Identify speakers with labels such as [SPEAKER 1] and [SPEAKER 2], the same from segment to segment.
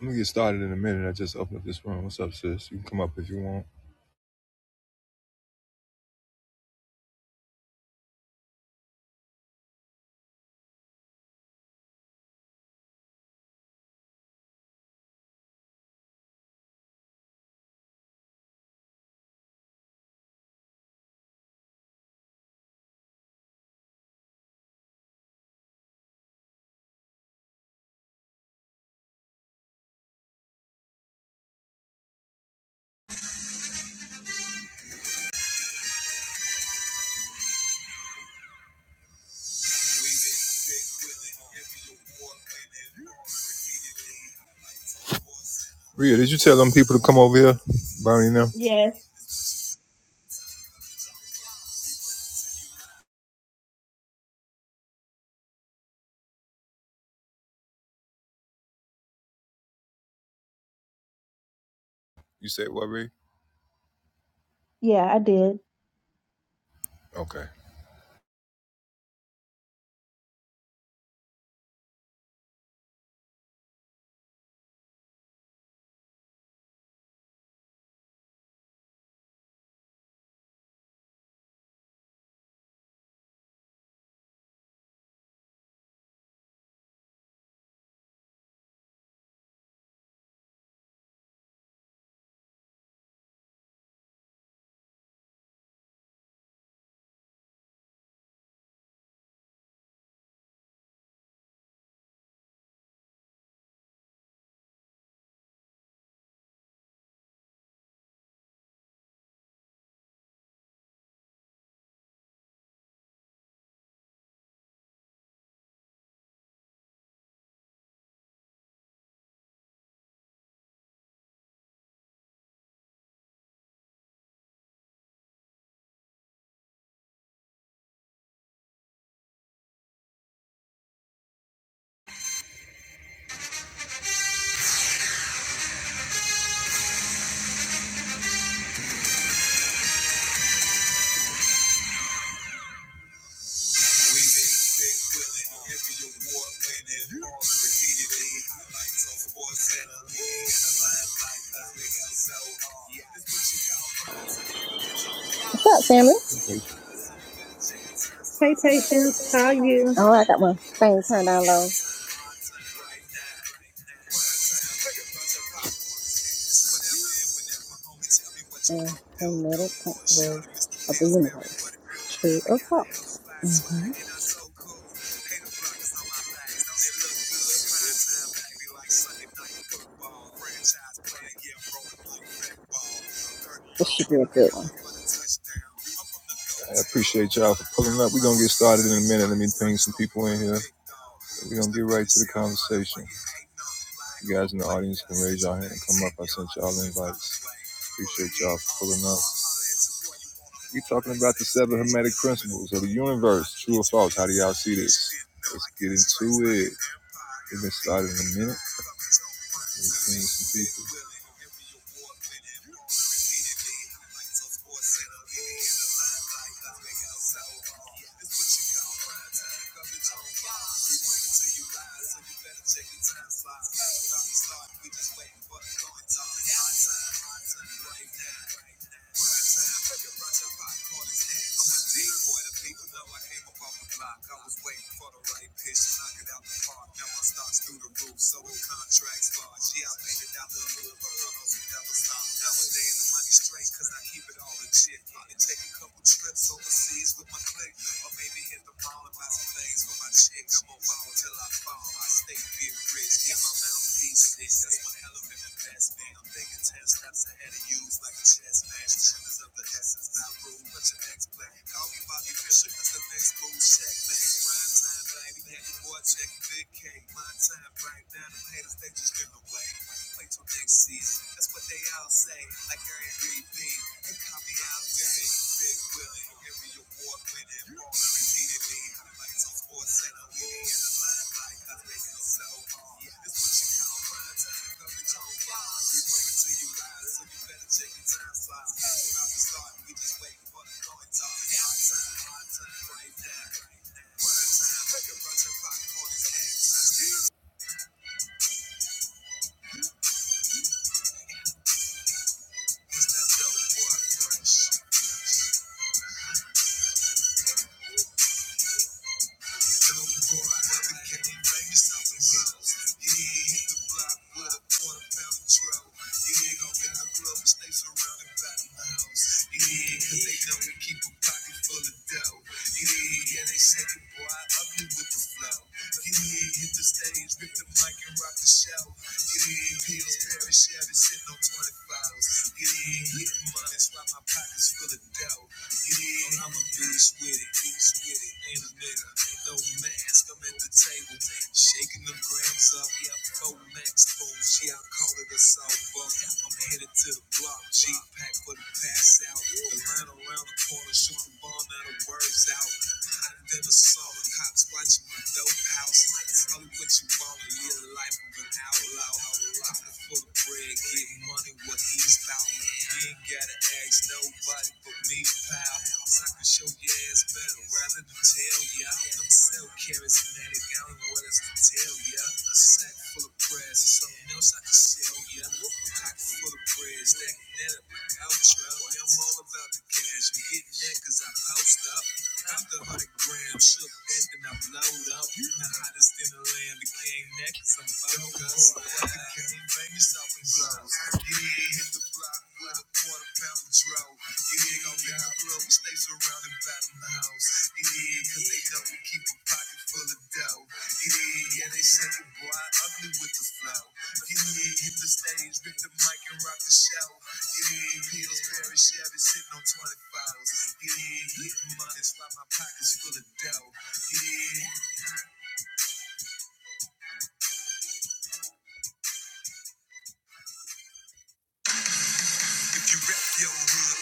[SPEAKER 1] I'm gonna get started in a minute. I just opened up this room. What's up, sis? You can come up if you want. Rhea, did you tell them people to come over here? Bonnie and them?
[SPEAKER 2] Yes.
[SPEAKER 1] You said what, Rhea?
[SPEAKER 2] Yeah, I did.
[SPEAKER 1] Okay.
[SPEAKER 3] What's up, family?
[SPEAKER 2] Hey, Patience, how are you?
[SPEAKER 3] Oh, I got my thing turned down low. The hermetic principle of the universe. True or false? hmm This should be a good one.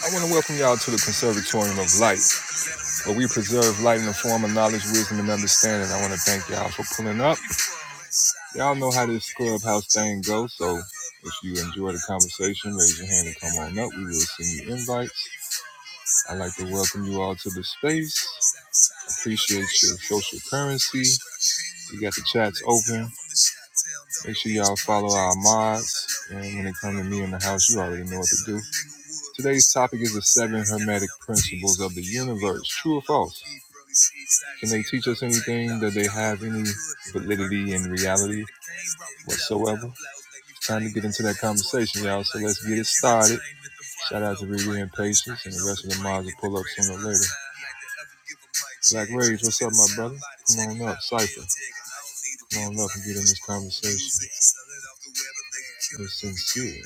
[SPEAKER 1] I want to welcome y'all to the Conservatorium of Light, where we preserve light in the form of knowledge, wisdom, and understanding. I want to thank y'all for pulling up. Y'all know how this clubhouse thing goes, so if you enjoy the conversation, raise your hand and come on up. We will send you invites. I'd like to welcome you all to the space. Appreciate social currency. Topic is true or false Conversation. sincere.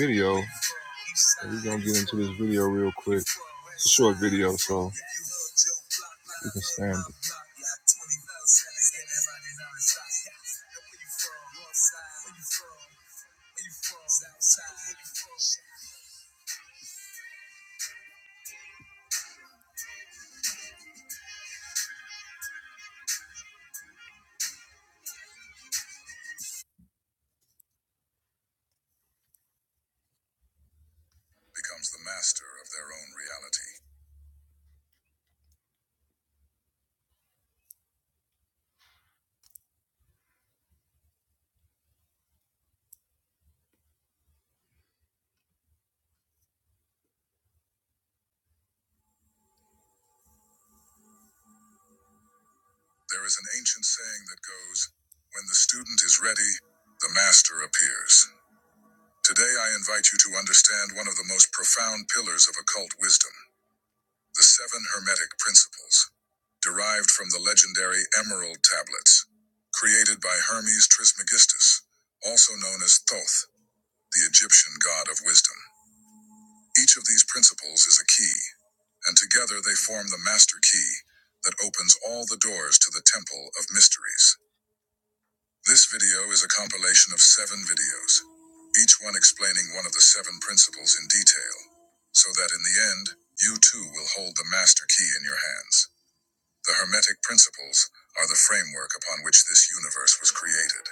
[SPEAKER 1] Video, video, real quick. becomes the master of their own reality. There is an ancient saying that goes, When the student is ready, the master appears. Today, I invite you to understand one of the most profound pillars of occult wisdom the seven hermetic principles, derived from the legendary Emerald Tablets, created by Hermes Trismegistus, also known as Thoth, the Egyptian god of wisdom. Each of these principles is a key, and together they form the master key that opens all the doors to the Temple of Mysteries. This video is a compilation of seven videos, each one explaining one of the seven principles in detail, so that in the end, you too will hold the master key in your hands. The Hermetic principles are the framework upon which this universe was created.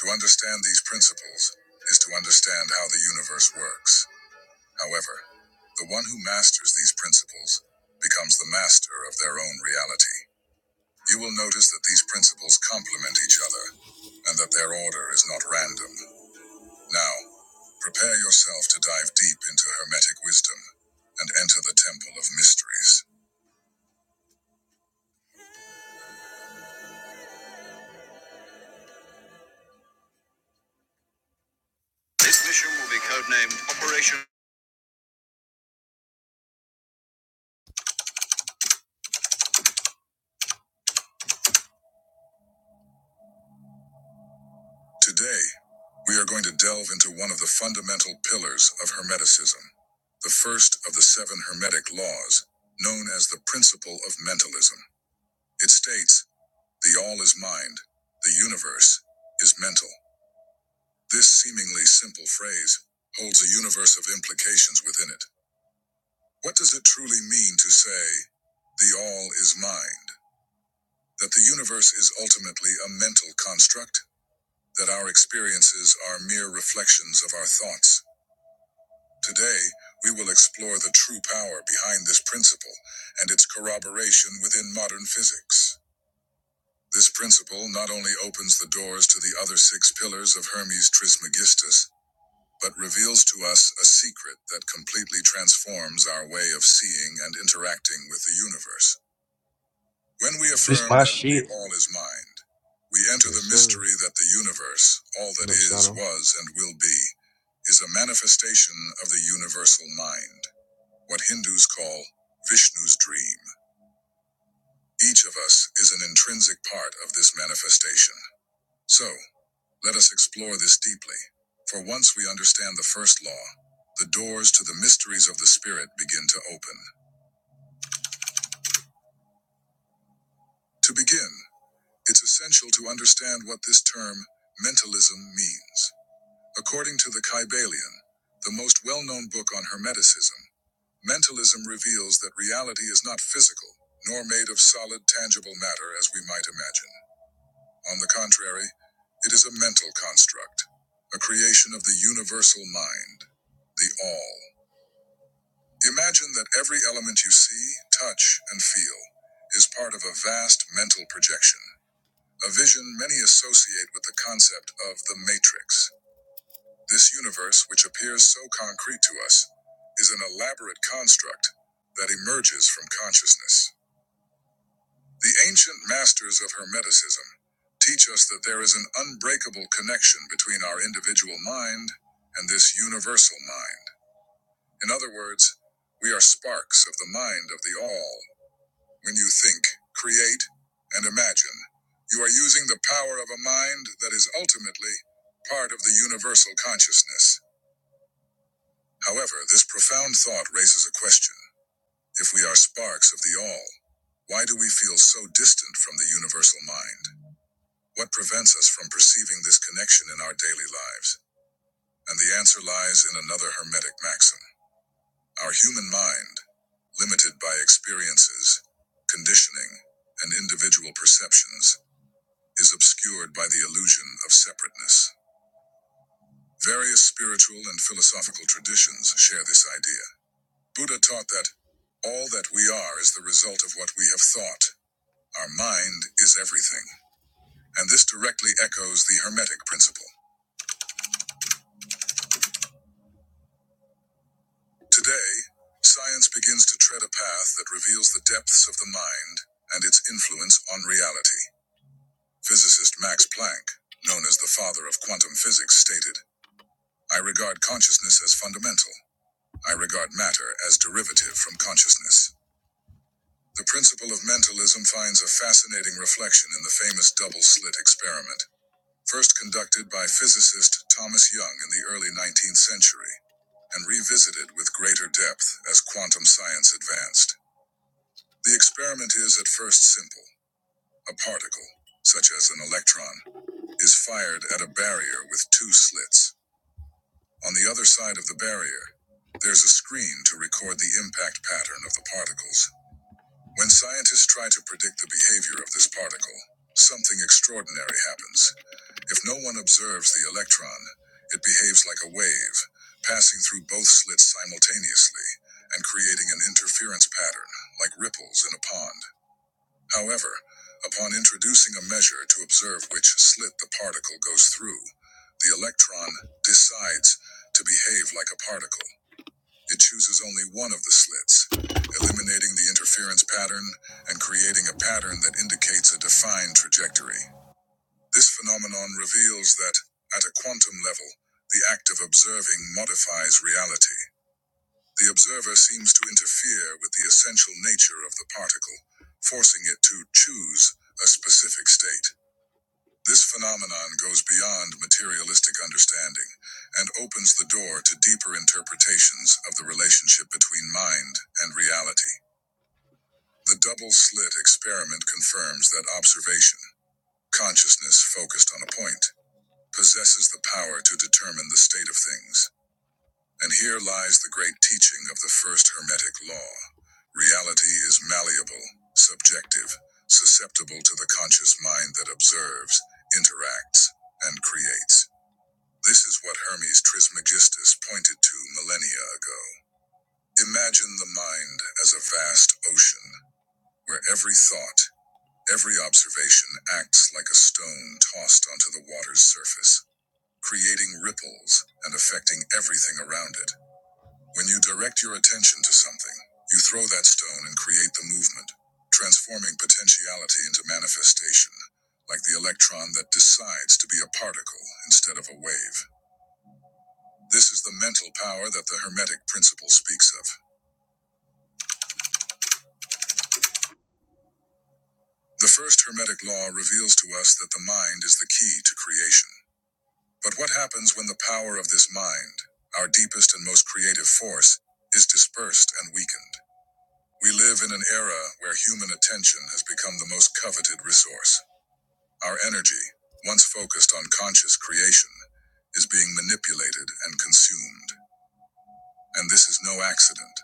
[SPEAKER 1] To understand these principles is to understand how the universe works. However, the one who masters these principles becomes the master of their own reality. You will notice that these principles complement each other and that their order is not random. Now, prepare yourself to dive deep into Hermetic wisdom and enter the Temple of Mysteries. Today, we are going to delve into one of the fundamental pillars of Hermeticism, the first of the seven Hermetic laws, known as the principle of mentalism. It states, The all is mind. The universe is mental. This seemingly simple phrase holds a universe of implications within it. What does it truly mean to say, the all is mind? That the universe is ultimately a mental construct? That our experiences are mere reflections of our thoughts? Today, we will explore the true power behind this principle and its corroboration within modern physics. This principle not only opens the doors to the other six pillars of Hermes Trismegistus, but reveals to us a secret that completely transforms our way of seeing and interacting with the universe. When we
[SPEAKER 4] It's
[SPEAKER 1] affirm
[SPEAKER 4] my
[SPEAKER 1] that the
[SPEAKER 4] shit.
[SPEAKER 1] all is mind, we enter Yes, the mystery that the universe, all that is, was, and will be, is a manifestation of the universal mind, what Hindus call Vishnu's dream. Each of us is an intrinsic part of this manifestation. So, Let us explore this deeply, for once we understand the first law, the doors to the mysteries of the Spirit begin to open. To begin, it's essential to understand what this term, mentalism, means. According to the Kybalion, the most well known book on Hermeticism, mentalism reveals that reality is not physical, nor made of solid, tangible matter as we might imagine. On the contrary, it is a mental construct, a creation of the universal mind, the All. Imagine that every element you see, touch, and feel is part of a vast mental projection, a vision many associate with the concept of the Matrix. This universe, which appears so concrete to us, is an elaborate construct that emerges from consciousness. The ancient masters of Hermeticism teach us that there is an unbreakable connection between our individual mind and this universal mind. In other words, we are sparks of the mind of the all When you think, create, and imagine, you are using the power of a mind that is ultimately part of the universal consciousness. However, this profound thought raises a question. If we are sparks of the all, why do we feel so distant from the universal mind? What prevents us from perceiving this connection in our daily lives? And the answer lies in another Hermetic maxim. Our human mind, limited by experiences, conditioning, and individual perceptions, is obscured by the illusion of separateness. Various spiritual and philosophical traditions share this idea. Buddha taught that all that we are is the result of what we have thought. Our mind is everything. And this directly echoes the Hermetic principle. Today, science begins to tread a path that reveals the depths of the mind and its influence on reality. Physicist Max Planck, known as the father of quantum physics, stated I regard consciousness as fundamental. I regard matter as derivative from consciousness. The principle of mentalism finds a fascinating reflection in the famous double slit experiment, first conducted by physicist Thomas Young in the early 19th century, and revisited with greater depth as quantum science advanced. The experiment is at first simple. A particle, such as an electron, is fired at a barrier with two slits. On the other side of the barrier, there's a screen to record the impact pattern of the particles. When scientists try to predict the behavior of this particle, something extraordinary happens. If no one observes the electron, it behaves like a wave, passing through both slits simultaneously and creating an interference pattern, like ripples in a pond. However, upon introducing a measure to observe which slit the particle goes through, the electron decides to behave like a particle. It chooses only one of the slits, eliminating the interference pattern and creating a pattern that indicates a defined trajectory. This phenomenon reveals that, at a quantum level, the act of observing modifies reality. The observer seems to interfere with the essential nature of the particle, forcing it to choose a specific state. This phenomenon goes beyond materialistic understanding and opens the door to deeper interpretations of the relationship between mind and reality. The double slit experiment confirms that observation, consciousness focused on a point, possesses the power to determine the state of things. And here lies the great teaching of the first Hermetic law reality is malleable, subjective, susceptible to the conscious mind that observes, interacts, and creates. This is what Hermes Trismegistus pointed to millennia ago. Imagine the mind as a vast ocean, where every thought, every observation acts like a stone tossed onto the water's surface, creating ripples and affecting everything around it. When you direct your attention to something, you throw that stone and create the movement, transforming potentiality into manifestation, like the electron that decides to be a particle instead of a wave. This is the mental power that the Hermetic principle speaks of. The first Hermetic law reveals to us that the mind is the key to creation. But what happens when the power of this mind, our deepest and most creative force, is dispersed and weakened? We live in an era where human attention has become the most coveted resource. Our energy, once focused on conscious creation, is being manipulated and consumed. And this is no accident.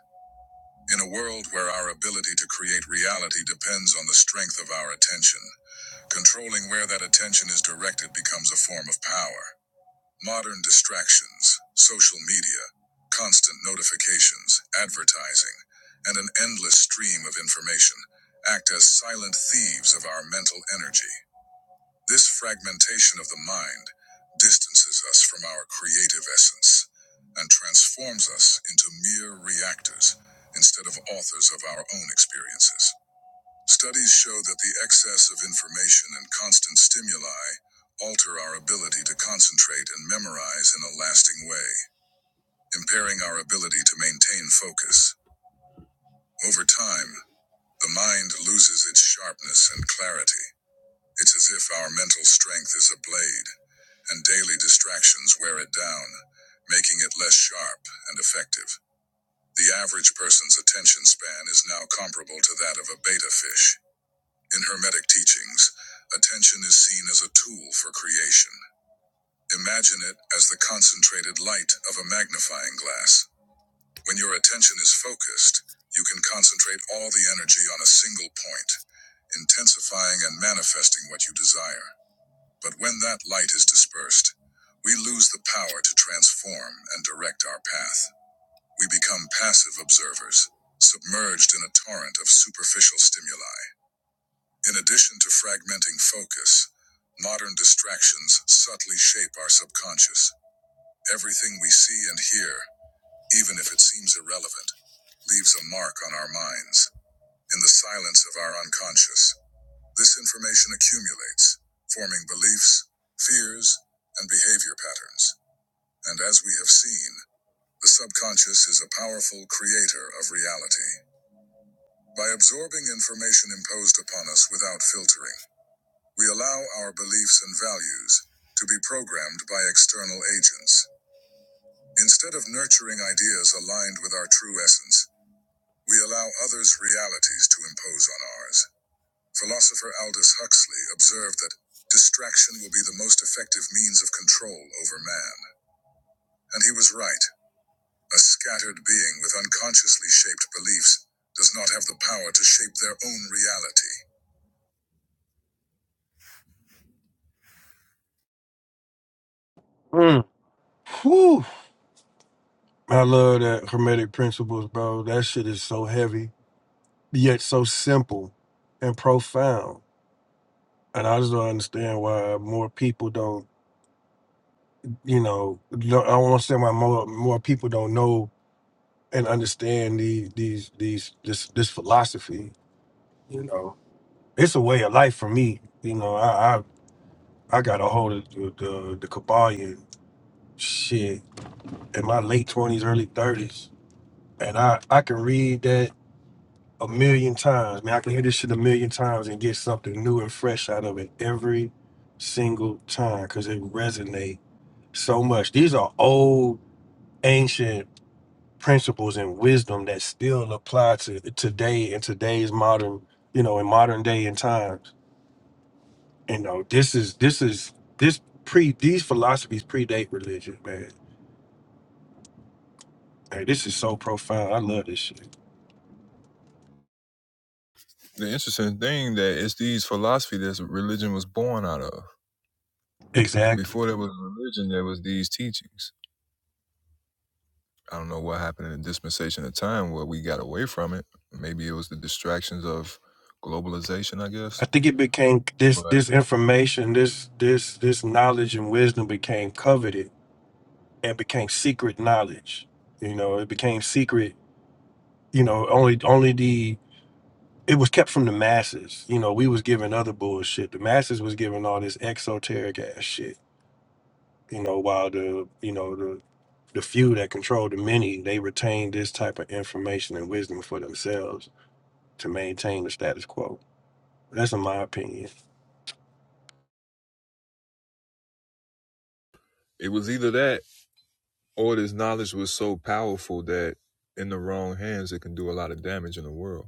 [SPEAKER 1] In a world where our ability to create reality depends on the strength of our attention, controlling where that attention is directed becomes a form of power. Modern distractions, social media, constant notifications, advertising, and an endless stream of information act as silent thieves of our mental energy. This fragmentation of the mind distances us from our creative essence and transforms us into mere reactors instead of authors of our own experiences. Studies show that the excess of information and constant stimuli alter our ability to concentrate and memorize in a lasting way, impairing our ability to maintain focus. Over time, the mind loses its sharpness and clarity it's as if our mental strength is a blade, and daily distractions wear it down, making it less sharp and effective. The average person's attention span is now comparable to that of a betta fish. In Hermetic teachings, attention is seen as a tool for creation. Imagine it as the concentrated light of a magnifying glass. When your attention is focused, you can concentrate all the energy on a single point, intensifying and manifesting what you desire. But when that light is dispersed, we lose the power to transform and direct our path. We become passive observers, submerged in a torrent of superficial stimuli. In addition to fragmenting focus, modern distractions subtly shape our subconscious. Everything we see and hear, even if it seems irrelevant, leaves a mark on our minds. In the silence of our unconscious, this information accumulates, forming beliefs, fears, and behavior patterns. And as we have seen, the subconscious is a powerful creator of reality. By absorbing information imposed upon us without filtering, we allow our beliefs and values to be programmed by external agents. Instead of nurturing ideas aligned with our true essence, we allow others' realities to impose on ours. Philosopher Aldous Huxley observed that distraction will be the most effective means of control over man. And he was right. A scattered being with unconsciously shaped beliefs does not have the power to shape their own reality.
[SPEAKER 4] Mm. Whew. I love that Hermetic Principles, bro. That shit is so heavy, yet so simple and profound. And I just don't understand why more people don't, you know, no- I don't understand why more more people don't know and understand these these these this this philosophy. You know, it's a way of life for me. You know, I I, I got a hold of the the, the Kabbalion shit in my late twenties, early thirties, and I I can read that a million times. Man, I can hear this shit a million times and get something new and fresh out of it every single time because it resonate so much. These are old, ancient principles and wisdom that still apply to today and today's modern, you know, in modern day and times. You know, this is this is this pre these philosophies predate religion, man. Hey, this is so profound. I love this shit.
[SPEAKER 1] The interesting thing that it's these philosophy that religion was born out of.
[SPEAKER 4] Exactly.
[SPEAKER 1] Before there was religion, there was these teachings. I don't know what happened in the dispensation of time where we got away from it. Maybe it was the distractions of globalization, I guess.
[SPEAKER 4] I think it became this
[SPEAKER 1] But
[SPEAKER 4] this information, this this this knowledge and wisdom became coveted and became secret knowledge. You know, it became secret, you know, only only the it was kept from the masses. You know, we was given other bullshit. The masses was given all this exoteric ass shit, you know, while the you know the the few that control the many, they retain this type of information and wisdom for themselves to maintain the status quo. That's in my opinion.
[SPEAKER 1] it was either that All this knowledge was so powerful that in the wrong hands, it can do a lot of damage in the world.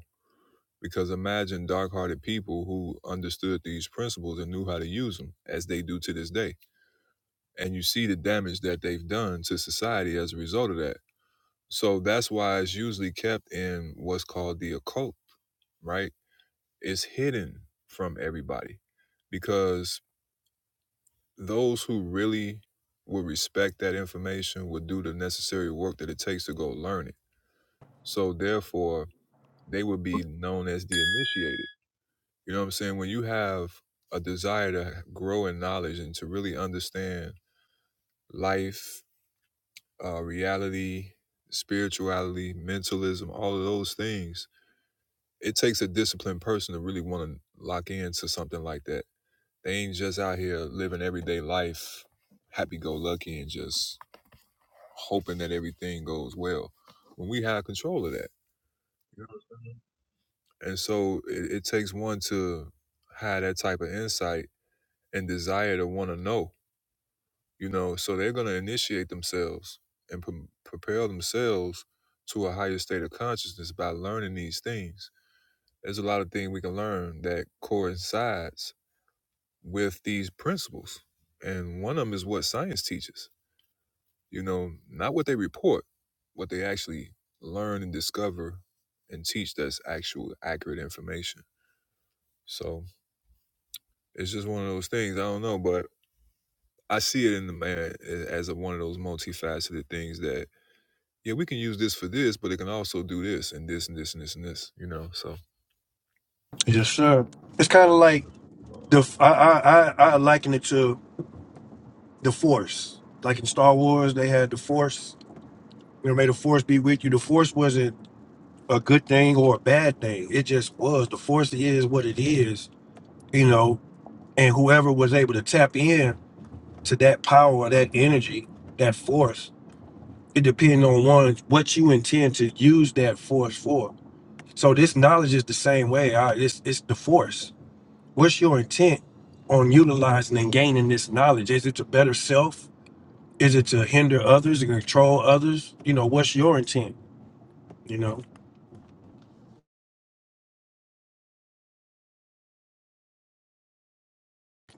[SPEAKER 1] Because imagine dark hearted people who understood these principles and knew how to use them as they do to this day. And you see the damage that they've done to society as a result of that. So that's why it's usually kept in what's called the occult, right? It's hidden from everybody because those who really would respect that information would do the necessary work that it takes to go learn it So therefore, they would be known as the initiated. You know what I'm saying? When you have a desire to grow in knowledge and to really understand life, uh, reality, spirituality, mentalism, all of those things, it takes a disciplined person to really want to lock into something like that. They ain't just out here living everyday life, happy go lucky, and just hoping that everything goes well. When we have control of that, you know? And so it, it takes one to have that type of insight and desire to want to know, you know. So they're going to initiate themselves and pre- prepare themselves to a higher state of consciousness by learning these things. There's a lot of things we can learn that coincides with these principles. And one of them is what science teaches, you know, not what they report, what they actually learn and discover and teach that's actual accurate information. So, It's just one of those things. I don't know, but I see it in the man as a, one of those multifaceted things that yeah, we can use this for this, but it can also do this and this and this and this and this. You know, so
[SPEAKER 4] Yes, sir. It's kind
[SPEAKER 1] I
[SPEAKER 4] of
[SPEAKER 1] don't
[SPEAKER 4] like
[SPEAKER 1] know.
[SPEAKER 4] the f- I, I I I liken it to the Force. Like in Star Wars, they had the Force. You know, may the Force be with you. The Force wasn't a good thing or a bad thing. It just was. The Force is what it is. You know, and whoever was able to tap in to that power or that energy, that Force, it depends on one what you intend to use that Force for. So this knowledge is the same way. I, it's it's the Force. What's your intent on utilizing and gaining this knowledge? Is it to better self? Is it to hinder others, to control others? You know, what's your intent? You know,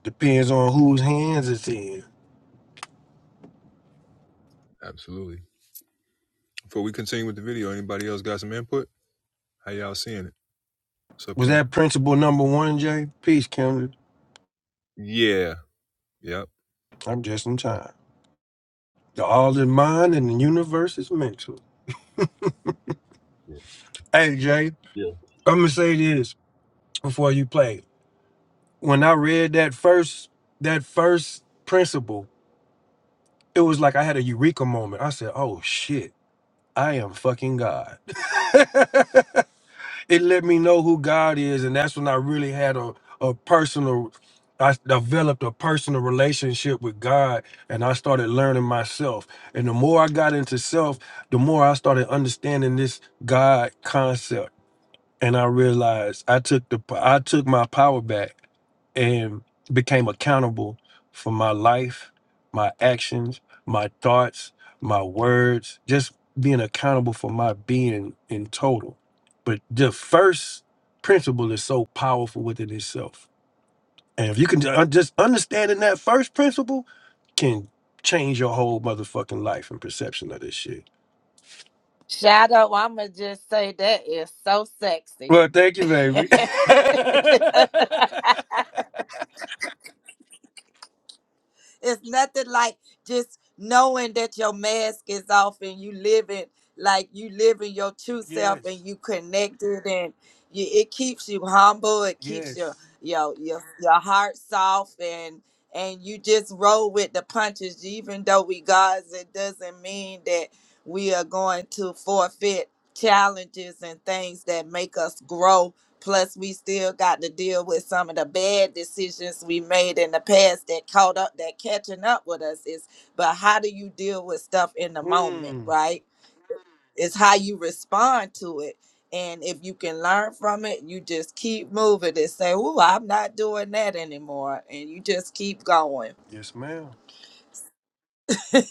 [SPEAKER 4] depends on whose hands it's in.
[SPEAKER 1] absolutely. Before we continue with the video, anybody else got some input? How y'all seeing it? What's up,
[SPEAKER 4] Was
[SPEAKER 1] Kim?
[SPEAKER 4] that principle number one, Jay? Peace, Kendra.
[SPEAKER 1] Yeah. Yep.
[SPEAKER 4] I'm just in time. The all is mind and the universe is mental.
[SPEAKER 1] Yeah.
[SPEAKER 4] Hey, Jay,
[SPEAKER 1] yeah.
[SPEAKER 4] I'm gonna say this before you play. When I read that first, that first principle, it was like I had a eureka moment. I said, "Oh shit, I am fucking God." it let me know who God is, and that's when I really had a a personal. I developed a personal relationship with God, and I started learning myself. And the more I got into self, the more I started understanding this God concept. And I realized I took the I took my power back and became accountable for my life, my actions, my thoughts, my words, just being accountable for my being in total. But the first principle is so powerful within itself. And if you can ju- just understanding that first principle can change your whole motherfucking life and perception of this shit.
[SPEAKER 5] Shadow, I'ma just say that is so sexy.
[SPEAKER 4] Well, thank you, baby.
[SPEAKER 5] it's nothing like just knowing that your mask is off and you living like you living your true self
[SPEAKER 4] yes.
[SPEAKER 5] and you connected and you, it keeps you humble. It keeps your
[SPEAKER 4] Yes.
[SPEAKER 5] your your your heart soft and and you just roll with the punches. Even though we gods, it doesn't mean that we are going to forfeit challenges and things that make us grow Plus, we still got to deal with some of the bad decisions we made in the past that caught up, that catching up with us is. But how do you deal with stuff in the moment,
[SPEAKER 4] Mm.
[SPEAKER 5] right? It's how you respond to it. And if you can learn from it, you just keep moving and say, "Ooh, I'm not doing that anymore. And you just keep going.
[SPEAKER 4] Yes, ma'am.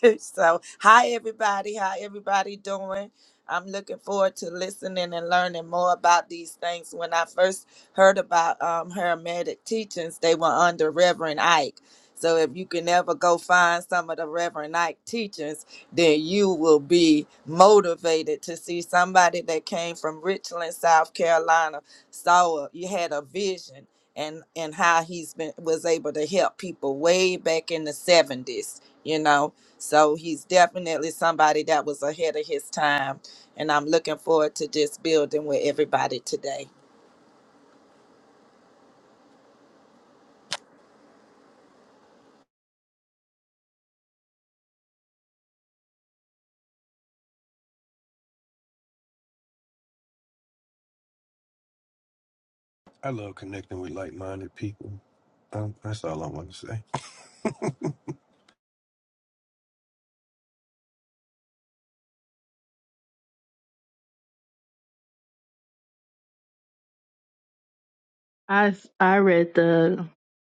[SPEAKER 5] so hi everybody how everybody doing i'm looking forward to listening and learning more about these things when i first heard about um, hermetic teachings they were under reverend ike so if you can ever go find some of the reverend ike teachings then you will be motivated to see somebody that came from richland south carolina saw a, you had a vision and and how he's been was able to help people way back in the 70s you know so he's definitely somebody that was ahead of his time. And I'm looking forward to just building with everybody today.
[SPEAKER 4] I love connecting with like-minded people. Um, that's all I want to say.
[SPEAKER 2] I I read the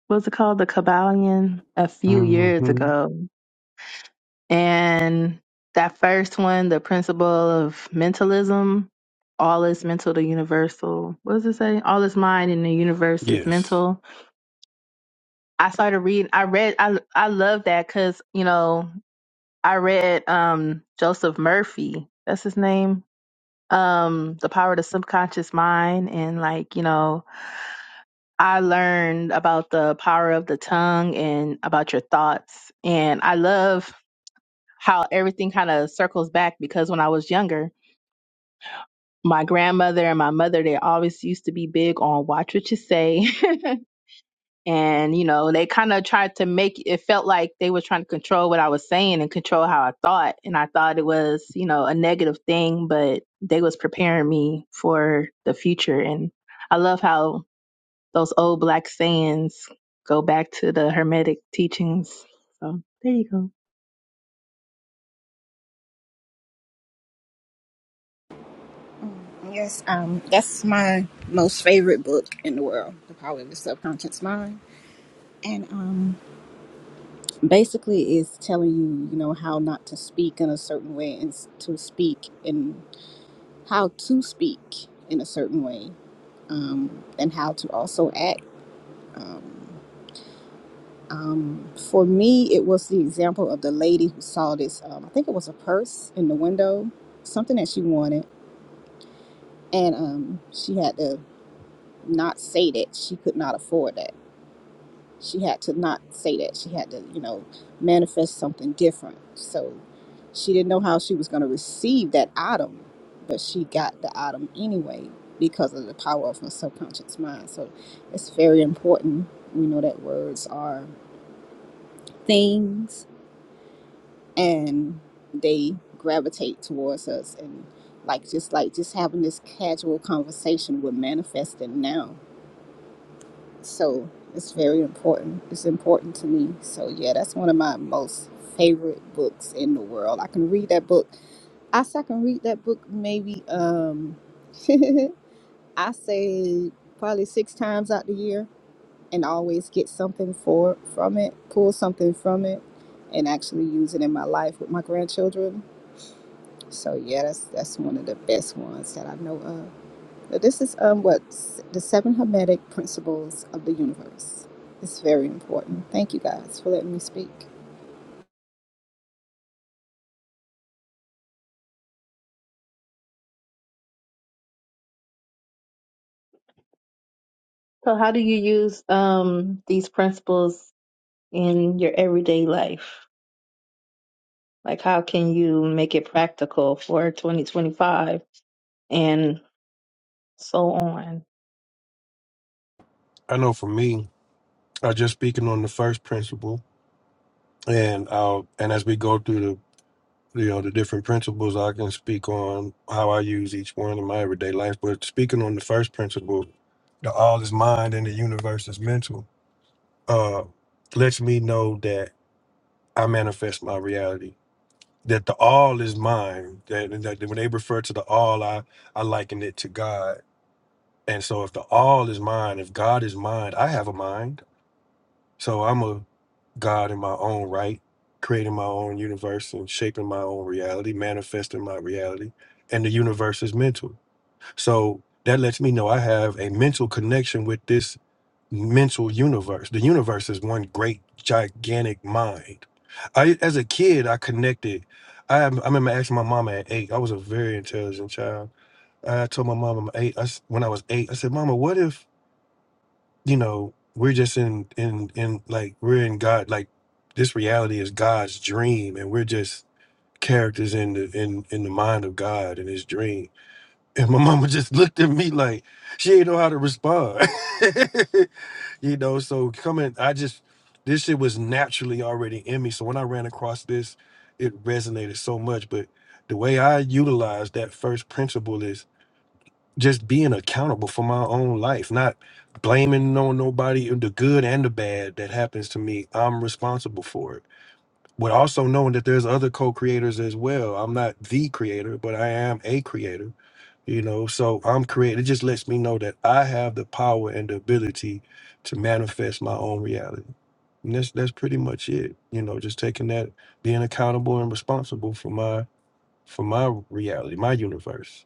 [SPEAKER 2] what's it called the Kabbalion a few years
[SPEAKER 4] hmm
[SPEAKER 2] ago, and that first one, the principle of mentalism, all is mental The universal. What does it say? All is mind and the universe is
[SPEAKER 4] Yes,
[SPEAKER 2] mental. I started reading. I read. I I love that because you know I read um Joseph Murphy. That's his name. Um, the power of the subconscious mind and like you know I learned about the power of the tongue and about your thoughts. And I love how everything kind of circles back because when I was younger, my grandmother and my mother, they always used to be big on watch what you say. and, you know, they kind of tried to make it felt like they were trying to control what I was saying and control how I thought. And I thought it was, you know, a negative thing, but they was preparing me for the future. And I love how those old black sayings go back to the hermetic teachings. So there you go.
[SPEAKER 3] Yes, um, that's my most favorite book in the world, The Power of the Subconscious Mind. And um, basically, it's telling you, you know, how not to speak in a certain way and s- to speak and how to speak in a certain way um, and how to also act For me, it was the example of the lady who saw this. Um, I think it was a purse in the window, something that she wanted, and um, she had to not say that she could not afford that. She had to not say that. She had to, you know, manifest something different. So she didn't know how she was going to receive that item, but she got the item anyway because of the power of her subconscious mind. So it's very important. We know that words are things and they gravitate towards us and like just like just having this casual conversation we're manifesting now so it's very important it's important to me so yeah that's one of my most favorite books in the world i can read that book i say i can read that book maybe um i say probably six times out the year and always get something for from it pull something from it and actually use it in my life with my grandchildren So yeah, that's that's one of the best ones that I know of. But this is um what s- the seven hermetic principles of the universe. It's very important. Thank you guys for letting me speak.
[SPEAKER 2] So how do you use um these principles in your everyday life? Like how can you make it practical for 2025 and so on?
[SPEAKER 4] I know. For me, I just speaking on the first principle, and I'll and as we go through the you know the different principles, I can speak on how I use each one in my everyday life. But speaking on the first principle, the all is mind and the universe is mental, uh, lets me know that I manifest my reality. That the all is mine. That, that when they refer to the all, I I liken it to God And so if the all is mind, if God is mind, I have a mind. So I'm a God in my own right, creating my own universe and shaping my own reality, manifesting my reality. And the universe is mental. So that lets me know I have a mental connection with this mental universe. The universe is one great gigantic mind. I as a kid I connected. I, I remember asking my mom at eight. I was a very intelligent child. I told my mom I'm eight. I s when I was eight, I said, "Mama, what if?" you know we're just in in in like we're in god like this reality is god's dream and we're just characters in the in in the mind of god in his dream and my mama just looked at me like she ain't know how to respond you know so coming i just this shit was naturally already in me so when i ran across this it resonated so much but the way i utilize that first principle is just being accountable for my own life, not blaming on nobody uh, the good and the bad that happens to me. I'm responsible for it. But also knowing that there's other co-creators as well. I'm not the creator, but I am a creator. You know, so I'm creating. It just lets me know that I have the power and the ability to manifest my own reality. And that's that's pretty much it. You know, just taking that, being accountable and responsible for my for my reality, my universe.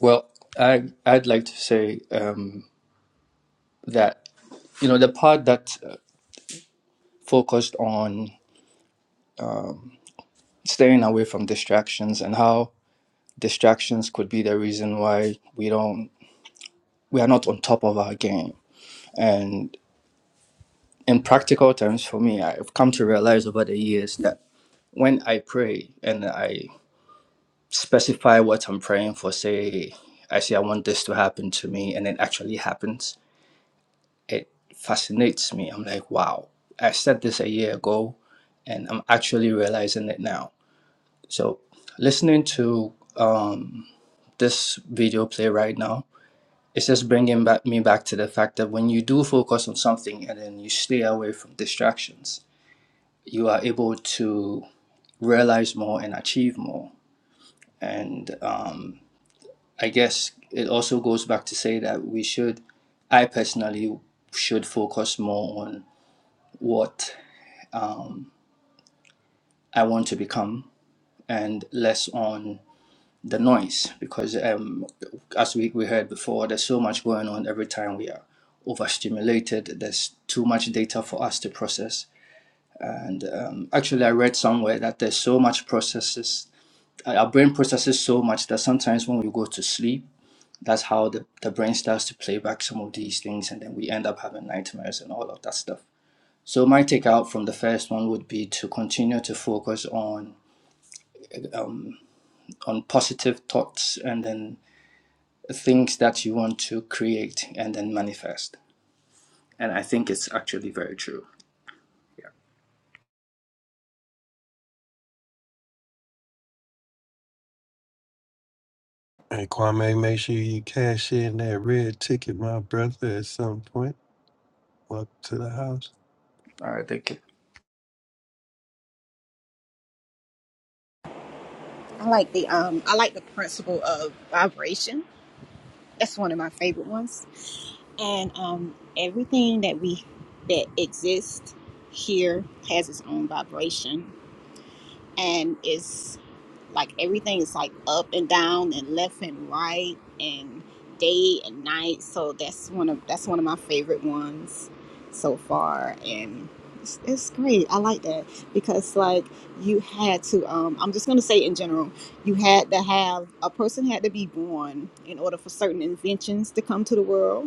[SPEAKER 6] Well, I I'd like to say um, that you know the part that uh, focused on staying away from distractions and how distractions could be the reason why we don't we are not on top of our game. And in practical terms, for me, I've come to realize over the years that when I pray and I specify what I'm praying for, say I say I want this to happen to me, and it actually happens it fascinates me. I'm like, wow, I said this a year ago, and I'm actually realizing it now. So, listening to um, this video play right now, it's just bringing back, me back to the fact that when you do focus on something and then you stay away from distractions, you are able to realize more and achieve more. And um, I guess it also goes back to say that we should, I personally should focus more on what I want to become and less on the noise because um, as we, we heard before there's so much going on every time we are overstimulated there's too much data for us to process and um, actually i read somewhere that there's so much processes our brain processes so much that sometimes when we go to sleep that's how the, the brain starts to play back some of these things and then we end up having nightmares and all of that stuff so my takeout from the first one would be to continue to focus on on positive thoughts and then things that you want to create and then manifest. And I think it's actually very true.
[SPEAKER 4] Hey, Kwame, make sure you cash in that red ticket, my brother, at some point. Welcome to the house.
[SPEAKER 6] All right, thank you.
[SPEAKER 3] I like the um I like the principle of vibration. That's one of my favorite ones. And um everything that we that exists here has its own vibration and is like everything is like up and down and left and right and day and night so that's one of that's one of my favorite ones so far and it's, it's great i like that because like you had to um i'm just going to say in general you had to have a person had to be born in order for certain inventions to come to the world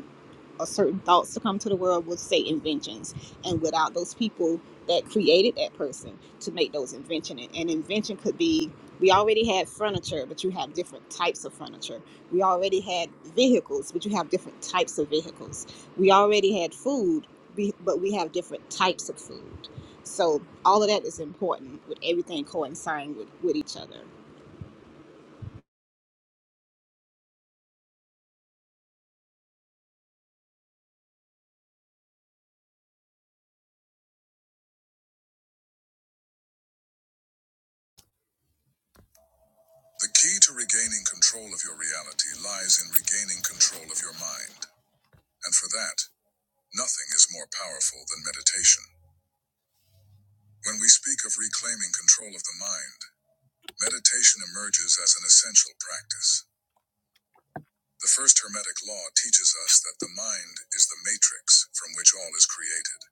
[SPEAKER 3] a certain thoughts to come to the world with say inventions and without those people that created that person to make those invention and an invention could be we already had furniture but you have different types of furniture we already had vehicles but you have different types of vehicles we already had food we- but we have different types of food so all of that is important with everything coinciding with, with each other
[SPEAKER 1] The key to regaining control of your reality lies in regaining control of your mind, and for that, nothing is more powerful than meditation. When we speak of reclaiming control of the mind. Meditation emerges as an essential practice. The first Hermetic law teaches us that the mind is the matrix from which all is created.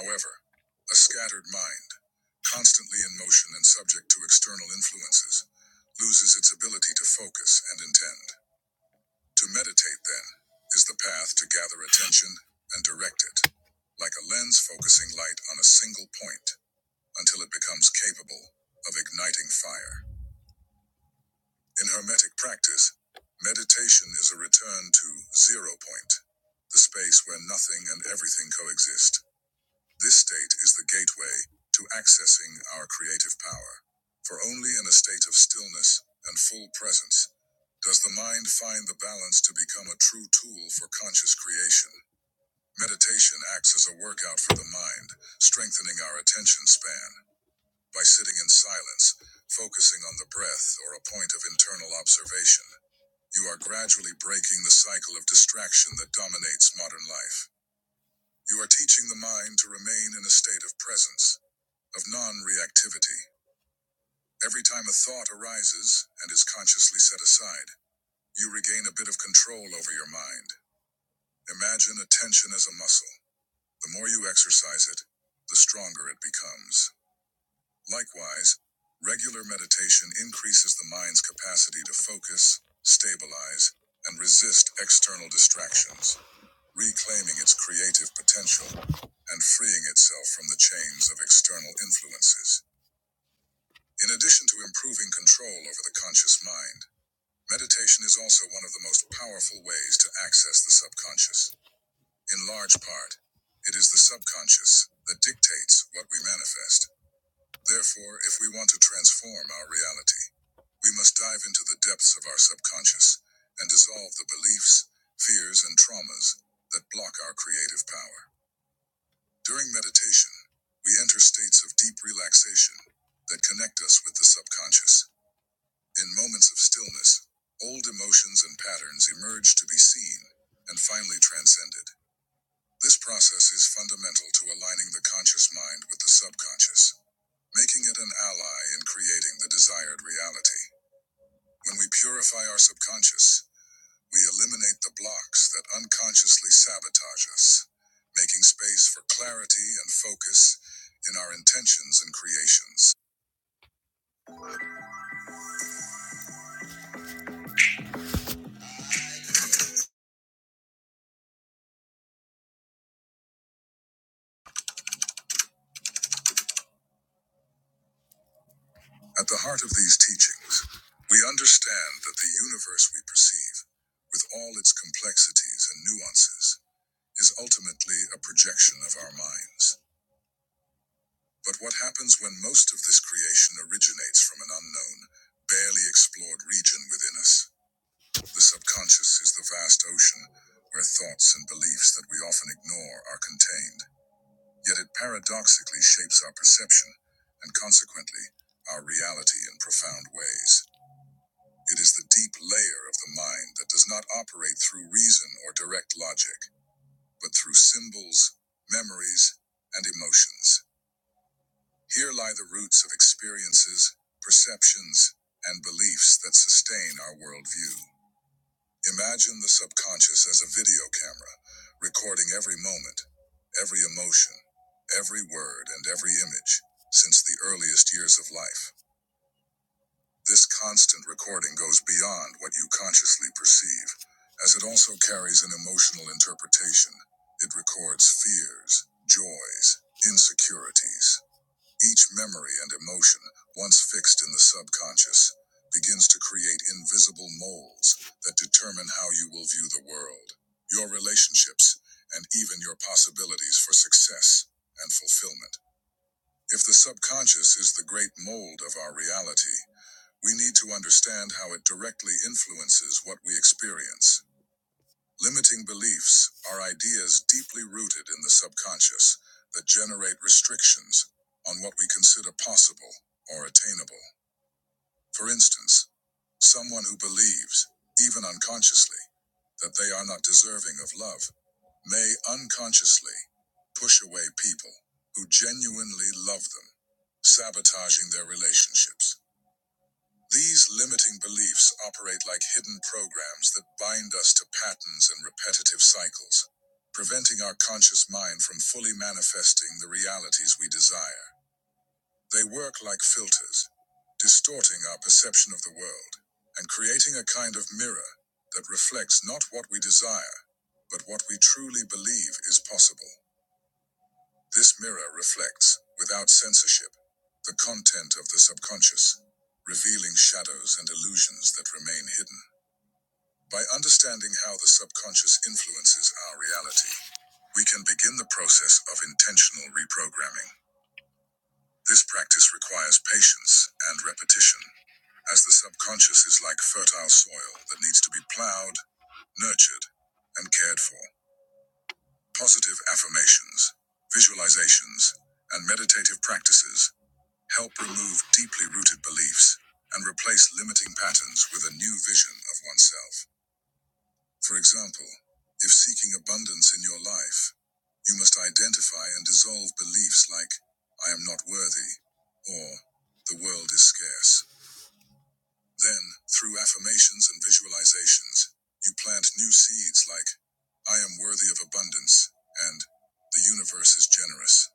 [SPEAKER 1] However, a scattered mind, constantly in motion and subject to external influences, loses its ability to focus and intend. To meditate, then, is the path to gather attention and direct it, like a lens focusing light on a single point until it becomes capable of igniting fire. In Hermetic practice, meditation is a return to zero point, the space where nothing and everything coexist. This state is the gateway to accessing our creative power. For only in a state of stillness and full presence does the mind find the balance to become a true tool for conscious creation. Meditation acts as a workout for the mind, strengthening our attention span by sitting in silence, focusing on the breath or a point of internal observation. You are gradually breaking the cycle of distraction that dominates modern life. You are teaching the mind to remain in a state of presence, of non reactivity. Every time a thought arises and is consciously set aside, you regain a bit of control over your mind. Imagine attention as a muscle. The more you exercise it, the stronger it becomes. Likewise, regular meditation increases the mind's capacity to focus, stabilize, and resist external distractions. reclaiming its creative potential and freeing itself from the chains of external influences. In addition to improving control over the conscious mind, meditation is also one of the most powerful ways to access the subconscious. In large part, it is the subconscious that dictates what we manifest. Therefore, if we want to transform our reality, we must dive into the depths of our subconscious and dissolve the beliefs, fears, and traumas that block our creative power. During meditation, we enter states of deep relaxation that connect us with the subconscious. In moments of stillness, old emotions and patterns emerge to be seen and finally transcended. This process is fundamental to aligning the conscious mind with the subconscious, making it an ally in creating the desired reality. When we purify our subconscious, we eliminate the blocks that unconsciously sabotage us, making space for clarity and focus in our intentions and creations. At the heart of these teachings, we understand that the universe we perceive, with all its complexities and nuances, is ultimately a projection of our minds. But what happens when most of this creation originates from an unknown, barely explored region within us? The subconscious is the vast ocean where thoughts and beliefs that we often ignore are contained, yet it paradoxically shapes our perception and consequently our reality in profound ways. It is the deep layer of the mind that does not operate through reason or direct logic, but through symbols, memories, and emotions. Here lie the roots of experiences, perceptions, and beliefs that sustain our worldview. Imagine the subconscious as a video camera, recording every moment, every emotion, every word, and every image since the earliest years of life. This constant recording goes beyond what you consciously perceive, as it also carries an emotional interpretation. It records fears, joys, insecurities, each memory and emotion, once fixed in the subconscious, begins to create invisible molds that determine how you will view the world, your relationships, and even your possibilities for success and fulfillment. If the subconscious is the great mold of our reality, we need to understand how it directly influences what we experience. Limiting beliefs are ideas deeply rooted in the subconscious that generate restrictions on what we consider possible or attainable. For instance, someone who believes, even unconsciously, that they are not deserving of love may unconsciously push away people who genuinely love them, sabotaging their relationships. These limiting beliefs operate like hidden programs that bind us to patterns and repetitive cycles, preventing our conscious mind from fully manifesting the realities we desire. They work like filters, distorting our perception of the world and creating a kind of mirror that reflects not what we desire, but what we truly believe is possible. This mirror reflects, without censorship, the content of the subconscious, revealing shadows and illusions that remain hidden. By understanding how the subconscious influences our reality, we can begin the process of intentional reprogramming. This practice requires patience and repetition, as the subconscious is like fertile soil that needs to be plowed, nurtured, and cared for. Positive affirmations, visualizations, and meditative practices Help remove deeply rooted beliefs and replace limiting patterns with a new vision of oneself. For example, if seeking abundance in your life, you must identify and dissolve beliefs like, I am not worthy, or the world is scarce. Then, through affirmations and visualizations, you plant new seeds like, I am worthy of abundance, and the universe is generous.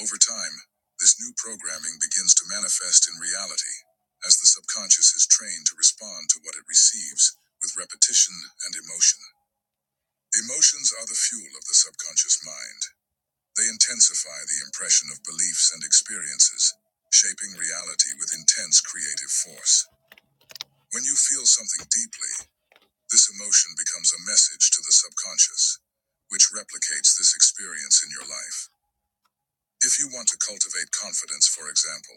[SPEAKER 1] Over time, this new programming begins to manifest in reality as the subconscious is trained to respond to what it receives with repetition and emotion. Emotions are the fuel of the subconscious mind. They intensify the impression of beliefs and experiences, shaping reality with intense creative force. When you feel something deeply, this emotion becomes a message to the subconscious, which replicates this experience in your life. If you want to cultivate confidence, for example,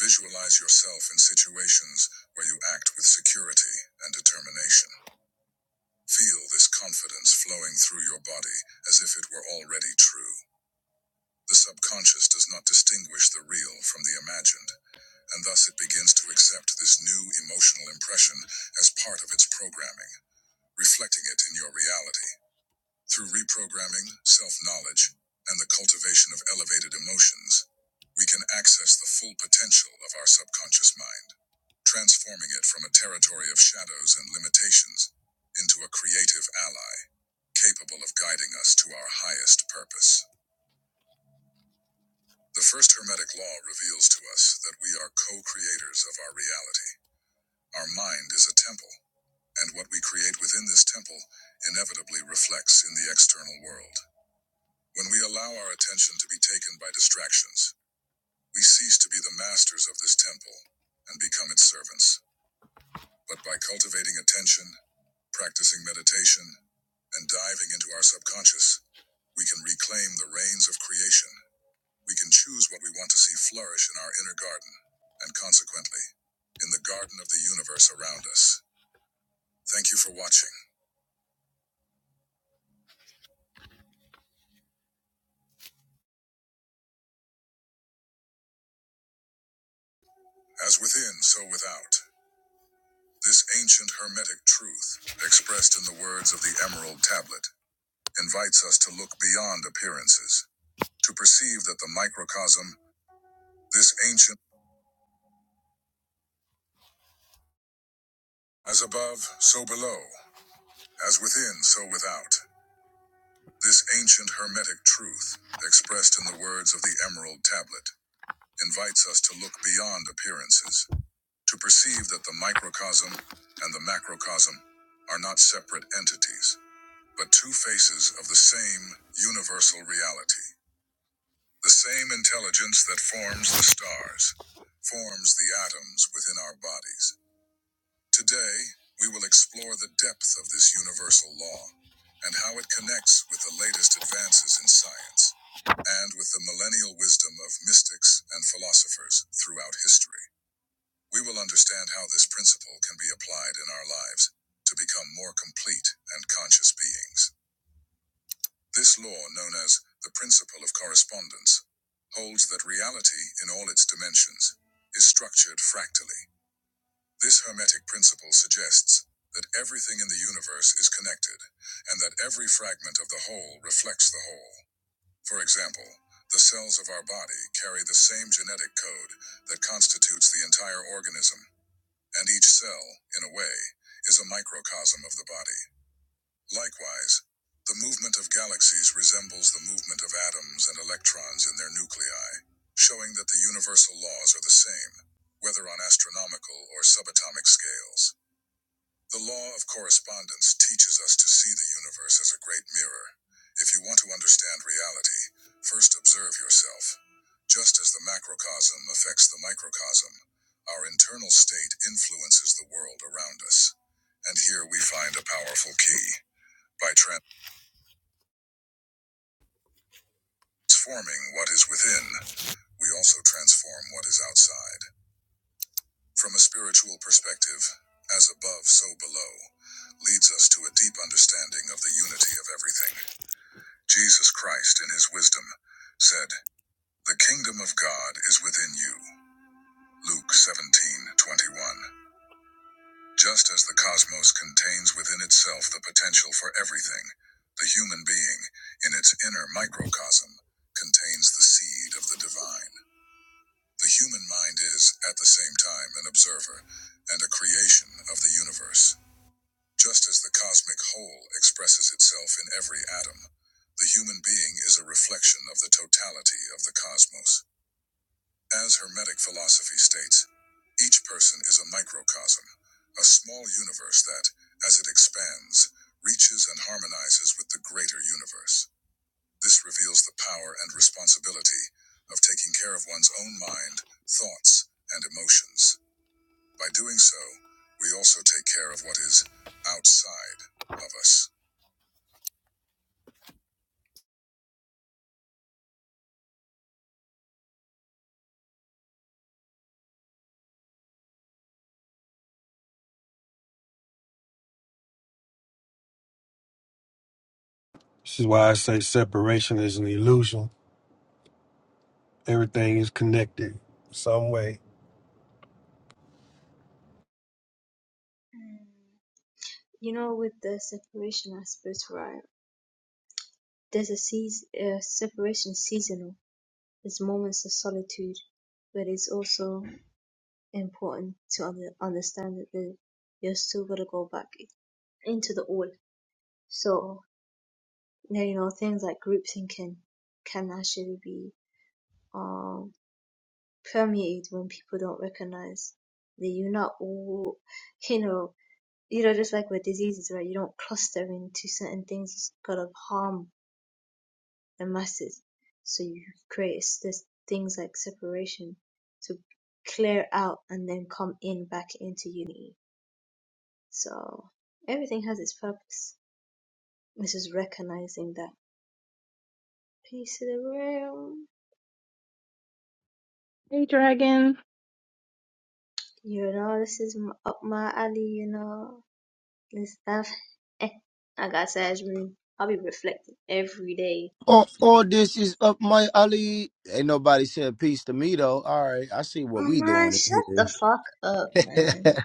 [SPEAKER 1] Visualize yourself in situations where you act with security and determination. Feel this confidence flowing through your body as if it were already true. The subconscious does not distinguish the real from the imagined, and thus it begins to accept this new emotional impression as part of its programming, reflecting it in your reality. Through reprogramming, self knowledge, and the cultivation of elevated emotions, we can access the full potential of our subconscious mind, transforming it from a territory of shadows and limitations into a creative ally, capable of guiding us to our highest purpose. The first Hermetic law reveals to us that we are co creators of our reality. Our mind is a temple, and what we create within this temple inevitably reflects in the external world. When we allow our attention to be taken by distractions, we cease to be the masters of this temple and become its servants. But by cultivating attention, practicing meditation, and diving into our subconscious, we can reclaim the reins of creation. We can choose what we want to see flourish in our inner garden, and consequently, in the garden of the universe around us. Thank you for watching. As within, so without. This ancient hermetic truth, expressed in the words of the Emerald Tablet, invites us to look beyond appearances, to perceive that the microcosm, this ancient, as above, so below, as within, so without, this ancient hermetic truth, expressed in the words of the Emerald Tablet, invites us to look beyond appearances, to perceive that the microcosm and the macrocosm are not separate entities, but two faces of the same universal reality. The same intelligence that forms the stars forms the atoms within our bodies. Today, we will explore the depth of this universal law and how it connects with the latest advances in science and with the millennial wisdom of mystics and philosophers throughout history. We will understand how this principle can be applied in our lives to become more complete and conscious beings. This law, known as the principle of correspondence, holds that reality, in all its dimensions, is structured fractally. This Hermetic principle suggests that everything in the universe is connected, and that every fragment of the whole reflects the whole. For example, the cells of our body carry the same genetic code that constitutes the entire organism, and each cell, in a way, is a microcosm of the body. Likewise, the movement of galaxies resembles the movement of atoms and electrons in their nuclei, showing that the universal laws are the same, whether on astronomical or subatomic scales. The law of correspondence teaches us to see the universe as a great mirror. If you want to understand reality, first observe yourself. Just as the macrocosm affects the microcosm, our internal state influences the world around us. And here we find a powerful key. By trans- Transforming what is within, we also transform what is outside. From a spiritual perspective, as above, so below, leads us to a deep understanding of the unity of everything. Jesus Christ, in his wisdom, said, The kingdom of God is within you. Luke 17:21. Just as the cosmos contains within itself the potential for everything, the human being, in its inner microcosm, contains the seed of the divine. The human mind is, at the same time, an observer and a creation of the universe. Just as the cosmic whole expresses itself in every atom, the human being is a reflection of the totality of the cosmos. As Hermetic philosophy states, each person is a microcosm, a small universe that, as it expands, reaches and harmonizes with the greater universe. This reveals the power and responsibility of taking care of one's own mind, thoughts, and emotions. By doing so, we also take care of what is outside of us.
[SPEAKER 4] This is why I say separation is an illusion. Everything is connected some way.
[SPEAKER 7] You know, with the separation aspect, right? There's a season, uh, separation seasonal. There's moments of solitude, but it's also important to under, understand that the, you're still gonna go back into the all. So, now, you know, things like group thinking can actually be um, permeated when people don't recognize that you're not all, you know, you know, just like with diseases, right? You don't cluster into certain things that's gonna harm the masses. So you create this things like separation to clear out and then come in back into unity. So everything has its purpose. This is recognizing that piece of the room.
[SPEAKER 2] Hey dragon,
[SPEAKER 7] You know, this is up my alley. You know, this stuff. Eh, I got Sage room. I'll be reflecting every day.
[SPEAKER 8] All, all this is up my alley. Ain't nobody said peace to me though. All right, I see what we
[SPEAKER 7] Man,
[SPEAKER 8] doing
[SPEAKER 7] shut
[SPEAKER 8] in
[SPEAKER 7] the
[SPEAKER 8] here.
[SPEAKER 7] fuck up, man.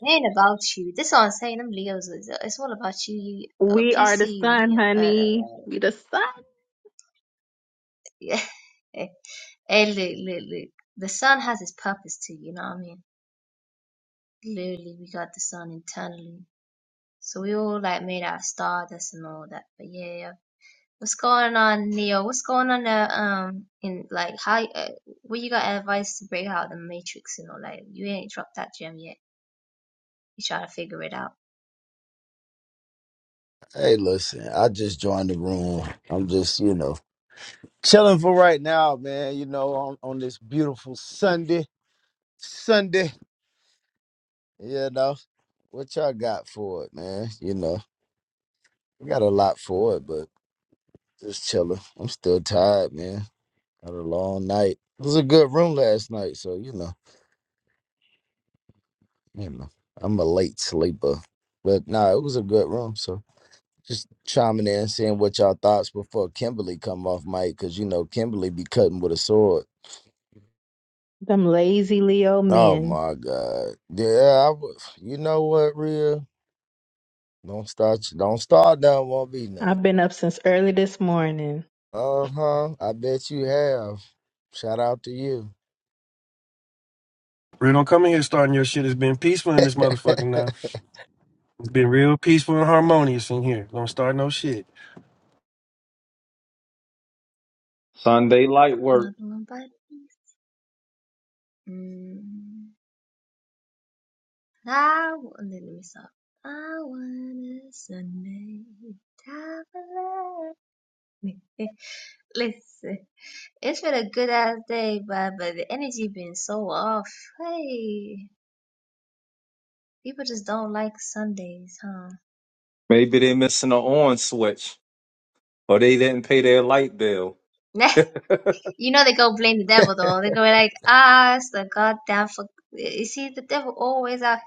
[SPEAKER 7] It ain't about you. This is what I'm saying. Them Leos, is- uh, it's all about you. You uh,
[SPEAKER 2] we are
[SPEAKER 7] PC,
[SPEAKER 2] the
[SPEAKER 7] you
[SPEAKER 2] sun,
[SPEAKER 7] Leo. Uh,
[SPEAKER 2] honey. We the sun.
[SPEAKER 7] yeah. Hey, look, look, look. The sun has its purpose too. You know what I mean? Literally, we got the sun internally, so we all like made out of stardust and all that. But yeah, yeah. What's going on, Leo? What's going on there? Um, in like how? Uh, what you got advice to break out the matrix and all? Like you ain't dropped that gem yet. You trying to figure it out.
[SPEAKER 8] hey, listen, I just joined the room. I'm just, you know, chilling for right now, man. You know, on, on this beautiful Sunday, Sunday. You know, what y'all got for it, man? You know, we got a lot for it, but just chilling. I'm still tired, man. Had a long night. It was a good room last night, so you know. you know, I'm a late sleeper. But no, nah, it was a good room. So just chiming in, seeing what y'all thoughts before Kimberly come off mic, cause you know Kimberly be cutting with a sword.
[SPEAKER 2] Them lazy Leo
[SPEAKER 8] Oh
[SPEAKER 2] men.
[SPEAKER 8] my God. Yeah, I w- You know what, Rhea? Don't start. Don't start down. Won't be nothing.
[SPEAKER 2] I've been up since early this morning.
[SPEAKER 8] Uh huh. I bet you have. Shout out to you.
[SPEAKER 4] Real don't come in here starting your shit. It's been peaceful in this motherfucker now. It's been real peaceful and harmonious in here. Don't start no shit.
[SPEAKER 9] Sunday light work.
[SPEAKER 7] Another one by Mm, I want, let me stop. I want a Sunday traveler. Listen, it's been a good ass day, but but the energy been so off. Hey, people just don't like Sundays, huh?
[SPEAKER 9] Maybe they missing an on switch or they didn't pay their light bill.
[SPEAKER 7] you know they go blame the devil though. They go like, ah, it's the goddamn fuck. You see, the devil always out.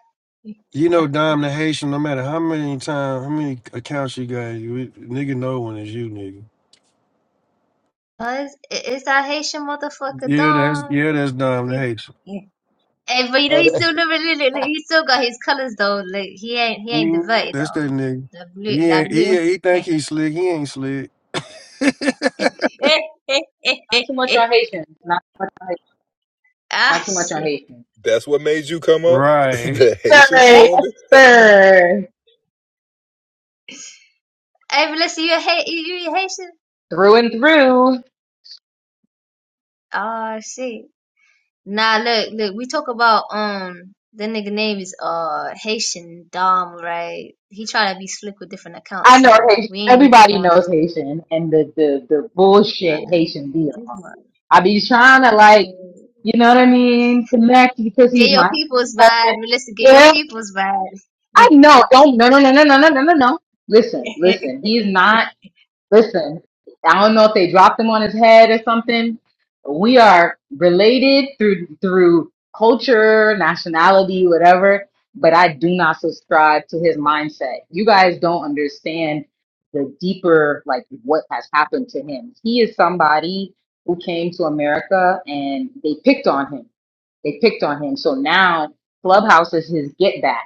[SPEAKER 4] You know, Dom the Haitian, no matter how many times, how many accounts you got, you, nigga know when it's you, nigga.
[SPEAKER 7] It's, it's that Haitian motherfucker,
[SPEAKER 4] Yeah, that's
[SPEAKER 7] Don.
[SPEAKER 4] yeah, that's Dom the
[SPEAKER 7] Please.
[SPEAKER 4] Haitian.
[SPEAKER 7] Hey, but you know
[SPEAKER 8] Oh,
[SPEAKER 7] he's
[SPEAKER 8] that,
[SPEAKER 7] still never really, like, he still got his colors though. Like he ain't he ain't
[SPEAKER 4] Mm,
[SPEAKER 7] diverted
[SPEAKER 4] That's
[SPEAKER 7] though.
[SPEAKER 4] that nigga.
[SPEAKER 7] That blue
[SPEAKER 4] He
[SPEAKER 7] that
[SPEAKER 4] ain't, he
[SPEAKER 7] blue.
[SPEAKER 4] ain't- he
[SPEAKER 7] Eh,
[SPEAKER 4] think he slick. He ain't slick.
[SPEAKER 7] eh, eh, eh, eh,
[SPEAKER 10] Not too much
[SPEAKER 7] eh.
[SPEAKER 10] on Haitians. Not too much on Haitians.
[SPEAKER 7] ah
[SPEAKER 10] Not too much on
[SPEAKER 7] shit.
[SPEAKER 10] Haitians.
[SPEAKER 1] That's what made you come up?
[SPEAKER 4] Right.
[SPEAKER 1] the
[SPEAKER 10] Sir,
[SPEAKER 1] Haitian
[SPEAKER 7] Eh.
[SPEAKER 10] yes,
[SPEAKER 1] slander?
[SPEAKER 10] sir.
[SPEAKER 7] Hey, Melissa, you a Ha- you, you a Haitian?
[SPEAKER 10] Through and through,
[SPEAKER 7] Oh shit. Nah, look, look. We talk about um the nigga name is uh Haitian Dom, right? He try to be slick with different
[SPEAKER 10] I
[SPEAKER 7] accounts,
[SPEAKER 10] know
[SPEAKER 7] so
[SPEAKER 10] Haitian.
[SPEAKER 7] we ain't really
[SPEAKER 10] Everybody
[SPEAKER 7] going
[SPEAKER 10] knows
[SPEAKER 7] after this.
[SPEAKER 10] Haitian and the, the, the bullshit
[SPEAKER 7] Uh,
[SPEAKER 10] Haitian deal.
[SPEAKER 7] this
[SPEAKER 10] I be trying to like,
[SPEAKER 7] one.
[SPEAKER 10] you know what I mean, connect because
[SPEAKER 7] Get
[SPEAKER 10] he's
[SPEAKER 7] your
[SPEAKER 10] my
[SPEAKER 7] people's
[SPEAKER 10] cousin.
[SPEAKER 7] vibe. Listen, get your
[SPEAKER 10] Yeah,
[SPEAKER 7] people's vibe.
[SPEAKER 10] I know. Don't no no no no no no no no. no. Listen, listen. He's not. Listen, I don't know if they dropped him on his head or something. We are related through through culture, nationality, whatever, but I do not subscribe to his mindset. You guys don't understand the deeper like what has happened to him. He is somebody who came to America and they picked on him. They picked on him. So now Clubhouse is his get back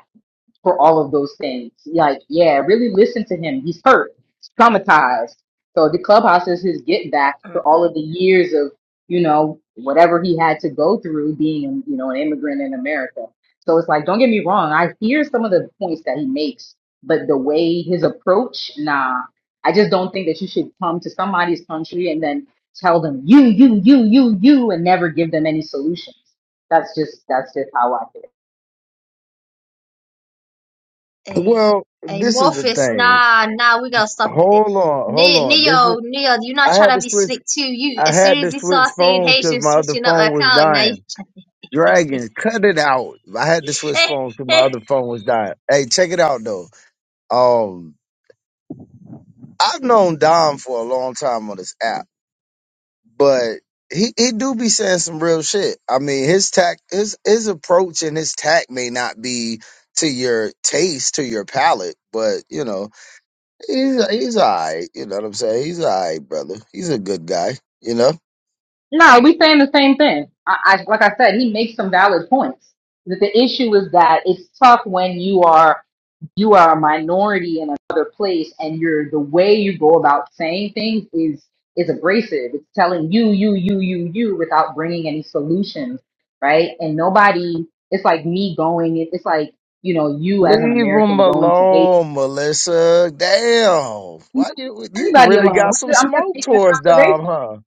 [SPEAKER 10] for all of those things. Like, yeah, really listen to him. He's hurt, he's traumatized. So the clubhouse is his get back for all
[SPEAKER 7] Uh-uh.
[SPEAKER 10] of the years of, you know, whatever he had to go through being, you know, an immigrant in America. So it's like, don't get me wrong. I hear some of the points that he makes, but the way his approach, nah, I just don't think that you should come to somebody's country and then tell them you, you, you, you, you, and never give them any solutions. That's just, that's just how I feel.
[SPEAKER 7] Hey,
[SPEAKER 11] Well,
[SPEAKER 7] hey,
[SPEAKER 11] this is the
[SPEAKER 7] Morpheus,
[SPEAKER 11] thing.
[SPEAKER 7] nah, nah, we gotta stop you there.
[SPEAKER 11] Hold on, hold
[SPEAKER 7] Ne-
[SPEAKER 11] on. This is
[SPEAKER 7] Neo, Neo, you're not
[SPEAKER 11] I had
[SPEAKER 7] trying
[SPEAKER 11] to
[SPEAKER 7] to be
[SPEAKER 11] switch.
[SPEAKER 7] slick too. You,
[SPEAKER 11] I
[SPEAKER 7] as soon
[SPEAKER 11] had to
[SPEAKER 7] as you saw
[SPEAKER 11] switch
[SPEAKER 7] saying
[SPEAKER 11] phone because
[SPEAKER 7] Haitian
[SPEAKER 11] my other
[SPEAKER 7] switching up
[SPEAKER 11] phone
[SPEAKER 7] the
[SPEAKER 11] was
[SPEAKER 7] account, now you.
[SPEAKER 11] dying. Dragon, cut it out. I had to switch phone because my other phone was dying. Hey, check it out though. Um, I've known Dom for a long time on this app, but he he do be saying some real shit. I mean, his tact, his his approach and his tact may not be to your taste, to your palate, but you know. He's he's all right. You know what I'm saying? He's all right, brother. He's a good guy. You know.
[SPEAKER 10] No, we saying the same thing. I, I like I said, he makes some valid points. That the issue is that it's tough when you are you are a minority in another place, and you're the way you go about saying things is is abrasive. It's telling you, you, you, you, you, without bringing any solutions, right? And nobody. It's like me going. it- It's like you know, you as an
[SPEAKER 11] Leave him
[SPEAKER 10] American going to Haiti.
[SPEAKER 11] alone, Melissa. Damn.
[SPEAKER 10] You
[SPEAKER 11] Why
[SPEAKER 10] know,
[SPEAKER 11] you you
[SPEAKER 10] Leave Anybody
[SPEAKER 11] really
[SPEAKER 10] alone.
[SPEAKER 11] got some
[SPEAKER 10] I'm just
[SPEAKER 11] smoke
[SPEAKER 10] making an
[SPEAKER 11] towards Dom,
[SPEAKER 10] observation.
[SPEAKER 11] huh?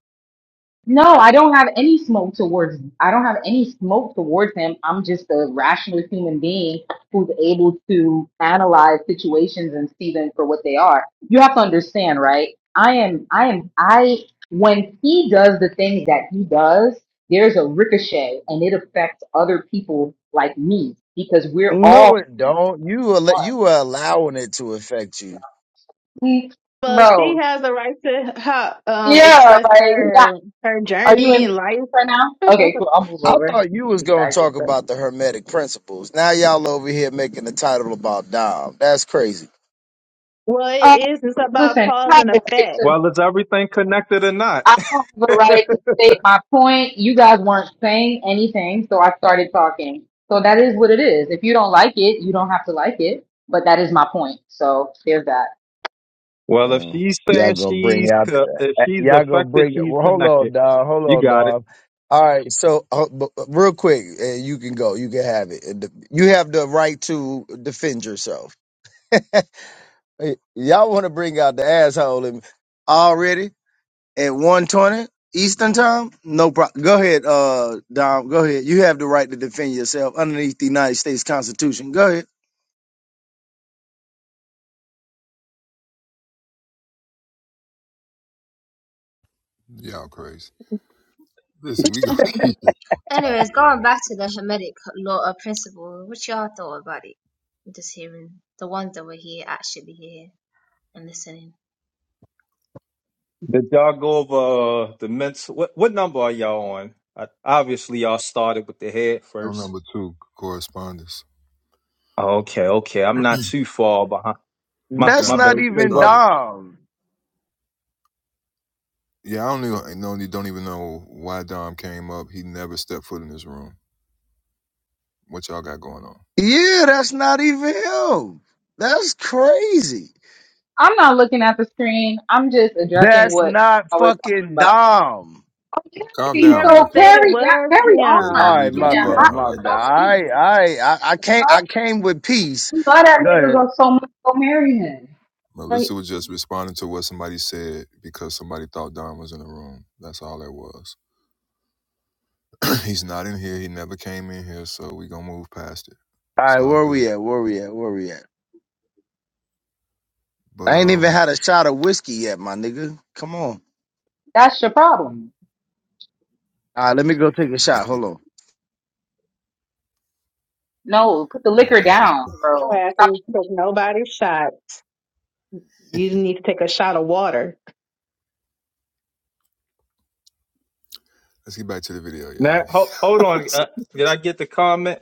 [SPEAKER 10] No, I don't have any smoke towards. I don't have any smoke towards him. I'm just a rational human being who's able to analyze situations and see them for what they are. You have to understand, right? I am. I am. I when he does the things that he does, there's a ricochet, and it affects other people like me because we're
[SPEAKER 11] No,
[SPEAKER 10] all
[SPEAKER 11] it don't. You are you were allowing it to affect you.
[SPEAKER 10] one, Mm,
[SPEAKER 2] Well, she
[SPEAKER 10] bro.
[SPEAKER 2] has a right to how, um,
[SPEAKER 10] Yeah,
[SPEAKER 2] express
[SPEAKER 10] like, yeah.
[SPEAKER 2] her her
[SPEAKER 10] Are you
[SPEAKER 2] journey
[SPEAKER 10] in
[SPEAKER 2] in life.
[SPEAKER 10] right now? Okay, cool. I'll move
[SPEAKER 11] I
[SPEAKER 10] over.
[SPEAKER 11] thought you was gonna talk
[SPEAKER 10] Exactly.
[SPEAKER 11] about the hermetic principles. Now y'all over here making the title about Dom. That's crazy.
[SPEAKER 2] well, it
[SPEAKER 10] Um,
[SPEAKER 2] is. It's about
[SPEAKER 10] listen,
[SPEAKER 2] cause
[SPEAKER 10] I
[SPEAKER 2] and
[SPEAKER 10] have the right
[SPEAKER 2] effect.
[SPEAKER 10] to,
[SPEAKER 9] Well, is everything connected or not?
[SPEAKER 10] I have the right to state my point. You guys weren't saying anything, so I started talking. So that is what it is. If you don't like it, you don't have to like it. But that is my point. So there's that.
[SPEAKER 9] well, if
[SPEAKER 11] Mm.
[SPEAKER 9] she's
[SPEAKER 11] Y'all
[SPEAKER 9] saying
[SPEAKER 11] gonna bring
[SPEAKER 9] she's
[SPEAKER 11] out
[SPEAKER 9] co- if
[SPEAKER 11] uh,
[SPEAKER 9] she's
[SPEAKER 11] y'all gonna
[SPEAKER 9] affected,
[SPEAKER 11] bring
[SPEAKER 9] she's
[SPEAKER 11] well, hold on,
[SPEAKER 9] connected.
[SPEAKER 11] dog. Hold
[SPEAKER 9] You
[SPEAKER 11] on,
[SPEAKER 9] got it.
[SPEAKER 11] dog. All right, so uh, b- b- real quick, uh, you can go. You can have it. And the- You have the right to defend yourself. Y- Y'all want to bring out the asshole in already at one twenty Eastern time? No problem. Go ahead, uh, Dom. Go ahead. You have the right to defend yourself underneath the United States Constitution. Go ahead.
[SPEAKER 1] Y'all crazy. Listen, we gonna keep this topic
[SPEAKER 7] Anyways, going
[SPEAKER 1] right.
[SPEAKER 7] back to the Hermetic law or principle, what y'all thought about it? just hearing the ones that were here actually here and listening.
[SPEAKER 9] Did y'all go over uh, the mental? What, what number are y'all on? I, obviously, y'all started with the head
[SPEAKER 1] No
[SPEAKER 9] first.
[SPEAKER 1] number two correspondence.
[SPEAKER 9] Okay, okay. I'm not too far behind. My
[SPEAKER 11] That's
[SPEAKER 9] my
[SPEAKER 1] No,
[SPEAKER 9] bad.
[SPEAKER 11] not
[SPEAKER 9] What you
[SPEAKER 1] we
[SPEAKER 9] Say,
[SPEAKER 11] even
[SPEAKER 9] brother.
[SPEAKER 1] started.
[SPEAKER 11] Dom.
[SPEAKER 1] Yeah, I don't even no, don't even know why Dom came up. He never stepped foot in this room. What y'all got going on?
[SPEAKER 11] Yeah, that's not even him. That's crazy.
[SPEAKER 10] I'm not looking at the screen. I'm just addressing
[SPEAKER 11] That's
[SPEAKER 10] what
[SPEAKER 11] not
[SPEAKER 10] we're talking
[SPEAKER 11] fucking
[SPEAKER 10] about.
[SPEAKER 11] Dom.
[SPEAKER 10] Okay,
[SPEAKER 1] Calm
[SPEAKER 2] She
[SPEAKER 1] down,
[SPEAKER 10] so
[SPEAKER 2] never said
[SPEAKER 1] Marcus.
[SPEAKER 2] it
[SPEAKER 10] carry that,
[SPEAKER 2] was
[SPEAKER 10] carry on.
[SPEAKER 1] There's no
[SPEAKER 11] All
[SPEAKER 2] him.
[SPEAKER 10] Look
[SPEAKER 1] need
[SPEAKER 11] right,
[SPEAKER 1] to
[SPEAKER 10] at
[SPEAKER 11] my
[SPEAKER 10] that,
[SPEAKER 1] respond to
[SPEAKER 11] bad,
[SPEAKER 10] hot
[SPEAKER 1] her
[SPEAKER 11] my
[SPEAKER 1] like
[SPEAKER 10] for
[SPEAKER 11] bad.
[SPEAKER 10] no
[SPEAKER 1] that.
[SPEAKER 11] All
[SPEAKER 10] reason.
[SPEAKER 11] right, all right. I, I came,
[SPEAKER 10] Huh?
[SPEAKER 11] I came with peace.
[SPEAKER 10] You love that
[SPEAKER 11] Go
[SPEAKER 10] nigga
[SPEAKER 11] ahead.
[SPEAKER 10] go so much, go marry him.
[SPEAKER 2] I mean,
[SPEAKER 1] Melissa was just responding to what somebody said because somebody thought Don was in the room. That's all that was. He's not in here. He never came in here, so we gonna move past it.
[SPEAKER 11] All
[SPEAKER 1] It's
[SPEAKER 11] right,
[SPEAKER 1] all
[SPEAKER 11] where
[SPEAKER 1] good.
[SPEAKER 11] we at? Where we at? Where we at?
[SPEAKER 1] But
[SPEAKER 11] I ain't even
[SPEAKER 1] um,
[SPEAKER 11] had a shot of whiskey yet, my nigga. Come on.
[SPEAKER 10] That's your problem.
[SPEAKER 11] All right, let me go take a shot. Hold on.
[SPEAKER 10] No, put the
[SPEAKER 1] not
[SPEAKER 10] liquor
[SPEAKER 1] that's his.
[SPEAKER 10] down,
[SPEAKER 2] Your
[SPEAKER 10] bro.
[SPEAKER 2] ass
[SPEAKER 10] Stop.
[SPEAKER 2] ain't took nobody's shot. You need to take a shot of water.
[SPEAKER 1] Let's get back to the video,
[SPEAKER 9] Now,
[SPEAKER 1] y'all.
[SPEAKER 9] ho- hold on. Uh, did I get the comment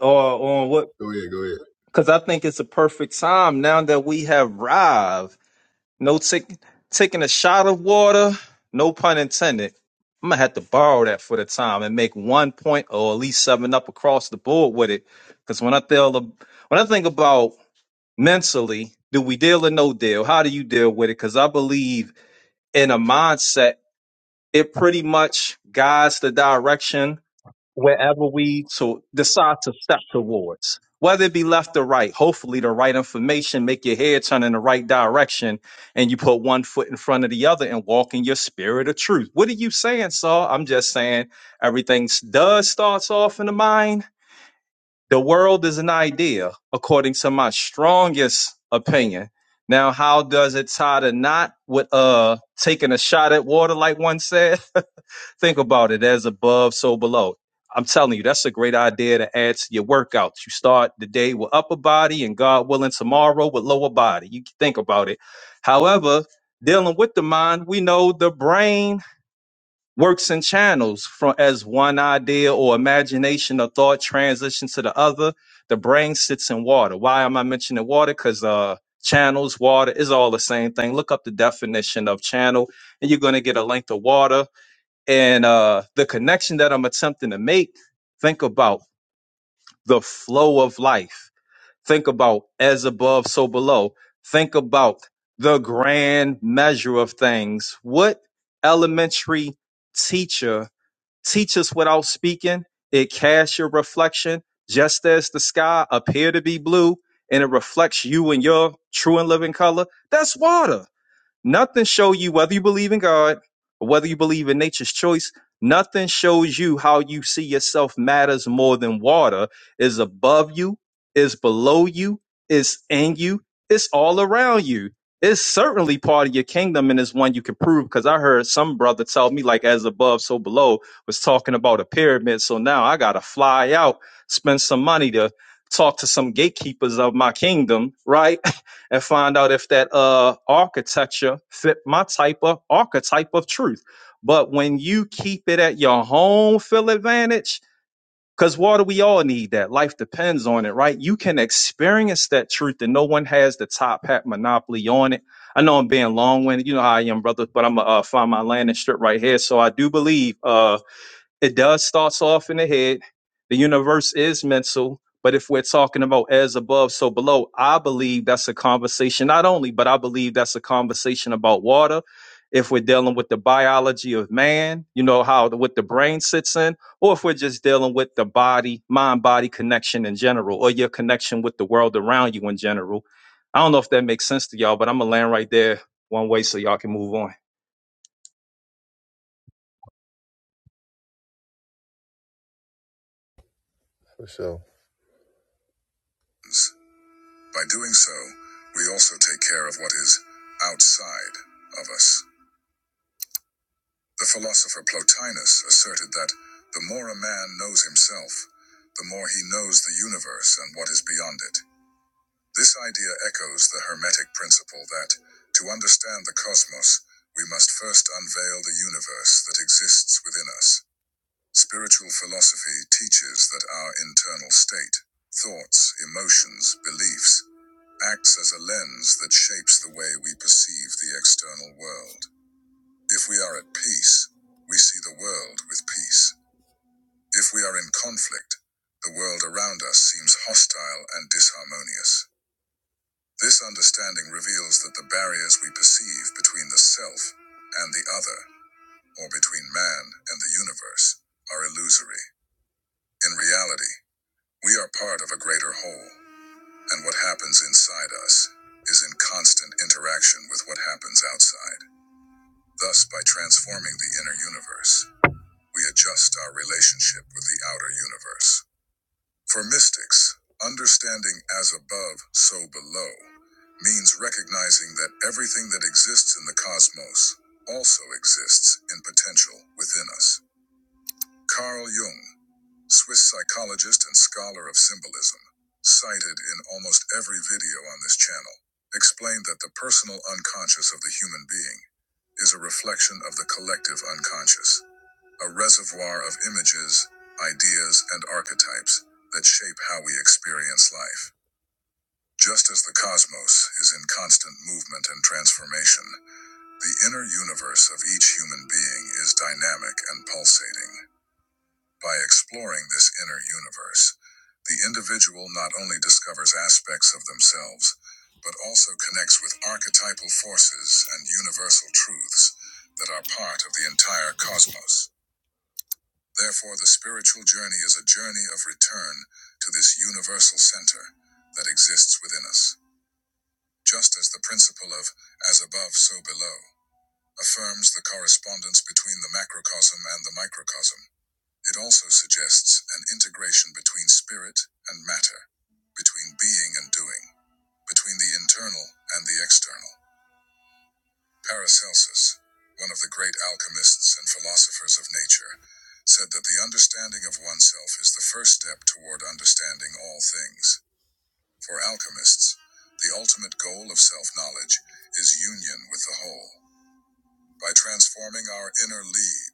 [SPEAKER 9] or on what?
[SPEAKER 1] go ahead, go ahead.
[SPEAKER 9] Because I think it's a perfect time now that we have Rive. No tick, taking a shot of water, no pun intended. I'm going to have to borrow that for the time and make one point or at least seven up across the board with it. Because when I tell the, when I think about mentally, do we deal or no deal? How do you deal with it? Because I believe in a mindset, it pretty much guides the direction wherever we to decide to step towards whether it be left or right hopefully the right information make your head turn in the right direction and you put one foot in front of the other and walk in your spirit of truth what are you saying saul i'm just saying everything s- does starts off in the mind the world is an idea according to my strongest opinion now how does it tie to not with uh taking a shot at water like one said Think about it as above, so below. I'm telling you, that's a great idea to add to your workouts. You start the day with upper body and God willing, tomorrow with lower body. You can think about it. However, dealing with the mind, we know the brain works in channels from as one idea or imagination or thought transition to the other. The brain sits in water. Why am I mentioning water? Because uh channels, water is all the same thing. Look up the definition of channel and you're going to get a length of water and uh, the connection that I'm attempting to make, think about the flow of life. Think about as above, so below. Think about the grand measure of things. What elementary teacher teaches without speaking? It casts your reflection just as the sky appear to be blue and it reflects you in your true and living color. That's water Nothing show you whether you believe in God or whether you believe in nature's choice. Nothing shows you how you see yourself matters more than water is above you, is below you, is in you, it's all around you. It's certainly part of your kingdom and it's one you can prove because I heard some brother tell me like as above, so below was talking about a pyramid. So now I gotta fly out, spend some money to talk to some gatekeepers of my kingdom, right? and find out if that uh architecture fit my type of archetype of truth. But when you keep it at your home field advantage, because water, we all need that. Life depends on it, right? You can experience that truth, and no one has the top hat monopoly on it. I know I'm being long winded. You know how I am, brother, but I'm going to uh, find my landing strip right here. So I do believe. uh, it does starts off in the head. The universe is mental, but if we're talking about as above, so below, I believe that's a conversation not only, but I believe that's a conversation about water. If we're dealing with the biology of man, you know how the, what the brain sits in, or if we're just dealing with the body, mind body connection in general, or your connection with the world around you in general. I don't know if that makes sense to y'all, but I'm gonna land right there one way so y'all can move on.
[SPEAKER 1] For sure. By doing so, we also take care of what is outside of us. The philosopher Plotinus asserted that the more a man knows himself, the more he knows the universe and what is beyond it. This idea echoes the Hermetic principle that, to understand the cosmos, we must first unveil the universe that exists within us. Spiritual philosophy teaches that our internal state, thoughts, emotions, beliefs, acts as a lens that shapes the way we perceive the external world. If we are at peace, we see the world with peace. If we are in conflict, the world around us seems hostile and disharmonious. This understanding reveals that the barriers we perceive between the self and the other, or between man and the universe, are illusory. In reality, we are part of a greater whole, and what happens inside us is in constant interaction with what happens outside. Thus, by transforming the inner universe, we adjust our relationship with the outer universe. For mystics, understanding as above, so below means recognizing that everything that exists in the cosmos also exists in potential within us. Carl Jung, Swiss psychologist and scholar of symbolism, cited in almost every video on this channel, explained that the personal unconscious of the human being is a reflection of the collective unconscious a reservoir of images, ideas, and archetypes that shape how we experience life. Just as the cosmos is in constant movement and transformation, the inner universe of each human being is dynamic and pulsating. By exploring this inner universe, the individual not only discovers aspects of themselves, but also connects with archetypal forces and universal truths that are part of the entire cosmos. Therefore, the spiritual journey is a journey of return to this universal center that exists within us, just as the principle of as above, so below affirms the correspondence between the macrocosm and the microcosm. It also suggests an integration between spirit and matter, between being and doing, between the internal and the external. Paracelsus, one of the great alchemists and philosophers of nature, said that the understanding of oneself is the first step toward understanding all things. For alchemists, the ultimate goal of self knowledge is union with the whole. By transforming our inner lead,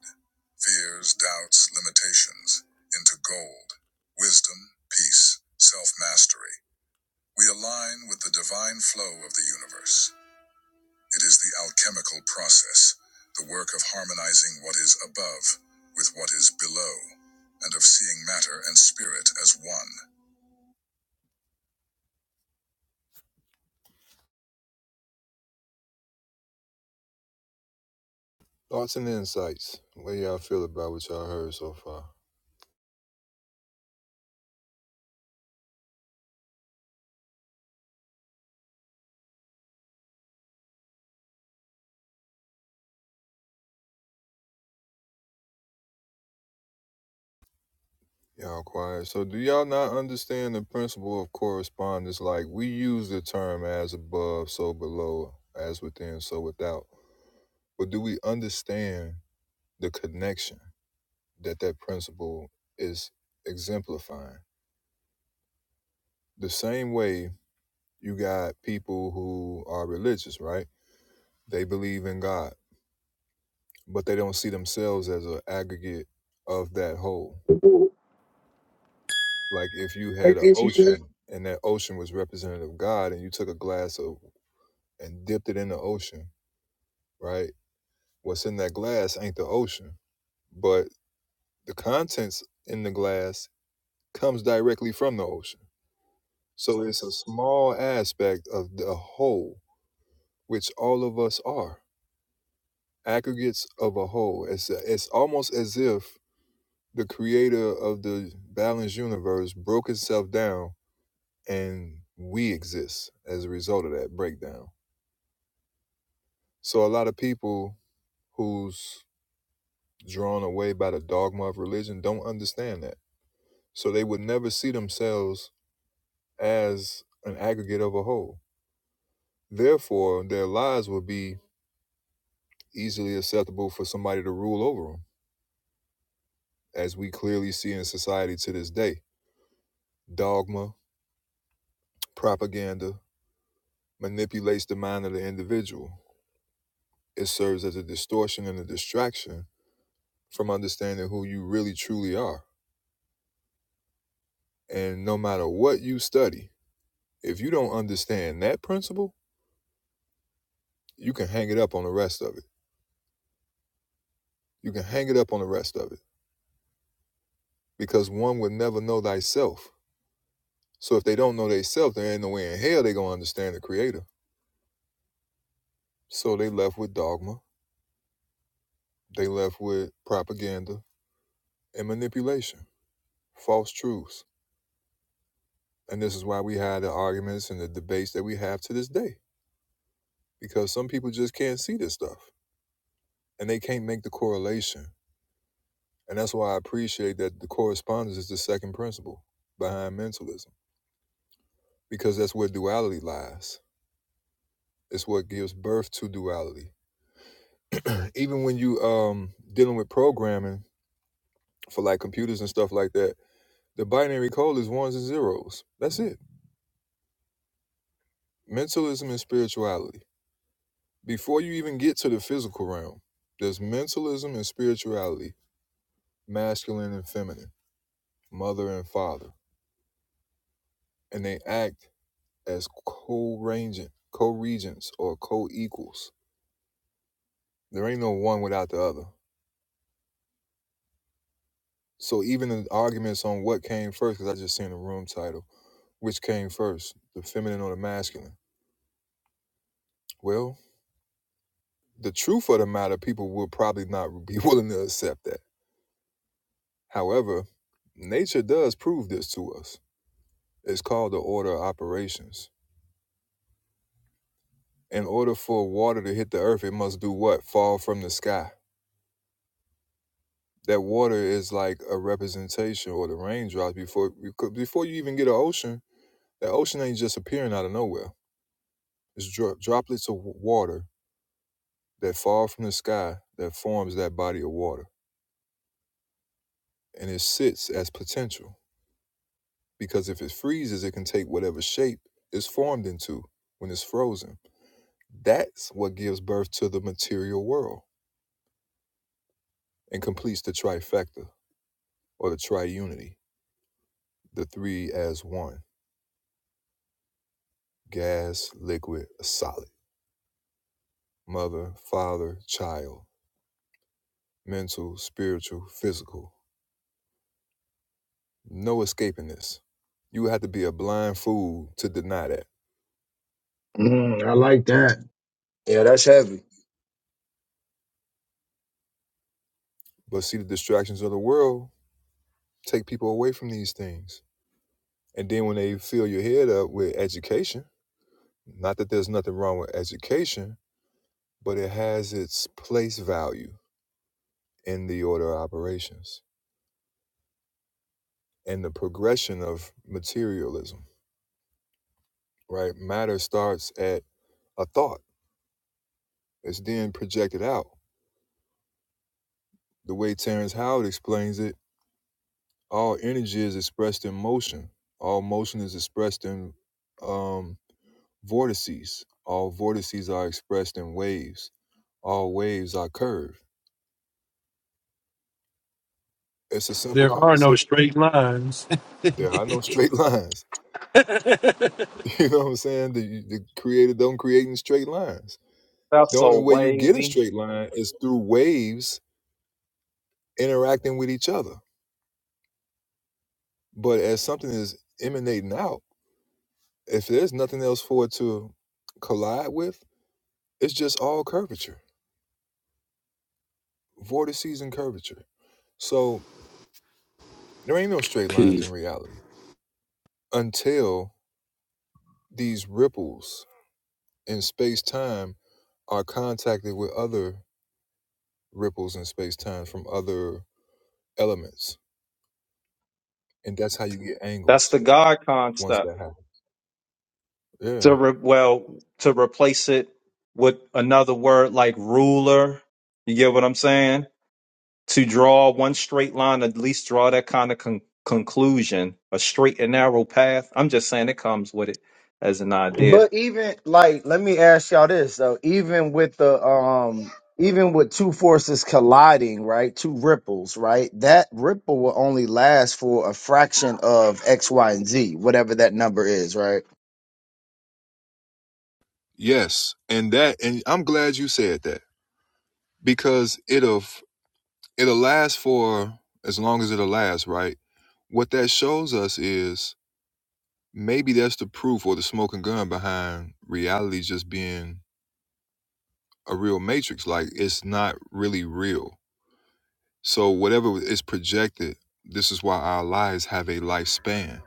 [SPEAKER 1] fears, doubts, limitations, into gold, wisdom, peace, self mastery, we align with the divine flow of the universe. It is the alchemical process, the work of harmonizing what is above with what is below, and of seeing matter and spirit as one. Thoughts and insights. What do y'all feel about what y'all heard so far? Y'all quiet. So, do y'all not understand the principle of correspondence? Like, we use the term as above, so below, as within, so without. But do we understand the connection that that principle is exemplifying? The same way You got people who are religious, right? They believe in God, but they don't see themselves as an aggregate of that whole. Like if you had an ocean and that ocean was representative of God and you took a glass of and dipped it in the ocean, right? What's in that glass ain't the ocean, but the contents in the glass comes directly from the ocean. So it's a small aspect of the whole, which all of us are. aggregates of a whole. It's it's almost as if the creator of the balanced universe broke itself down, and we exist as a result of that breakdown. So a lot of people who's drawn away by the dogma of religion don't understand that. So they would never see themselves as an aggregate of a whole. Therefore, their lives would be easily acceptable for somebody to rule over them, as we clearly see in society to this day. Dogma, Propaganda manipulates the mind of the individual. It serves as a distortion and a distraction from understanding who you really truly are. And no matter what you study, if you don't understand that principle, you can hang it up on the rest of it. You can hang it up on the rest of it because one would never know thyself. So if they don't know theyself, there ain't no way in hell they gonna understand the creator. So they left with dogma, they left with propaganda and manipulation, false truths. And this is why we had the arguments and the debates that we have to this day, because some people just can't see this stuff and they can't make the correlation. And that's why I appreciate that the correspondence is the second principle behind mentalism, because that's where duality lies. It's what gives birth to duality. Even when you um dealing with programming for like computers and stuff like that, the binary code is ones and zeros. That's it. Mentalism and spirituality Before you even get to the physical realm, there's mentalism and spirituality, masculine and feminine, mother and father, and they act as co-regent, co-regents or co-equals. There ain't no one without the other. So even the arguments on what came first, because I just seen the room title, which came first, the feminine or the masculine? Well, the truth of the matter, people will probably not be willing to accept that. However, nature does prove this to us It's called the order of operations. In order for water to hit the earth, it must do what? Fall from the sky. That water is like a representation or the raindrops before before you even get an ocean. That ocean ain't just appearing out of nowhere. It's dro- droplets of water that fall from the sky that forms that body of water. And it sits as potential because if it freezes, it can take whatever shape it's formed into when it's frozen. That's what gives birth to the material world and completes the trifecta or the triunity, the three as one gas, liquid, solid, mother, father, child, mental, spiritual, physical. No escaping this. You would have to be a blind fool to deny that.
[SPEAKER 11] Mm, I like that. Yeah, that's heavy.
[SPEAKER 1] But see, the distractions of the world take people away from these things. And then when they fill your head up with education, not that there's nothing wrong with education, but it has its place value in the order of operations and the progression of materialism right? Matter starts at a thought. It's then projected out. The way Terrence Howard explains it, all energy is expressed in motion. All motion is expressed in um, vortices. All vortices are expressed in waves. All waves are curved. It's a simple
[SPEAKER 4] There are no
[SPEAKER 1] concept.
[SPEAKER 4] straight lines.
[SPEAKER 1] There are no straight lines. You know what I'm saying? The, the creator don't create in straight lines.
[SPEAKER 9] That's
[SPEAKER 1] The only
[SPEAKER 9] so
[SPEAKER 1] way you get a
[SPEAKER 9] wavy.
[SPEAKER 1] straight line is through waves interacting with each other. But as something is emanating out, If there's nothing else for it to collide with, it's just all curvature, vortices and curvature. So there ain't no straight lines
[SPEAKER 12] Peace.
[SPEAKER 1] in reality until these ripples in space time are contacted with other ripples in space time from other elements. And that's how you get
[SPEAKER 9] That's
[SPEAKER 1] angles
[SPEAKER 9] the God
[SPEAKER 1] once
[SPEAKER 9] concept.
[SPEAKER 1] that happens. Yeah.
[SPEAKER 9] To re- well, to replace it with another word like ruler. You get what I'm saying? To draw one straight line, at least draw that kind of con- conclusion, a straight and narrow path. I'm just saying it comes with it as an idea.
[SPEAKER 11] But even like, let me ask y'all this though. Even with the um, even with two forces colliding, right? Two ripples, right? That ripple will only last for a fraction of x, y, and z, whatever that number is, right?
[SPEAKER 1] Yes. And that, and I'm glad you said that because it'll it'll last for as long as it'll last, right? What that shows us is maybe that's the proof or the smoking gun behind reality just being a real matrix. Like it's not really real. So whatever is projected, this is why our lives have a lifespan,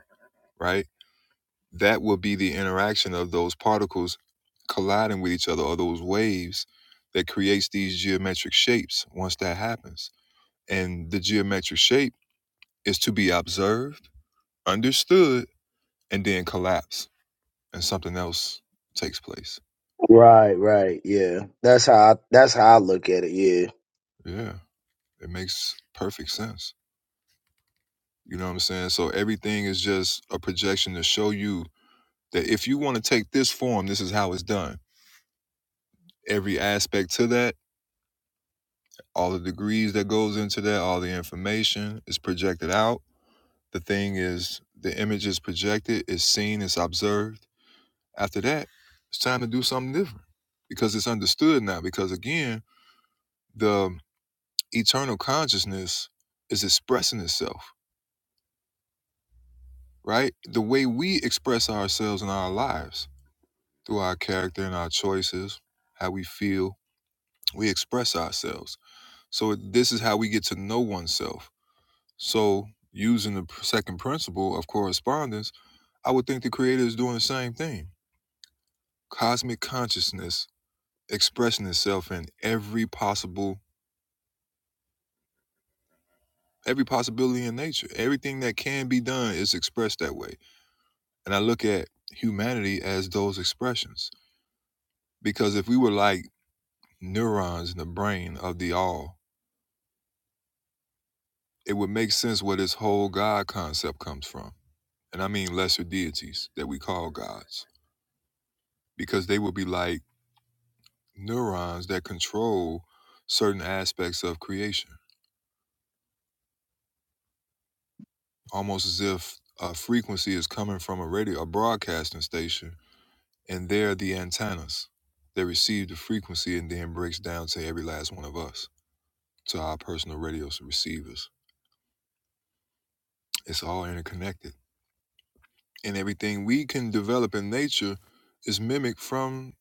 [SPEAKER 1] right? That will be the interaction of those particles colliding with each other or those waves that creates these geometric shapes once that happens. And the geometric shape is to be observed understood, and then collapse, and something else takes place.
[SPEAKER 11] Right, right, yeah. That's how I, that's how I look at it. Yeah.
[SPEAKER 1] Yeah, it makes perfect sense. You know what I'm saying? So everything is just a projection to show you that if you want to take this form, this is how it's done. Every aspect to that, all the degrees that goes into that, all the information is projected out. The thing is, the image is projected, it's seen, it's observed. After that, it's time to do something different because it's understood now. Because again, the eternal consciousness is expressing itself, right? The way we express ourselves in our lives through our character and our choices, how we feel, we express ourselves. So, this is how we get to know oneself. So, using the pr- second principle of correspondence, I would think the creator is doing the same thing. Cosmic consciousness expressing itself in every possible every possibility in nature everything that can be done is expressed that way And I look at humanity as those expressions. Because if we were like neurons in the brain of the all, it would make sense where this whole God concept comes from. And I mean lesser deities that we call gods, because they would be like neurons that control certain aspects of creation, almost as if a frequency is coming from a radio, a broadcasting station, and they're the antennas that receive the frequency and then breaks down to every last one of us to our personal radio receivers. It's all interconnected. And everything we can develop in nature is mimicked from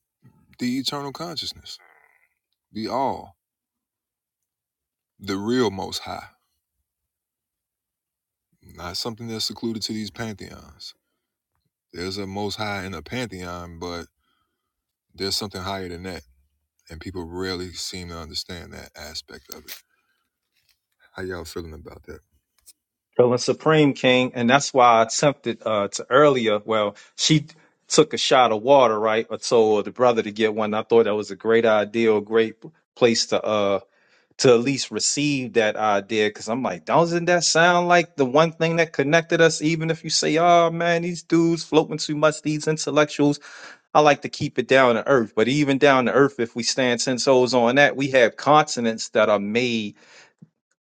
[SPEAKER 1] the eternal consciousness, the all, the real most high, not something that's secluded to these pantheons. There's a most high in a pantheon, but there's something higher than that. And people rarely seem to understand that aspect of it. How y'all feeling about that?
[SPEAKER 9] Feeling supreme, King, and that's why I attempted uh, to earlier. Well, she took a shot of water, right, or told the brother to get one. I thought that was a great idea, a great place to uh to at least receive that idea, because I'm like, doesn't that sound like the one thing that connected us? Even if you say, "Oh man, these dudes floating too much, these intellectuals," I like to keep it down to earth. But even down to earth, if we stand ten toes on that, we have continents that are made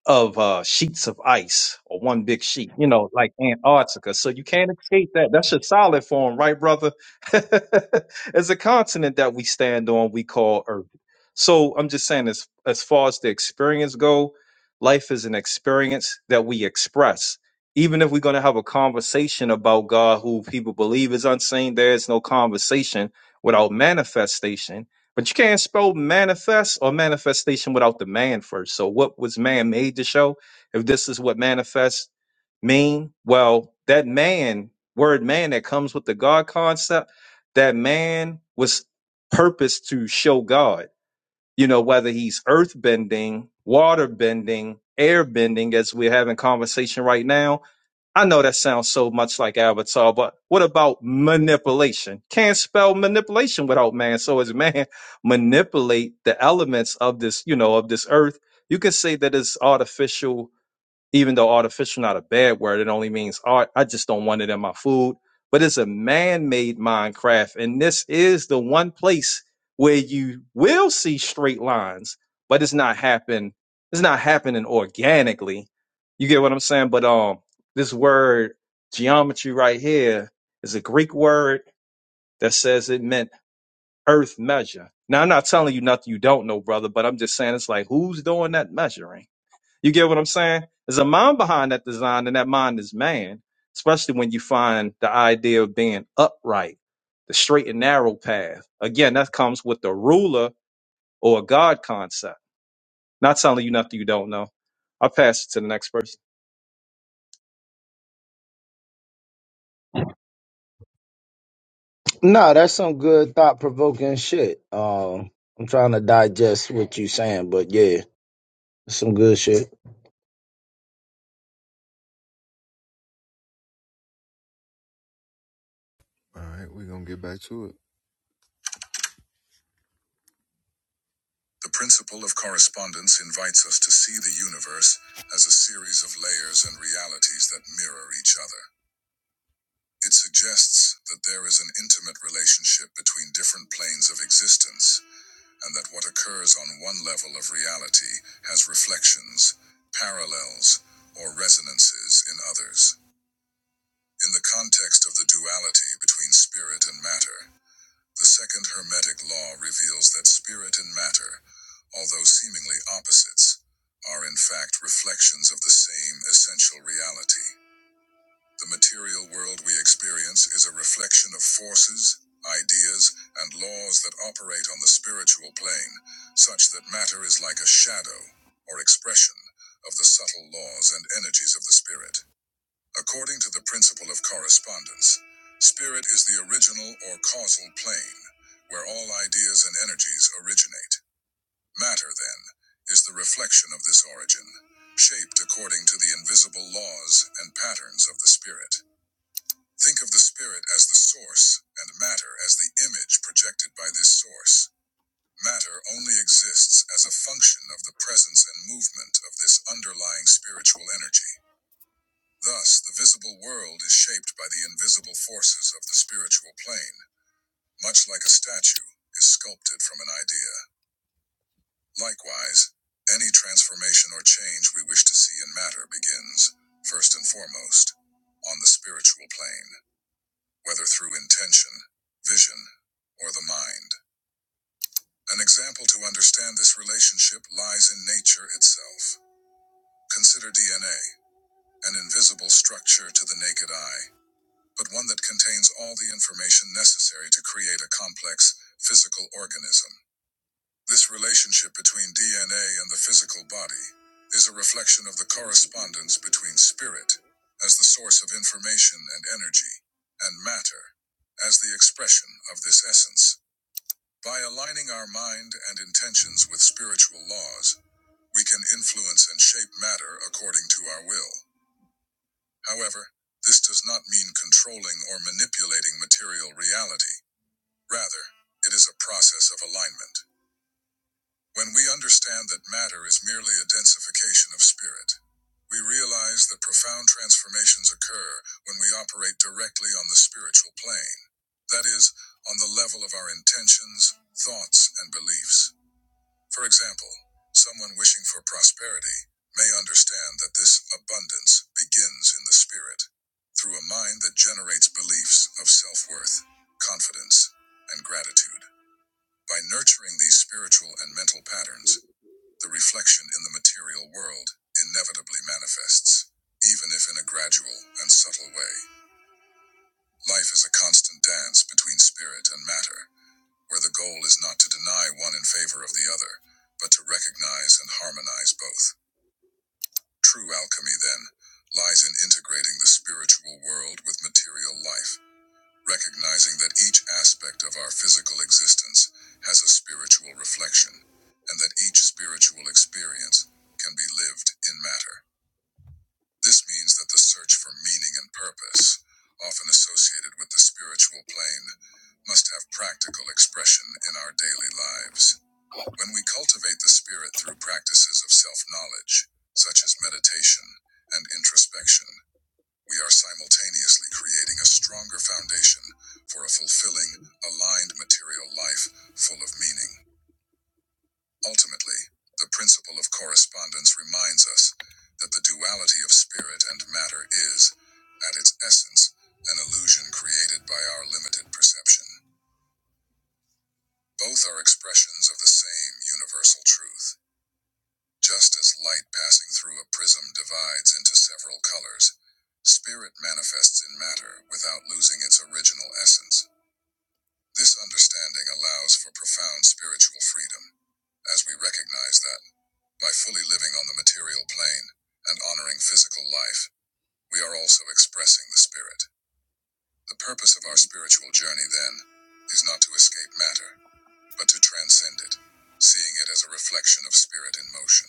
[SPEAKER 9] of uh, sheets of ice or one big sheet, you know, like Antarctica. So you can't escape that. That's your solid form, right, brother? It's a continent that we stand on, we call Earth. So I'm just saying, as as far as the experience go, life is an experience that we express. Even if we're going to have a conversation about God, who people believe is unseen, there is no conversation without manifestation but you can't spell manifest or manifestation without the man first. So what was man made to show? If this is what manifest mean, well, that man, word man that comes with the God concept, that man was purposed to show God. You know, whether he's earth bending, water bending, air bending, as we're having conversation right now, I know that sounds so much like Avatar, but what about manipulation? Can't spell manipulation without man. So as man manipulate the elements of this, you know, of this earth, you can say that it's artificial even though artificial not a bad word, it only means art. I just don't want it in my food. But it's a man-made Minecraft, and this is the one place where you will see straight lines, but it's not happen. It's not happening organically. You get what I'm saying? But um, this word geometry right here is a Greek word that says it meant earth measure. Now I'm not telling you nothing you don't know, brother, but I'm just saying it's like who's doing that measuring? You get what I'm saying? There's a mind behind that design, and that mind is man, especially when you find the idea of being upright, the straight and narrow path. Again, that comes with the ruler or a God concept. Not telling you nothing you don't know. I'll pass it to the next person.
[SPEAKER 11] No, that's some good thought provoking shit. Um, I'm trying to digest what you saying, but yeah, some good shit.
[SPEAKER 1] All right, we're going to get back to it. The principle of correspondence invites us to see the universe as a series of layers and realities that mirror each other. It suggests that there is an intimate relationship between different planes of existence, and that what occurs on one level of reality has reflections, parallels, or resonances in others. In the context of the duality between spirit and matter, the second Hermetic law reveals that spirit and matter, although seemingly opposites, are in fact reflections of the same essential reality. The material world we experience is a reflection of forces, ideas, and laws that operate on the spiritual plane, such that matter is like a shadow or expression of the subtle laws and energies of the spirit. According to the principle of correspondence, spirit is the original or causal plane where all ideas and energies originate. Matter, then, is the reflection of this origin, shaped according to the invisible laws and patterns of the spirit. Think of the spirit as the source and matter as the image projected by this source. Matter only exists as a function of the presence and movement of this underlying spiritual energy. Thus, the visible world is shaped by the invisible forces of the spiritual plane, much like a statue is sculpted from an idea. Likewise, any transformation or change we wish to see in matter begins, first and foremost, on the spiritual plane, whether through intention, vision, or the mind. An example to understand this relationship lies in nature itself. Consider DNA, an invisible structure to the naked eye. but one that contains all the information necessary to create a complex physical organism. This relationship between DNA and the physical body is a reflection of the correspondence between spirit, as the source of information and energy, and matter, as the expression of this essence. By aligning our mind and intentions with spiritual laws, we can influence and shape matter according to our will. However, this does not mean controlling or manipulating material reality. Rather, it is a process of alignment. When we understand that matter is merely a densification of spirit, we realize that profound transformations occur when we operate directly on the spiritual plane. That is, on the level of our intentions, thoughts, and beliefs. For example, someone wishing for prosperity may understand that this abundance begins in the spirit through a mind that generates beliefs of self worth, confidence, and gratitude. By nurturing these spiritual and mental patterns, the reflection in the material world inevitably manifests, even if in a gradual and subtle way. Life is a constant dance between spirit and matter where the goal is not to deny one in favor of the other, but to recognize and harmonize both. True alchemy, then, lies in integrating the spiritual world with material life, recognizing that each aspect of our physical existence has a spiritual reflection, and that each spiritual experience can be lived in matter. This means that the search for meaning and purpose, often associated with the spiritual plane, must have practical expression in our daily lives. When we cultivate the spirit through practices of self knowledge, such as meditation and introspection, we are simultaneously creating a stronger foundation for a fulfilling, aligned material life full of meaning. Ultimately, the principle of correspondence reminds us that the duality of spirit and matter is, at its essence, an illusion created by our limited perception. Both are expressions of the same universal truth Just as light passing through a prism divides into several colors, spirit manifests in matter without losing its original essence. This understanding allows for profound spiritual freedom, as we recognize that, by fully living on the material plane and honoring physical life, we are also expressing the spirit. The purpose of our spiritual journey, then, is not to escape matter, but to transcend it, seeing it as a reflection of spirit in motion.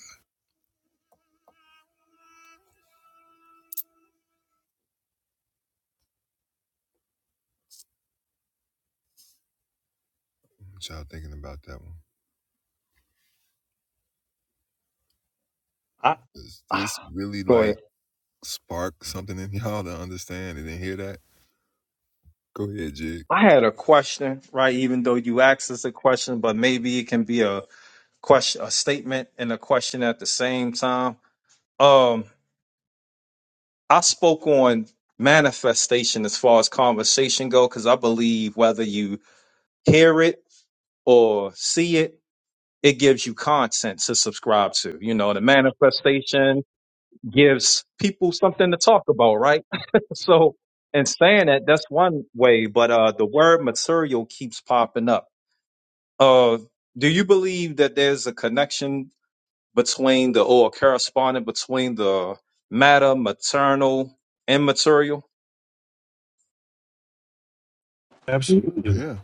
[SPEAKER 1] What Y'all thinking about that one.
[SPEAKER 9] I,
[SPEAKER 1] Does
[SPEAKER 9] ah,
[SPEAKER 1] this really
[SPEAKER 9] go
[SPEAKER 1] like
[SPEAKER 9] ahead.
[SPEAKER 1] spark something in y'all to understand and then hear that? Go ahead, Jig.
[SPEAKER 9] I had a question, right? Even though you asked us a question, but maybe it can be a question, a statement and a question at the same time. Um, I spoke on manifestation as far as conversation go because I believe whether you hear it or see it, it gives you content to subscribe to. You know, the manifestation gives people something to talk about, right? so, in saying that, that's one way, but uh, the word material keeps popping up. Uh, do you believe that there's a connection between the or correspondent between the matter, maternal, and material?
[SPEAKER 4] Absolutely.
[SPEAKER 1] Yeah.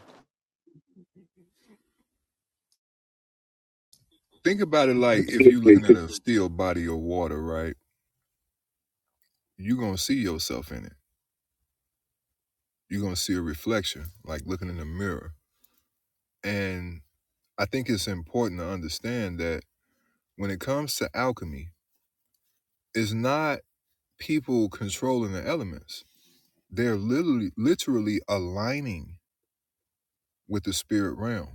[SPEAKER 1] Think about it like if you are looking at a still body of water, right? You're gonna see yourself in it. You're gonna see a reflection, like looking in a mirror. And I think it's important to understand that when it comes to alchemy, it's not people controlling the elements. They're literally literally aligning with the spirit realm.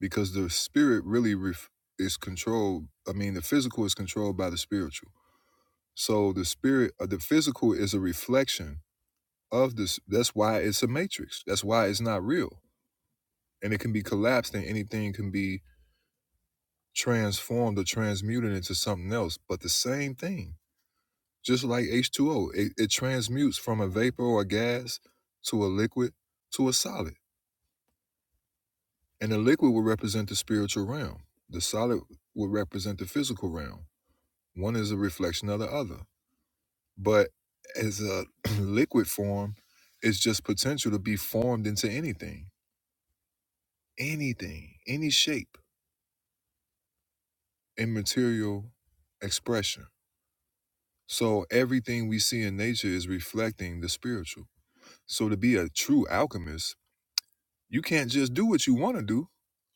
[SPEAKER 1] because the spirit really ref- is controlled. I mean, the physical is controlled by the spiritual. So the spirit, uh, the physical, is a reflection of this. That's why it's a matrix. That's why it's not real, and it can be collapsed, and anything can be transformed or transmuted into something else, but the same thing. Just like H2O, it, it transmutes from a vapor or a gas to a liquid to a solid. And the liquid will represent the spiritual realm. The solid will represent the physical realm One is a reflection of the other. But as a liquid form, it's just potential to be formed into anything, anything, any shape and material expression. So everything we see in nature is reflecting the spiritual. So to be a true alchemist, you can't just do what you want to do.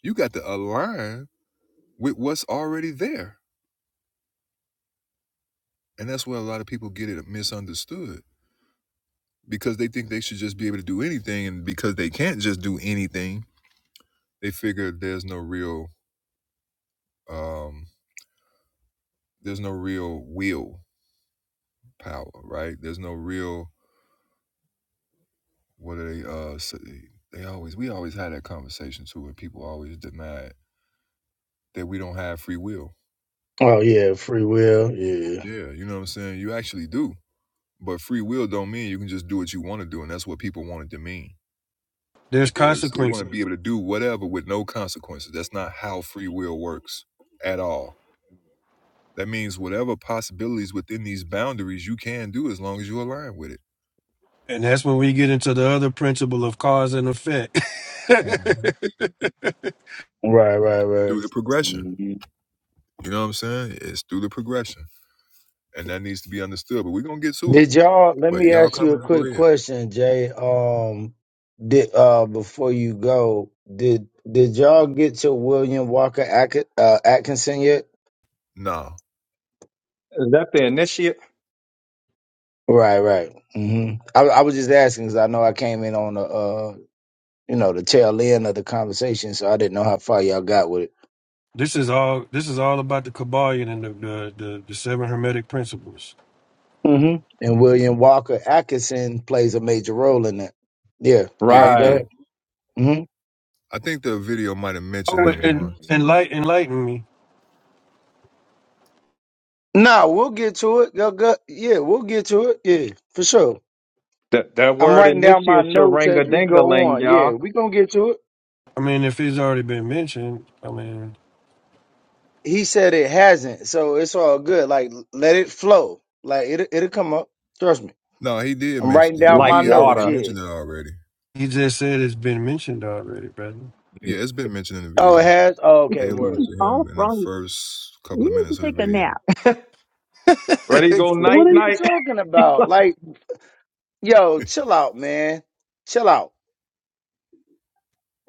[SPEAKER 1] You got to align with what's already there. And that's where a lot of people get it misunderstood because they think they should just be able to do anything. And because they can't just do anything, they figure there's no real um there's no real will power right there's no real what are they uh they always we always had that conversation too where people always deny that we don't have free will
[SPEAKER 11] Oh yeah, free will. Yeah.
[SPEAKER 1] yeah you know what i'm saying you actually do but free will don't mean you can just do what you want to do and that's what people want it to mean
[SPEAKER 4] There's
[SPEAKER 1] that there's they want to be
[SPEAKER 4] consequences.
[SPEAKER 1] able to do whatever with no consequences that's not how free will works at all that means whatever possibilities within these boundaries you can do as long as you align with it
[SPEAKER 4] And that's when we get into the other principle of cause and effect.
[SPEAKER 1] Mm-hmm.
[SPEAKER 11] Right, right,
[SPEAKER 1] through the progression.
[SPEAKER 11] right.
[SPEAKER 1] You know what I'm saying? It's through the progression. And that needs to be understood. But we're gonna get to it.
[SPEAKER 11] Did y'all let
[SPEAKER 1] But
[SPEAKER 11] me
[SPEAKER 1] y'all
[SPEAKER 11] ask you a
[SPEAKER 1] comment, go
[SPEAKER 11] quick
[SPEAKER 1] ahead.
[SPEAKER 11] question, Jay. Um did uh before you go, did did y'all get to William Walker Atk- uh, Atkinson yet?
[SPEAKER 1] Nah.
[SPEAKER 9] Is that the initiate?
[SPEAKER 11] Right, right. hmm I I was just asking because I know I came in on the uh you know the tail end of the conversation, so I didn't know how far y'all got with it.
[SPEAKER 4] this is all this is all about the Kabbalion and the the, the, the seven hermetic principles.
[SPEAKER 11] hmm And William Walker Atkinson plays a major role in that. Yeah. All
[SPEAKER 1] Yeah,
[SPEAKER 11] right,
[SPEAKER 1] he
[SPEAKER 11] go
[SPEAKER 9] Right.
[SPEAKER 1] do.
[SPEAKER 11] ahead. hmm
[SPEAKER 1] I think the video might have mentioned
[SPEAKER 4] Oh
[SPEAKER 1] him
[SPEAKER 4] and
[SPEAKER 1] once.
[SPEAKER 4] enlighten enlighten me.
[SPEAKER 11] No, we'll get to it. Go, go, yeah, we'll get to it. Yeah, for sure.
[SPEAKER 9] That that
[SPEAKER 11] I'm
[SPEAKER 9] word
[SPEAKER 11] writing down my
[SPEAKER 9] initiate shall
[SPEAKER 11] notes
[SPEAKER 9] ring a
[SPEAKER 11] as we
[SPEAKER 9] ding a
[SPEAKER 11] go
[SPEAKER 9] ling,
[SPEAKER 11] on. Yeah,
[SPEAKER 9] y'all.
[SPEAKER 11] we gonna get to it.
[SPEAKER 4] I mean if it's already been mentioned, I mean
[SPEAKER 11] He said it hasn't, so it's all good. Like let it flow. Like it it'll it'll come up. Trust me.
[SPEAKER 1] No, he did
[SPEAKER 11] I'm
[SPEAKER 1] mention
[SPEAKER 11] writing
[SPEAKER 1] it.
[SPEAKER 11] down
[SPEAKER 9] Like
[SPEAKER 11] my
[SPEAKER 1] he already
[SPEAKER 11] notes.
[SPEAKER 9] water.
[SPEAKER 11] Yeah.
[SPEAKER 1] mentioned it already.
[SPEAKER 4] he just said it's been mentioned already, brother.
[SPEAKER 1] Yeah, it's been mentioned in the
[SPEAKER 11] Oh, it
[SPEAKER 1] video.
[SPEAKER 11] has. Oh, okay.
[SPEAKER 1] They alluded
[SPEAKER 11] Word.
[SPEAKER 1] to
[SPEAKER 2] Oh,
[SPEAKER 1] him in the
[SPEAKER 2] wrong.
[SPEAKER 1] first couple of
[SPEAKER 2] You need
[SPEAKER 1] minutes
[SPEAKER 2] to
[SPEAKER 1] of the
[SPEAKER 2] take a
[SPEAKER 1] video.
[SPEAKER 2] nap.
[SPEAKER 9] Ready to go
[SPEAKER 11] What
[SPEAKER 9] night
[SPEAKER 11] are you
[SPEAKER 9] night.
[SPEAKER 11] talking
[SPEAKER 9] he
[SPEAKER 11] about? Like, yo, chill out, man. Chill out.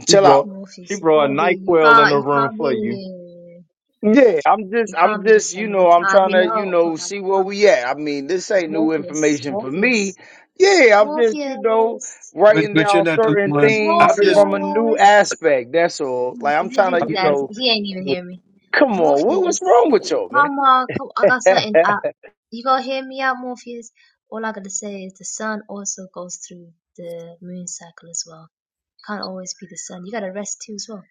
[SPEAKER 11] Chill
[SPEAKER 9] brought
[SPEAKER 11] out.
[SPEAKER 9] she
[SPEAKER 7] Morpheus, you
[SPEAKER 9] brought a
[SPEAKER 7] can't be,
[SPEAKER 9] night
[SPEAKER 7] you
[SPEAKER 9] in
[SPEAKER 7] can't,
[SPEAKER 9] the
[SPEAKER 7] you
[SPEAKER 9] room
[SPEAKER 7] can't
[SPEAKER 9] for you.
[SPEAKER 7] be.
[SPEAKER 11] Yeah, I'm just,
[SPEAKER 7] You
[SPEAKER 11] I'm
[SPEAKER 7] can't be the
[SPEAKER 11] just, you
[SPEAKER 7] same all the
[SPEAKER 11] know, I'm
[SPEAKER 7] time.
[SPEAKER 11] trying
[SPEAKER 7] You
[SPEAKER 11] to, you
[SPEAKER 7] know,
[SPEAKER 11] know,
[SPEAKER 7] hold on,
[SPEAKER 11] see where
[SPEAKER 7] hold on.
[SPEAKER 11] we at. I mean, this ain't new
[SPEAKER 7] Morpheus,
[SPEAKER 11] information for me.
[SPEAKER 7] Morpheus,
[SPEAKER 11] Yeah, I'm just, you know,
[SPEAKER 7] Morpheus,
[SPEAKER 4] But
[SPEAKER 11] writing
[SPEAKER 4] but you're
[SPEAKER 11] down
[SPEAKER 4] not the
[SPEAKER 11] certain
[SPEAKER 4] one. I'm
[SPEAKER 11] things
[SPEAKER 4] just.
[SPEAKER 11] from a new
[SPEAKER 7] Morpheus.
[SPEAKER 11] aspect. That's all.
[SPEAKER 7] Mm,
[SPEAKER 11] Like, I'm
[SPEAKER 7] Did
[SPEAKER 11] trying to,
[SPEAKER 7] he
[SPEAKER 11] you
[SPEAKER 4] I'm,
[SPEAKER 7] guys?
[SPEAKER 11] know,
[SPEAKER 7] He ain't even hear me.
[SPEAKER 11] come on, what, what's
[SPEAKER 7] Morpheus,
[SPEAKER 11] wrong with y'all, man?
[SPEAKER 7] come on, come, I got something
[SPEAKER 11] all
[SPEAKER 7] up. You gonna hear me out, Morpheus? All I gotta say is the sun also goes through the moon cycle as well. Can't always be the sun. You gotta rest too as well.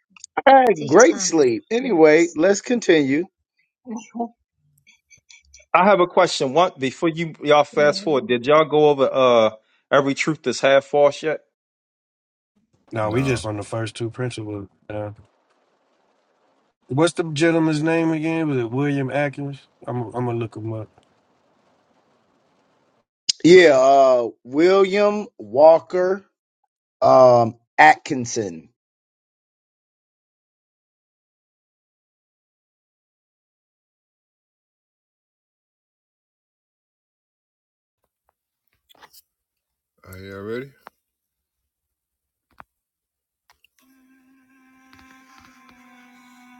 [SPEAKER 11] right,
[SPEAKER 7] Take your
[SPEAKER 11] great
[SPEAKER 7] time, man.
[SPEAKER 11] sleep. Anyway,
[SPEAKER 7] Relax.
[SPEAKER 11] let's continue.
[SPEAKER 9] I have a question. What before you y'all fast
[SPEAKER 7] Relax.
[SPEAKER 9] forward, did y'all go over uh every truth is half false yet?
[SPEAKER 4] no, we
[SPEAKER 1] Nah.
[SPEAKER 4] just on the first two principles. Uh, what's the gentleman's name again? Was it William Atkins? I'm I'm gonna look him up.
[SPEAKER 11] Yeah, uh, William Walker, um, Atkinson.
[SPEAKER 1] Are you ready?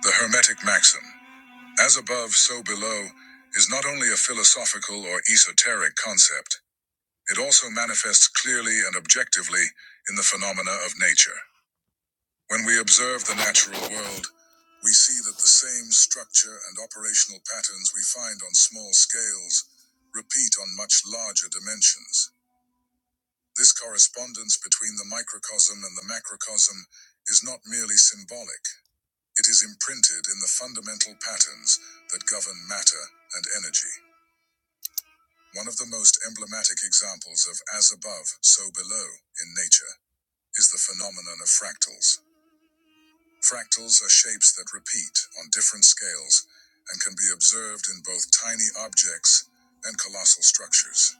[SPEAKER 1] The Hermetic Maxim, as above, so below, is not only a philosophical or esoteric concept. It also manifests clearly and objectively in the phenomena of nature. When we observe the natural world, we see that the same structure and operational patterns we find on small scales repeat on much larger dimensions. This correspondence between the microcosm and the macrocosm is not merely symbolic, it is imprinted in the fundamental patterns that govern matter and energy. One of the most emblematic examples of as above, so below in nature is the phenomenon of fractals. Fractals are shapes that repeat on different scales and can be observed in both tiny objects and colossal structures.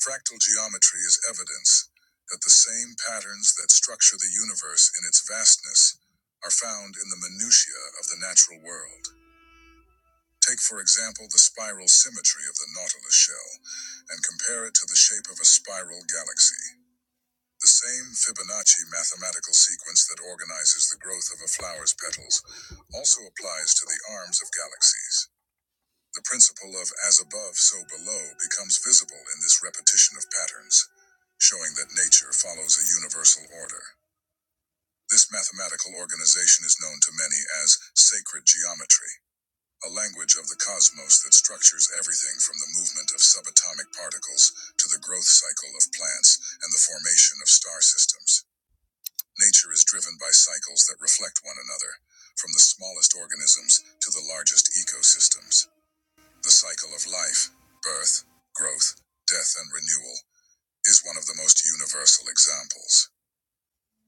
[SPEAKER 1] Fractal geometry is evidence that the same patterns that structure the universe in its vastness are found in the minutiae of the natural world. Take, for example, the spiral symmetry of the Nautilus shell and compare it to the shape of a spiral galaxy. The same Fibonacci mathematical sequence that organizes the growth of a flower's petals also applies to the arms of galaxies. The principle of as above, so below becomes visible in this repetition of patterns, showing that nature follows a universal order. This mathematical organization is known to many as sacred geometry, a language of the cosmos that structures everything from the movement of subatomic particles to the growth cycle of plants and the formation of star systems. Nature is driven by cycles that reflect one another, from the smallest organisms to the largest ecosystems. The cycle of life, birth, growth, death, and renewal is one of the most universal examples.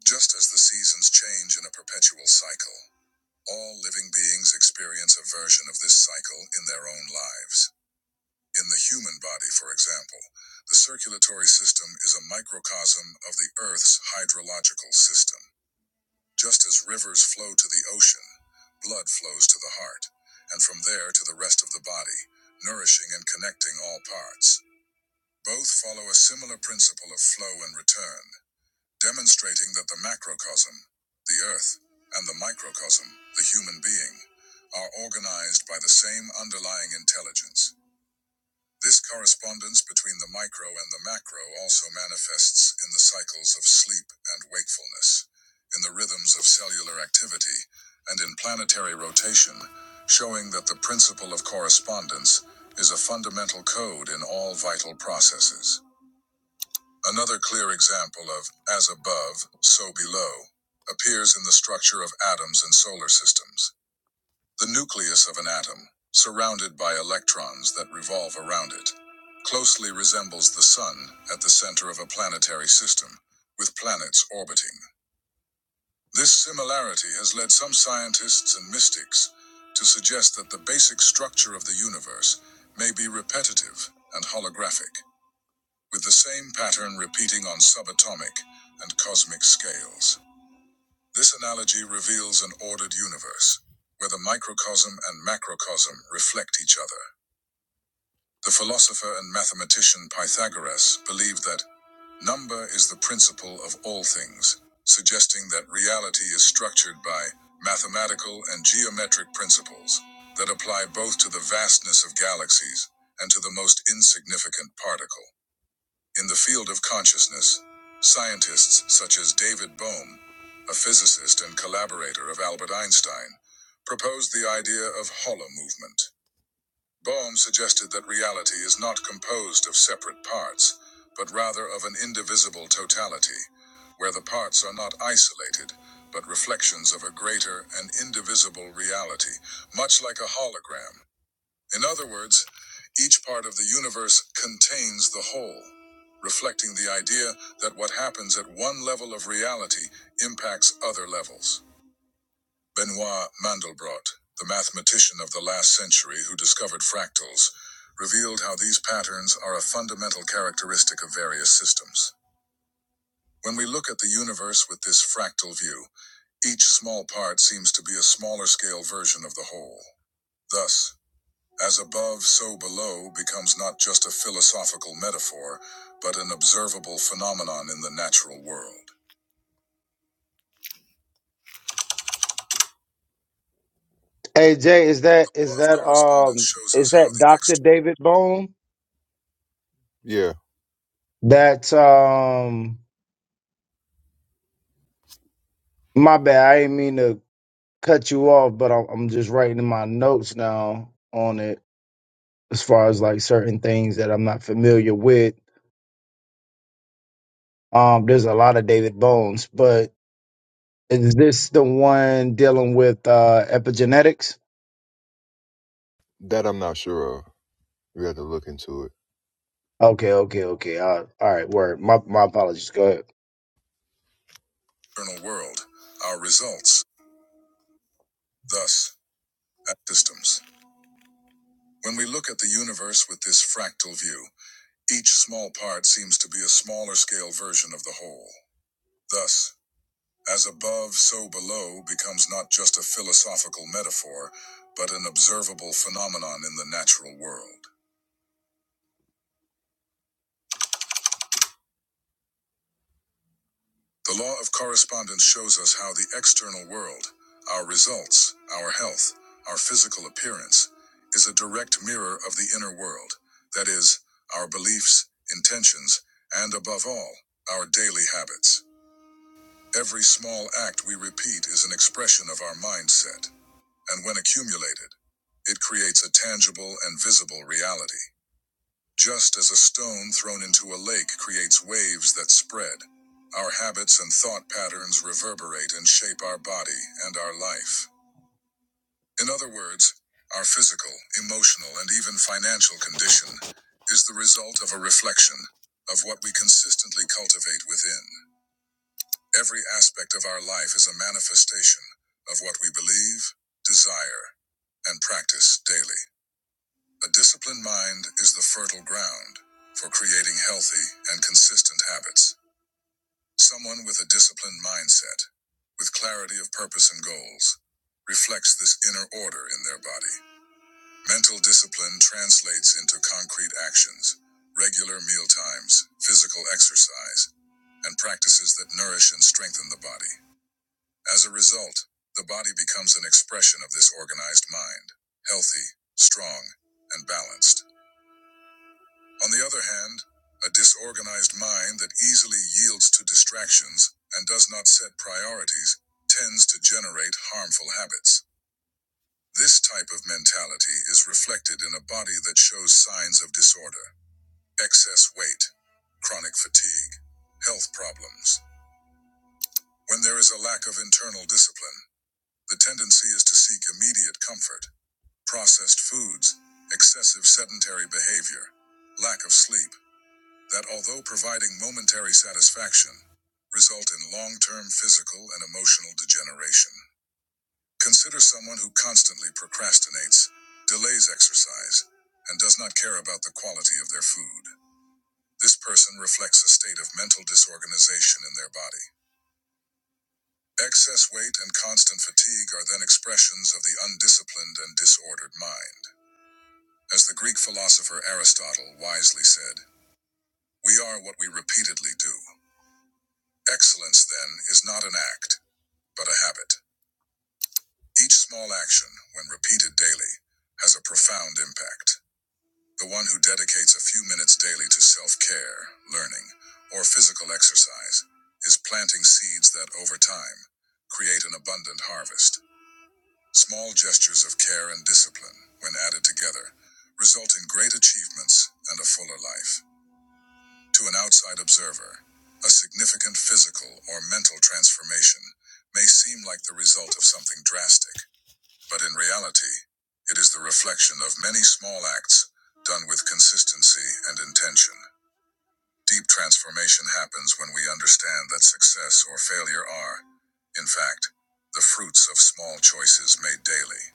[SPEAKER 1] Just as the seasons change in a perpetual cycle, all living beings experience a version of this cycle in their own lives. In the human body, for example, the circulatory system is a microcosm of the Earth's hydrological system. Just as rivers flow to the ocean, blood flows to the heart, and from there to the rest of the body, nourishing and connecting all parts. Both follow a similar principle of flow and return, demonstrating that the macrocosm, the earth, and the microcosm, the human being, are organized by the same underlying intelligence. This correspondence between the micro and the macro also manifests in the cycles of sleep and wakefulness, in the rhythms of cellular activity, and in planetary rotation, showing that the principle of correspondence is a fundamental code in all vital processes. Another clear example of as above, so below appears in the structure of atoms and solar systems. The nucleus of an atom, surrounded by electrons that revolve around it, closely resembles the Sun at the center of a planetary system, with planets orbiting. This similarity has led some scientists and mystics to suggest that the basic structure of the universe may be repetitive and holographic, with the same pattern repeating on subatomic and cosmic scales. This analogy reveals an ordered universe, where the microcosm and macrocosm reflect each other. The philosopher and mathematician Pythagoras believed that number is the principle of all things, suggesting that reality is structured by mathematical and geometric principles that apply both to the vastness of galaxies and to the most insignificant particle. In the field of consciousness, scientists such as David Bohm, a physicist and collaborator of Albert Einstein, proposed the idea of hollow movement. Bohm suggested that reality is not composed of separate parts, but rather of an indivisible totality, where the parts are not isolated, but reflections of a greater and indivisible reality, much like a hologram. In other words, each part of the universe contains the whole, reflecting the idea that what happens at one level of reality impacts other levels. Benoit Mandelbrot, the mathematician of the last century who discovered fractals, revealed how these patterns are a fundamental characteristic of various systems. When we look at the universe with this fractal view, each small part seems to be a smaller scale version of the whole. Thus, as above, so below becomes not just a philosophical metaphor, but an observable phenomenon in the natural world.
[SPEAKER 11] Hey Jay, is that
[SPEAKER 1] The law
[SPEAKER 11] is
[SPEAKER 1] of
[SPEAKER 11] that
[SPEAKER 1] correspondence
[SPEAKER 11] um
[SPEAKER 1] shows
[SPEAKER 11] is
[SPEAKER 1] us how
[SPEAKER 11] that
[SPEAKER 1] the
[SPEAKER 11] Dr. David Bone?
[SPEAKER 1] external... Yeah,
[SPEAKER 11] That's um my bad. I didn't mean to cut you off, but I'm, I'm just writing in my notes now on it as far as like certain things that I'm not familiar with. Um, there's a lot of David Bones, but is this the one dealing with uh epigenetics?
[SPEAKER 1] that I'm not sure of. We have to look into it.
[SPEAKER 11] Okay, okay, okay. Uh, all right, word. My my apologies. Go ahead.
[SPEAKER 1] external world, our results, thus, at systems. When we look at the universe with this fractal view, each small part seems to be a smaller scale version of the whole. Thus. As above, so below becomes not just a philosophical metaphor, but an observable phenomenon in the natural world. The law of correspondence shows us how the external world, our results, our health, our physical appearance, is a direct mirror of the inner world, that is, our beliefs, intentions, and above all, our daily habits. Every small act we repeat is an expression of our mindset. and when accumulated, it creates a tangible and visible reality. Just as a stone thrown into a lake creates waves that spread, our habits and thought patterns reverberate and shape our body and our life. In other words, our physical, emotional, and even financial condition is the result of a reflection of what we consistently cultivate within. Every aspect of our life is a manifestation of what we believe, desire, and practice daily. A disciplined mind is the fertile ground for creating healthy and consistent habits. Someone with a disciplined mindset, with clarity of purpose and goals, reflects this inner order in their body. Mental discipline translates into concrete actions, regular meal times, physical exercise, and practices that nourish and strengthen the body. As a result, the body becomes an expression of this organized mind, healthy, strong, and balanced. On the other hand, a disorganized mind that easily yields to distractions and does not set priorities tends to generate harmful habits. This type of mentality is reflected in a body that shows signs of disorder, excess weight, chronic fatigue, health problems. When there is a lack of internal discipline, the tendency is to seek immediate comfort, processed foods, excessive sedentary behavior, lack of sleep, that although providing momentary satisfaction, result in long-term physical and emotional degeneration. Consider someone who constantly procrastinates, delays exercise, and does not care about the quality of their food. This person reflects a state of mental disorganization in their body. Excess weight and constant fatigue are then expressions of the undisciplined and disordered mind. As the Greek philosopher Aristotle wisely said, we are what we repeatedly do. Excellence, then, is not an act, but a habit. Each small action, when repeated daily, has a profound impact. The one who dedicates a few minutes daily to self care, learning, or physical exercise is planting seeds that, over time, create an abundant harvest. Small gestures of care and discipline, when added together, result in great achievements and a fuller life. To an outside observer, a significant physical or mental transformation may seem like the result of something drastic, but in reality, it is the reflection of many small acts done with consistency and intention. Deep transformation happens when we understand that success or failure are, in fact, the fruits of small choices made daily.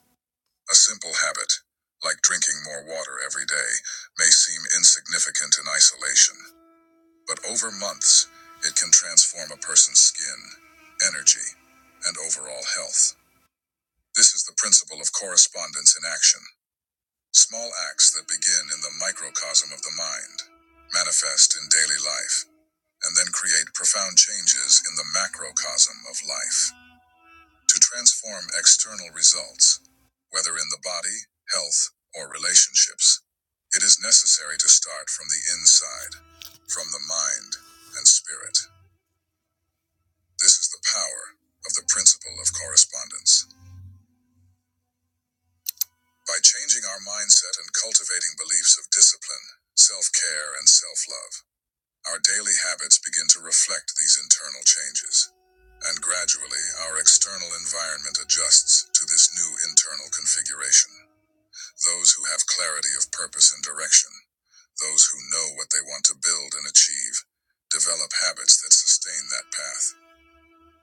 [SPEAKER 1] A simple habit, like drinking more water every day, may seem insignificant in isolation. But over months, it can transform a person's skin, energy, and overall health. This is the principle of correspondence in action. Small acts that begin in the microcosm of the mind, manifest in daily life, and then create profound changes in the macrocosm of life. To transform external results, whether in the body, health, or relationships, it is necessary to start from the inside, from the mind and spirit. This is the power of the principle of correspondence. By changing our mindset and cultivating beliefs of discipline, self care, and self love, our daily habits begin to reflect these internal changes. And gradually, our external environment adjusts to this new internal configuration. Those who have clarity of purpose and direction, those who know what they want to build and achieve, develop habits that sustain that path.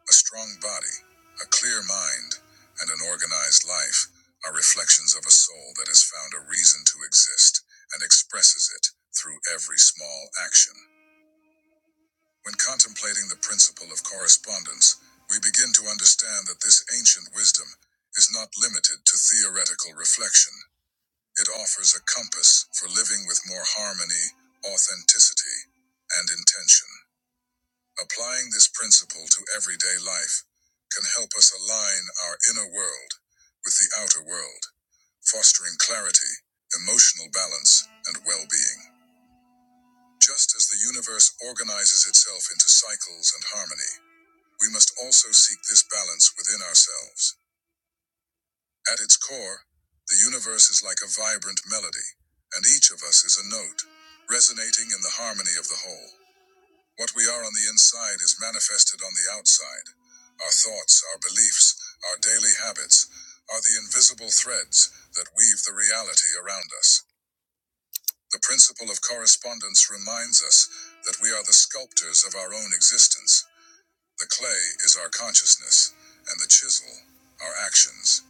[SPEAKER 1] A strong body, a clear mind, and an organized life are reflections of a soul that has found a reason to exist and expresses it through every small action. When contemplating the principle of correspondence, we begin to understand that this ancient wisdom is not limited to theoretical reflection. It offers a compass for living with more harmony, authenticity, and intention. Applying this principle to everyday life can help us align our inner world with the outer world, fostering clarity, emotional balance, and well being. Just as the universe organizes itself into cycles and harmony, we must also seek this balance within ourselves. At its core, the universe is like a vibrant melody, and each of us is a note, resonating in the harmony of the whole. What we are on the inside is manifested on the outside. Our thoughts, our beliefs, our daily habits are the invisible threads that weave the reality around us. The principle of correspondence reminds us that we are the sculptors of our own existence. The clay is our consciousness, and the chisel, our actions.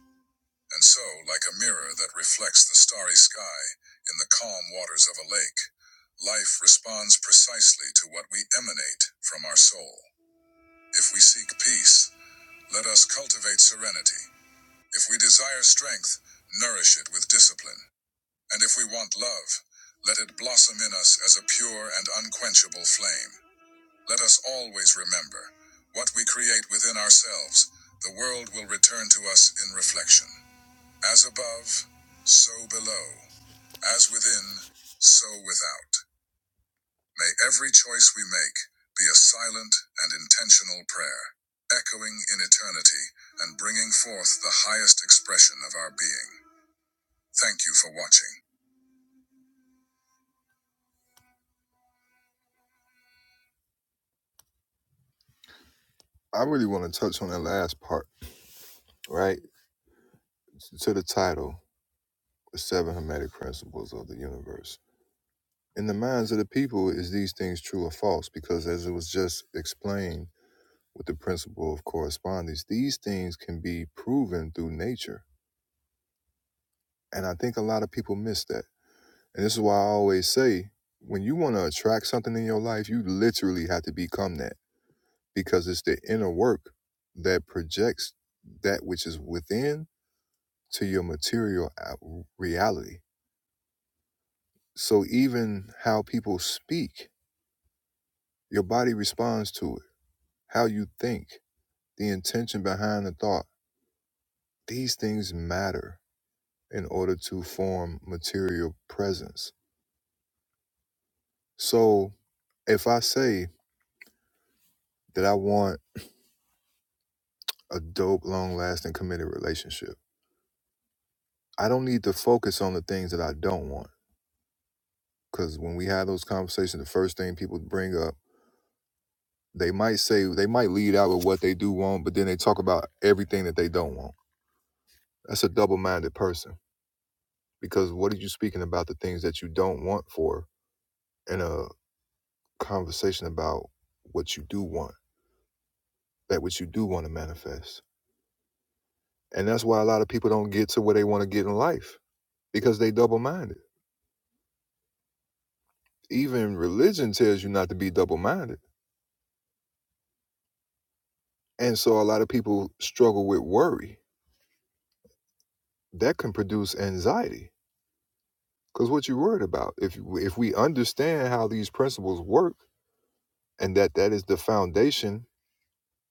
[SPEAKER 1] And so, like a mirror that reflects the starry sky in the calm waters of a lake, life responds precisely to what we emanate from our soul. If we seek peace, let us cultivate serenity. If we desire strength, nourish it with discipline. And if we want love, let it blossom in us as a pure and unquenchable flame. Let us always remember what we create within ourselves, the world will return to us in reflection. As above, so below. As within, so without. May every choice we make be a silent and intentional prayer, echoing in eternity and bringing forth the highest expression of our being. Thank you for watching. I really want to touch on that last part, right? To the title, The Seven Hermetic Principles of the Universe. In the minds of the people, is these things true or false? Because as it was just explained with the principle of correspondence, these things can be proven through nature. And I think a lot of people miss that And this is why I always say when you want to attract something in your life, you literally have to become that because it's the inner work that projects that which is within to your material uh, reality. So even how people speak, your body responds to it, how you think, the intention behind the thought. These things matter in order to form material presence. So if I say that I want a dope, long lasting, committed relationship. I don't need to focus on the things that I don't want. Because when we have those conversations, the first thing people bring up, they might say, they might lead out with what they do want, but then they talk about everything that they don't want. That's a double minded person. Because what are you speaking about the things that you don't want for in a conversation about what you do want, that what you do want to manifest? And that's why a lot of people don't get to where they want to get in life because they double minded. Even religion tells you not to be double minded And so a lot of people struggle with worry. That can produce anxiety because what you're worried about. If if we understand how these principles work and that that is the foundation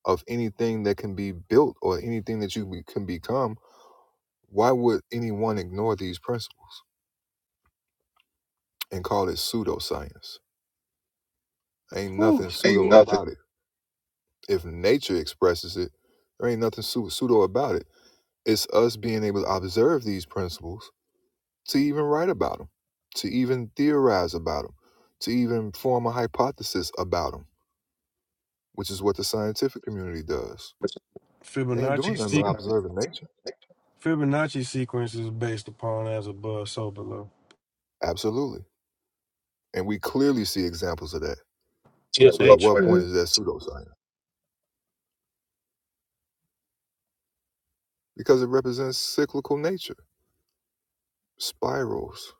[SPEAKER 1] of anything that can be built or anything that you be- can become, why would anyone ignore these principles and call it pseudoscience? Ain't
[SPEAKER 4] Whew,
[SPEAKER 1] nothing
[SPEAKER 4] ain't
[SPEAKER 1] pseudo
[SPEAKER 4] nothing.
[SPEAKER 1] about it. If nature expresses it, there ain't nothing pseu- pseudo about it. It's us being able to observe these principles to even write about them, to even theorize about them, to even form a hypothesis about them, which is what the scientific community does. They ain't
[SPEAKER 4] Fibonacci
[SPEAKER 1] doing nothing but
[SPEAKER 4] sequ-
[SPEAKER 1] observing nature.
[SPEAKER 4] Fibonacci sequence is based upon as above, so below.
[SPEAKER 1] Absolutely. And we clearly see examples of that.
[SPEAKER 4] Yeah, But
[SPEAKER 1] So at
[SPEAKER 4] what nature.
[SPEAKER 1] what
[SPEAKER 4] point is
[SPEAKER 1] point
[SPEAKER 4] it?
[SPEAKER 1] is that pseudoscience? Because it represents cyclical nature, spirals.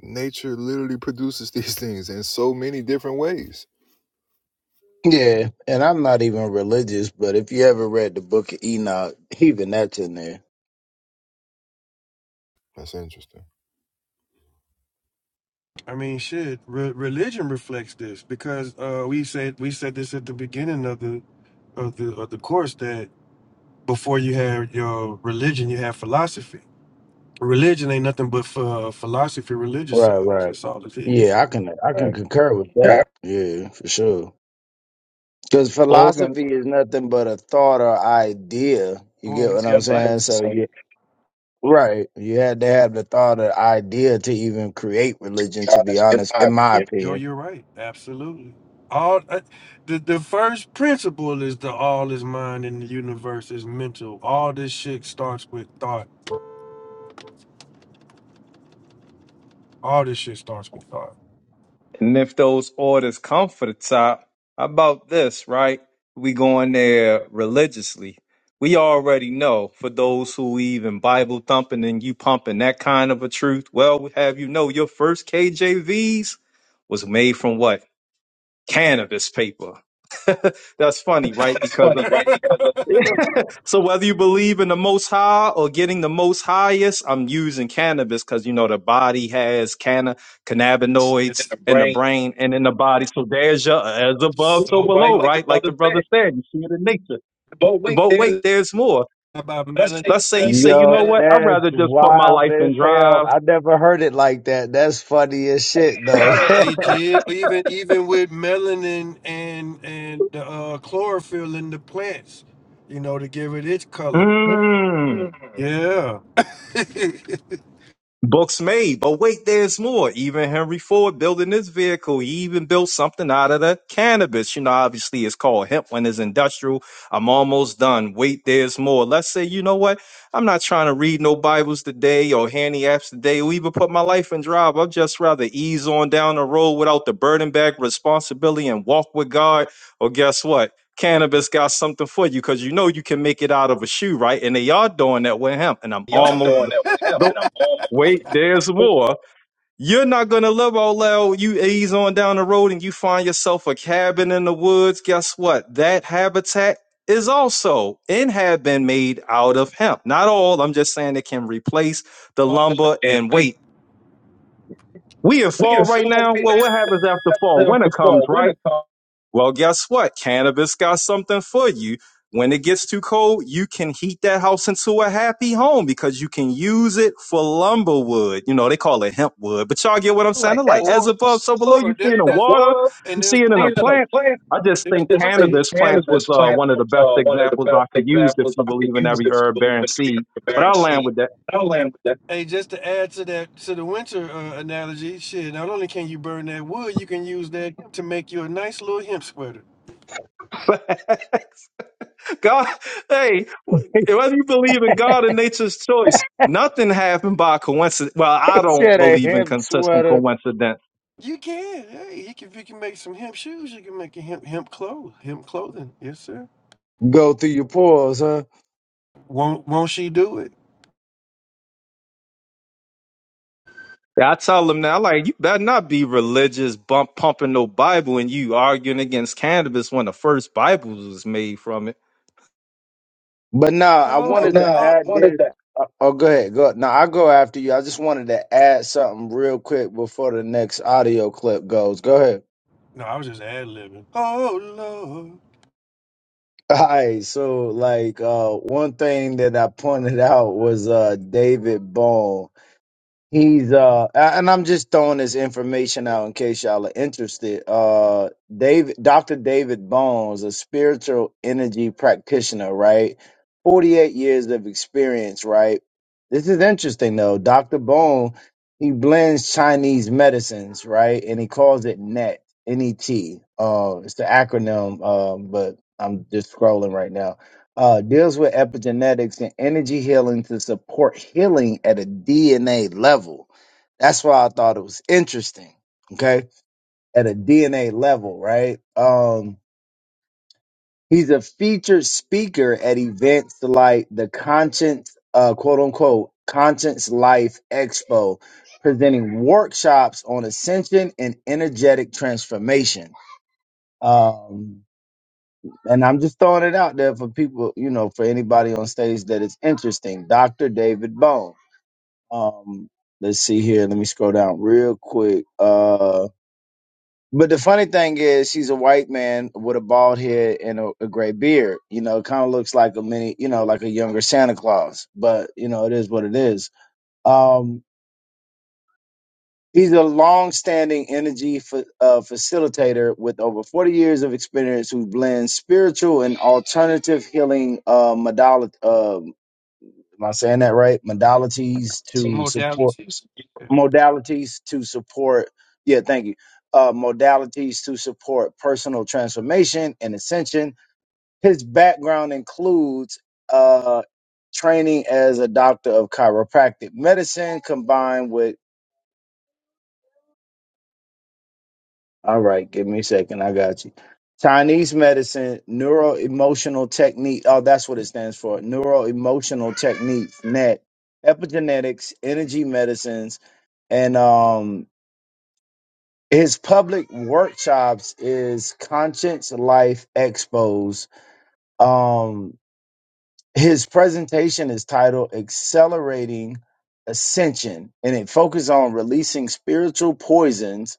[SPEAKER 1] Nature literally produces these things in so many different ways.
[SPEAKER 11] Yeah, and I'm not even religious, but if you ever read the book of Enoch, even that's in there.
[SPEAKER 1] That's interesting.
[SPEAKER 4] I mean, shit. Re- religion reflects this because uh, we said we said this at the beginning of the of the of the course that before you have your religion, you have philosophy. Religion ain't nothing but uh, philosophy
[SPEAKER 11] Right,
[SPEAKER 4] religiousized.
[SPEAKER 11] right.
[SPEAKER 4] That's all it is.
[SPEAKER 11] Yeah, I can I can
[SPEAKER 4] Right.
[SPEAKER 11] concur with
[SPEAKER 4] Yeah,
[SPEAKER 11] that. Yeah, for sure. Because
[SPEAKER 9] Organ.
[SPEAKER 11] philosophy is nothing but a thought or idea. You
[SPEAKER 4] Oh,
[SPEAKER 11] get
[SPEAKER 4] we
[SPEAKER 11] what I'm
[SPEAKER 4] got was life. gonna
[SPEAKER 11] saying? So you right. You had to have the thought or idea to even create religion. To
[SPEAKER 4] yeah,
[SPEAKER 11] be
[SPEAKER 4] that's in
[SPEAKER 11] honest,
[SPEAKER 4] my
[SPEAKER 11] in my
[SPEAKER 4] opinion. Yo,
[SPEAKER 11] opinion.
[SPEAKER 4] you're right. Absolutely. All uh, the the first principle is the all is mind in the universe is mental. All this shit starts with thought. All this shit starts with thought.
[SPEAKER 9] And if those orders come for the top, how about this, right? We going there religiously. We already know for those who even Bible thumping and you pumping that kind of a truth. Well, we have you know your first KJVs was made from what? Cannabis paper. That's funny, right?
[SPEAKER 4] That's
[SPEAKER 9] Because
[SPEAKER 4] funny, right? Because of
[SPEAKER 9] So whether you believe in the most high or getting the most highest, I'm using cannabis because you know the body has canna
[SPEAKER 4] in
[SPEAKER 9] cannabinoids
[SPEAKER 4] the
[SPEAKER 9] in the
[SPEAKER 4] brain,
[SPEAKER 9] brain and in the body. So there's your as above, so
[SPEAKER 4] so right? so
[SPEAKER 9] below,
[SPEAKER 4] Like the
[SPEAKER 9] right? Like
[SPEAKER 4] brother
[SPEAKER 9] the brother
[SPEAKER 4] said.
[SPEAKER 9] said, you see it in nature.
[SPEAKER 4] But wait,
[SPEAKER 9] But wait,
[SPEAKER 4] there's
[SPEAKER 9] there's more.
[SPEAKER 4] about
[SPEAKER 9] Let's say you
[SPEAKER 4] meditation.
[SPEAKER 9] say, you
[SPEAKER 11] Yo,
[SPEAKER 9] know what? I'd
[SPEAKER 11] that's
[SPEAKER 9] rather just put my
[SPEAKER 11] wild
[SPEAKER 9] life
[SPEAKER 11] as
[SPEAKER 9] in
[SPEAKER 11] hell.
[SPEAKER 9] drive.
[SPEAKER 11] I never heard it like that. That's funny as shit though.
[SPEAKER 4] Uh, they did but even even with melanin and and the uh, chlorophyll in the plants, you know, to give it its color. Mm.
[SPEAKER 9] Mm.
[SPEAKER 4] Yeah.
[SPEAKER 9] Books made, but wait, there's more. Even Henry Ford building this vehicle, he even built something out of the cannabis. You know, obviously it's called hemp when it's industrial. I'm almost done. Wait, there's more. Let's say, you know what? I'm not trying to read no Bibles today or handy apps today or even put my life in drive. I'd just rather ease on down the road without the burden back responsibility and walk with God. Or guess what? Cannabis got something for you because you know you can make it out of a shoe, right? And they are doing that with hemp. And I'm
[SPEAKER 4] Y'all doing
[SPEAKER 9] almost
[SPEAKER 4] that with him, and I'm almost
[SPEAKER 9] Wait, there's
[SPEAKER 4] so
[SPEAKER 9] more. You're not gonna love all loud. You ease on down the road and you find yourself a cabin in the woods. Guess what? That habitat is also and have been made out of hemp. Not all. I'm just saying it can replace the
[SPEAKER 4] humble
[SPEAKER 9] lumber
[SPEAKER 4] and
[SPEAKER 9] and
[SPEAKER 4] wait.
[SPEAKER 9] weight. We in
[SPEAKER 4] We
[SPEAKER 9] fall
[SPEAKER 4] in
[SPEAKER 9] right
[SPEAKER 4] fall
[SPEAKER 9] now.
[SPEAKER 4] right
[SPEAKER 9] Well, what happens after
[SPEAKER 4] now.
[SPEAKER 9] fall? Winter
[SPEAKER 4] After
[SPEAKER 9] comes,
[SPEAKER 4] fall,
[SPEAKER 9] right?
[SPEAKER 4] winter comes.
[SPEAKER 9] Well, guess what? Cannabis got something for you. When it gets too cold, you can heat that house into a happy home because you can use it for lumber wood. You know, they call it hemp wood, but y'all get what I'm saying?
[SPEAKER 4] Like
[SPEAKER 9] They're like
[SPEAKER 4] as a Or,
[SPEAKER 9] as above,
[SPEAKER 4] toss,
[SPEAKER 9] so below. You
[SPEAKER 4] or there,
[SPEAKER 9] see it in
[SPEAKER 4] the
[SPEAKER 9] the water,
[SPEAKER 4] water, and
[SPEAKER 9] you see
[SPEAKER 4] there's
[SPEAKER 9] it in
[SPEAKER 4] more
[SPEAKER 9] the
[SPEAKER 4] seeing to a it.
[SPEAKER 9] plants.
[SPEAKER 4] plant.
[SPEAKER 9] I just
[SPEAKER 4] There's
[SPEAKER 9] think
[SPEAKER 4] This more to thing, it.
[SPEAKER 9] cannabis plants was
[SPEAKER 4] cannabis
[SPEAKER 9] uh,
[SPEAKER 4] plants
[SPEAKER 9] one of the
[SPEAKER 4] was
[SPEAKER 9] best
[SPEAKER 4] uh, one of the
[SPEAKER 9] examples
[SPEAKER 4] best
[SPEAKER 9] I could use if
[SPEAKER 4] examples I
[SPEAKER 9] you
[SPEAKER 4] could
[SPEAKER 9] believe in
[SPEAKER 4] use
[SPEAKER 9] every
[SPEAKER 4] if you
[SPEAKER 9] herb
[SPEAKER 4] believe in
[SPEAKER 9] bearing
[SPEAKER 4] every
[SPEAKER 9] seed. But
[SPEAKER 4] barren
[SPEAKER 9] I'll land
[SPEAKER 4] seed.
[SPEAKER 9] with
[SPEAKER 4] I'll land with that. Hey, just to add to that, to the winter uh, analogy, shit, not only can you burn that wood, you can use that to make you a nice little hemp sweater.
[SPEAKER 9] that. God, hey, whether you believe in God and nature's choice, nothing happened by coincidence. Well, I don't
[SPEAKER 11] Shit, a
[SPEAKER 9] believe in
[SPEAKER 11] hemp
[SPEAKER 9] consistent
[SPEAKER 11] sweater
[SPEAKER 9] coincidence.
[SPEAKER 4] You can. Hey, you can, you can make some hemp shoes. You can make a hemp hemp clothes, hemp clothing. Yes, sir.
[SPEAKER 11] go through your pores, huh?
[SPEAKER 4] Won't won't she do it?
[SPEAKER 9] I tell them now, like, you better not be religious, bump pumping no Bible, and you arguing against cannabis when the first Bible was made from it.
[SPEAKER 11] But no, I
[SPEAKER 4] Uh, Oh,
[SPEAKER 11] wanted
[SPEAKER 4] Nah,
[SPEAKER 11] to
[SPEAKER 4] I Lord.
[SPEAKER 11] add
[SPEAKER 4] wanted
[SPEAKER 11] this.
[SPEAKER 4] that.
[SPEAKER 11] Oh, oh, go ahead. Go. No, I'll go after you. I just wanted to add something real quick before the next audio clip goes. Go ahead.
[SPEAKER 4] No, I was just ad libbing. Oh Lord.
[SPEAKER 11] All right. So, like, uh, one thing that I pointed out was uh, David Bone. He's uh, and I'm just throwing this information out in case y'all are interested. Uh, David, Dr. David Bones, a spiritual energy practitioner, right? 48 years of experience, right? This is interesting though. Dr. Bone, he blends Chinese medicines, right? And he calls it NET, N-E-T. Uh, it's the acronym, um, but I'm just scrolling right now uh, deals with epigenetics and energy healing to support healing at a DNA level. That's why I thought it was interesting. Okay. At a DNA level, right? Um, he's a featured speaker at events like the Conscience, uh, quote unquote, Conscience Life Expo, presenting workshops on ascension and energetic transformation. Um, And I'm just throwing it out there for people, you know, for anybody on stage that is interesting. Dr. David Bone. Um, let's see here. Let me scroll down real quick. Uh, but the funny thing is, she's a white man with a bald head and a, a gray beard. You know, it kind of looks like a mini, you know, like a younger Santa Claus. But you know, it is what it is. Um, He's a long-standing energy fa- uh, facilitator with over 40 years of experience who blends spiritual and alternative healing uh, modality. Uh, am I saying that right? Modalities
[SPEAKER 4] Some
[SPEAKER 11] to support
[SPEAKER 4] modalities. Yeah,
[SPEAKER 11] modalities to support. Yeah, thank you. Uh, modalities to support personal transformation and ascension. His background includes uh, training as a doctor of chiropractic medicine, combined with All right, give me a second. I got you. Chinese medicine, neuro emotional technique. Oh, that's what it stands for. Neuro emotional techniques, net, epigenetics, energy medicines, and um his public workshops is conscience life expos um his presentation is titled accelerating ascension and it focuses on releasing spiritual poisons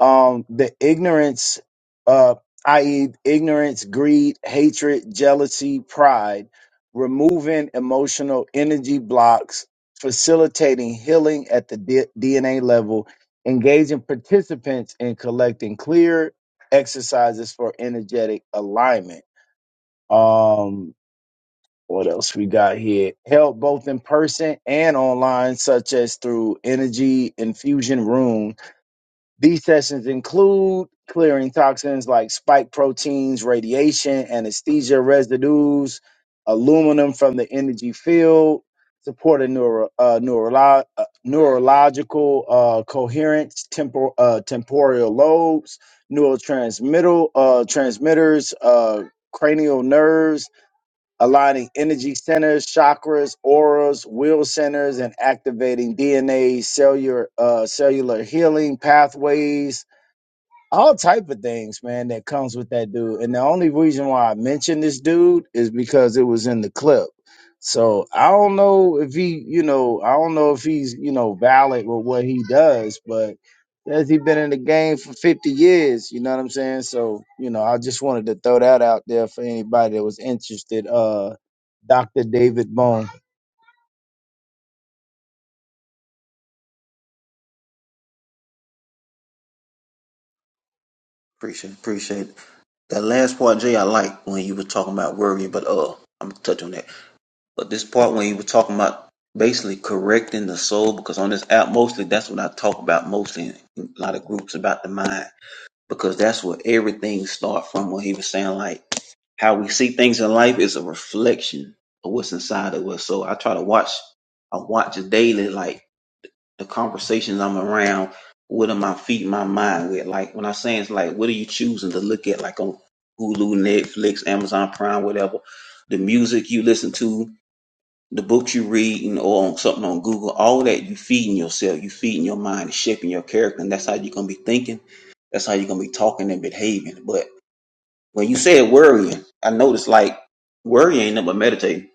[SPEAKER 11] um, the ignorance, uh, i.e., ignorance, greed, hatred, jealousy, pride, removing emotional energy blocks, facilitating healing at the D- DNA level, engaging participants in collecting clear exercises for energetic alignment. Um, what else we got here? Help both in person and online, such as through energy infusion rooms these sessions include clearing toxins like spike proteins, radiation, anesthesia residues, aluminum from the energy field, supporting neuro, uh, neurolo- uh, neurological uh, coherence, tempor- uh, temporal lobes, neurotransmittal uh, transmitters, uh, cranial nerves, aligning energy centers, chakras, auras, will centers, and activating DNA cellular uh, cellular healing pathways all type of things, man, that comes with that dude. And the only reason why I mentioned this dude is because it was in the clip. So I don't know if he, you know, I don't know if he's, you know, valid with what he does, but has he been in the game for 50 years? You know what I'm saying? So, you know, I just wanted to throw that out there for anybody that was interested. Uh Dr. David Bone.
[SPEAKER 13] Appreciate, appreciate it. that last part, Jay. I like when you were talking about worrying, but uh, I'm gonna touch on that. But this part when you were talking about basically correcting the soul, because on this app mostly that's what I talk about mostly in a lot of groups about the mind, because that's where everything starts from. When he was saying like how we see things in life is a reflection of what's inside of us. So I try to watch, I watch daily like the conversations I'm around, what am I feeding my mind with? Like when I say it's like, what are you choosing to look at? Like on Hulu, Netflix, Amazon Prime, whatever. The music you listen to, the books you read, and or on something on Google, all that you feeding yourself, you feeding your mind, shaping your character, and that's how you're gonna be thinking. That's how you're gonna be talking and behaving. But when you said worrying, I noticed like worrying ain't nothing but meditating.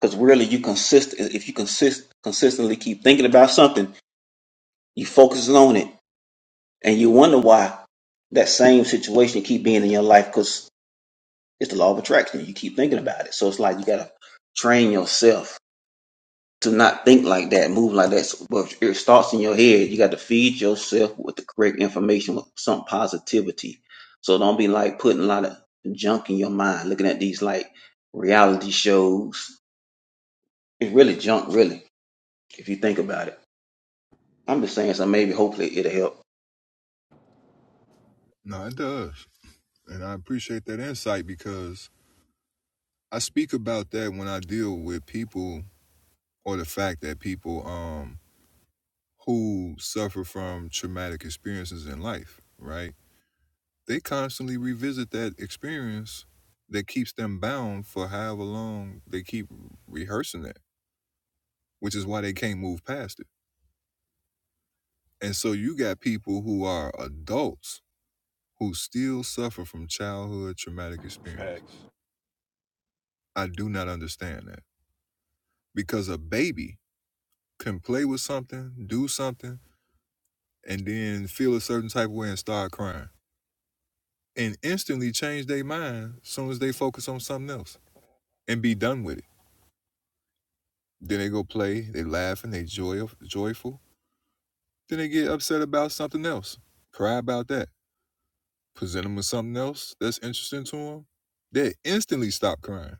[SPEAKER 13] Because really, you consist if you consist consistently keep thinking about something, you focusing on it and you wonder why that same situation keep being in your life because it's the law of attraction. You keep thinking about it, so it's like you gotta train yourself to not think like that, move like that. So, but it starts in your head. You got to feed yourself with the correct information, with some positivity. So don't be like putting a lot of junk in your mind, looking at these like reality shows. It's really junk, really, if you think about it. I'm just saying, so maybe hopefully it'll help.
[SPEAKER 1] No, it does. And I appreciate that insight because I speak about that when I deal with people or the fact that people um who suffer from traumatic experiences in life, right? They constantly revisit that experience that keeps them bound for however long they keep rehearsing that, which is why they can't move past it. And so you got people who are adults who still suffer from childhood traumatic experiences.
[SPEAKER 4] facts.
[SPEAKER 1] I do not understand that because a baby can play with something, do something, and then feel a certain type of way and start crying and instantly change their mind as soon as they focus on something else and be done with it. Then they go play, they laughing, they joy, joyful. Then they get upset about something else, cry about that, present them with something else that's interesting to them. They instantly stop crying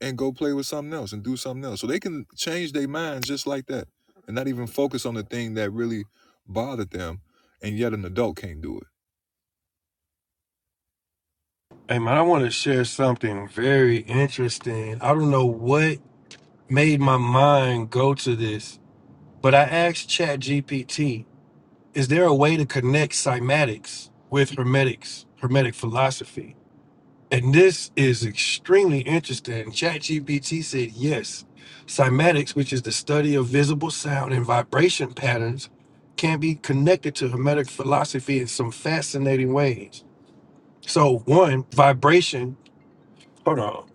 [SPEAKER 1] and go play with something else and do something else. So they can change their minds just like that and not even focus on the thing that really bothered them. And yet an adult can't do it
[SPEAKER 4] Hey man, I want to share something very interesting. I don't know what made my mind go to this, but I asked ChatGPT, is there a way to connect cymatics with hermetics, hermetic philosophy? And this is extremely interesting. ChatGPT said yes. Cymatics, which is the study of visible sound and vibration patterns, can be connected to Hermetic philosophy in some fascinating ways. So, one, vibration, hold on,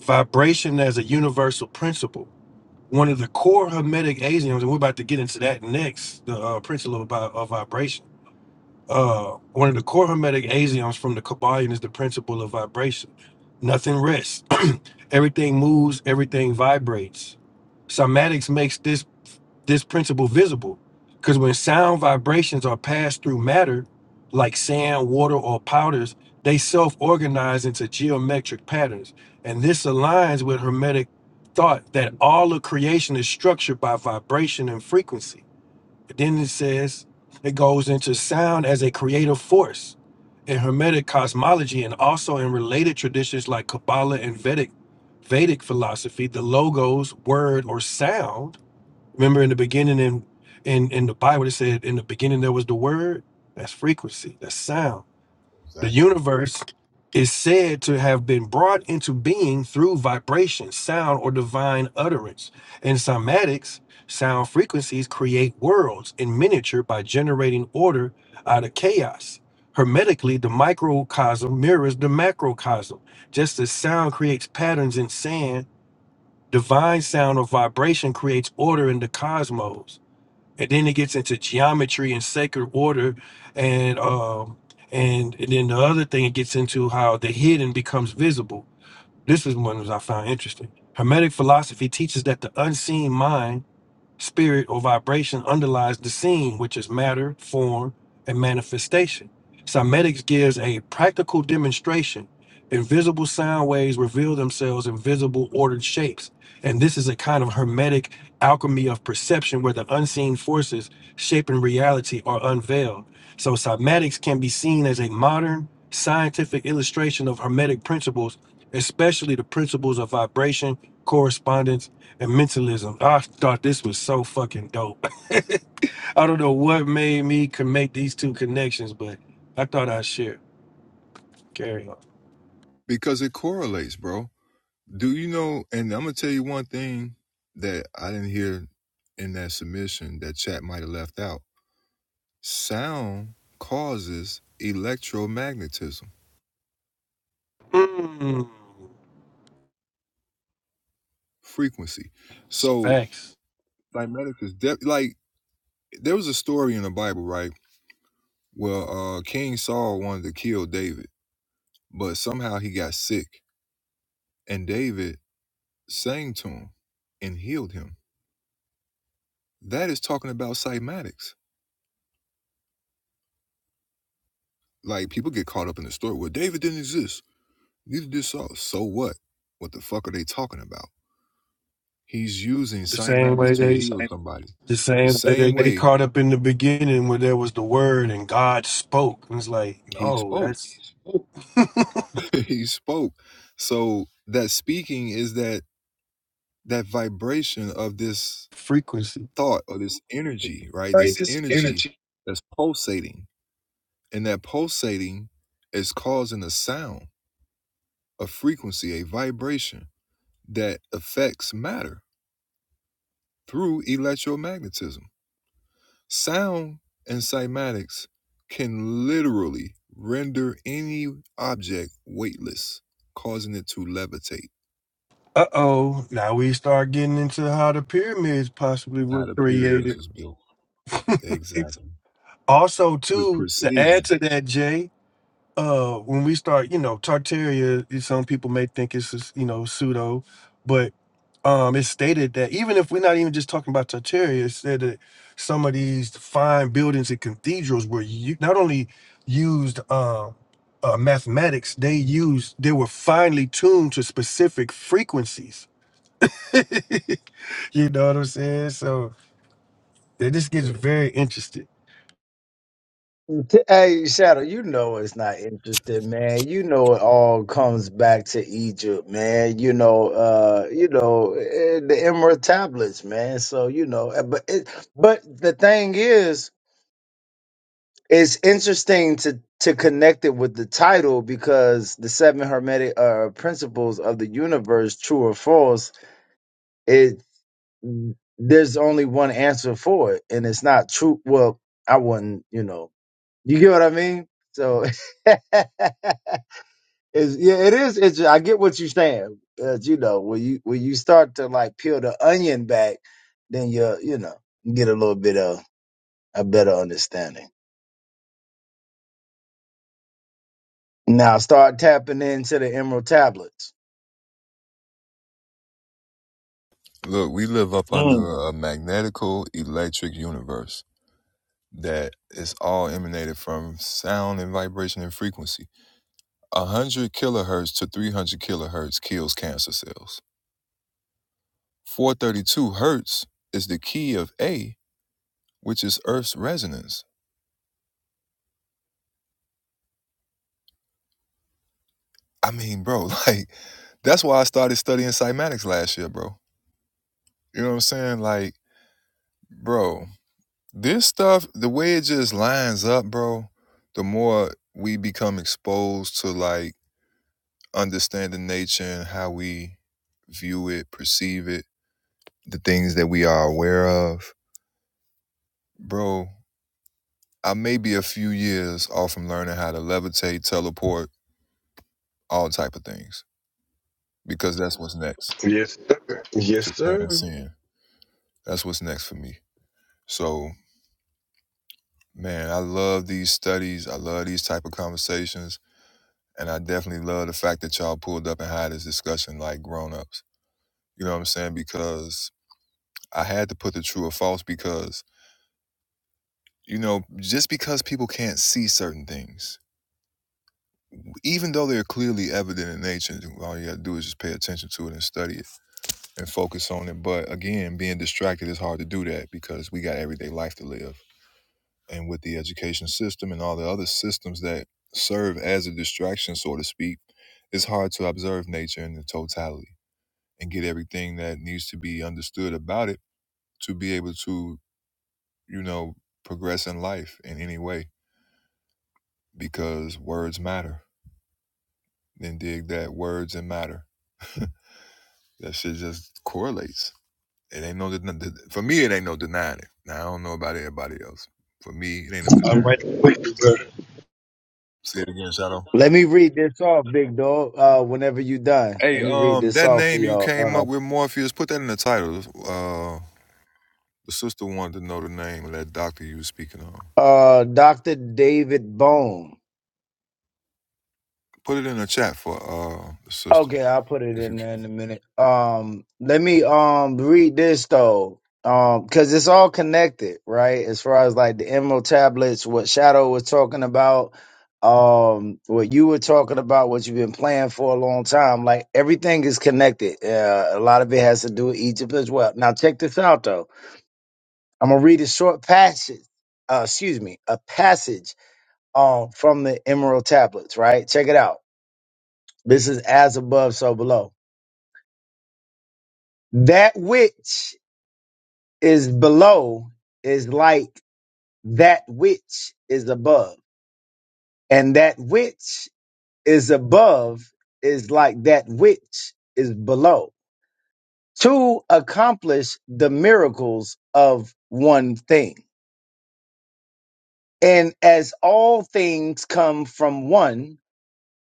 [SPEAKER 4] vibration as a universal principle. One of the core Hermetic axioms, and we're about to get into that next, the uh, principle about uh, vibration. uh, one of the core hermetic axioms from the Kabbalion is the principle of vibration. Nothing rests. everything moves. Everything vibrates. Somatics makes this this principle visible, because when sound vibrations are passed through matter, like sand, water, or powders, they self-organize into geometric patterns, and this aligns with hermetic thought that all of creation is structured by vibration and frequency. Then it says it goes into sound as a creative force in Hermetic cosmology and also in related traditions like Kabbalah and Vedic Vedic philosophy. The logos, word, or sound. Remember in the beginning in in in the Bible it said in the beginning there was the word. That's frequency. That's sound the
[SPEAKER 1] Exactly.
[SPEAKER 4] universe is said to have been brought into being through vibration, sound, or divine utterance. In cymatics, sound frequencies create worlds in miniature by generating order out of chaos. Hermetically, the microcosm mirrors the macrocosm. Just as sound creates patterns in sand, divine sound or vibration creates order in the cosmos and then it gets into geometry and sacred order and um and, and then the other thing it gets into how the hidden becomes visible this is one that i found interesting hermetic philosophy teaches that the unseen mind Spirit or vibration underlies the scene, which is matter, form, and manifestation. Cymetics gives a practical demonstration. Invisible sound waves reveal themselves in visible ordered shapes. And this is a kind of hermetic alchemy of perception where the unseen forces shaping reality are unveiled. So, cymatics can be seen as a modern scientific illustration of Hermetic principles, especially the principles of vibration, correspondence, and mentalism. I thought this was so fucking dope. I don't know what made me can make these two connections, but I thought I'd share. Carry on.
[SPEAKER 1] because it correlates, bro Do you know? And I'm gonna tell you one thing that I didn't hear in that submission that chat might have left out. Sound causes electromagnetism
[SPEAKER 4] Mm,
[SPEAKER 1] frequency.
[SPEAKER 4] some
[SPEAKER 1] So,
[SPEAKER 4] facts.
[SPEAKER 1] like medicus, de- like there was a story in the Bible, right? Well, uh, King Saul wanted to kill David, but somehow he got sick, and David sang to him and healed him. That is talking about cymatics. Like people get caught up in the story. Well, David didn't exist Neither did Saul. So what? What the fuck are they talking about? He's using
[SPEAKER 4] The
[SPEAKER 1] Saint
[SPEAKER 4] same
[SPEAKER 1] Matters
[SPEAKER 4] way
[SPEAKER 1] to
[SPEAKER 4] they,
[SPEAKER 1] heal somebody.
[SPEAKER 4] the
[SPEAKER 1] The
[SPEAKER 4] same way they,
[SPEAKER 1] same
[SPEAKER 4] they
[SPEAKER 1] way
[SPEAKER 4] caught up in the beginning where there was the word and God spoke. And It's like,
[SPEAKER 1] he
[SPEAKER 4] no,
[SPEAKER 1] spoke.
[SPEAKER 4] that's
[SPEAKER 1] he spoke. So that speaking is that that vibration of this
[SPEAKER 4] frequency.
[SPEAKER 1] thought or this energy, right?
[SPEAKER 4] right?
[SPEAKER 1] This
[SPEAKER 4] This
[SPEAKER 1] energy
[SPEAKER 4] energy.
[SPEAKER 1] that's pulsating. And that pulsating is causing a sound, a frequency, a vibration that affects matter through electromagnetism. Sound and cymatics can literally render any object weightless, causing it to levitate.
[SPEAKER 4] Uh oh, now we start getting into how the pyramids possibly were
[SPEAKER 1] How the pyramids
[SPEAKER 4] created.
[SPEAKER 1] was built.
[SPEAKER 4] It's
[SPEAKER 1] Exactly.
[SPEAKER 4] Also,
[SPEAKER 1] With
[SPEAKER 4] too, to add
[SPEAKER 1] precision.
[SPEAKER 4] to that, Jay, uh, when we start, you know, Tartaria, some people may think it's just, you know pseudo, but um, it's stated that even if we're not even just talking about Tartaria, it's said that some of these fine buildings and cathedrals were u- not only used um, uh, mathematics, they used they were finely tuned to specific frequencies you know what I'm saying? So it just gets very interesting.
[SPEAKER 11] T- Hey Shadow, you know it's not interested, man. You know it all comes back to Egypt, man. You know, uh, you know eh, the Emerald tablets, man. So you know, eh, but it, but the thing is, it's interesting to to connect it with the title because the seven hermetic uh, principles of the universe, true or false, it there's only one answer for it, and it's not true. Well, I wouldn't, you know. You get what I mean? So it's, yeah, it is. It's I get what you're saying. Uh, you know, when you when you start to like peel the onion back, then you you know you get a little bit of a better understanding. Now start tapping into the emerald tablets.
[SPEAKER 1] Look, we live up under
[SPEAKER 9] Mm.
[SPEAKER 1] a magnetical electric universe that is all emanated from sound and vibration and frequency. 100 kilohertz to 300 kilohertz kills cancer cells. 432 hertz is the key of A, which is Earth's resonance. I mean, bro, like that's why I started studying cymatics last year, bro. You know what I'm saying? Like, bro, this stuff, the way it just lines up, bro, the more we become exposed to like understanding nature and how we view it, perceive it, the things that we are aware of, bro. I may be a few years off from learning how to levitate, teleport, all type of things, because that's what's next
[SPEAKER 4] Yes, yes,
[SPEAKER 1] to
[SPEAKER 4] sir.
[SPEAKER 1] transcend. That's what's next for me. So, Man, I love these studies. I love these type of conversations. And I definitely love the fact that y'all pulled up and had this discussion like grown-ups. You know what I'm saying? Because I had to put the true or false because, you know, just because people can't see certain things, even though they're clearly evident in nature, all you gotta do is just pay attention to it and study it and focus on it. But again, being distracted is hard to do that because we got everyday life to live. and with the education system and all the other systems that serve as a distraction, so to speak, it's hard to observe nature in the totality and get everything that needs to be understood about it to be able to, you know, progress in life in any way because words matter. Then dig that words and matter. that shit just correlates. It ain't no den- for me. It ain't no denying it. Now I don't know about everybody else. For me, it ain't no
[SPEAKER 4] I'm
[SPEAKER 1] denying
[SPEAKER 4] right.
[SPEAKER 1] it. Say it again, Shadow.
[SPEAKER 11] Let me read this off, big dog. Uh, whenever you done, let
[SPEAKER 1] Hey,
[SPEAKER 11] me read
[SPEAKER 1] um,
[SPEAKER 11] this
[SPEAKER 1] that
[SPEAKER 11] off for
[SPEAKER 1] name you came up
[SPEAKER 11] y'all.
[SPEAKER 1] with, Morpheus, put that in the title. Uh, the sister wanted to know the name of that doctor you was speaking on.
[SPEAKER 11] Uh, uh, Doctor David Bone.
[SPEAKER 1] Put it in the chat for uh the sister,
[SPEAKER 11] Okay, I'll put it
[SPEAKER 1] if you
[SPEAKER 11] in
[SPEAKER 1] can.
[SPEAKER 11] there in a minute. Um, let me um read this though, um, because it's all connected, right? As far as like the emerald tablets, what Shadow was talking about, um, what you were talking about, what you've been playing for a long time, like everything is connected. Uh, a lot of it has to do with Egypt as well. Now check this out though. I'm gonna read a short passage. Uh, excuse me, a passage um from the emerald tablets. Right, check it out. This is as above, so below. That which is below is like that which is above, and that which is above is like that which is below to accomplish the miracles of one thing. And as all things come from one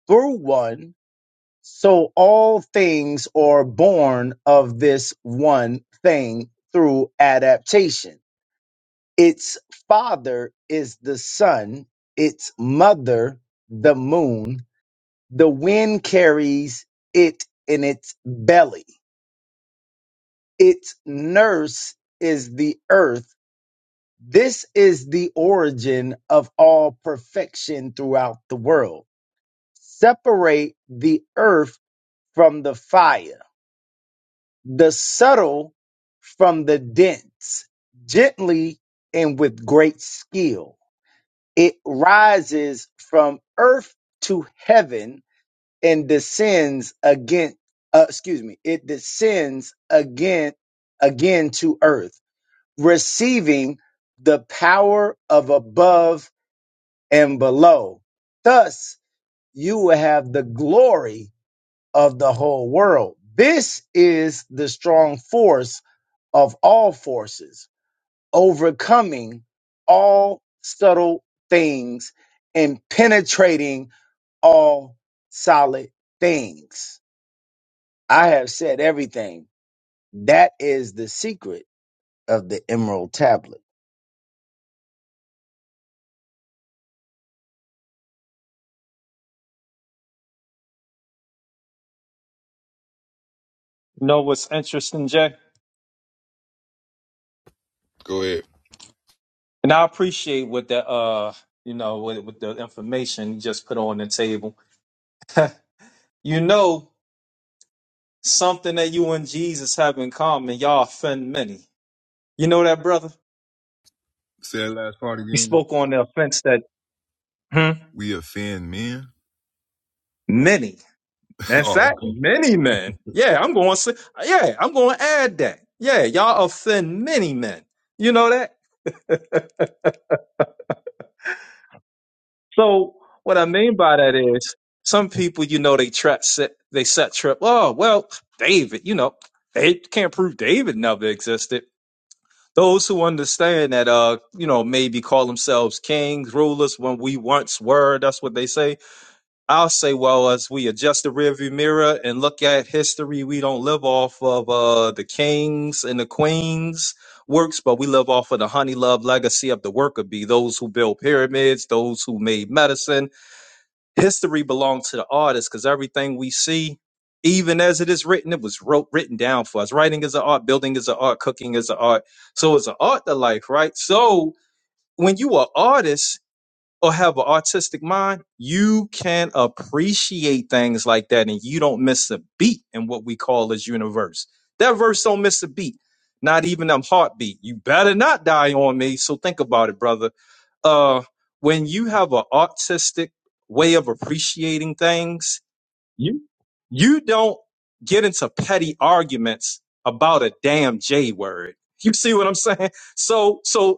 [SPEAKER 11] through one, so all things are born of this one thing through adaptation Its father is the sun, its mother, the moon. The wind carries it in its belly. Its nurse is the earth. This is the origin of all perfection throughout the world. Separate the earth from the fire, the subtle from the dense, gently and with great skill It rises from earth to heaven and descends again. Uh, excuse me. It descends again, again to earth, receiving the power of above and below. Thus, you will have the glory of the whole world. This is the strong force of all forces overcoming all subtle things and penetrating all solid things. I have said everything. That is the secret of the Emerald Tablet.
[SPEAKER 9] You know what's interesting, Jay?
[SPEAKER 1] Go ahead.
[SPEAKER 9] And I appreciate what the uh, you know, with, with the information you just put on the table. You know, something that you and Jesus have in common, y'all offend many. You know that, brother?
[SPEAKER 1] Say that last part
[SPEAKER 9] He
[SPEAKER 1] again.
[SPEAKER 9] spoke on the offense that hmm,
[SPEAKER 1] We offend men.
[SPEAKER 9] many, in
[SPEAKER 1] Oh,
[SPEAKER 9] fact, many men.
[SPEAKER 1] okay.
[SPEAKER 9] Yeah, I'm going. to Yeah, I'm going to add that. Yeah, y'all offend many men. You know that. So what I mean by that is some people, you know, they trap set, they set trip. Oh well, David. You know, they can't prove David never existed. Those who understand that, uh, you know, maybe call themselves kings, rulers when we once were. That's what they say I'll say, well, as we adjust the rearview mirror and look at history, we don't live off of uh, the kings and the queens' works, but we live off of the honey love legacy of the worker bee, those who built pyramids, those who made medicine. History belongs to the artist because everything we see, even as it is written, it was wrote, written down for us. Writing is an art, building is an art, cooking is an art. So it's an art to life, right? So when you are artist or have an artistic mind, you can appreciate things like that and you don't miss a beat in what we call this universe. That verse don't miss a beat, not even them heartbeat. You better not die on me. So think about it, brother. Uh, when you have an artistic way of appreciating things, you you don't get into petty arguments about a damn J word. You see what I'm saying? So so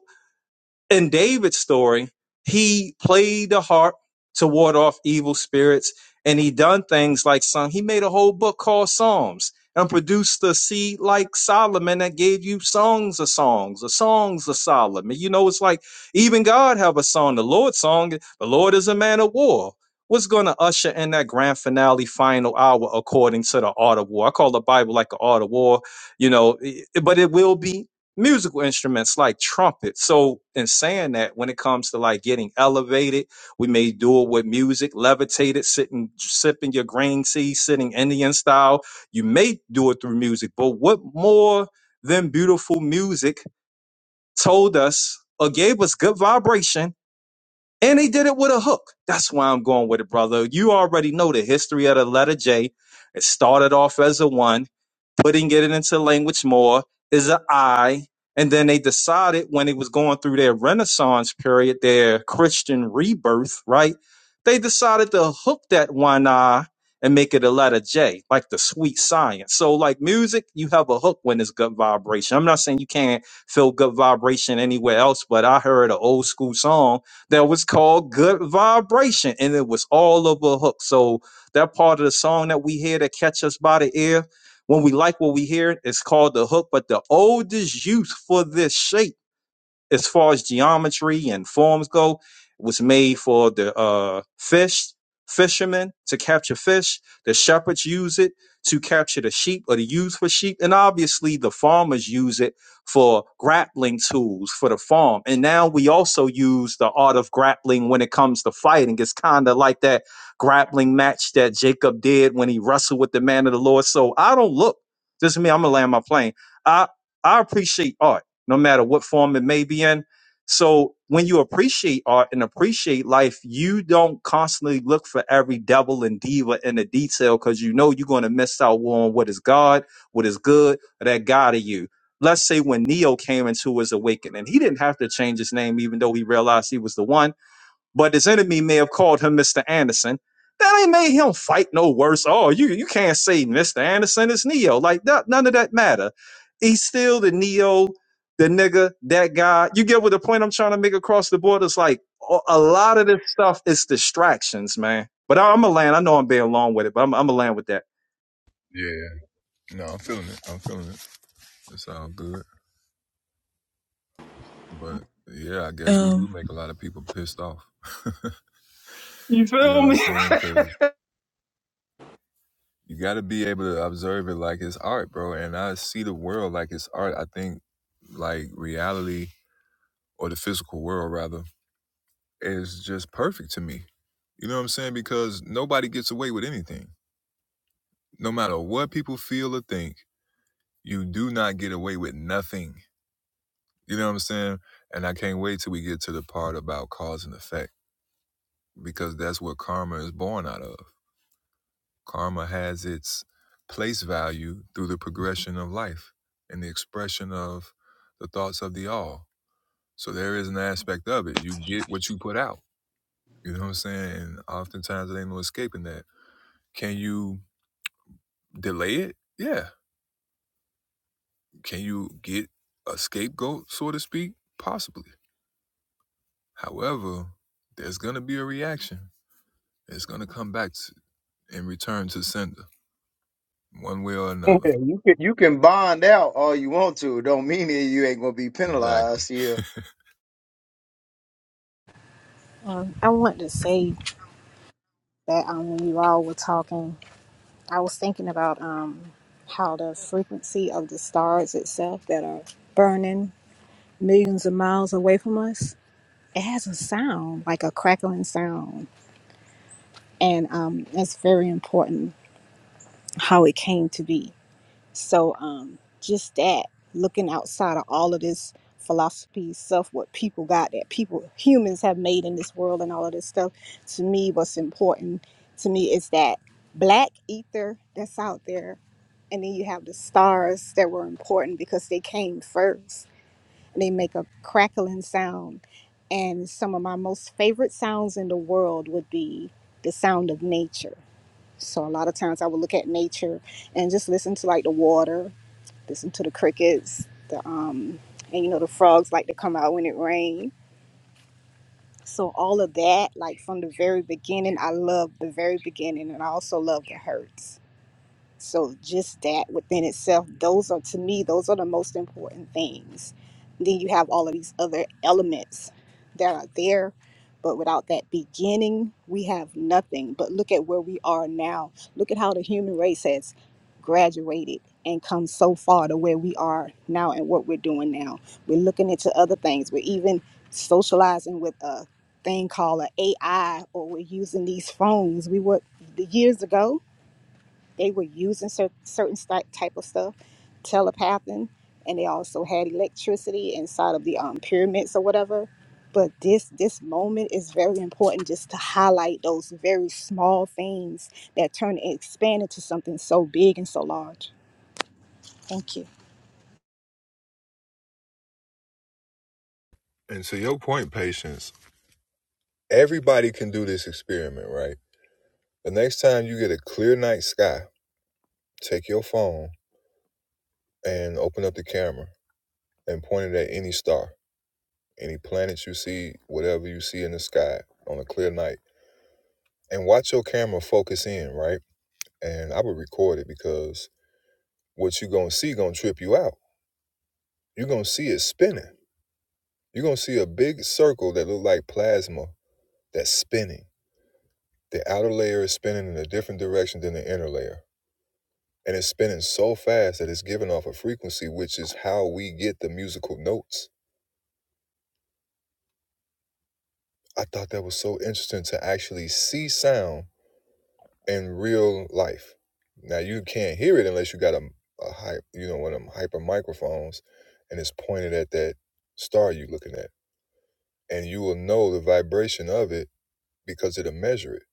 [SPEAKER 9] in David's story, he played the harp to ward off evil spirits, and he done things like some. He made a whole book called Psalms and produced a seed like Solomon that gave you songs of songs, the songs of Solomon. You know, it's like even God have a song, the Lord's song. The Lord is a man of war. What's going to usher in that grand finale, final hour, according to the art of war? I call the Bible like the art of war, you know, i- but it will be musical instruments like trumpet. So in saying that, when it comes to like getting elevated, we may do it with music, levitated, sitting, sipping your green tea, sitting Indian style. You may do it through music, but what more than beautiful music told us or gave us good vibration? And he did it with a hook. That's why I'm going with it, brother. You already know the history of the letter J. It started off as a one putting it into language more is an I, And then they decided when it was going through their Renaissance period, their Christian rebirth, right? They decided to hook that one I and make it a letter J, like the sweet science. So, like music, you have a hook when it's good vibration. I'm not saying you can't feel good vibration anywhere else, but I heard an old school song that was called Good Vibration, and it was all over a hook. So, that part of the song that we hear that catch us by the ear, when we like what we hear, it's called the hook. But the oldest use for this shape as far as geometry and forms go, it was made for the uh, fish fishermen to capture fish. The shepherds use it to capture the sheep or to use for sheep, and obviously the farmers use it for grappling tools for the farm. And now we also use the art of grappling when it comes to fighting. It's kind of like that grappling match that Jacob did when he wrestled with the man of the Lord. So I don't look. This is me. I'm gonna land my plane. I I appreciate art no matter what form it may be in. So when you appreciate art and appreciate life, you don't constantly look for every devil and diva in the detail because you know you're going to miss out on what is God, what is good, or that God of you. Let's say when Neo came into his awakening, he didn't have to change his name, even though he realized he was the one but his enemy may have called him Mr. Anderson. That ain't made him fight no worse. Oh, you you can't say Mr. Anderson is Neo. Like that, none of that matter. He's still the Neo, the nigga, that guy. You get what the point I'm trying to make across the board? It's like a a lot of this stuff is distractions, man. But I'm a land. I know I'm being long with it, but I'm I'm a land with that.
[SPEAKER 1] Yeah. No, I'm feeling it. I'm feeling it. It sounds good. But yeah, I guess we
[SPEAKER 14] um
[SPEAKER 1] do make a lot of people pissed off. you know what I'm saying? Because you got to be able to observe it like it's art, bro. And I see the world like it's art. I think like reality or the physical world, rather, is just perfect to me. You know what I'm saying? Because nobody gets away with anything. No matter what people feel or think, you do not get away with nothing. You know what I'm saying? And I can't wait till we get to the part about cause and effect because that's what karma is born out of. Karma has its place value through the progression of life and the expression of the thoughts of the all. So there is an aspect of it. You get what you put out. You know what I'm saying? And oftentimes there ain't no escaping that. Can you delay it? Yeah. Can you get a scapegoat, so to speak? Possibly. However, there's going to be a reaction. It's going to come back to, and return to sender, one way or another.
[SPEAKER 11] Yeah, you can you can bond out all you want to. Don't mean that you ain't gonna be
[SPEAKER 1] Exactly.
[SPEAKER 11] penalized.
[SPEAKER 3] Um, I want to say that um, when you all were talking. I was thinking about um, how the frequency of the stars itself that are burning millions of miles away from us, it has a sound, like a crackling sound. And um, that's very important how it came to be. So um, just that, looking outside of all of this philosophy stuff, what people got that people, humans have made in this world and all of this stuff, to me, what's important to me is that black ether that's out there and then you have the stars that were important because they came first and they make a crackling sound and some of my most favorite sounds in the world would be the sound of nature so a lot of times i would look at nature and just listen to like the water listen to the crickets the um and you know the frogs like to come out when it rains so all of that like from the very beginning i love the very beginning and i also love the hurts so just that within itself, those are to me, those are the most important things. Then you have all of these other elements that are there, but without that beginning, we have nothing. But look at where we are now. Look at how the human race has graduated and come so far to where we are now and what we're doing now. We're looking into other things. We're even socializing with a thing called an AI or we're using these phones. We were years ago they were using cer- certain sti- type of stuff, telepathing, and they also had electricity inside of the um, pyramids or whatever. But this this moment is very important just to highlight those very small things that turn and expand into something so big and so large. Thank you.
[SPEAKER 1] And to your point, patience, everybody can do this experiment, right? The next time you get a clear night sky, take your phone and open up the camera and point it at any star, any planet you see, whatever you see in the sky on a clear night, and watch your camera focus in, right? And I would record it because what you gonna see gonna trip you out. you gonna see it spinning. You're gonna see a big circle that look like plasma that's spinning. The outer layer is spinning in a different direction than the inner layer and it's spinning so fast that it's giving off a frequency, which is how we get the musical notes. I thought that was so interesting to actually see sound in real life. Now you can't hear it unless you got a, a hype, you know, one of them hyper microphones, and it's pointed at that star you are looking at, and you will know the vibration of it because it'll measure it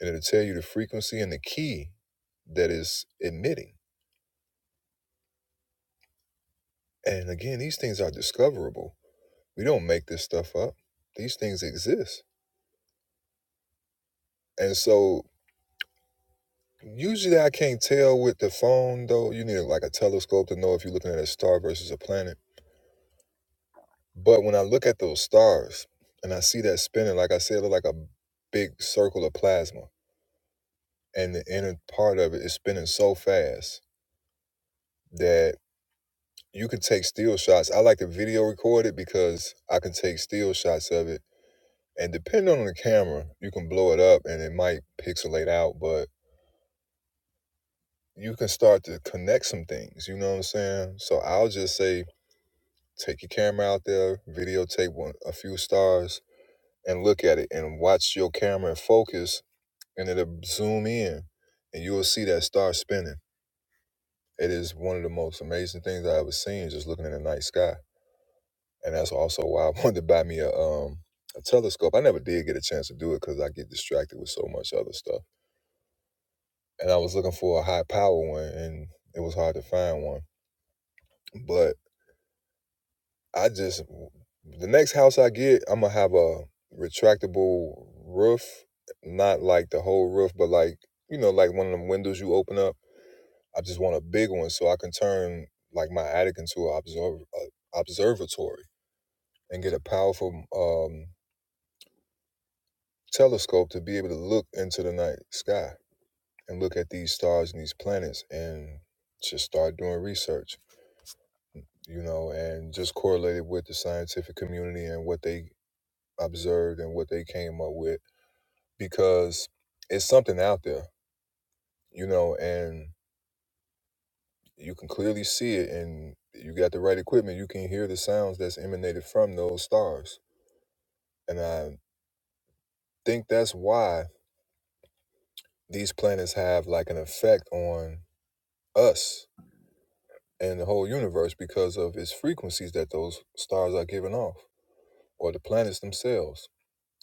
[SPEAKER 1] and it'll tell you the frequency and the key that is emitting. And again, these things are discoverable We don't make this stuff up. These things exist. And so usually I can't tell with the phone though. You need like a telescope to know if you're looking at a star versus a planet. But when I look at those stars and I see that spinning, like I said, it look like a big circle of plasma. And the inner part of it is spinning so fast that you can take still shots. I like to video record it because I can take still shots of it. And depending on the camera, you can blow it up and it might pixelate out, but you can start to connect some things. You know what I'm saying? So I'll just say, take your camera out there, videotape one, a few stars, and look at it, and watch your camera and focus, and it'll zoom in, and you will see that star spinning. It is one of the most amazing things I ever seen, just looking in the night sky. And that's also why I wanted to buy me a um a telescope. I never did get a chance to do it because I get distracted with so much other stuff. And I was looking for a high power one, and it was hard to find one. But I just the next house I get, I'm gonna have a retractable roof, not like the whole roof, but like you know, like one of them windows you open up. I just want a big one so I can turn like my attic into an observ- a observatory and get a powerful um, telescope to be able to look into the night sky and look at these stars and these planets and just start doing research, you know, and just correlate it with the scientific community and what they observed and what they came up with because it's something out there, you know, and you can clearly see it. And you got the right equipment, you can hear the sounds that's emanated from those stars. And I think that's why these planets have like an effect on us and the whole universe because of its frequencies that those stars are giving off or the planets themselves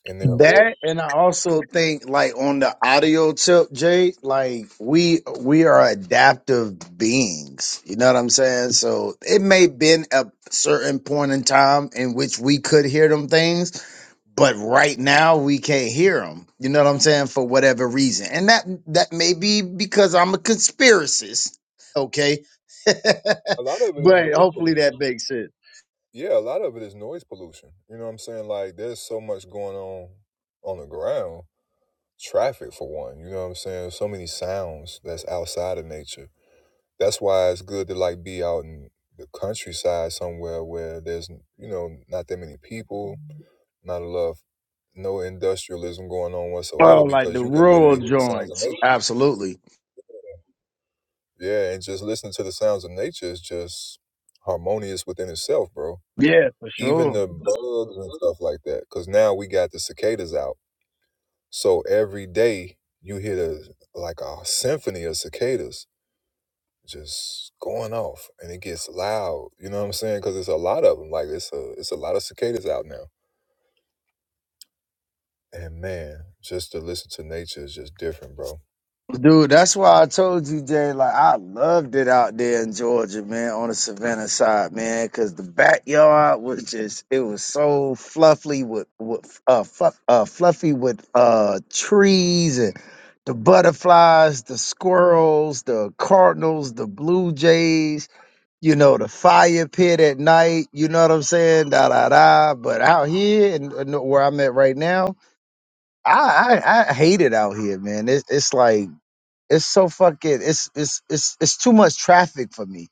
[SPEAKER 1] and their orbit.
[SPEAKER 11] That and I also think like on the audio tip, Jay, like we we are adaptive beings. You know what I'm saying? So it may been a certain point in time in which we could hear them things, but right now we can't hear them. You know what I'm saying? For whatever reason, and that that may be because I'm a conspiracist. Okay,
[SPEAKER 1] A lot of it is
[SPEAKER 11] but
[SPEAKER 1] noise
[SPEAKER 11] hopefully
[SPEAKER 1] pollution.
[SPEAKER 11] that makes sense.
[SPEAKER 1] yeah, a lot of it is noise pollution. You know what I'm saying? Like there's so much going on on the ground, traffic for one. You know what I'm saying? So many sounds that's outside of nature. That's why it's good to like be out in the countryside somewhere where there's you know not that many people, not a lot of no industrialism going on
[SPEAKER 11] Oh,
[SPEAKER 1] whatsoever
[SPEAKER 11] like
[SPEAKER 1] because
[SPEAKER 11] the
[SPEAKER 1] you can literally
[SPEAKER 11] rural
[SPEAKER 1] hear the sounds of
[SPEAKER 11] joints,
[SPEAKER 1] nature.
[SPEAKER 11] absolutely.
[SPEAKER 1] Yeah, and just listening to the sounds of nature is just harmonious within itself, bro.
[SPEAKER 11] Yeah, for sure.
[SPEAKER 1] even the bugs and stuff like that. Because now we got the cicadas out, so every day you hear the, like a symphony of cicadas just going off, and it gets loud. You know what I'm saying? Because it's a lot of them. Like it's a it's a lot of cicadas out now. And man, just to listen to nature is just different, bro. All
[SPEAKER 11] Dude, that's why I told you, Jay, like I loved it out there in Georgia, man, on the Savannah side, man, because the backyard was just it was so fluffy with with uh, fluff, uh fluffy with uh trees and the butterflies, the squirrels, the cardinals, the blue jays, you know, the fire pit at night, you know what I'm saying? Da da da. But out here and where I'm at right now, I I, I hate it out here, man. It's it's like it's so fucking it's it's it's it's too much traffic for me.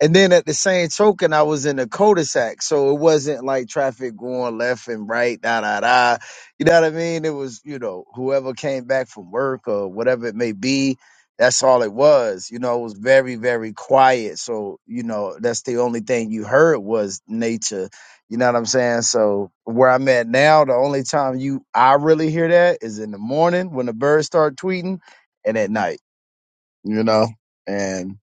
[SPEAKER 11] And then at the same token, I was in a cul-de-sac, so it wasn't like traffic going left and right, da da da. You know what I mean? It was you know whoever came back from work or whatever it may be. That's all it was. You know, it was very very quiet. So you know that's the only thing you heard was nature. You know what I'm saying? So where I'm at now, the only time you I really hear that is in the morning when the birds start tweeting and at night you know? And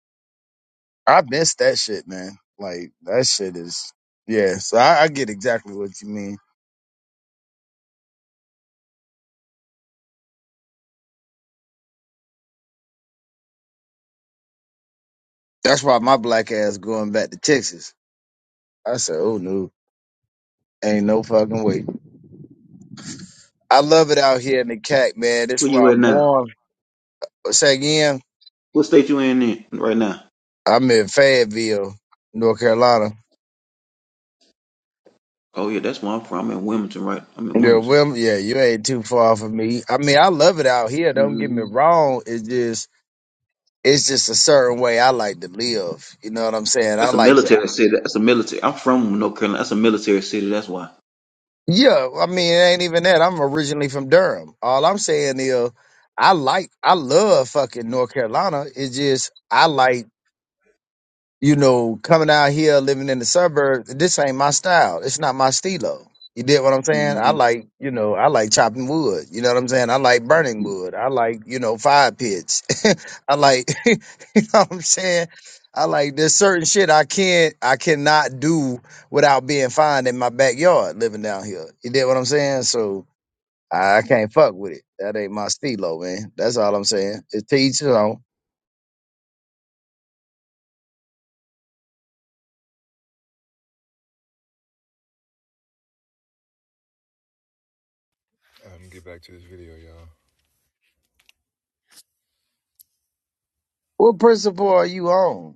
[SPEAKER 11] I missed that shit, man. Like that shit is yeah, so I, I get exactly what you mean. That's why my black ass going back to Texas. I said, oh no, ain't no fucking way. I love it out here in the CAC, man. That's
[SPEAKER 13] Where
[SPEAKER 11] where
[SPEAKER 13] you at
[SPEAKER 11] I'm
[SPEAKER 13] now?
[SPEAKER 11] born. But say again,
[SPEAKER 13] What state you in, in right now?
[SPEAKER 11] I'm in Fayetteville, North Carolina.
[SPEAKER 13] Oh yeah, that's where I'm from. I'm in Wilmington, right? I'm in
[SPEAKER 11] Yeah,
[SPEAKER 13] Wilmington.
[SPEAKER 11] well, yeah, you ain't too far from me. I mean, I love it out here. Don't get me
[SPEAKER 13] hmm
[SPEAKER 11] wrong. It's just, it's just a certain way I like to live. You know what I'm saying? I
[SPEAKER 13] That's a
[SPEAKER 11] like to
[SPEAKER 13] military city. That's a military. I'm from North Carolina. That's a military city. That's why.
[SPEAKER 11] Yeah, I mean, it ain't even that. I'm originally from Durham. All I'm saying is, I like, I love fucking North Carolina. It's just I like you know, coming out here living in the suburbs, this ain't my style. It's not my stilo. You did what I'm saying? I
[SPEAKER 13] hmm
[SPEAKER 11] like, you know, I like chopping wood. You know what I'm saying? I like burning wood. I like, you know, fire pits. I like, you know what I'm saying? I like there's certain shit I can't, I cannot do without being fine in my backyard living down here. You did what I'm saying? So I, I can't fuck with it. That ain't my stilo, man. That's all I'm saying. It's to each his own.
[SPEAKER 1] right, I'm gonna get back to this video, y'all.
[SPEAKER 11] What principle are you on?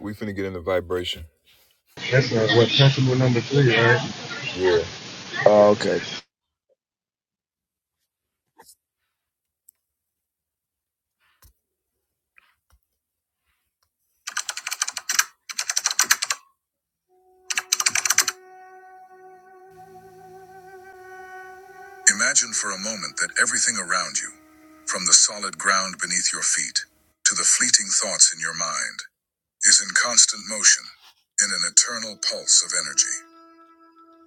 [SPEAKER 1] We finna get into vibration.
[SPEAKER 4] That's uh, what principle number three, right?
[SPEAKER 1] Yeah.
[SPEAKER 11] Oh, okay.
[SPEAKER 1] Imagine for a moment that everything around you, from the solid ground beneath your feet to the fleeting thoughts in your mind. is in constant motion, in an eternal pulse of energy.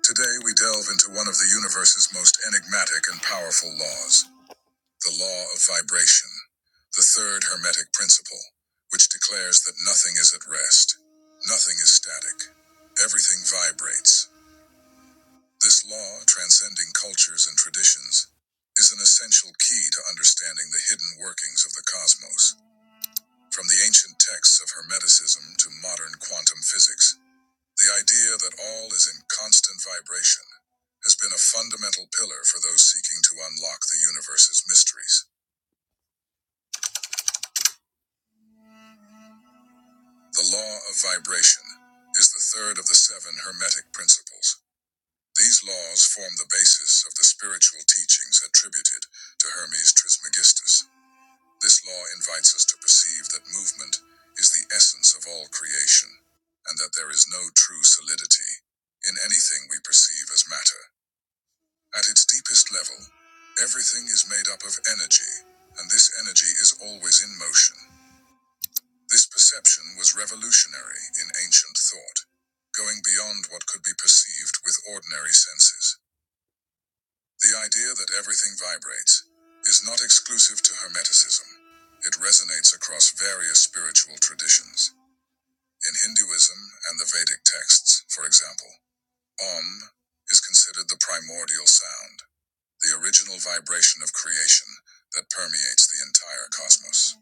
[SPEAKER 1] Today we delve into one of the universe's most enigmatic and powerful laws, the law of vibration, the third hermetic principle, which declares that nothing is at rest, nothing is static, everything vibrates. This law, transcending cultures and traditions, is an essential key to understanding the hidden workings of the cosmos. From the ancient texts of Hermeticism to modern quantum physics, The idea that all is in constant vibration has been a fundamental pillar for those seeking to unlock the universe's mysteries. The law of vibration is the third of the seven Hermetic principles. These laws form the basis of the spiritual teachings attributed to Hermes Trismegistus. This law invites us to perceive that movement is the essence of all creation, and that there is no true solidity in anything we perceive as matter. At its deepest level, everything is made up of energy, and this energy is always in motion. This perception was revolutionary in ancient thought, going beyond what could be perceived with ordinary senses. The idea that everything vibrates is not exclusive to Hermeticism. It resonates across various spiritual traditions. In Hinduism and the Vedic texts, for example, Om is considered the primordial sound the original vibration of creation that permeates the entire cosmos.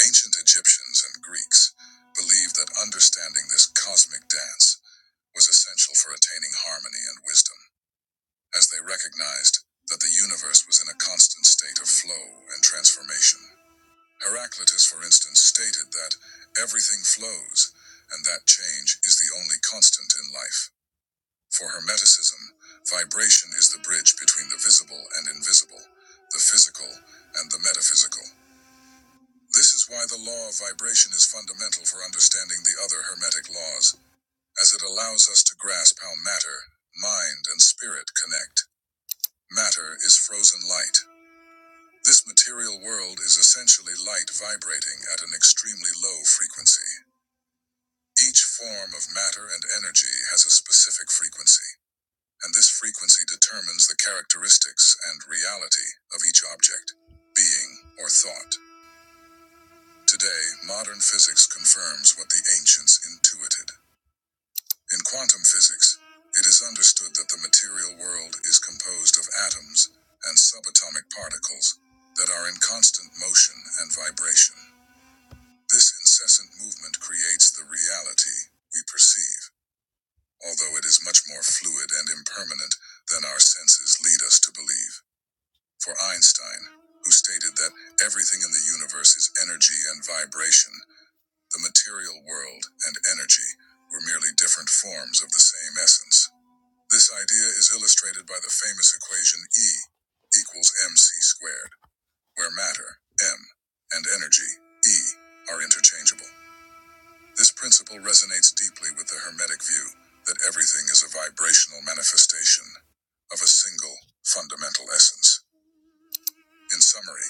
[SPEAKER 1] Ancient Egyptians and Greeks believed that understanding this cosmic dance was essential for attaining harmony and wisdom, as they recognized that the universe was in a constant state of flow and transformation. Heraclitus, for instance, stated that everything flows, and that change is the only constant in life. For Hermeticism, vibration is the bridge between the visible and invisible, the physical and the metaphysical. This is why the law of vibration is fundamental for understanding the other Hermetic laws, as it allows us to grasp how matter, mind, and spirit connect. Matter is frozen light. This material world is essentially light vibrating at an extremely low frequency. Each form of matter and energy has a specific frequency. and this frequency determines the characteristics and reality of each object, being, or thought. Today, modern physics confirms what the ancients intuited. In quantum physics, it is understood that the material world is composed of atoms and subatomic particles that are in constant motion and vibration. This incessant movement creates the reality we perceive, although it is much more fluid and impermanent than our senses lead us to believe. For Einstein, who stated that everything in the universe is energy and vibration, the material world and energy were merely different forms of the same essence. This idea is illustrated by the famous equation E equals mc squared, where matter, m, and energy, e, are interchangeable. This principle resonates deeply with the Hermetic view that everything is a vibrational manifestation of a single fundamental essence. In summary,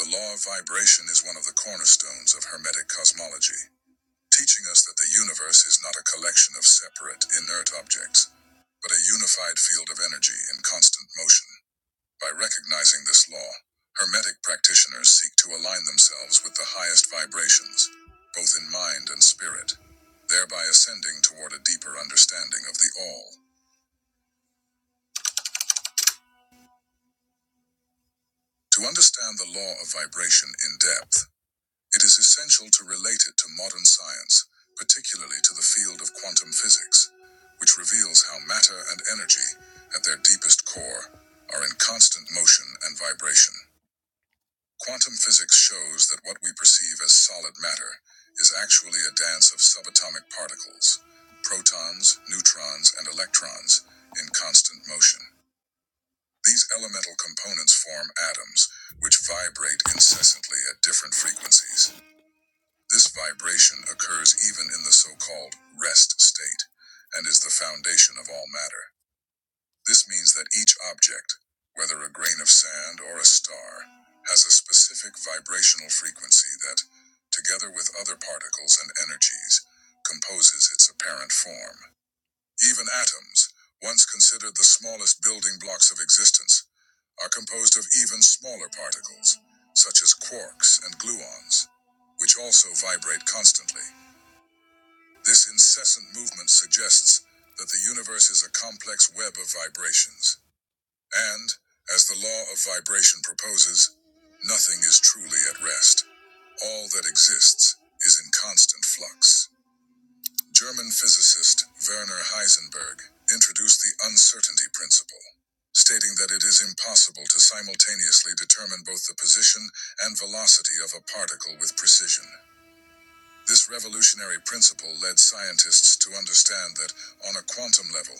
[SPEAKER 1] The law of vibration is one of the cornerstones of Hermetic cosmology, teaching us that the universe is not a collection of separate, inert objects, but a unified field of energy in constant motion. By recognizing this law, Hermetic practitioners seek to align themselves with the highest vibrations, both in mind and spirit, thereby ascending toward a deeper understanding of the All. To understand the law of vibration in depth, It is essential to relate it to modern science, particularly to the field of quantum physics, which reveals how matter and energy, at their deepest core, are in constant motion and vibration. Quantum physics shows that what we perceive as solid matter is actually a dance of subatomic particles, protons, neutrons, and electrons, in constant motion. These elemental components form atoms, which vibrate incessantly at different frequencies. This vibration occurs even in the so called rest state and is the foundation of all matter. This means that each object, whether a grain of sand or a star, has a specific vibrational frequency that, together with other particles and energies, composes its apparent form. Even atoms, once considered the smallest building blocks of existence, are composed of even smaller particles, such as quarks and gluons, which also vibrate constantly. This incessant movement suggests that the universe is a complex web of vibrations. And, as the law of vibration proposes, nothing is truly at rest. All that exists is in constant flux. German physicist Werner Heisenberg introduced the uncertainty principle, stating that it is impossible to simultaneously determine both the position and velocity of a particle with precision. This revolutionary principle led scientists to understand that, on a quantum level,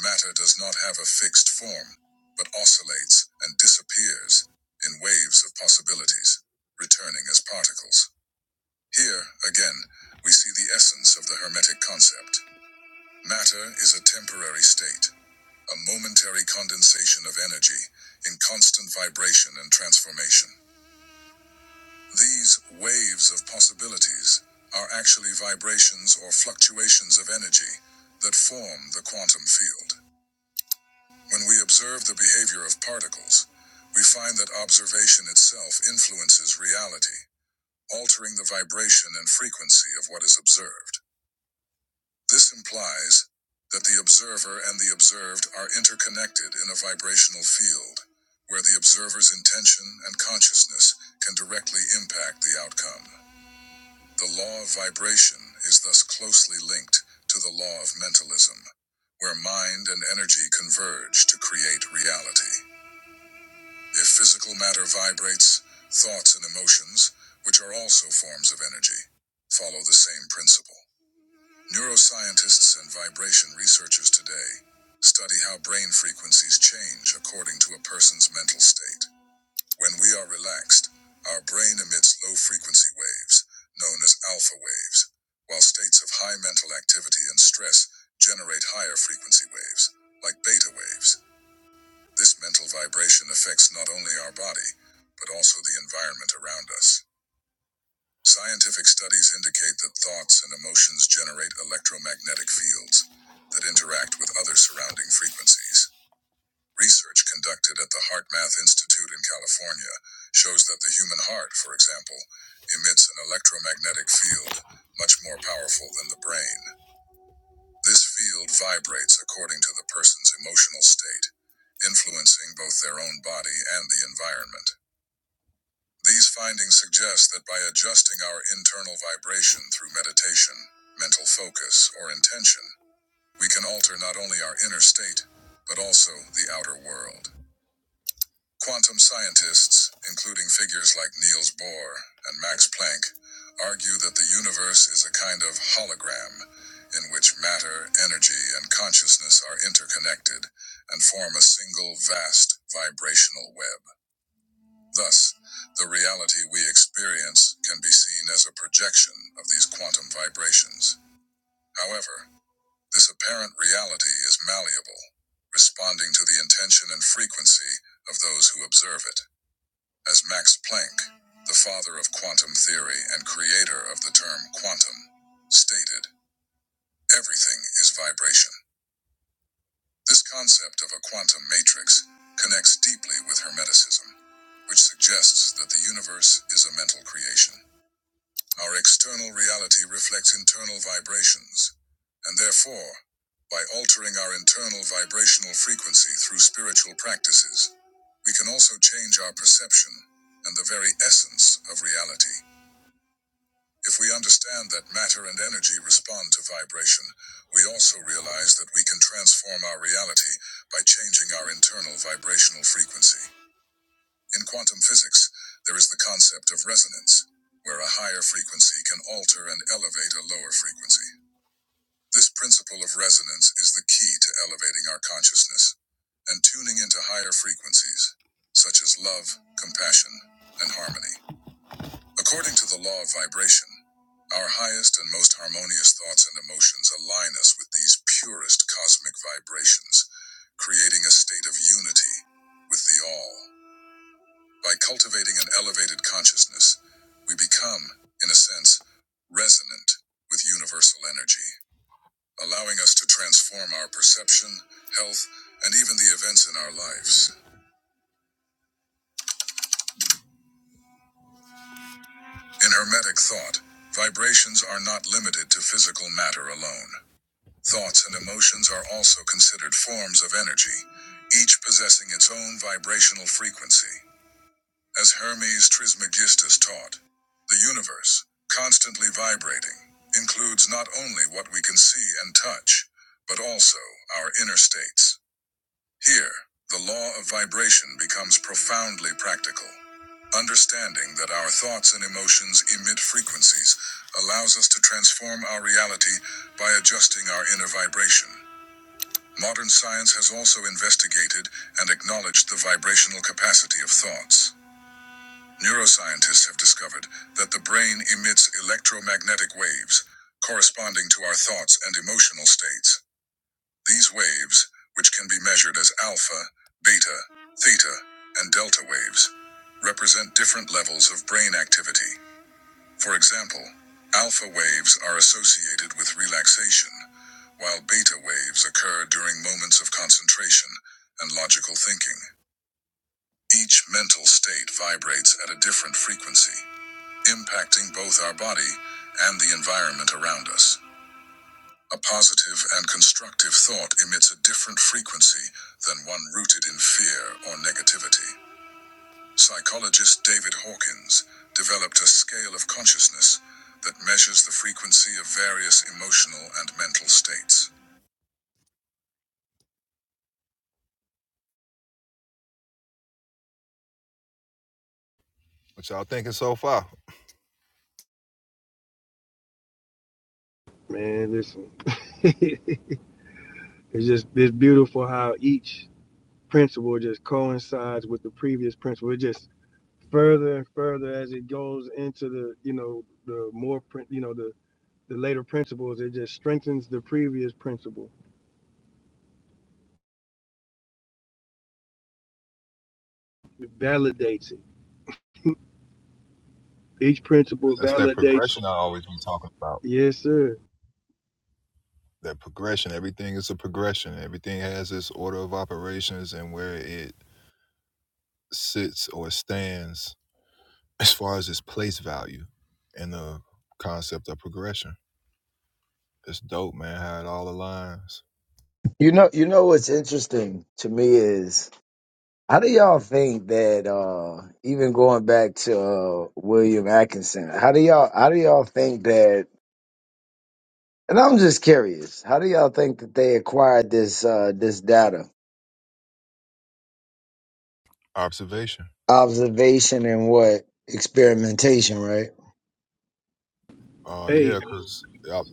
[SPEAKER 1] matter does not have a fixed form, but oscillates and disappears in waves of possibilities, returning as particles. Here, again, we see the essence of the Hermetic concept. Matter is a temporary state, a momentary condensation of energy in constant vibration and transformation. These waves of possibilities are actually vibrations or fluctuations of energy that form the quantum field. When we observe the behavior of particles, we find that observation itself influences reality, altering the vibration and frequency of what is observed. This implies that the observer and the observed are interconnected in a vibrational field, where the observer's intention and consciousness can directly impact the outcome. The law of vibration is thus closely linked to the law of mentalism, where mind and energy converge to create reality. If physical matter vibrates, thoughts and emotions, which are also forms of energy, follow the same principle. Neuroscientists and vibration researchers today study how brain frequencies change according to a person's mental state. When we are relaxed, our brain emits low frequency waves, known as alpha waves, while states of high mental activity and stress generate higher frequency waves, like beta waves. This mental vibration affects not only our body, but also the environment around us. Scientific studies indicate that thoughts and emotions generate electromagnetic fields that interact with other surrounding frequencies. Research conducted at the HeartMath Institute in California shows that the human heart, for example, emits an electromagnetic field much more powerful than the brain. This field vibrates according to the person's emotional state, influencing both their own body and the environment. These findings suggest that by adjusting our internal vibration through meditation, mental focus, or intention, we can alter not only our inner state, but also the outer world. Quantum scientists, including figures like Niels Bohr and Max Planck, argue that the universe is a kind of hologram in which matter, energy, and consciousness are interconnected and form a single vast vibrational web. Thus, the reality we experience can be seen as a projection of these quantum vibrations. However, this apparent reality is malleable, responding to the intention and frequency of those who observe it. As Max Planck, the father of quantum theory and creator of the term quantum, stated, everything is vibration. This concept of a quantum matrix connects deeply with Hermeticism, which suggests that the universe is a mental creation. Our external reality reflects internal vibrations, and therefore, by altering our internal vibrational frequency through spiritual practices, we can also change our perception and the very essence of reality. If we understand that matter and energy respond to vibration, we also realize that we can transform our reality by changing our internal vibrational frequency. In quantum physics, there is the concept of resonance, where a higher frequency can alter and elevate a lower frequency. This principle of resonance is the key to elevating our consciousness and tuning into higher frequencies, such as love, compassion, and harmony. According to the law of vibration, our highest and most harmonious thoughts and emotions align us with these purest cosmic vibrations, creating a state of unity with the all. By cultivating an elevated consciousness, we become, in a sense, resonant with universal energy, allowing us to transform our perception, health, and even the events in our lives. In Hermetic thought, vibrations are not limited to physical matter alone. Thoughts and emotions are also considered forms of energy, each possessing its own vibrational frequency. As Hermes Trismegistus taught, the universe, constantly vibrating, includes not only what we can see and touch, but also our inner states. Here, the law of vibration becomes profoundly practical. Understanding that our thoughts and emotions emit frequencies allows us to transform our reality by adjusting our inner vibration. Modern science has also investigated and acknowledged the vibrational capacity of thoughts. Neuroscientists have discovered that the brain emits electromagnetic waves corresponding to our thoughts and emotional states. These waves, which can be measured as alpha, beta, theta, and delta waves, represent different levels of brain activity. For example, alpha waves are associated with relaxation, while beta waves occur during moments of concentration and logical thinking. Each mental state vibrates at a different frequency impacting both our body and the environment around us. A positive and constructive thought emits a different frequency than one rooted in fear or negativity. Psychologist David Hawkins developed a scale of consciousness that measures the frequency of various emotional and mental states. What y'all thinking so far?
[SPEAKER 4] Man, listen. it's just it's beautiful how each principle just coincides with the previous principle. It just further and further as it goes into the you know the more prin- you know the the later principles. It just strengthens the previous principle. It validates it. Each principle
[SPEAKER 1] That's that
[SPEAKER 4] validates.
[SPEAKER 1] progression I always been talking about.
[SPEAKER 4] Yes, sir.
[SPEAKER 1] That progression, everything is a progression. Everything has its order of operations and where it sits or stands as far as its place value and the concept of progression. It's dope, man. How it all aligns.
[SPEAKER 11] You know, you know what's interesting to me is how do y'all think that uh even going back to uh William Atkinson, how do y'all how do y'all think that and I'm just curious, how do y'all think that they acquired this uh this data?
[SPEAKER 1] Observation.
[SPEAKER 11] Observation and what? Experimentation, right?
[SPEAKER 1] Uh,
[SPEAKER 4] Hey,
[SPEAKER 1] yeah, because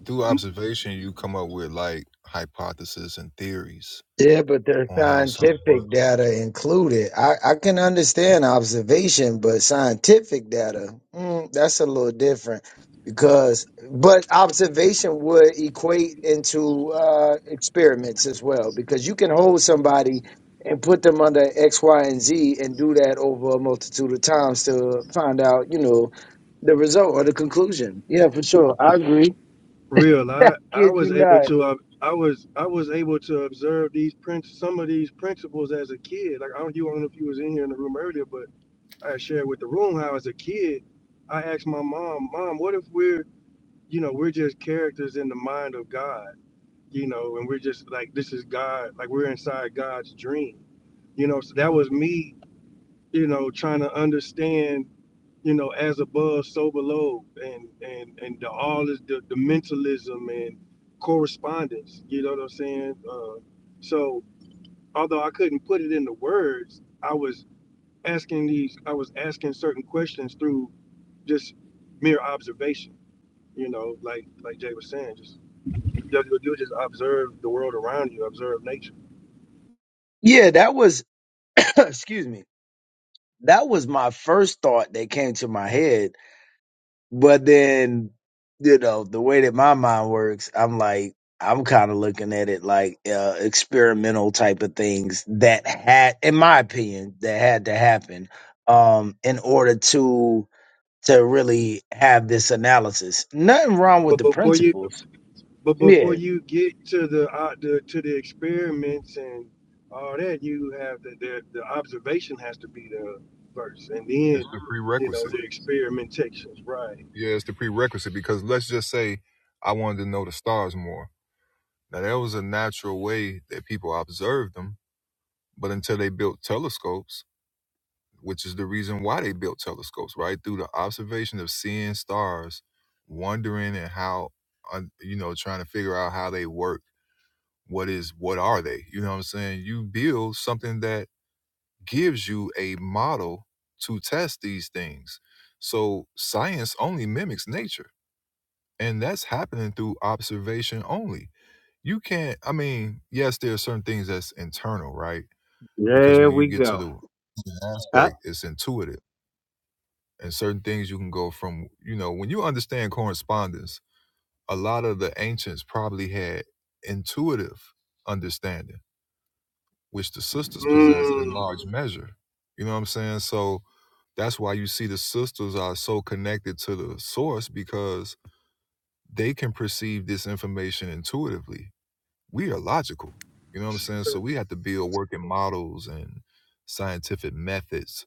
[SPEAKER 1] through observation, you come up with like hypotheses and theories
[SPEAKER 11] Yeah, but there's
[SPEAKER 1] on how something
[SPEAKER 11] scientific
[SPEAKER 1] works.
[SPEAKER 11] data included. I, I can understand observation, but scientific data, mm, that's a little different because, but observation would equate into uh, experiments as well because you can hold somebody and put them under X, Y, and Z and do that over a multitude of times to find out, you know, the result or the conclusion. Yeah, for sure. I agree.
[SPEAKER 4] real i i
[SPEAKER 11] Kid you
[SPEAKER 4] was able
[SPEAKER 11] not.
[SPEAKER 4] to uh, i was i was able to observe these prints some of these principles as a kid like i don't you I don't know if you was in here in the room earlier but i had shared with the room how as a kid i asked my mom mom what if we're you know we're just characters in the mind of god you know and we're just like this is god like we're inside god's dream you know so that was me you know trying to understand you know, as above, so below, and and and the all is the, the mentalism and correspondence. You know what I'm saying? Uh, so although I couldn't put it into words, I was asking these, I was asking certain questions through just mere observation. You know, like like Jay was saying, just you, you just observe the world around you, observe nature.
[SPEAKER 11] Yeah, that was, excuse me that was my first thought that came to my head. But then, you know, the way that my mind works, I'm like, I'm kind of looking at it like uh, experimental type of things that had, in my opinion, that had to happen um, in order to to really have this analysis. Nothing wrong with
[SPEAKER 4] But
[SPEAKER 11] the
[SPEAKER 4] before you
[SPEAKER 11] principles.
[SPEAKER 4] But before
[SPEAKER 11] Yeah,
[SPEAKER 4] you get to the, uh, the to the experiments and all that, you have the, the the observation has to be there first, and
[SPEAKER 1] It's
[SPEAKER 4] then
[SPEAKER 1] the
[SPEAKER 4] you know
[SPEAKER 1] prerequisite.
[SPEAKER 4] the experimentations, right?
[SPEAKER 1] Yeah, it's the prerequisite because let's just say I wanted to know the stars more. Now, that was a natural way that people observed them, but until they built telescopes, which is the reason why they built telescopes, right? Through the observation of seeing stars, wondering and how, un- you know, trying to figure out how they work. What is, what are they? You know what I'm saying? You build something that gives you a model to test these things. So science only mimics nature, and that's happening through observation only you can't i mean yes there are certain things that's internal right because
[SPEAKER 9] There
[SPEAKER 1] when you
[SPEAKER 9] we
[SPEAKER 1] get to
[SPEAKER 9] go.
[SPEAKER 1] the
[SPEAKER 9] I,
[SPEAKER 1] aspect it's intuitive and certain things you can go from you know when you understand correspondence a lot of the ancients probably had intuitive understanding which the sisters possessed in
[SPEAKER 4] Mm.
[SPEAKER 1] large measure you know what i'm saying so that's why you see the sisters are so connected to the source because they can perceive this information intuitively we are logical you know what i'm saying so we have to build working models and scientific methods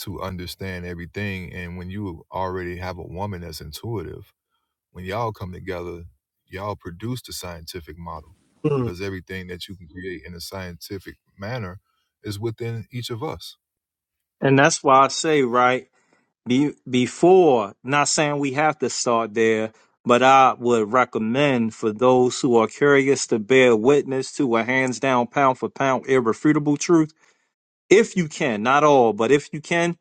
[SPEAKER 1] to understand everything. And when you already have a woman that's intuitive, when y'all come together, y'all produce the scientific model
[SPEAKER 4] Mm.
[SPEAKER 1] because everything that you can create in a scientific manner is within each of us.
[SPEAKER 9] and that's why I say, right? be, before, not saying we have to start there, but I would recommend for those who are curious to bear witness to a hands down, pound for pound, irrefutable truth, if you can, not all, but if you can,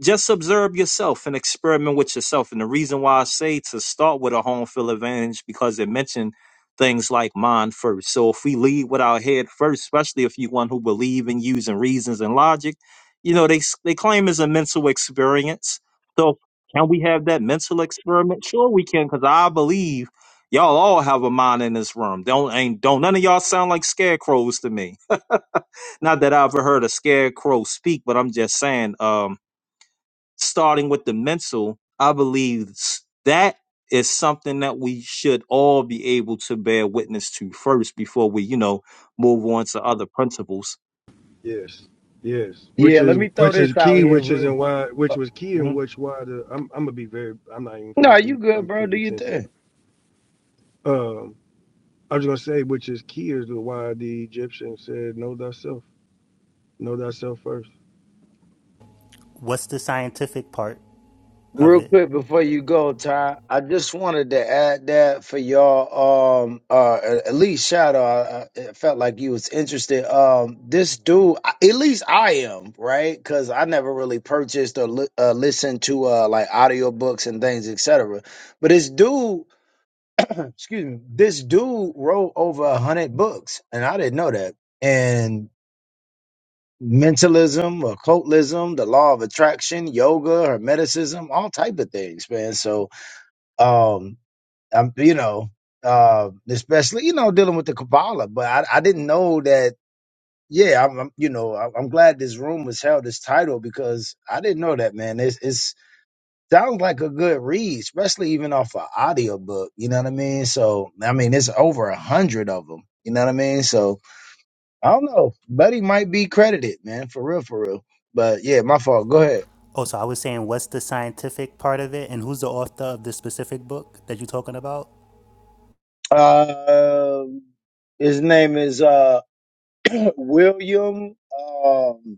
[SPEAKER 9] just observe yourself and experiment with yourself. And the reason why I say to start with a home field advantage because it mentioned things like mind first. So if we lead with our head first, especially if you one who believe in using reasons and logic, you know they s- they claim it's a mental experience. So can we have that mental experiment? Sure, we can, because I believe y'all all have a mind in this room. Don't ain't don't none of y'all sound like scarecrows to me. Not that I ever heard a scarecrow speak, but I'm just saying. Um, starting with the mental, I believe s- that is something that we should all be able to bear witness to first before we, you know, move on to other principles.
[SPEAKER 4] Yes, yes. Which
[SPEAKER 11] yeah.
[SPEAKER 4] is
[SPEAKER 11] Let me throw
[SPEAKER 4] which is
[SPEAKER 11] this out
[SPEAKER 4] key,
[SPEAKER 11] here
[SPEAKER 4] which is
[SPEAKER 11] real.
[SPEAKER 4] and
[SPEAKER 11] quick.
[SPEAKER 4] why which was key and
[SPEAKER 11] mhm.
[SPEAKER 4] which why the I'm I'm gonna be very I'm not even gonna
[SPEAKER 11] No, you
[SPEAKER 4] be
[SPEAKER 11] good,
[SPEAKER 4] I'm
[SPEAKER 11] bro?
[SPEAKER 4] gonna
[SPEAKER 11] Do
[SPEAKER 4] be
[SPEAKER 11] your
[SPEAKER 4] ten
[SPEAKER 11] thing.
[SPEAKER 4] seconds. Um, I was gonna say which is key is the why the Egyptians said know thyself, know thyself first.
[SPEAKER 15] what's the scientific part of
[SPEAKER 11] Real
[SPEAKER 15] it?
[SPEAKER 11] quick before you go, Ty, I just wanted to add that for y'all. Um, uh, at at least Shadow, I, I it felt like you was interested. Um, this dude, I- at least I am, right? Because I never really purchased or li- uh, listened to uh like audiobooks and things, etc. But this dude, excuse me, this dude wrote over a hundred books, and I didn't know that. And mentalism, occultism, the law of attraction, yoga, hermeticism, all type of things, man. So um i'm you know uh especially you know dealing with the kabbalah but i, I didn't know that yeah i'm, I'm you know I'm, I'm glad this room was held this title because i didn't know that man it's it's sounds like a good read especially even off an audio book. you know what i mean so i mean it's over a hundred of them you know what i mean so i don't know buddy might be credited man for real for real but yeah my fault go ahead
[SPEAKER 15] Oh, so I was saying, what's the scientific part of it, and who's the author of the specific book that you're talking about?
[SPEAKER 11] uh his name is uh William um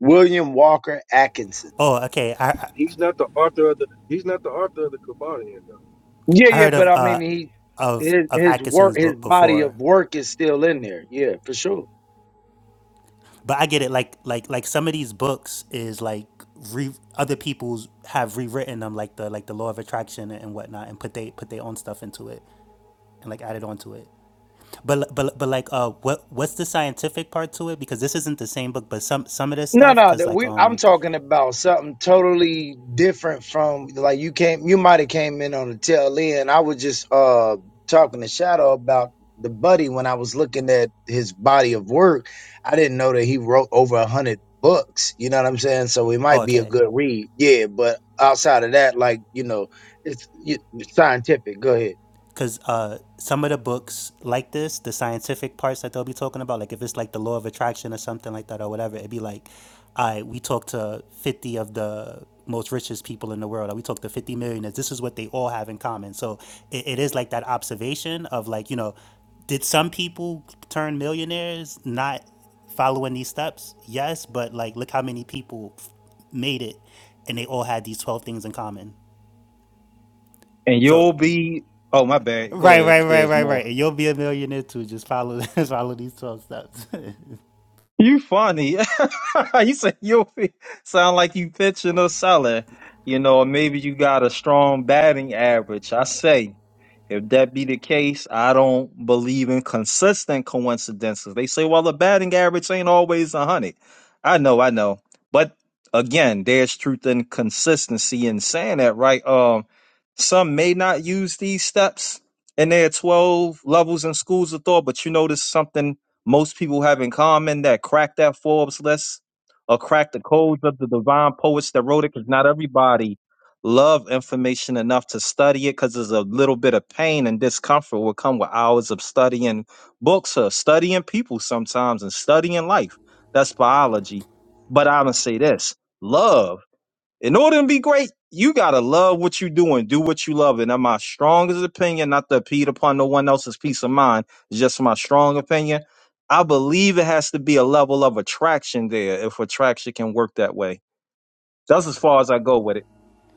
[SPEAKER 11] William Walker Atkinson.
[SPEAKER 15] Oh, okay. I I
[SPEAKER 4] He's not the author of the. He's not the author of the Kabbalion though.
[SPEAKER 11] Yeah, yeah,
[SPEAKER 15] heard
[SPEAKER 11] but
[SPEAKER 15] of
[SPEAKER 11] I
[SPEAKER 15] uh
[SPEAKER 11] mean, he
[SPEAKER 15] of
[SPEAKER 11] his
[SPEAKER 15] of
[SPEAKER 11] his work,
[SPEAKER 15] Atkinson's
[SPEAKER 11] his
[SPEAKER 15] book
[SPEAKER 11] body of
[SPEAKER 15] before,
[SPEAKER 11] work is still in there. Yeah, for sure.
[SPEAKER 15] but I get it. Like like like some of these books is like re other people's have rewritten them, like the like the Law of Attraction and whatnot, and put they put their own stuff into it and like added onto it. But but but like uh, what what's the scientific part to it? Because this isn't the same book, but some some of this
[SPEAKER 11] No,
[SPEAKER 15] stuff,
[SPEAKER 11] no,
[SPEAKER 15] because
[SPEAKER 11] that
[SPEAKER 15] like
[SPEAKER 11] we I'm
[SPEAKER 15] um
[SPEAKER 11] talking about something totally different from like you came you might have came in on the tail end. I was just uh talking to Shadow about the buddy when I was looking at his body of work. I didn't know that he wrote over a hundred books. You know what I'm saying? So it
[SPEAKER 15] Oh,
[SPEAKER 11] might be a
[SPEAKER 15] okay.
[SPEAKER 11] good read. Yeah, but outside of that, like, you know, it's, you- it's scientific. Go ahead.
[SPEAKER 15] Because uh, some of the books like this, the scientific parts that they'll be talking about, like if it's like the law of attraction or something like that or whatever, it'd be like, I we talked to 50 of the most richest people in the world, or we talked to 50 millionaires. This is what they all have in common. So it, it is like that observation of like, you know, did some people turn millionaires not following these steps? Yes, but like, look how many people f- made it and they all had these 12 things in common.
[SPEAKER 9] And
[SPEAKER 15] So
[SPEAKER 9] you'll be. Oh, my bad. Go
[SPEAKER 15] Right,
[SPEAKER 9] ahead
[SPEAKER 15] right,
[SPEAKER 9] if
[SPEAKER 15] right,
[SPEAKER 9] there's
[SPEAKER 15] right,
[SPEAKER 9] more.
[SPEAKER 15] right. And you'll be a millionaire too. Just follow just follow these 12 steps.
[SPEAKER 9] You funny. you say you sound like you pitching or selling. You know, or maybe you got a strong batting average. I say, if that be the case, I don't believe in consistent coincidences. They say, well, the batting average ain't always a hundred. I know, I know, but again, there's truth in consistency in saying that, right? Um, some may not use these steps in their twelve levels and schools of thought, but you notice something most people have in common that crack that Forbes list or crack the codes of the divine poets that wrote it, because not everybody love information enough to study it, because there's a little bit of pain and discomfort will come with hours of studying books or studying people sometimes and studying life. That's biology. But I'm gonna say this: love in order to be great, you gotta love what you do and do what you love. And that's my strongest opinion, not to impede upon no one else's peace of mind. It's just my strong opinion. I believe it has to be a level of attraction there if attraction can work that way. That's as far as I go with it.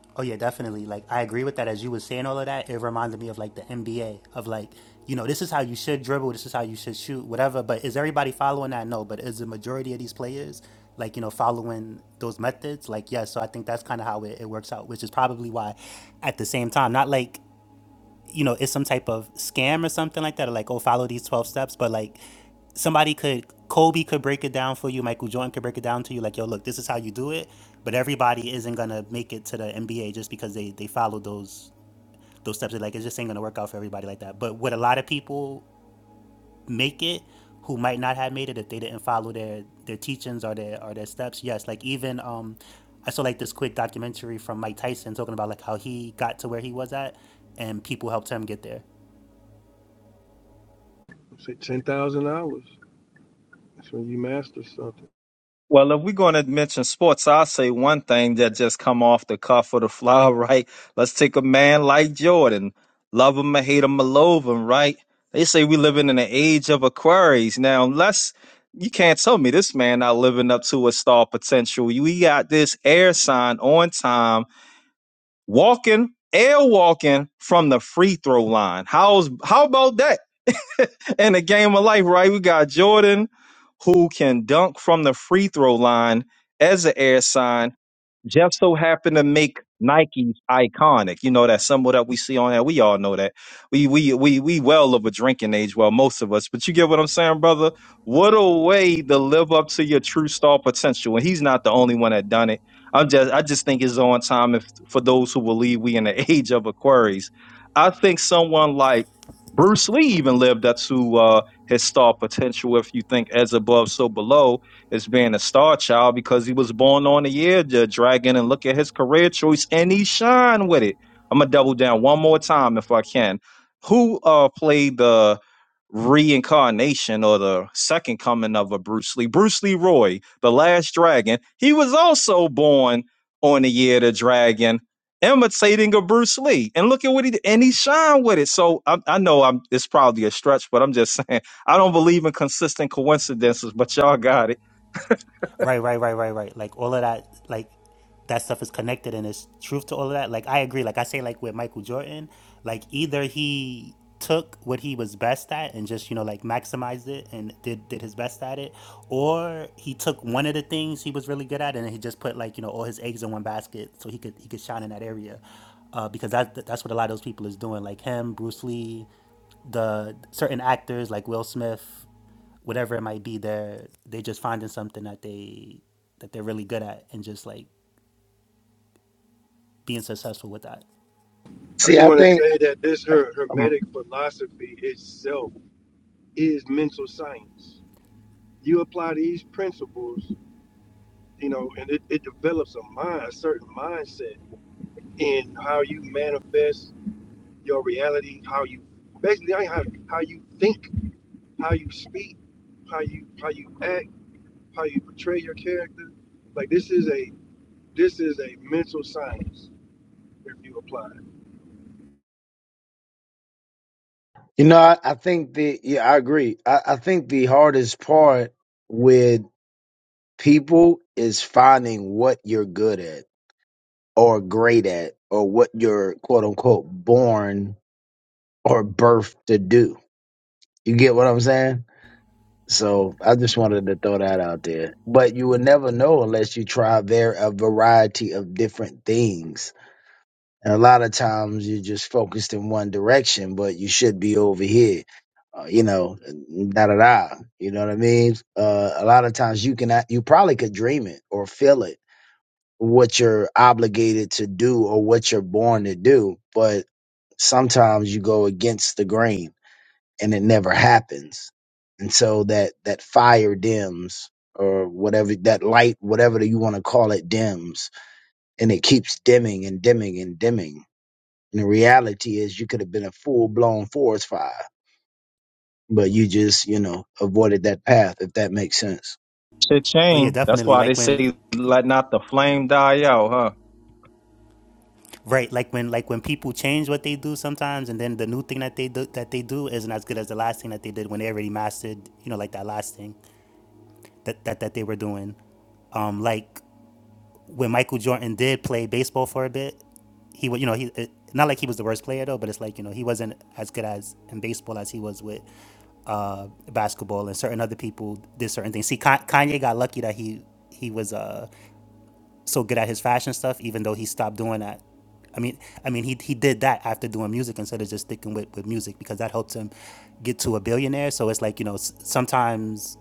[SPEAKER 15] oh yeah, definitely. Like I agree with that as you were saying all of that. It reminded me of like the NBA of like, you know, this is how you should dribble, this is how you should shoot, whatever. But is everybody following that? No. But is the majority of these players like, you know, following those methods? Like, yes. so I think that's kind of how it, it works out, which is probably why at the same time, not like you know, it's some type of scam or something like that, or like, oh, follow these 12 steps. But like, somebody could, Kobe could break it down for you, Michael Jordan could break it down to you, like, yo, look, this is how you do it. But everybody isn't gonna make it to the NBA just because they they follow those those steps. Like, it just ain't gonna work out for everybody like that. But would a lot of people make it who might not have made it if they didn't follow their their teachings or their or their steps? Yes, like even um, I saw like this quick documentary from Mike Tyson talking about like how he got to where he was at, and people helped him get there.
[SPEAKER 4] Say ten thousand hours. That's when you master something.
[SPEAKER 9] Well, if we're going to mention sports, I'll say one thing that just come off the cuff of the fly, right? Let's take a man like Jordan. Love him or hate him or love him, right? They say we living in an age of Aquarius. Now, unless you can't tell me this man not living up to his star potential. We got this air sign on time, walking, air walking from the free throw line. How's how about that? in the game of life, right? We got Jordan who can dunk from the free throw line as an air sign. Jeff so happened to make Nike's iconic. You know that symbol that we see on that. We all know that. We we we we well of a drinking age. Well, most of us. But you get what I'm saying, brother. What a way to live up to your true star potential. And he's not the only one that done it. I'm just I just think it's on time if for those who believe we in the age of Aquarius. I think someone like Bruce Lee even lived up to uh, his star potential. If you think as above, so below as being a star child because he was born on the year the dragon and look at his career choice and he shine with it. I'm gonna double down one more time if I can. Who uh played the reincarnation or the second coming of a Bruce Lee? Bruce Lee Roy, the last dragon. He was also born on the year the dragon imitating a Bruce Lee. And look at what he did. And he shined with it. So I, I know I'm it's probably a stretch, but I'm just saying I don't believe in consistent coincidences, but y'all got it.
[SPEAKER 15] Right, right, right, right, right. Like all of that, like that stuff is connected and it's truth to all of that. Like I agree. Like I say, like with Michael Jordan, like either he took what he was best at and just you know like maximized it and did did his best at it, or he took one of the things he was really good at and he just put like you know all his eggs in one basket so he could he could shine in that area, uh, because that that's what a lot of those people is doing. Like him, Bruce Lee, the certain actors like Will Smith, whatever it might be they're they just finding something that they that they're really good at and just like being successful with that
[SPEAKER 4] I
[SPEAKER 11] See,
[SPEAKER 4] just
[SPEAKER 11] I
[SPEAKER 4] want to
[SPEAKER 11] think
[SPEAKER 4] say that this her hermetic philosophy itself is mental science. You apply these principles, you know, and it, it develops a mind, a certain mindset in how you manifest your reality, how you basically how how you think, how you speak, how you how you act, how you portray your character. Like this is a This is a mental science if you apply it.
[SPEAKER 11] you know, I, I think the yeah, I agree. I, I think the hardest part with people is finding what you're good at or great at or what you're quote unquote born or birthed to do. You get what I'm saying? So I just wanted to throw that out there. But you will never know unless you try there a variety of different things. And a lot of times you're just focused in one direction, but you should be over here. Uh, you know, da da da. You know what I mean? Uh, a lot of times you can, act- you probably could dream it or feel it what you're obligated to do or what you're born to do, but sometimes you go against the grain and it never happens. And so that that fire dims or whatever that light, whatever you want to call it, dims and it keeps dimming and dimming and dimming. And the reality is you could have been a full blown forest fire, but you just, you know, avoided that path if that makes sense.
[SPEAKER 15] oh yeah
[SPEAKER 9] Cha-ching. That's
[SPEAKER 15] definitely
[SPEAKER 9] why they
[SPEAKER 15] like when
[SPEAKER 9] say let not the flame die out, huh?
[SPEAKER 15] right like when like when people change what they do sometimes and then the new thing that they do that they do isn't as good as the last thing that they did when they already mastered you know like that last thing that that, that they were doing um like when michael jordan did play baseball for a bit he would you know he it, not like he was the worst player though but it's like you know he wasn't as good as in baseball as he was with uh, basketball, and certain other people did certain things. See, Kanye got lucky that he he was uh, so good at his fashion stuff, even though he stopped doing that. I mean, I mean, he he did that after doing music instead of just sticking with with music because that helped him get to a billionaire. So it's like you know, s- sometimes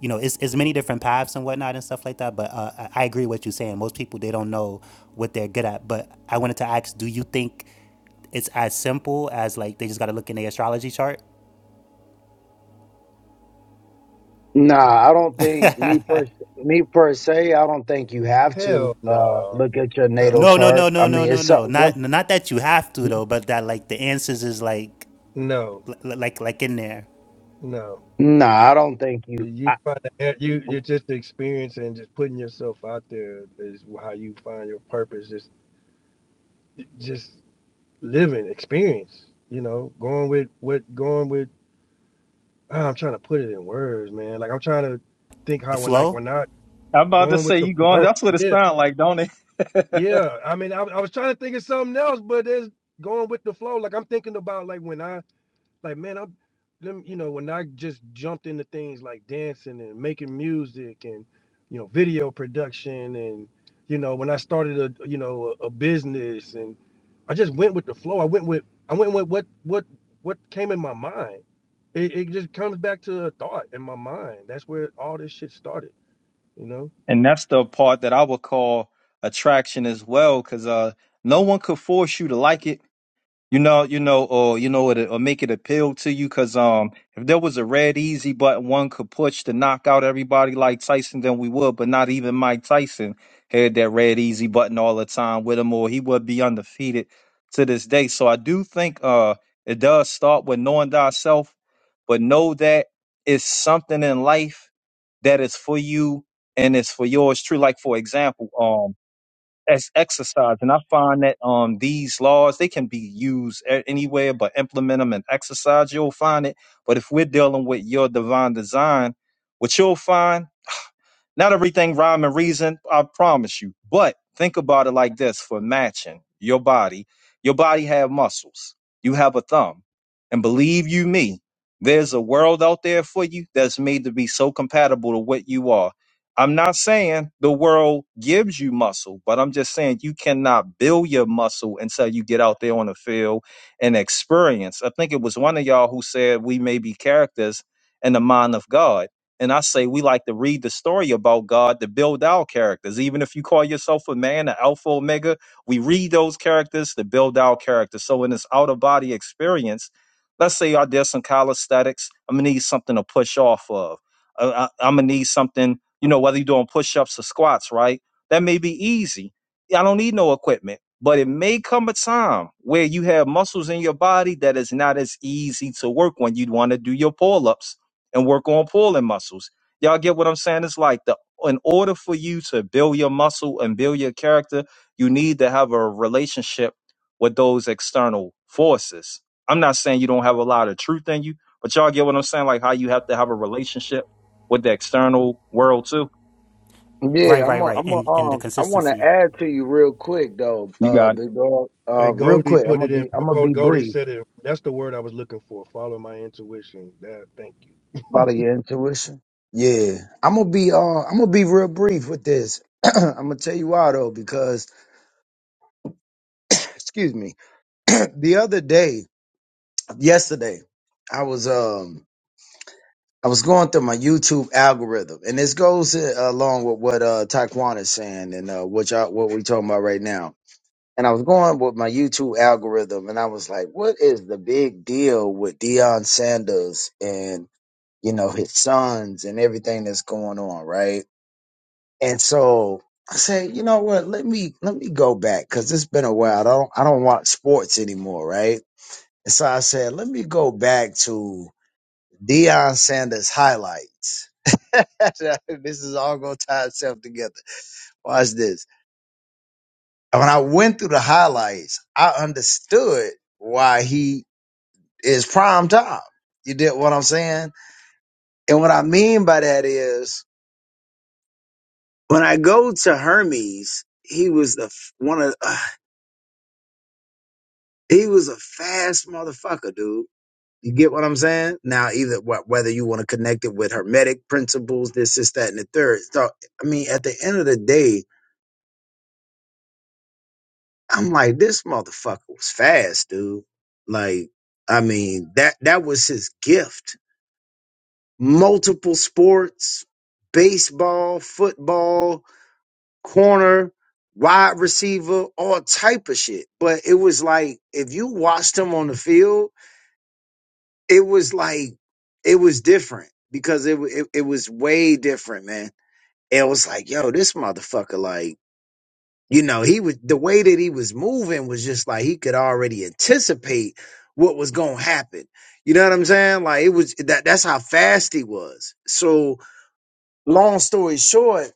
[SPEAKER 15] you know, it's, it's many different paths and whatnot and stuff like that. But uh, I I agree with you saying. Most people they don't know what they're good at. But I wanted to ask, do you think it's as simple as like they just got to look in the astrology chart
[SPEAKER 11] Nah, I don't think me per me per se. I don't think you have to
[SPEAKER 4] Hell
[SPEAKER 11] uh,
[SPEAKER 4] no,
[SPEAKER 11] look at your natal
[SPEAKER 4] no,
[SPEAKER 15] No, no, no,
[SPEAKER 11] chart. I
[SPEAKER 15] no, no,
[SPEAKER 11] mean,
[SPEAKER 15] no,
[SPEAKER 11] it's
[SPEAKER 15] no.
[SPEAKER 11] something. What?
[SPEAKER 15] Not not that you have to though, but that like the answers is like
[SPEAKER 4] no,
[SPEAKER 15] li- like like in there.
[SPEAKER 4] no.
[SPEAKER 11] Nah, I don't think
[SPEAKER 4] Do
[SPEAKER 11] you.
[SPEAKER 4] You
[SPEAKER 11] I,
[SPEAKER 4] find that you you're just experiencing, just putting yourself out there is how you find your purpose. Just just living experience. You know, going with what going with. ah, I'm trying to put it in words, man. Like I'm trying to think
[SPEAKER 15] The
[SPEAKER 4] how when are like we're
[SPEAKER 15] flow?
[SPEAKER 4] not
[SPEAKER 9] I'm about to
[SPEAKER 4] going with
[SPEAKER 9] say
[SPEAKER 4] the
[SPEAKER 9] you going
[SPEAKER 4] flow.
[SPEAKER 9] that's what it
[SPEAKER 4] Yeah,
[SPEAKER 9] sounds like, don't it?
[SPEAKER 4] yeah. I mean, I, I was trying to think of something else, but there's going with the flow. Like I'm thinking about like when I like man, I'm them, you know, when I just jumped into things like dancing and making music and you know, video production and you know, when I started a you know, a, a business and I just went with the flow. I went with I went with what what what came in my mind. It, it just comes back to a thought in my mind. That's where all this shit started, you know.
[SPEAKER 9] and that's the part that I would call attraction as well, because uh no one could force you to like it. You know, you know, or you know, it or make it appeal to you, because um, if there was a red easy button one could push to knock out everybody like Tyson, then we would. But not even Mike Tyson had that red easy button all the time with him, or he would be undefeated to this day. So I do think uh, it does start with knowing thyself, but know that it's something in life that is for you and it's for yours. True, like for example, um, as exercise. And I find that um these laws they can be used a- anywhere, but implement them and exercise. You'll find it. But if we're dealing with your divine design, what you'll find not everything rhyme and reason, I promise you. But think about it like this for matching your body. Your body have muscles. You have a thumb. And believe you me, there's a world out there for you that's made to be so compatible to what you are. I'm not saying the world gives you muscle, but I'm just saying you cannot build your muscle until you get out there on the field and experience. I think it was one of y'all who said we may be characters in the mind of God and I say we like to read the story about God to build our characters. Even if you call yourself a man, an alpha omega, we read those characters to build our characters. So in this outer body experience, let's say I did some calisthenics. I'm gonna need something to push off of. Uh, I, am gonna need something, you know, whether you're doing push ups or squats, right? That may be easy. I don't need no equipment, but it may come a time where you have muscles in your body that is not as easy to work when you want to do your pull ups and work on pulling muscles. Y'all get what I'm saying? It's like the in order for you to build your muscle and build your character, you need to have a relationship with those external forces. I'm not saying you don't have a lot of truth in you, but y'all get what I'm saying? Like how you have to have a relationship with the external world too.
[SPEAKER 15] Right,
[SPEAKER 11] yeah, I'm.
[SPEAKER 15] right,
[SPEAKER 11] A,
[SPEAKER 15] right.
[SPEAKER 11] I'm. A,
[SPEAKER 15] And and the
[SPEAKER 11] um, I want to
[SPEAKER 15] consistency.
[SPEAKER 11] add to you real quick though.
[SPEAKER 9] You
[SPEAKER 11] Uh,
[SPEAKER 9] got it.
[SPEAKER 11] big dog. Uh,
[SPEAKER 4] Hey,
[SPEAKER 11] real
[SPEAKER 4] Goldie
[SPEAKER 11] quick. I'm
[SPEAKER 4] put
[SPEAKER 11] gonna
[SPEAKER 4] it in.
[SPEAKER 11] be. I'm gonna be
[SPEAKER 4] Goldie
[SPEAKER 11] brief.
[SPEAKER 4] said it. That's the word I was looking for. Follow my intuition. That, thank you.
[SPEAKER 11] Follow your intuition. Yeah, I'm gonna be. Uh, I'm gonna be real brief with this. I'm gonna tell you why though, because excuse me. the other day, yesterday, I was. Um. I was going through my YouTube algorithm, and this goes uh, along with what uh Taekwon is saying and uh, what y'all what we talking about right now. And I was going with my YouTube algorithm, and I was like, "What is the big deal with Deion Sanders and you know his sons and everything that's going on, right?" And so I said, "You know what? Let me let me go back because it's been a while. I don't I don't watch sports anymore, right?" And so I said, "Let me go back to." Deion Sanders highlights. this is all gonna tie itself together. Watch this. When I went through the highlights, I understood why he is prime time. You get what I'm saying? And what I mean by that is when I go to Hermes, he was the f- one of uh, he was a fast motherfucker, dude. You get what I'm saying? Now, either what whether you want to connect it with hermetic principles, this, this, that, and the third. So, I mean, at the end of the day, I'm like, this motherfucker was fast, dude. Like, I mean, that that was his gift. Multiple sports, baseball, football, corner, wide receiver, all type of shit. But it was like if you watched him on the field, it was like it was different because it wa- it, it was way different, man. And It was like, yo, this motherfucker, like. you know, he was the way that he was moving was just like he could already anticipate what was going to happen. You know what I'm saying? Like it was that that's how fast he was. So long story short,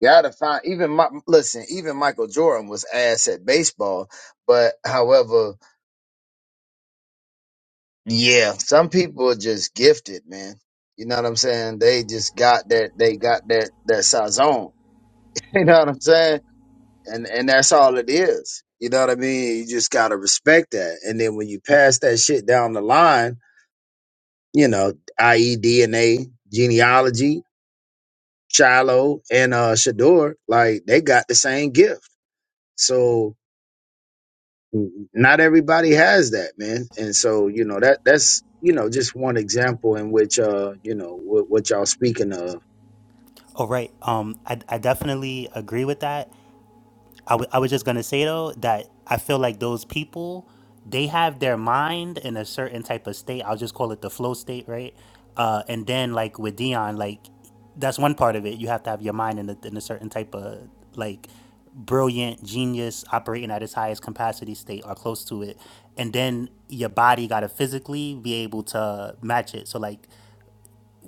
[SPEAKER 11] you gotta find even my listen, even Michael Jordan was ass at baseball, but however, yeah, some people are just gifted, man. You know what I'm saying? They just got that they got that that sazon. You know what I'm saying? and and that's all it is. You know what I mean? You just gotta respect that. And then when you pass that shit down the line, you know, i.e. DNA, genealogy, Shiloh, and uh Shador, like they got the same gift. So n- not everybody has that, man. And so, you know, that that's you know, just one example in which uh, you know, what, what y'all speaking of.
[SPEAKER 15] Oh, right. Um I I definitely agree with that. I w- I was just gonna say though that I feel like those people they have their mind in a certain type of state. I'll just call it the flow state, right? Uh, and then like with Dion, like that's one part of it. You have to have your mind in a, in a certain type of like brilliant genius operating at its highest capacity state or close to it and then your body got to physically be able to match it so like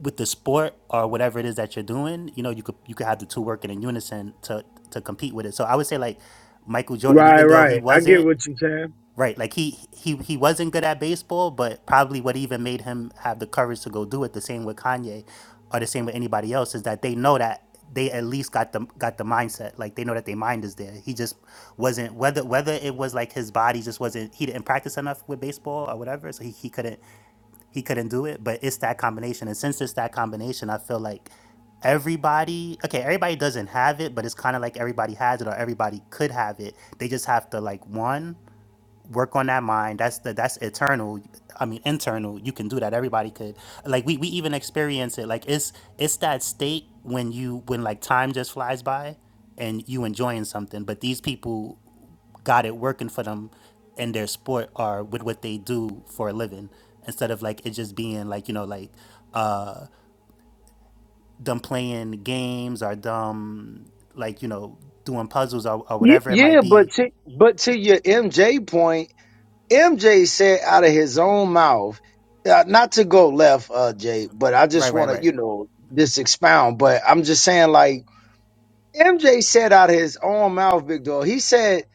[SPEAKER 15] with the sport or whatever it is that you're doing, you know, you could you could have the two working in unison to to compete with it. So I would say like Michael Jordan,
[SPEAKER 11] Right,
[SPEAKER 15] even though he
[SPEAKER 11] right. I get
[SPEAKER 15] wasn't
[SPEAKER 11] what you're saying.
[SPEAKER 15] right, like he he he wasn't good at baseball, but probably what even made him have the courage to go do it, the same with Kanye or the same with anybody else, is that they know that they at least got the got the mindset. Like they know that their mind is there. He just wasn't whether whether it was like his body just wasn't he didn't practice enough with baseball or whatever, so he, he couldn't he couldn't do it, but it's that combination. And since it's that combination, I feel like everybody, okay, everybody doesn't have it, but it's kind of like everybody has it or everybody could have it. They just have to like one work on that mind. That's the that's eternal. I mean internal. You can do that. Everybody could. Like we we even experience it. Like it's it's that state when you when like time just flies by and you enjoying something, but these people got it working for them in their sport or with what they do for a living instead of like it just being like you know like uh them playing games or them like you know doing puzzles or, or
[SPEAKER 11] Yeah,
[SPEAKER 15] whatever it might
[SPEAKER 11] yeah, but
[SPEAKER 15] be
[SPEAKER 11] to but to your MJ point. MJ said out of his own mouth, uh, not to go left, uh, Jay, but I
[SPEAKER 15] right
[SPEAKER 11] just
[SPEAKER 15] right
[SPEAKER 11] want to,
[SPEAKER 15] right
[SPEAKER 11] you know, just expound. But I'm just saying, like MJ said out of his own mouth, Big Dog. He said,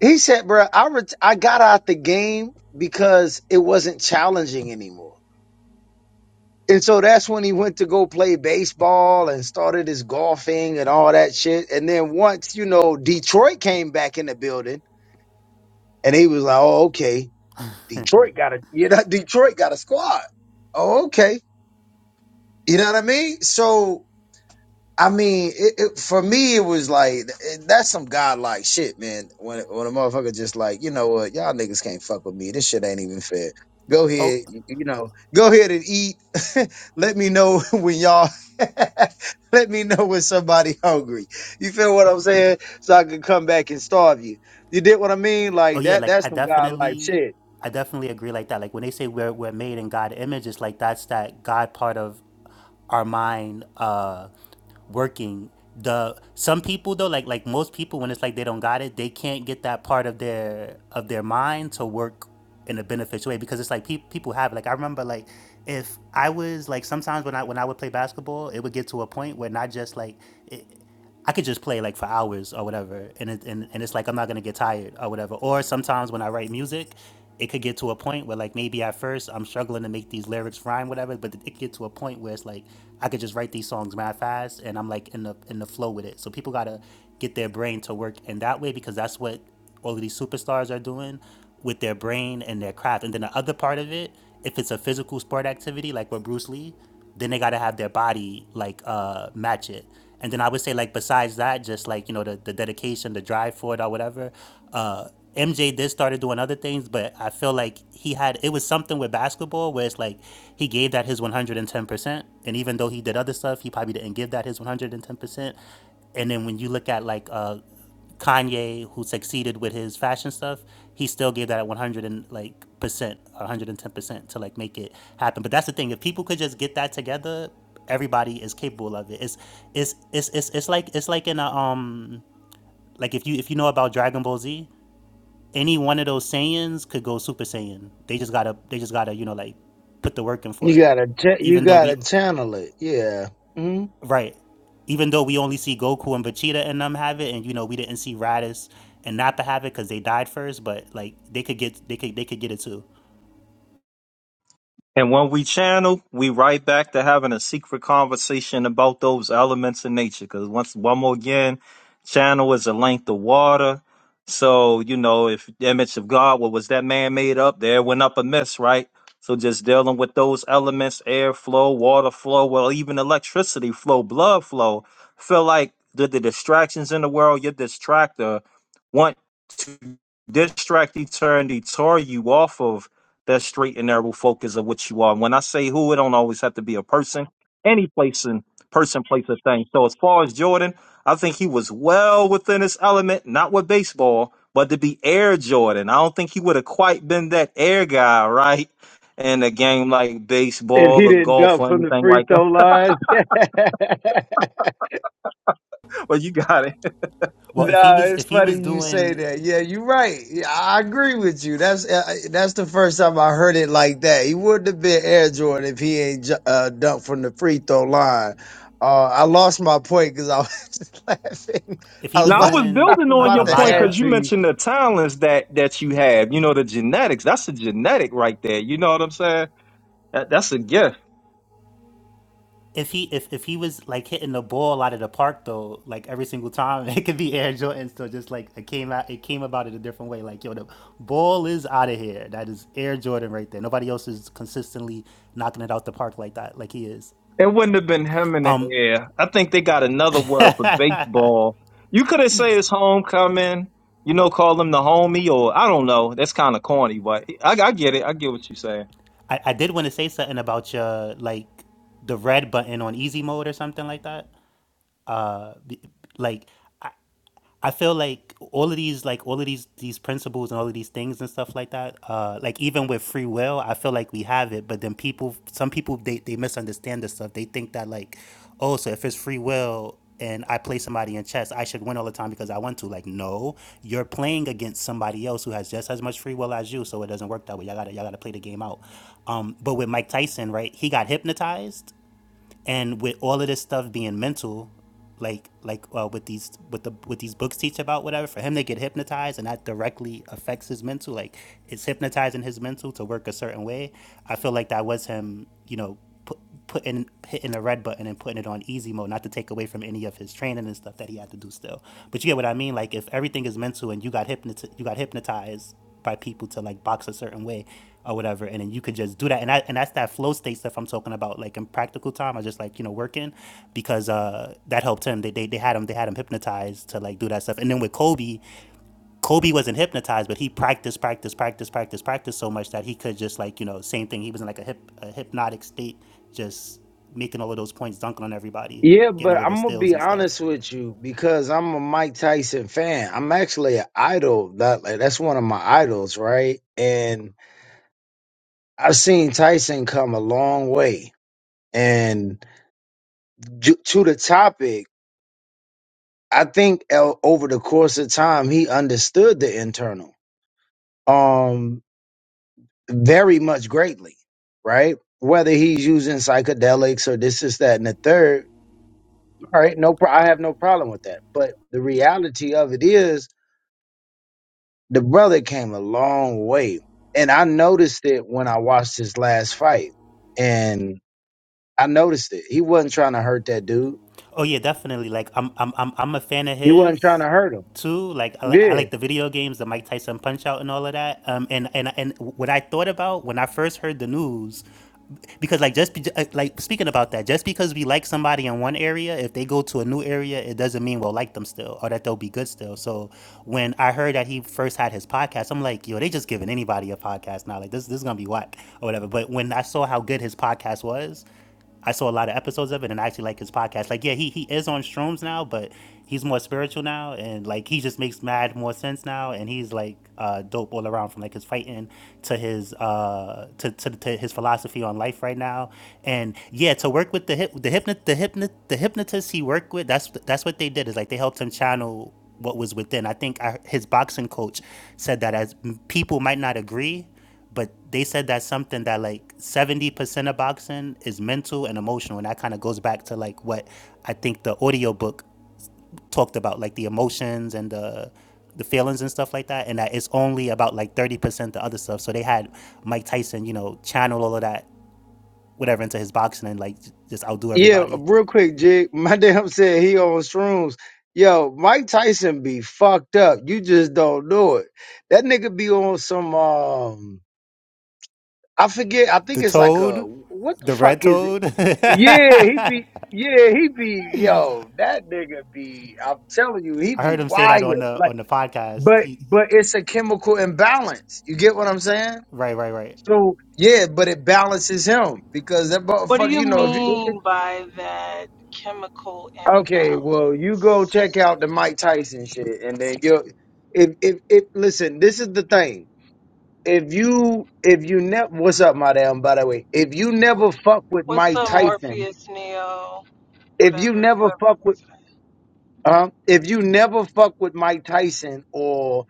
[SPEAKER 11] he said, bro, I ret- I got out the game because it wasn't challenging anymore. And so that's when he went to go play baseball and started his golfing and all that shit. And then once, you know, Detroit came back in the building and he was like, oh, okay. Detroit got a you know Detroit got a squad. Oh, okay. You know what I mean? So I mean, it, it, for me, it was like it- that's some godlike shit, man. When when a motherfucker just like, you know what, y'all niggas can't fuck with me. This shit ain't even fair. Go ahead,
[SPEAKER 15] oh
[SPEAKER 11] you, you know, go ahead and eat. let me know when y'all. let me know when somebody hungry. You feel what I'm saying? So I can come back and starve you. You did what I mean?
[SPEAKER 15] Oh
[SPEAKER 11] Like
[SPEAKER 15] yeah,
[SPEAKER 11] that.
[SPEAKER 15] like
[SPEAKER 11] That's
[SPEAKER 15] I
[SPEAKER 11] some godlike
[SPEAKER 15] definitely,
[SPEAKER 11] shit.
[SPEAKER 15] I definitely agree like that. Like when they say we're we're made in God image, it's like that's that God part of our mind uh working. The some people though, like like most people, when it's like they don't got it, they can't get that part of their of their mind to work in a beneficial way because it's like pe- people have like I remember like if I was like sometimes when I when I would play basketball, it would get to a point where not just like. It, I could just play like for hours or whatever, and it, and and it's like I'm not gonna get tired or whatever. Or sometimes when I write music, it could get to a point where like maybe at first I'm struggling to make these lyrics rhyme, whatever. But it could get to a point where it's like I could just write these songs mad fast, and I'm like in the in the flow with it. So people gotta get their brain to work in that way because that's what all of these superstars are doing with their brain and their craft. And then the other part of it, if it's a physical sport activity like with Bruce Lee, then they gotta have their body like uh match it. And then I would say like besides that, just like, you know, the, the dedication, the drive for it or whatever, uh MJ did started doing other things, but I feel like he had it was something with basketball where it's like he gave that his 110%. And even though he did other stuff, he probably didn't give that his 110%. And then when you look at like uh Kanye, who succeeded with his fashion stuff, he still gave that at 100 and like percent, 110 percent to like make it happen. But that's the thing. If people could just get that together, everybody is capable of it. It's it's it's it's, it's like it's like in a um like if you if you know about Dragon Ball Z, any one of those Saiyans could go Super Saiyan. They just gotta they just gotta you know like put the work in for
[SPEAKER 11] You
[SPEAKER 15] it.
[SPEAKER 11] gotta ch- you
[SPEAKER 15] Even though
[SPEAKER 11] gotta
[SPEAKER 15] we
[SPEAKER 11] channel it. Yeah. hmm
[SPEAKER 15] Right. Even though we only see Goku and Vegeta and them have it, and you know we didn't see Raditz and Nappa have it because they died first, but like they could get they could they could get it too.
[SPEAKER 9] And when we channel, we right back to having a secret conversation about those elements in nature. Because once, one more again, channel is a length of water. So, you know, if the image of God, what was that man made up? There went up a mess, right? So just dealing with those elements, air flow, water flow, well, even electricity flow, blood flow. Feel like the, the distractions in the world, your distractor want to distract eternity, tore you off of that straight and narrow focus of what you are. When I say who, it don't always have to be a person. Any place and person, place, or thing. So as far as Jordan, I think he was well within his element, not with baseball, but to be Air Jordan. I don't think he would have quite been that air guy, right? In a game like
[SPEAKER 11] If
[SPEAKER 9] baseball
[SPEAKER 11] he
[SPEAKER 9] or
[SPEAKER 11] didn't
[SPEAKER 9] golf
[SPEAKER 11] dunk
[SPEAKER 9] or
[SPEAKER 11] from the
[SPEAKER 9] anything
[SPEAKER 11] free
[SPEAKER 9] like that.
[SPEAKER 11] throw line.
[SPEAKER 9] But you got it.
[SPEAKER 15] Well, if he
[SPEAKER 11] No,
[SPEAKER 15] was
[SPEAKER 11] it's
[SPEAKER 15] if he was
[SPEAKER 11] funny you say
[SPEAKER 15] doing
[SPEAKER 11] that. Yeah, you're right. Yeah, I agree with you. That's uh, uh, that's the first time I heard it like that. He wouldn't have been Air Jordan if he ain't ju- uh, dunked from the free throw line. Uh, I lost my point because I was laughing.
[SPEAKER 15] if he
[SPEAKER 11] I was
[SPEAKER 15] was
[SPEAKER 9] Now I
[SPEAKER 11] about,
[SPEAKER 9] was
[SPEAKER 15] doing
[SPEAKER 11] I
[SPEAKER 9] building
[SPEAKER 11] was
[SPEAKER 9] on
[SPEAKER 15] a, a
[SPEAKER 11] about
[SPEAKER 9] your
[SPEAKER 11] to
[SPEAKER 15] lot
[SPEAKER 9] point
[SPEAKER 11] add
[SPEAKER 9] because
[SPEAKER 15] of
[SPEAKER 9] you
[SPEAKER 11] to you.
[SPEAKER 9] mentioned the talents that that you have. You know the genetics. That's a genetic right there. You know what I'm saying? That, that's a gift.
[SPEAKER 15] if he if, if he was like hitting the ball out of the park though, like every single time, it could be Air Jordan still just like it came out it came about it a different way. Like yo, the ball is out of here. That is Air Jordan right there. Nobody else is consistently knocking it out the park like that, like he is.
[SPEAKER 9] It wouldn't have been him in the
[SPEAKER 15] Um,
[SPEAKER 9] air. I think they got another word for baseball. You could have said it's homecoming. You know, call him the homie, or I don't know. That's kind of corny, but I, I get it. I get what you're saying.
[SPEAKER 15] I, I did want to say something about your like the red button on easy mode or something like that. Uh, like I, I feel like all of these like all of these these principles and all of these things and stuff like that uh like even with free will I feel like we have it but then people some people they they misunderstand this stuff they think that like oh so if it's free will and I play somebody in chess I should win all the time because I want to like no you're playing against somebody else who has just as much free will as you so it doesn't work that way y'all got to y'all got to play the game out um but with Mike Tyson right he got hypnotized and with all of this stuff being mental like like uh, with these with the with these books teach about whatever for him to get hypnotized and that directly affects his mental like it's hypnotizing his mental to work a certain way i feel like that was him you know put, putting hitting the red button and putting it on easy mode not to take away from any of his training and stuff that he had to do still but you get what i mean like if everything is mental and you got hypnotized you got hypnotized by people to like box a certain way or whatever and then you could just do that and I, and that's that flow state stuff i'm talking about like in practical time i just like you know working because uh that helped him they, they, they had him they had him hypnotized to like do that stuff and then with kobe kobe wasn't hypnotized but he practiced practiced practiced practiced practiced so much that he could just like you know same thing he was in like a, hip, a hypnotic state just making all of those points dunking on everybody
[SPEAKER 11] Yeah,
[SPEAKER 15] getting
[SPEAKER 11] but
[SPEAKER 15] all of those
[SPEAKER 11] I'm gonna
[SPEAKER 15] steals
[SPEAKER 11] be
[SPEAKER 15] and stuff
[SPEAKER 11] honest with you because I'm a Mike Tyson fan. I'm actually an idol. That like, that's one of my idols, right? And I've seen Tyson come a long way. And ju- to the topic, I think el- over the course of time, he understood the internal um very much greatly, right? Whether he's using psychedelics or this, is that, and the third, all right, no, pro- I have no problem with that. But the reality of it is The brother came a long way. And I noticed it when I watched his last fight. And I noticed it. He wasn't trying to hurt that dude.
[SPEAKER 15] Oh yeah, definitely. Like I'm I'm I'm I'm a fan of
[SPEAKER 11] He wasn't trying to
[SPEAKER 15] his
[SPEAKER 11] hurt him.
[SPEAKER 15] too. Like I, li- I
[SPEAKER 11] Yeah.
[SPEAKER 15] like the video games, the Mike Tyson Punch Out, and all of that. Um, and and and what I thought about when I first heard the news, because like just be, uh, like speaking about that, just because we like somebody in one area, if they go to a new area, it doesn't mean we'll like them still or that they'll be good still. So when I heard that he first had his podcast, I'm like, yo, they just giving anybody a podcast now. Like this this is gonna be whack or whatever. But when I saw how good his podcast was. I saw a lot of episodes of it, and I actually like his podcast. Like, yeah, he he is on shrooms now, but he's more spiritual now, and like he just makes mad more sense now, and he's like uh, dope all around from like his fighting to his uh to, to, to his philosophy on life right now, and yeah, to work with the hip the hypnot the hypnot the hypnotist he worked with. That's that's what they did is like they helped him channel what was within. I think I, his boxing coach said that as people might not agree but they said that's something that like 70% of boxing is mental and emotional and that kind of goes back to like what i think the audiobook talked about like the emotions and the the feelings and stuff like that and that it's only about like 30% the other stuff so they had mike tyson you know channel all of that whatever into his boxing and like just outdo
[SPEAKER 11] Yeah,
[SPEAKER 15] everybody
[SPEAKER 11] real quick, Jig. My damn said he on shrooms. Yo, Mike Tyson be fucked up. You just don't know it. That nigga be on some um I forget, I think
[SPEAKER 15] the
[SPEAKER 11] it's like a
[SPEAKER 15] toad
[SPEAKER 11] what the
[SPEAKER 15] the
[SPEAKER 11] fuck
[SPEAKER 15] red
[SPEAKER 11] is it?
[SPEAKER 15] toad
[SPEAKER 11] Yeah,
[SPEAKER 15] i
[SPEAKER 11] he be. Yeah, he be. Yo, that nigga be. I'm telling you, he be
[SPEAKER 15] heard him say that
[SPEAKER 11] wired.
[SPEAKER 15] on the
[SPEAKER 11] Like,
[SPEAKER 15] on the podcast
[SPEAKER 11] but
[SPEAKER 15] he,
[SPEAKER 11] but it's a chemical imbalance. You get what I'm saying?
[SPEAKER 15] right right right
[SPEAKER 11] So yeah, but it balances him because that
[SPEAKER 16] What do
[SPEAKER 11] motherfucker.
[SPEAKER 16] you
[SPEAKER 11] You know, if you,
[SPEAKER 16] mean by that chemical
[SPEAKER 11] okay, well, you go check
[SPEAKER 16] imbalance?
[SPEAKER 11] out the Mike Tyson shit, and then you. If if if listen, this is the thing. If you if you never what's up, my damn. By the way, if you never fuck with
[SPEAKER 16] What's
[SPEAKER 11] Mike
[SPEAKER 16] up,
[SPEAKER 11] Tyson,
[SPEAKER 16] Morpheus, Neo,
[SPEAKER 11] if you
[SPEAKER 16] whatever,
[SPEAKER 11] never
[SPEAKER 16] whoever
[SPEAKER 11] fuck
[SPEAKER 16] the
[SPEAKER 11] with
[SPEAKER 16] president? is?
[SPEAKER 11] Um, if you never fuck with Mike Tyson or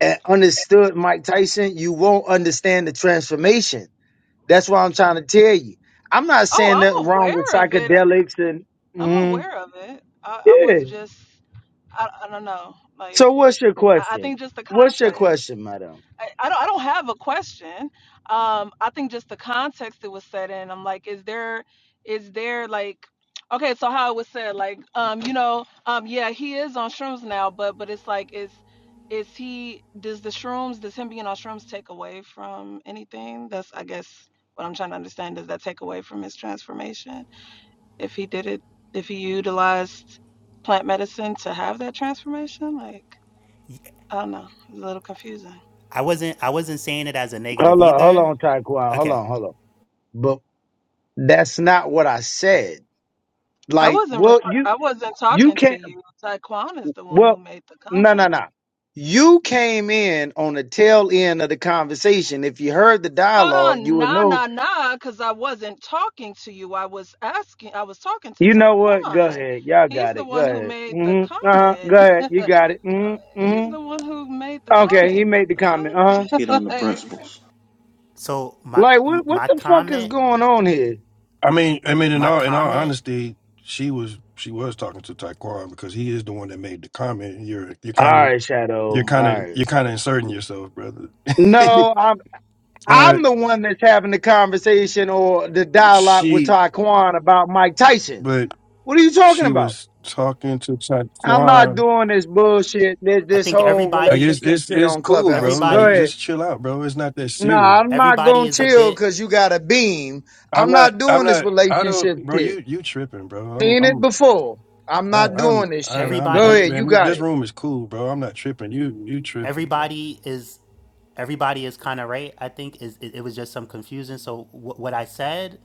[SPEAKER 11] uh, understood Mike Tyson, you won't understand the transformation. That's what I'm trying to tell you. I'm not
[SPEAKER 16] Oh,
[SPEAKER 11] saying nothing
[SPEAKER 16] I'm
[SPEAKER 11] wrong with
[SPEAKER 16] aware of it.
[SPEAKER 11] psychedelics and
[SPEAKER 16] I'm
[SPEAKER 11] mm,
[SPEAKER 16] aware of it. I, I
[SPEAKER 11] yeah.
[SPEAKER 16] was just, I, I don't know. Like,
[SPEAKER 11] So what's your
[SPEAKER 16] I, I
[SPEAKER 11] question?
[SPEAKER 16] think just the
[SPEAKER 11] What's your
[SPEAKER 16] context.
[SPEAKER 11] question, madam?
[SPEAKER 16] I, I don't I don't have a question. Um, I think just the context it was said in. I'm like, is there is there like okay, so how it was said, like, um, you know, um yeah, he is on shrooms now, but but it's like is is he does the shrooms does him being on shrooms take away from anything? That's I guess what I'm trying to understand. Does that take away from his transformation? If he did it if he utilized plant medicine to have that transformation? Like, I don't know. It's a little confusing.
[SPEAKER 15] I wasn't I wasn't saying it as a negative
[SPEAKER 11] Hold on, hold
[SPEAKER 15] either.
[SPEAKER 11] on, Taekwondo. Hold
[SPEAKER 15] Okay.
[SPEAKER 11] on, hold on. But that's not what I said.
[SPEAKER 16] I
[SPEAKER 11] Like,
[SPEAKER 16] wasn't
[SPEAKER 11] well,
[SPEAKER 16] refer-
[SPEAKER 11] you
[SPEAKER 16] I wasn't
[SPEAKER 11] you
[SPEAKER 16] talking
[SPEAKER 11] can't.
[SPEAKER 16] to you. Taekwon is the one who
[SPEAKER 11] Well,
[SPEAKER 16] made the
[SPEAKER 11] no, no,
[SPEAKER 16] comment.
[SPEAKER 11] no. You came in on the tail end of the conversation. If you heard the
[SPEAKER 16] Hold
[SPEAKER 11] dialogue, you
[SPEAKER 16] on,
[SPEAKER 11] would
[SPEAKER 16] nah,
[SPEAKER 11] know.
[SPEAKER 16] nah, nah, because I wasn't talking to you. I was asking. I was talking to
[SPEAKER 11] You know what? Go
[SPEAKER 16] Taekwon.
[SPEAKER 11] ahead. Y'all
[SPEAKER 16] He's
[SPEAKER 11] got
[SPEAKER 16] the
[SPEAKER 11] it. Go
[SPEAKER 16] one who
[SPEAKER 11] ahead.
[SPEAKER 16] made the
[SPEAKER 11] Mm-hmm. Uh-huh.
[SPEAKER 16] comment.
[SPEAKER 11] Go ahead. You got it. Mm-hmm.
[SPEAKER 16] He's
[SPEAKER 11] Mm-hmm.
[SPEAKER 16] the one who made the
[SPEAKER 11] Okay. He
[SPEAKER 16] comment. What
[SPEAKER 11] made the
[SPEAKER 16] the
[SPEAKER 11] comment.
[SPEAKER 16] fuck?
[SPEAKER 11] Uh-huh.
[SPEAKER 13] Let's get on the
[SPEAKER 16] like,
[SPEAKER 13] principles.
[SPEAKER 15] So my
[SPEAKER 11] Like, what, what
[SPEAKER 15] my
[SPEAKER 11] the fuck is
[SPEAKER 15] comment,
[SPEAKER 11] going on here?
[SPEAKER 4] I mean, I mean, in
[SPEAKER 15] my
[SPEAKER 4] all in all
[SPEAKER 15] comment,
[SPEAKER 4] honesty, she was she was talking to Taquan because he is the one that made the comment. You're you're
[SPEAKER 11] All
[SPEAKER 4] kind of
[SPEAKER 11] right, Shadow.
[SPEAKER 4] you're
[SPEAKER 11] All
[SPEAKER 4] kind of
[SPEAKER 11] right.
[SPEAKER 4] you're kind of inserting yourself, brother.
[SPEAKER 11] No, I'm,
[SPEAKER 4] uh,
[SPEAKER 11] I'm the one that's having the conversation or the dialogue with
[SPEAKER 4] she,
[SPEAKER 11] Taquan about Mike Tyson.
[SPEAKER 4] but
[SPEAKER 11] What are you talking
[SPEAKER 4] she
[SPEAKER 11] about?
[SPEAKER 4] was talking to
[SPEAKER 11] I'm not
[SPEAKER 4] Taquan.
[SPEAKER 11] doing this bullshit. This,
[SPEAKER 15] I
[SPEAKER 11] this
[SPEAKER 15] think
[SPEAKER 11] whole
[SPEAKER 4] Like it's
[SPEAKER 15] everybody
[SPEAKER 11] relationship
[SPEAKER 4] it's
[SPEAKER 11] shit
[SPEAKER 4] it's
[SPEAKER 11] on
[SPEAKER 4] cool,
[SPEAKER 11] Clubhouse.
[SPEAKER 4] bro.
[SPEAKER 11] Go
[SPEAKER 4] Like
[SPEAKER 15] everybody
[SPEAKER 11] ahead.
[SPEAKER 4] just chill out, bro. It's not that
[SPEAKER 11] No,
[SPEAKER 4] serious.
[SPEAKER 11] I'm not
[SPEAKER 15] everybody
[SPEAKER 11] gonna
[SPEAKER 15] is a
[SPEAKER 11] chill
[SPEAKER 15] bit
[SPEAKER 11] because you got a beam.
[SPEAKER 4] I'm
[SPEAKER 11] I'm
[SPEAKER 4] not.
[SPEAKER 11] not
[SPEAKER 4] I'm
[SPEAKER 11] doing this
[SPEAKER 4] not. I don't,
[SPEAKER 11] relationship
[SPEAKER 4] bro.
[SPEAKER 11] shit.
[SPEAKER 4] You you tripping, bro. I'm.
[SPEAKER 11] Seen it
[SPEAKER 4] I'm.
[SPEAKER 11] before. I'm
[SPEAKER 4] I,
[SPEAKER 11] not
[SPEAKER 4] I'm,
[SPEAKER 11] doing this
[SPEAKER 4] I,
[SPEAKER 11] shit.
[SPEAKER 4] I'm,
[SPEAKER 11] Go
[SPEAKER 4] I'm,
[SPEAKER 11] ahead.
[SPEAKER 15] everybody
[SPEAKER 11] You
[SPEAKER 4] man,
[SPEAKER 11] got
[SPEAKER 4] this
[SPEAKER 11] it.
[SPEAKER 4] room is cool, bro. I'm not tripping. You, you tripping, bro.
[SPEAKER 15] everybody is everybody is kind of right. I think is it, it was just some confusion. So wh- what I said,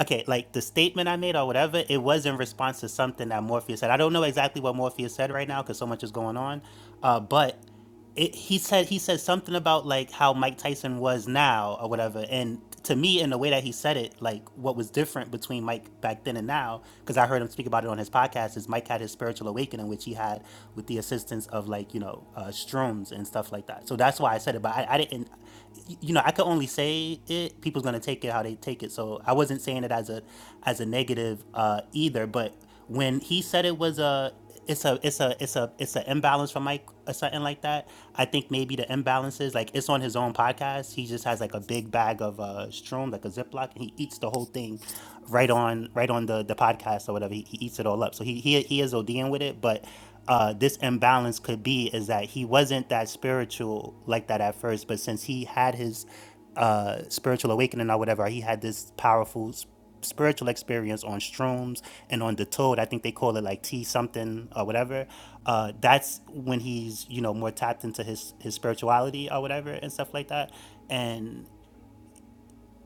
[SPEAKER 15] okay, like the statement I made or whatever, it was in response to something that Morpheus said. I don't know exactly what Morpheus said right now because so much is going on, uh, but it, he said he said something about like how Mike Tyson was now or whatever. And to me, in the way that he said it, like what was different between Mike back then and now, because I heard him speak about it on his podcast, is Mike had his spiritual awakening, which he had with the assistance of like you know uh, shrooms and stuff like that. So that's why I said it. But I, I didn't, you know, I could only say it. People's gonna take it how they take it. So I wasn't saying it as a as a negative uh, either. But when he said it was a it's a it's a it's a it's an imbalance from Mike or something like that. I think maybe the imbalance is like it's on his own podcast. He just has like a big bag of uh Stroom, like a Ziploc, and he eats the whole thing right on right on the the podcast or whatever. He, he eats it all up. So he he he is ODing with it, but uh this imbalance could be is that he wasn't that spiritual like that at first, but since he had his uh spiritual awakening or whatever, he had this powerful spiritual experience on shrooms and on the toad i think they call it like tea something or whatever uh, that's when he's you know more tapped into his his spirituality or whatever and stuff like that and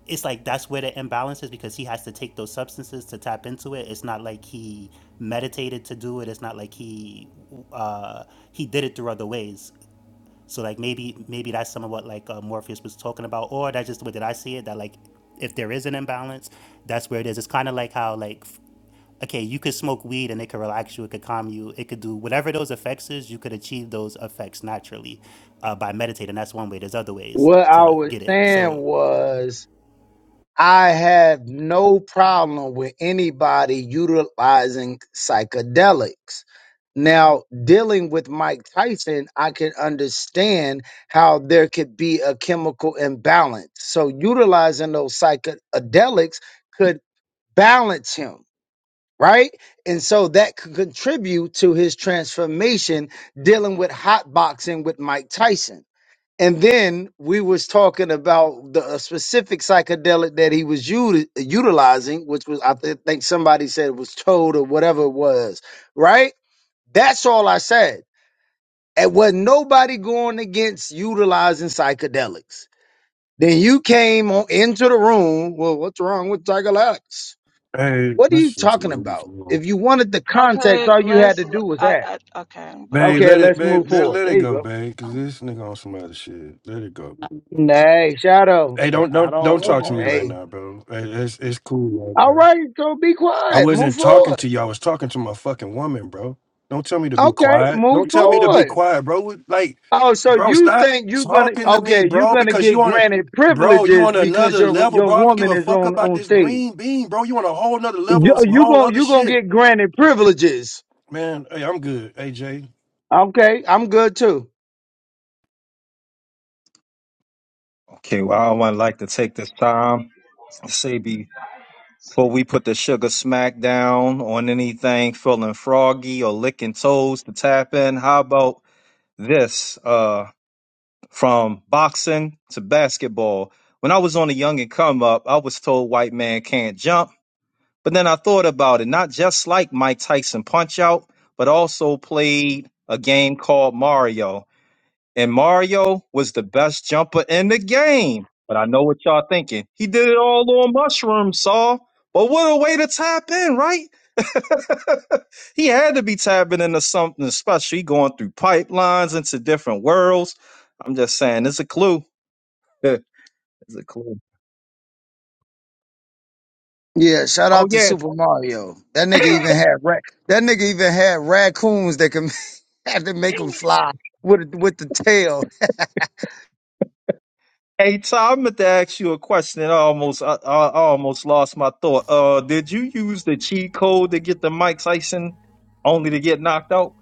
[SPEAKER 15] it's like that's where the imbalance is because he has to take those substances to tap into it it's not like he meditated to do it it's not like he uh, he did it through other ways so like maybe maybe that's some of what like uh, Morpheus was talking about, or that's just the way that I see it. That like if there is an imbalance, that's where it is. It's kind of like how like okay, you could smoke weed and it could relax you, it could calm you, it could do whatever those effects is. You could achieve those effects naturally uh, by meditating. That's one way. There's other ways
[SPEAKER 11] What I
[SPEAKER 15] to
[SPEAKER 11] was
[SPEAKER 15] get it.
[SPEAKER 11] saying
[SPEAKER 15] So
[SPEAKER 11] was I have no problem with anybody utilizing psychedelics. Now, dealing with Mike Tyson, I can understand how there could be a chemical imbalance. So, utilizing those psychedelics could balance him, right? And so that could contribute to his transformation dealing with hot boxing with Mike Tyson and then we was talking about the a specific psychedelic that he was u- utilizing which was i th- think somebody said it was toad or whatever it was right that's all i said and was not nobody going against utilizing psychedelics then you came on into the room well what's wrong with psychedelics
[SPEAKER 4] Hey,
[SPEAKER 11] what are you
[SPEAKER 4] let's just
[SPEAKER 11] talking
[SPEAKER 4] move
[SPEAKER 11] about
[SPEAKER 4] on.
[SPEAKER 11] if you wanted the context
[SPEAKER 16] okay,
[SPEAKER 11] all you had
[SPEAKER 16] let's.
[SPEAKER 11] to do was
[SPEAKER 16] I,
[SPEAKER 11] ask
[SPEAKER 16] I okay, but I
[SPEAKER 4] Babe,
[SPEAKER 11] okay
[SPEAKER 16] wasn't
[SPEAKER 4] let it,
[SPEAKER 11] let's
[SPEAKER 16] talking to
[SPEAKER 4] babe,
[SPEAKER 11] move
[SPEAKER 16] you,
[SPEAKER 4] let,
[SPEAKER 16] so.
[SPEAKER 11] forward
[SPEAKER 4] let
[SPEAKER 11] there
[SPEAKER 4] it
[SPEAKER 11] you
[SPEAKER 4] go,
[SPEAKER 11] go
[SPEAKER 4] babe, cause this nigga on some other shit. Let it go.
[SPEAKER 11] Nah, Hey, Shadow.
[SPEAKER 4] Hey, don't,
[SPEAKER 11] I
[SPEAKER 4] don't, don't
[SPEAKER 11] don't.
[SPEAKER 4] talk to me right
[SPEAKER 11] Hey,
[SPEAKER 4] now, bro. Hey, it's, it's cool right
[SPEAKER 11] All
[SPEAKER 4] now.
[SPEAKER 11] right, so be
[SPEAKER 4] I
[SPEAKER 11] quiet. Move
[SPEAKER 4] wasn't talking
[SPEAKER 11] forward.
[SPEAKER 4] to you. I was talking to my fucking woman, bro. Don't tell me to be
[SPEAKER 11] Okay,
[SPEAKER 4] quiet.
[SPEAKER 11] move
[SPEAKER 4] Don't tell me to be
[SPEAKER 11] forward.
[SPEAKER 4] quiet, bro. What- Like,
[SPEAKER 11] Oh, so
[SPEAKER 4] bro,
[SPEAKER 11] you
[SPEAKER 4] stop
[SPEAKER 11] think you're gonna
[SPEAKER 4] talking to me,
[SPEAKER 11] okay, you're
[SPEAKER 4] bro,
[SPEAKER 11] gonna
[SPEAKER 4] because
[SPEAKER 11] get
[SPEAKER 4] you on a
[SPEAKER 11] granted
[SPEAKER 4] bro, you
[SPEAKER 11] privileges
[SPEAKER 4] on
[SPEAKER 11] because
[SPEAKER 4] another
[SPEAKER 11] your
[SPEAKER 4] level,
[SPEAKER 11] your
[SPEAKER 4] bro. I don't give
[SPEAKER 11] woman
[SPEAKER 4] a
[SPEAKER 11] is
[SPEAKER 4] fuck
[SPEAKER 11] on
[SPEAKER 4] about
[SPEAKER 11] on
[SPEAKER 4] this
[SPEAKER 11] stage.
[SPEAKER 4] green bean, bro. You on a whole nother level
[SPEAKER 11] You
[SPEAKER 4] on some
[SPEAKER 11] you
[SPEAKER 4] whole
[SPEAKER 11] gonna
[SPEAKER 4] other
[SPEAKER 11] you gonna
[SPEAKER 4] shit.
[SPEAKER 11] get granted privileges.
[SPEAKER 4] Man, hey, I'm good, AJ.
[SPEAKER 11] Okay, I'm good too.
[SPEAKER 9] Okay, well, I would like to take this time to say before we put the sugar smack down on anything feeling froggy or licking toes to tap in. How about this? Uh, from boxing to basketball. When I was on the young and come up, I was told white man can't jump. But then I thought about it, not just like Mike Tyson Punch Out, but also played a game called Mario. And Mario was the best jumper in the game. But I know what y'all thinking. He did it all on mushrooms, saw. But what a way to tap in, right? he had to be tapping into something special. He going through pipelines into different worlds. I'm just saying, it's a clue. it's a clue.
[SPEAKER 11] Yeah, shout
[SPEAKER 9] Oh
[SPEAKER 11] out to Super
[SPEAKER 9] yeah,
[SPEAKER 11] Mario. That nigga even had ra- that nigga even had raccoons that can had to make them fly with with the tail.
[SPEAKER 9] Hey, Tom, I meant to ask you a question and I almost I, I I almost lost my thought. Uh, did you use the cheat code to get the Mike Tyson only to get knocked out?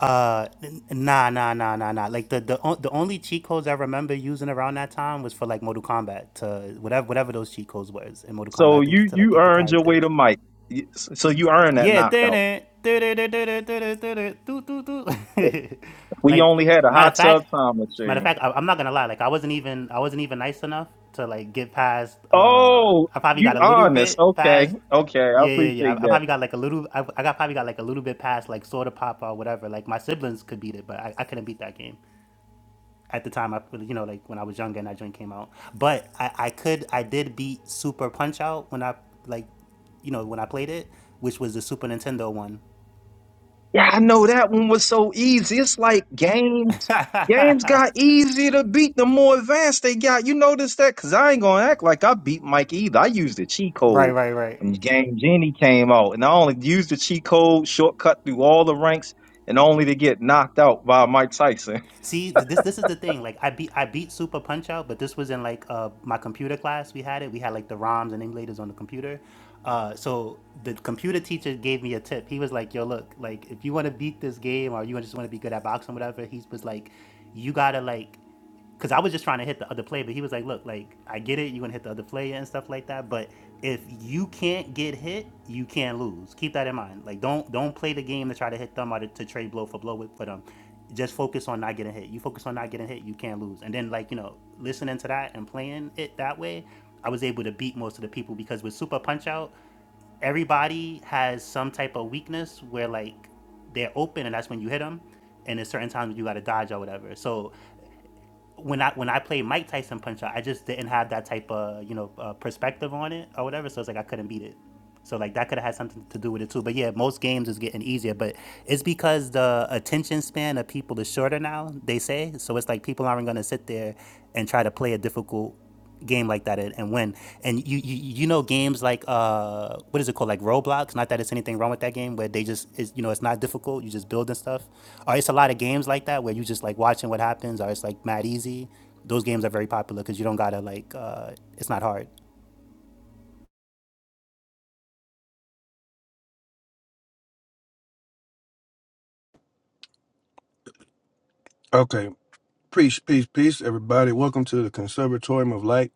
[SPEAKER 15] uh n- nah nah nah nah nah like the the, on- the only cheat codes i remember using around that time was for like Mortal Kombat to whatever whatever those cheat codes was in Mortal Kombat i
[SPEAKER 9] So
[SPEAKER 15] think
[SPEAKER 9] you
[SPEAKER 15] to like
[SPEAKER 9] you
[SPEAKER 15] get the
[SPEAKER 9] earned your way to
[SPEAKER 15] characters
[SPEAKER 9] Mike. You- So you earned that
[SPEAKER 15] Yeah,
[SPEAKER 9] knocked
[SPEAKER 15] did
[SPEAKER 9] out.
[SPEAKER 15] it, did it, did it, did it, did it, do do do.
[SPEAKER 9] We
[SPEAKER 15] Like
[SPEAKER 9] only had a
[SPEAKER 15] matter of
[SPEAKER 9] hot
[SPEAKER 15] fact,
[SPEAKER 9] tub time
[SPEAKER 15] matter of
[SPEAKER 9] machine.
[SPEAKER 15] fact, I, I'm not gonna lie. Like I wasn't even I wasn't even nice enough to like get past. Uh,
[SPEAKER 9] Oh,
[SPEAKER 15] I probably got
[SPEAKER 9] you
[SPEAKER 15] a little
[SPEAKER 9] honest.
[SPEAKER 15] bit
[SPEAKER 9] Okay.
[SPEAKER 15] past.
[SPEAKER 9] Okay. I
[SPEAKER 15] Yeah, yeah, yeah.
[SPEAKER 9] appreciate
[SPEAKER 15] I, I
[SPEAKER 9] that.
[SPEAKER 15] probably got like a little. I, I got probably got like a little bit past like soda pop or whatever. Like my siblings could beat it, but I, I couldn't beat that game at the time I you know like when I was younger and that joint came out. But I, I could I did beat Super Punch Out when I like you know when I played it, which was the Super Nintendo one.
[SPEAKER 9] Yeah, I know that one was so easy. It's like games. Games got easier to beat the more advanced they got. You notice that? Cause I ain't gonna act like I beat Mike either. I used the cheat
[SPEAKER 15] Right,
[SPEAKER 9] code
[SPEAKER 15] right, right.
[SPEAKER 9] when the game Genie came out, and I only used the cheat code shortcut through all the ranks, and only to get knocked out by Mike Tyson.
[SPEAKER 15] See th- this this is the thing like I beat I beat Super Punch Out, but this was in like uh, my computer class. We had it. We had like the ROMs and emulators on the computer. Uh, so the computer teacher gave me a tip. He was like, "Yo, look, like if you want to beat this game or you just want to be good at boxing, whatever." He was like, "You gotta like." because I was just trying to hit the other play, but he was like, "Look, like I get it, you're gonna hit the other play and stuff like that, but if you can't get hit, you can't lose. Keep that in mind. Like don't don't play the game to try to hit them or to, to trade blow for blow with for them. Just focus on not getting hit. You focus on not getting hit, you can't lose. And then like you know, listening to that and playing it that way, I was able to beat most of the people because with Super Punch Out, everybody has some type of weakness where like they're open and that's when you hit them and there's certain times you got to dodge or whatever. So when I when I played Mike Tyson Punch Out, I just didn't have that type of you know uh, perspective on it or whatever. So it's like I couldn't beat it. So like that could have had something to do with it too. But yeah, most games is getting easier, but it's because the attention span of people is shorter now. They say so. It's like people aren't gonna sit there and try to play a difficult game like that and, and win. And you, you you know games like uh what is it called like Roblox? Not that it's anything wrong with that game, where they just is you know it's not difficult. You just build and stuff. Or it's a lot of games like that where you just like watching what happens. Or it's like mad easy. Those games are very popular because you don't gotta like uh it's not hard.
[SPEAKER 4] Okay. Peace, peace, peace, everybody. Welcome to the Conservatorium of Light.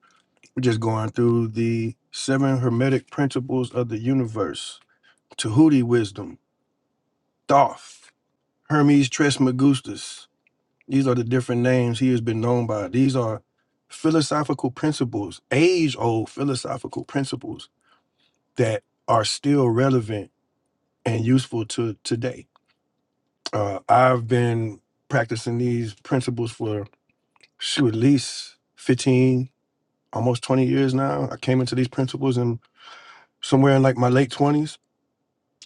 [SPEAKER 4] We're just going through the seven hermetic principles of the universe. Tahuti wisdom. Thoth. Hermes Trismegistus. These are the different names he has been known by. These are philosophical principles, age old philosophical principles that are still relevant and useful to today. Uh, I've been practicing these principles for shoot, at least 15, almost 20 years now. I came into these principles in somewhere in like my late 20s,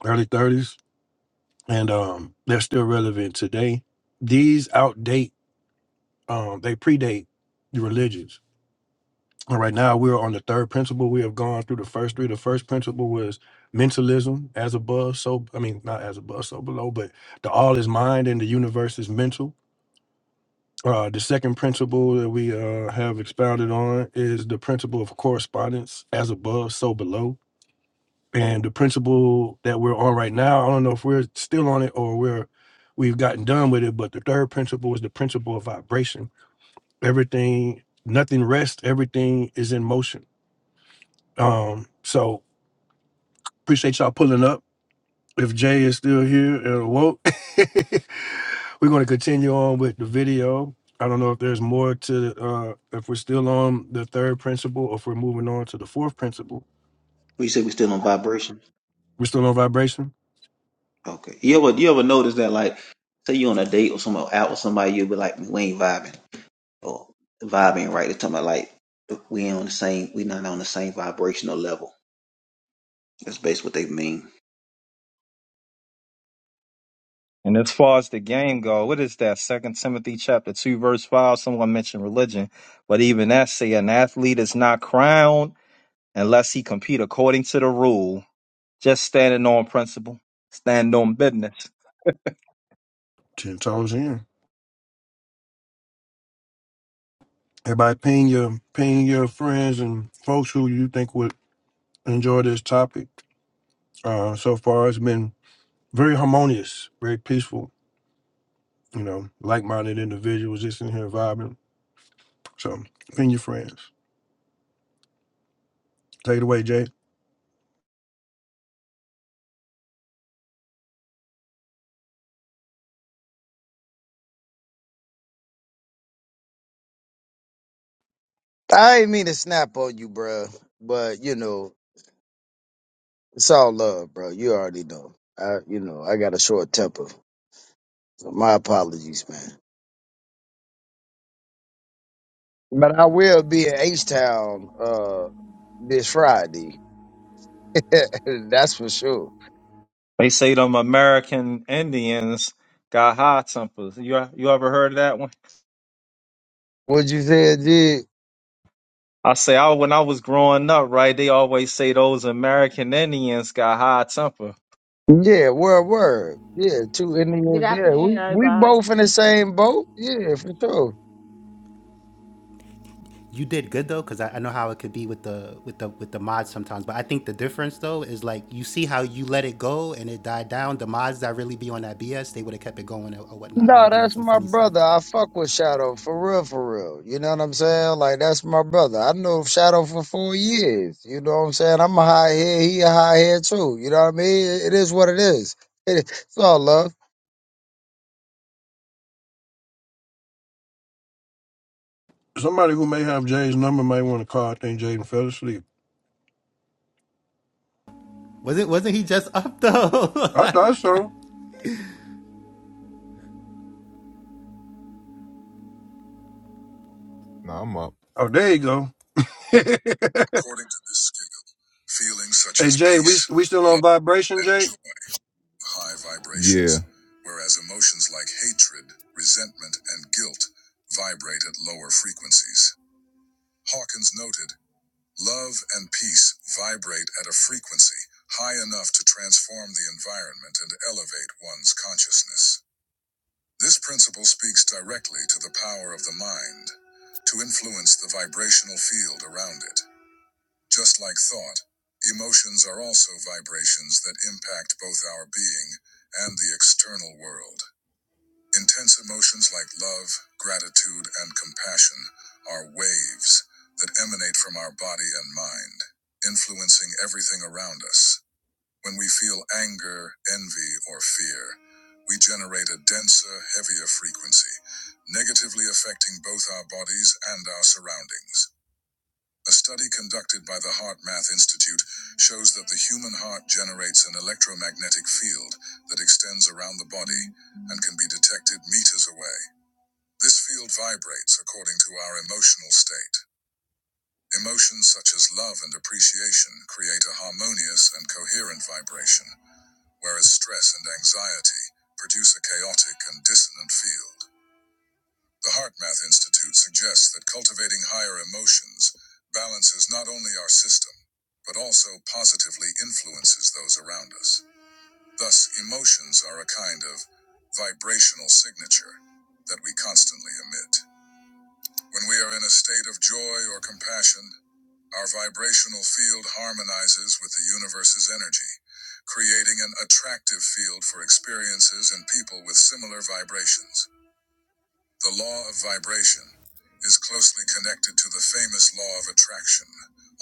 [SPEAKER 4] early 30s, and um, they're still relevant today. These outdate, um, they predate the religions And right now, we're on the third principle. We have gone through the first three. The first principle was mentalism, as above, so I mean, not as above, so below, but the all is mind and the universe is mental. Uh, the second principle that we uh, have expounded on is the principle of correspondence, as above, so below. And the principle that we're on right now, I don't know if we're still on it or we're we've gotten done with it, but the third principle is the principle of vibration. Everything, nothing rests. Everything is in motion Um, so appreciate y'all pulling up. If Jay is still here and woke, we're going to continue on with the video. I don't know if there's more to uh, if we're still on the third principle or if we're moving on to the fourth principle.
[SPEAKER 13] We said we still on vibration.
[SPEAKER 4] We're still on vibration.
[SPEAKER 13] Okay. You ever you ever notice that like say you on a date or some out with somebody you'll be like we ain't vibing or vibing right. They're talking about like we ain't on the same we not on the same vibrational level. That's basically what they mean.
[SPEAKER 9] And as far as the game go, what is that? Second Timothy chapter two verse five. Someone mentioned religion, but even that say an athlete is not crowned. unless he compete according to the rule, just standing on principle, stand on business.
[SPEAKER 4] Ten toes in. Everybody, ping your ping your friends and folks who you think would enjoy this topic. Uh, so far, it's been very harmonious, very peaceful. You know, like-minded individuals just in here vibing. So ping your friends. Take it away, Jay.
[SPEAKER 11] I ain't mean to snap on you, bruh, but you know It's all love, bro. You already know. I, you know, I got a short temper. So my apologies, man. But I will be in H Town uh this Friday. That's for sure.
[SPEAKER 9] They say them American Indians got high tempers. You you ever heard of that one?
[SPEAKER 11] What you said, Jig?
[SPEAKER 9] I say I when I was growing up, right? They always say those American Indians got high temper.
[SPEAKER 11] Yeah, word, word. Yeah, two
[SPEAKER 17] Good
[SPEAKER 11] Indians. Yeah,
[SPEAKER 17] afternoon,
[SPEAKER 11] we we
[SPEAKER 17] everybody.
[SPEAKER 11] both in the same boat. Yeah, for sure.
[SPEAKER 15] you did good though because I, I know how it could be with the with the with the mods sometimes but i think the difference though is like you see how you let it go and it died down the mods that really be on that bs they would have kept it going or, or whatnot it would
[SPEAKER 11] No,
[SPEAKER 15] have been on
[SPEAKER 11] that's
[SPEAKER 15] some
[SPEAKER 11] my
[SPEAKER 15] funny stuff
[SPEAKER 11] brother. I fuck with Shadow for real, for real. You know what I'm saying? Like that's my brother. I know Shadow for four years. You know what I'm saying? I'm a high head. He a high head too. You know what I mean? It is what it is. It, it's all love.
[SPEAKER 4] Somebody who may have Jay's number may want to call. I think Jaden fell asleep.
[SPEAKER 15] wasn't wasn't he just up
[SPEAKER 4] I thought
[SPEAKER 15] though
[SPEAKER 4] so.
[SPEAKER 1] Now I'm up.
[SPEAKER 4] Oh, there you go. hey,
[SPEAKER 1] According to this scale, feelings such as
[SPEAKER 4] Jay, we
[SPEAKER 1] peace,
[SPEAKER 4] we still on
[SPEAKER 1] love,
[SPEAKER 4] vibration,
[SPEAKER 1] and
[SPEAKER 4] Jay?
[SPEAKER 1] joy, have high vibrations. Yeah. Whereas emotions like hatred, resentment, and guilt vibrate at lower frequencies. Hawkins noted Love and peace vibrate at a frequency high enough to transform the environment and elevate one's consciousness. This principle speaks directly to the power of the mind to influence the vibrational field around it. Just like thought, emotions are also vibrations that impact both our being and the external world. Intense emotions like love, gratitude, and compassion are waves that emanate from our body and mind, influencing everything around us. When we feel anger, envy, or fear, we generate a denser, heavier frequency, negatively affecting both our bodies and our surroundings. A study conducted by the Heart Math Institute shows that the human heart generates an electromagnetic field that extends around the body and can be detected meters away. This field vibrates according to our emotional state. Emotions such as love and appreciation create a harmonious and coherent vibration, whereas stress and anxiety produce a chaotic and dissonant field. The HeartMath Institute suggests that cultivating higher emotions balances not only our system, but also positively influences those around us. Thus, emotions are a kind of vibrational signature that we constantly emit. When we are in a state of joy or compassion, our vibrational field harmonizes with the universe's energy, creating an attractive field for experiences and people with similar vibrations. The law of vibration is closely connected to the famous law of attraction,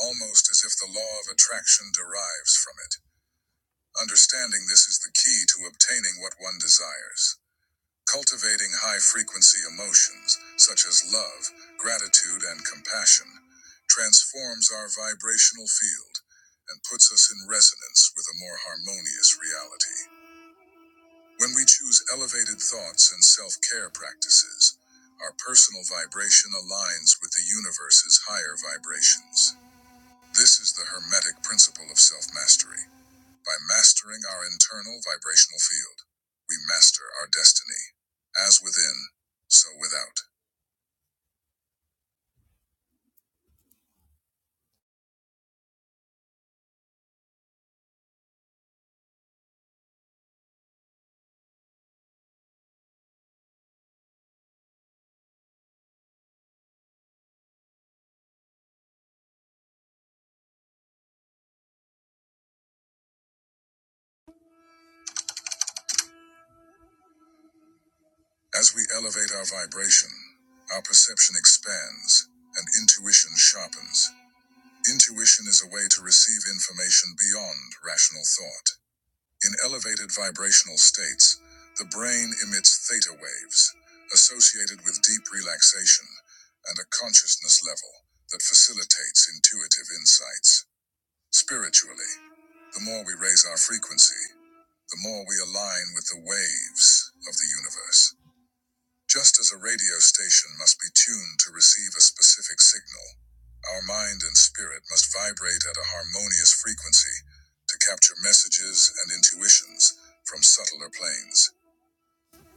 [SPEAKER 1] almost as if the law of attraction derives from it. Understanding this is the key to obtaining what one desires. Cultivating high frequency emotions, such as love, gratitude, and compassion, transforms our vibrational field and puts us in resonance with a more harmonious reality. When we choose elevated thoughts and self care practices, our personal vibration aligns with the universe's higher vibrations. This is the Hermetic principle of self mastery by mastering our internal vibrational field, we master our destiny. As within, so without. As we elevate our vibration, our perception expands and intuition sharpens. Intuition is a way to receive information beyond rational thought. In elevated vibrational states, the brain emits theta waves associated with deep relaxation and a consciousness level that facilitates intuitive insights. Spiritually, the more we raise our frequency, the more we align with the waves of the universe. Just as a radio station must be tuned to receive a specific signal, our mind and spirit must vibrate at a harmonious frequency to capture messages and intuitions from subtler planes.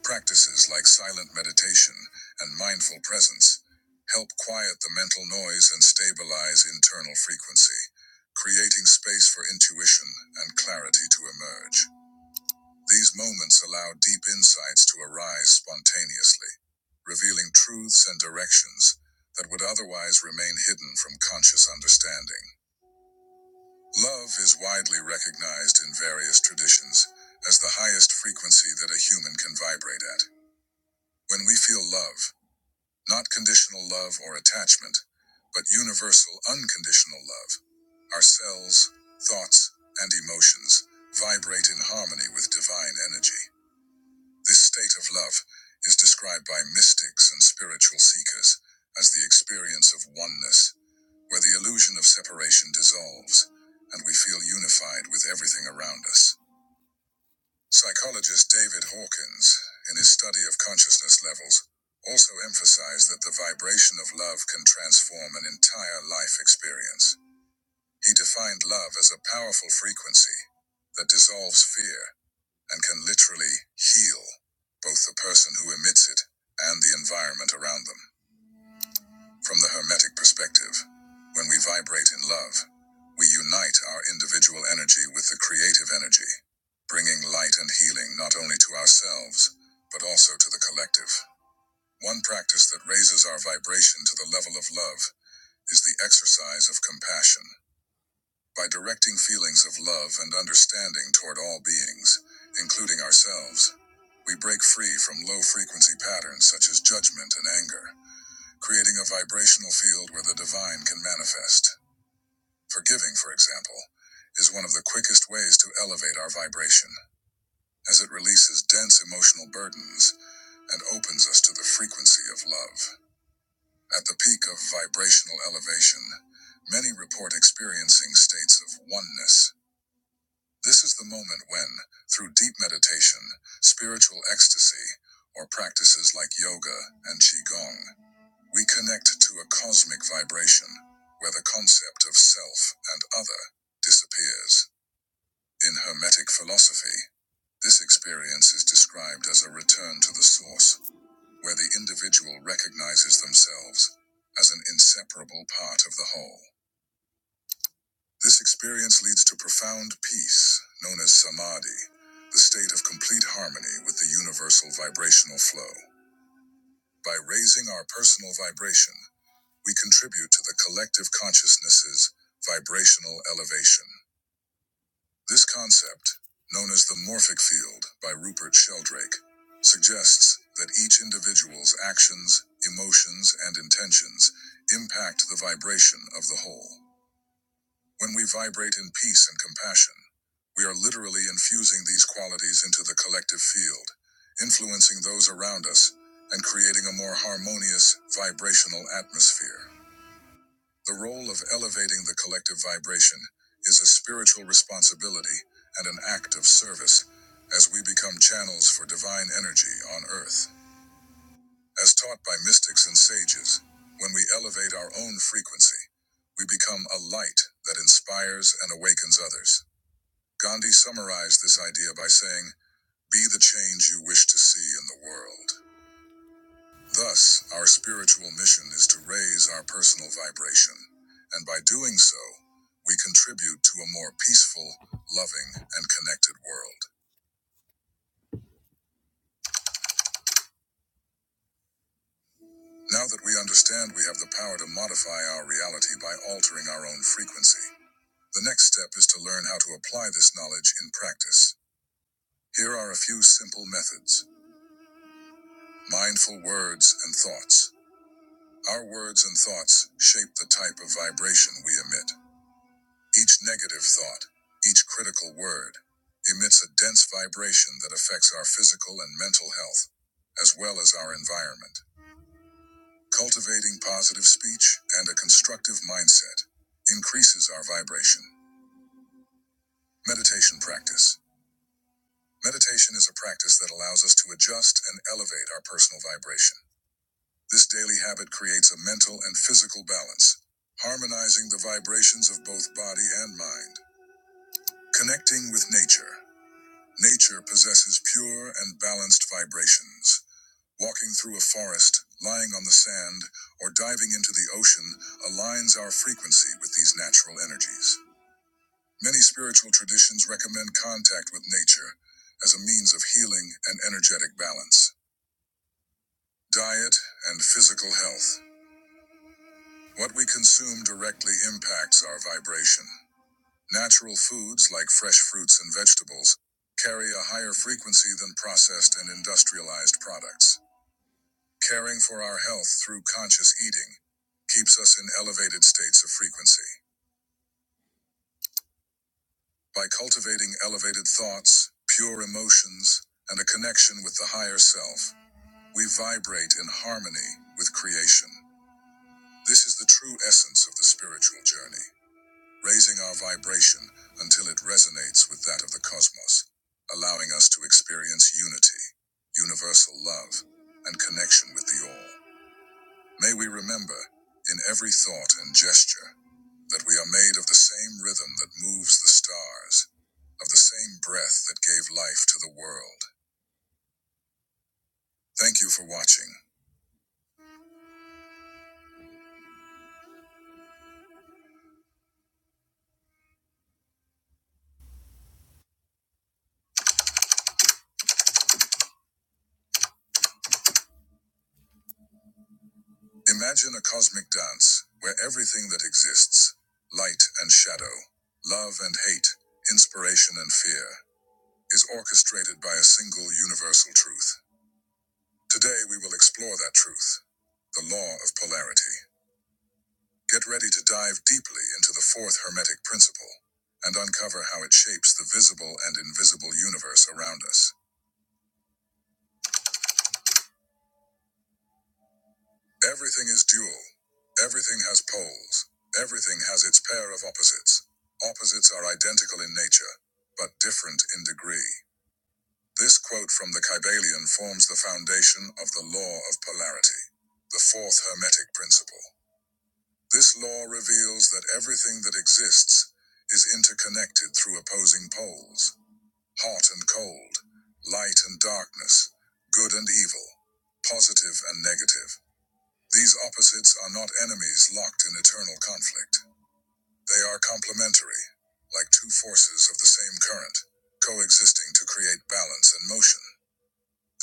[SPEAKER 1] Practices like silent meditation and mindful presence help quiet the mental noise and stabilize internal frequency, creating space for intuition and clarity to emerge. These moments allow deep insights to arise spontaneously, revealing truths and directions that would otherwise remain hidden from conscious understanding. Love is widely recognized in various traditions as the highest frequency that a human can vibrate at. When we feel love, Not conditional love or attachment, but universal unconditional love. Our cells, thoughts, and emotions vibrate in harmony with divine energy. This state of love is described by mystics and spiritual seekers as the experience of oneness, where the illusion of separation dissolves and we feel unified with everything around us. Psychologist David Hawkins, in his study of consciousness levels, also emphasized that the vibration of love can transform an entire life experience. He defined love as a powerful frequency that dissolves fear and can literally heal both the person who emits it and the environment around them. From the Hermetic perspective, when we vibrate in love, we unite our individual energy with the creative energy, bringing light and healing not only to ourselves, but also to the collective. One practice that raises our vibration to the level of love is the exercise of compassion. By directing feelings of love and understanding toward all beings, including ourselves, we break free from low frequency patterns such as judgment and anger creating a vibrational field where the divine can manifest. Forgiving, for example, is one of the quickest ways to elevate our vibration, as it releases dense emotional burdens and opens us to the frequency of love. At the peak of vibrational elevation, many report experiencing states of oneness. This is the moment when, through deep meditation, spiritual ecstasy, or practices like yoga and qigong, We connect to a cosmic vibration where the concept of self and other disappears. In Hermetic philosophy, this experience is described as a return to the source, where the individual recognizes themselves as an inseparable part of the whole. This experience leads to profound peace, known as samadhi, the state of complete harmony with the universal vibrational flow. By raising our personal vibration, We contribute to the collective consciousness's vibrational elevation. This concept, known as the morphic field by Rupert Sheldrake, suggests that each individual's actions, emotions, and intentions impact the vibration of the whole. When we vibrate in peace and compassion, we are literally infusing these qualities into the collective field, influencing those around us and creating a more harmonious vibrational atmosphere. The role of elevating the collective vibration is a spiritual responsibility and an act of service as we become channels for divine energy on earth. As taught by mystics and sages, when we elevate our own frequency, we become a light that inspires and awakens others. Gandhi summarized this idea by saying, Be the change you wish to see in the world. Thus, our spiritual mission is to raise our personal vibration, and by doing so, we contribute to a more peaceful, loving, and connected world. Now that we understand we have the power to modify our reality by altering our own frequency, the next step is to learn how to apply this knowledge in practice. Here are a few simple methods mindful words and thoughts. Our words and thoughts shape the type of vibration we emit. Each negative thought, each critical word, emits a dense vibration that affects our physical and mental health, as well as our environment. Cultivating positive speech and a constructive mindset increases our vibration. Meditation practice. Meditation is a practice that allows us to adjust and elevate our personal vibration. This daily habit creates a mental and physical balance, harmonizing the vibrations of both body and mind. Connecting with nature. Nature possesses pure and balanced vibrations. Walking through a forest, lying on the sand, or diving into the ocean aligns our frequency with these natural energies. Many spiritual traditions recommend contact with nature as a means of healing and energetic balance. Diet and physical health. What we consume directly impacts our vibration. Natural foods like fresh fruits and vegetables carry a higher frequency than processed and industrialized products. Caring for our health through conscious eating keeps us in elevated states of frequency. By cultivating elevated thoughts, pure emotions, and a connection with the higher self, we vibrate in harmony with creation. This is the true essence of the spiritual journey, raising our vibration until it resonates with that of the cosmos, allowing us to experience unity, universal love, and connection with the all. May we remember, in every thought and gesture, that we are made of the same rhythm that moves the stars, of the same breath that gave life to the world. Thank you for watching. Imagine a cosmic dance where everything that exists, light and shadow, love and hate, inspiration and fear, is orchestrated by a single universal truth. Today we will explore that truth the law of polarity. Get ready to dive deeply into the fourth Hermetic principle and uncover how it shapes the visible and invisible universe around us. Everything is dual, everything has poles, everything has its pair of opposites. Opposites are identical in nature, but different in degree. This quote from the Kybalion forms the foundation of the law of polarity, the fourth Hermetic principle. This law reveals that everything that exists is interconnected through opposing poles. hot and cold, light and darkness, good and evil, positive and negative. These opposites are not enemies locked in eternal conflict. They are complementary, like two forces of the same current, coexisting to create balance and motion.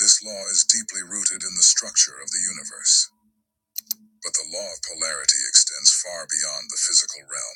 [SPEAKER 1] This law is deeply rooted in the structure of the universe, but the law of polarity extends far beyond the physical realm.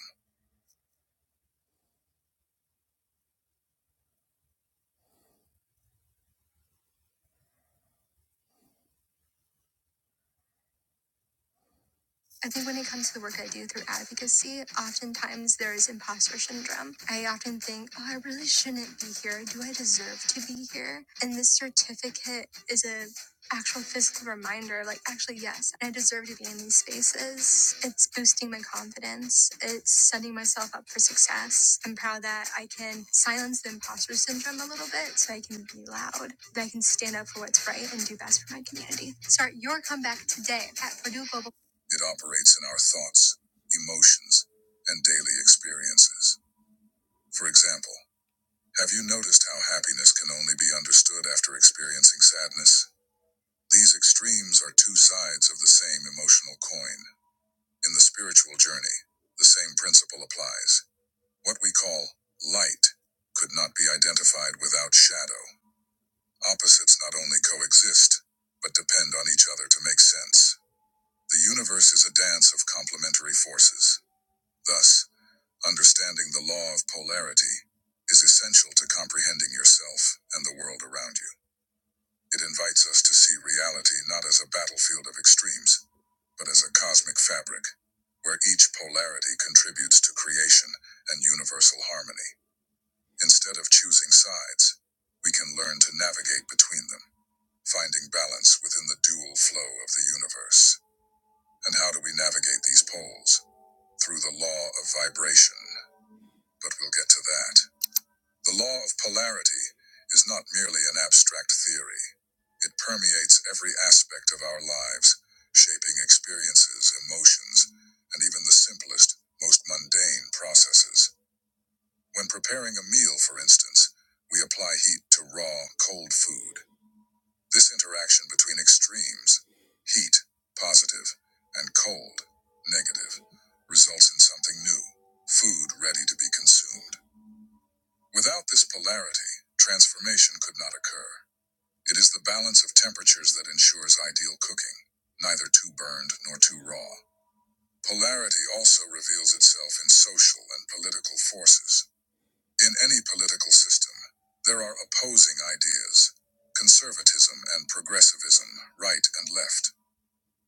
[SPEAKER 1] I think when it comes to the work I do through advocacy, oftentimes there is imposter syndrome. I often think, oh, I really shouldn't be here. Do I deserve to be here? And this certificate is a actual physical reminder like actually yes i deserve to be in these spaces it's boosting my confidence it's setting myself up for success i'm proud that i can silence the imposter syndrome a little bit so i can be loud that i can stand up for what's right and do best for my community start your comeback today at purdue Global. It operates in our thoughts, emotions, and daily experiences. For example, have you noticed how happiness can only be understood after experiencing sadness? These extremes are two sides of the same emotional coin. In the spiritual journey, the same principle applies. What we call light could not be identified without shadow. Opposites not only coexist, but depend on each other to make sense. The universe is a dance of complementary forces. Thus, Understanding the law of polarity is essential to comprehending yourself and the world around you. It invites us to see reality not as a battlefield of extremes, but as a cosmic fabric, where each polarity contributes to creation and universal harmony. Instead of choosing sides, we can learn to navigate between them, finding balance within the dual flow of the universe. And how do we navigate these poles? Through the law of vibration, but we'll get to that. The law of polarity is not merely an abstract theory. It permeates every aspect of our lives, shaping experiences, emotions, and even the simplest, most mundane processes. When preparing a meal, for instance, we apply heat to raw, cold food. This interaction between extremes, heat, positive, and cold, negative, results in something new, food ready to be consumed. Without this polarity, transformation could not occur. It is the balance of temperatures that ensures ideal cooking, neither too burned nor too raw. Polarity also reveals itself in social and political forces. In any political system, there are opposing ideas conservatism and progressivism, right and left.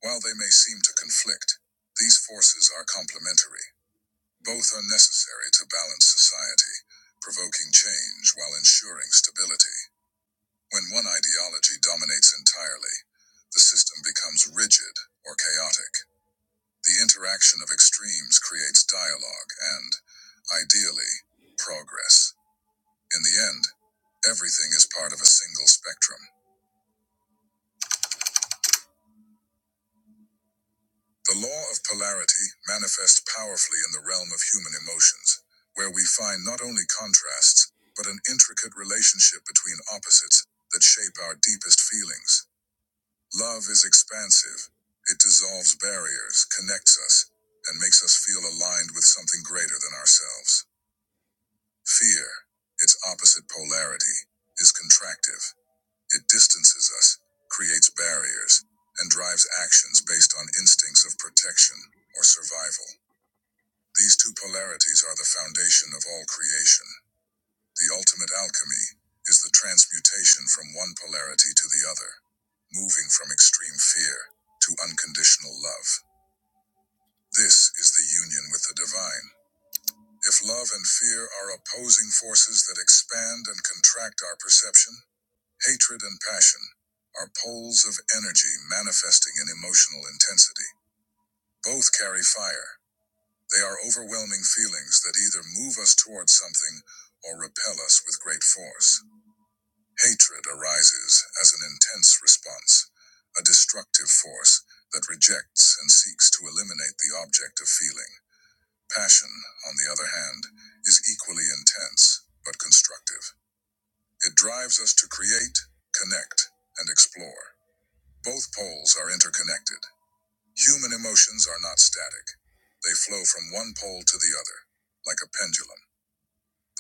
[SPEAKER 1] While they may seem to conflict, these forces are complementary. Both are necessary to balance society, provoking change while ensuring stability. When one ideology dominates entirely, the system becomes rigid or chaotic. The interaction of extremes creates dialogue and, ideally, progress. In the end, everything is part of a single spectrum. The law of polarity manifests powerfully in the realm of human emotions, where we find not only contrasts, but an intricate relationship between opposites that shape our deepest feelings. Love is expansive, it dissolves barriers, connects us, and makes us feel aligned with something greater than ourselves. Fear, its opposite polarity, is contractive. It distances us, creates barriers, and drives actions based on instincts of protection or survival. These two polarities are the foundation of all creation. The ultimate alchemy is the transmutation from one polarity to the other, moving from extreme fear to unconditional love. This is the union with the divine. If love and fear are opposing forces that expand and contract our perception, Hatred and passion are poles of energy manifesting in emotional intensity. Both carry fire. They are overwhelming feelings that either move us towards something or repel us with great force. Hatred arises as an intense response, a destructive force that rejects and seeks to eliminate the object of feeling. Passion, on the other hand, is equally intense but constructive. It drives us to create, connect, and explore. Both poles are interconnected. Human emotions are not static, they flow from one pole to the other, like a pendulum.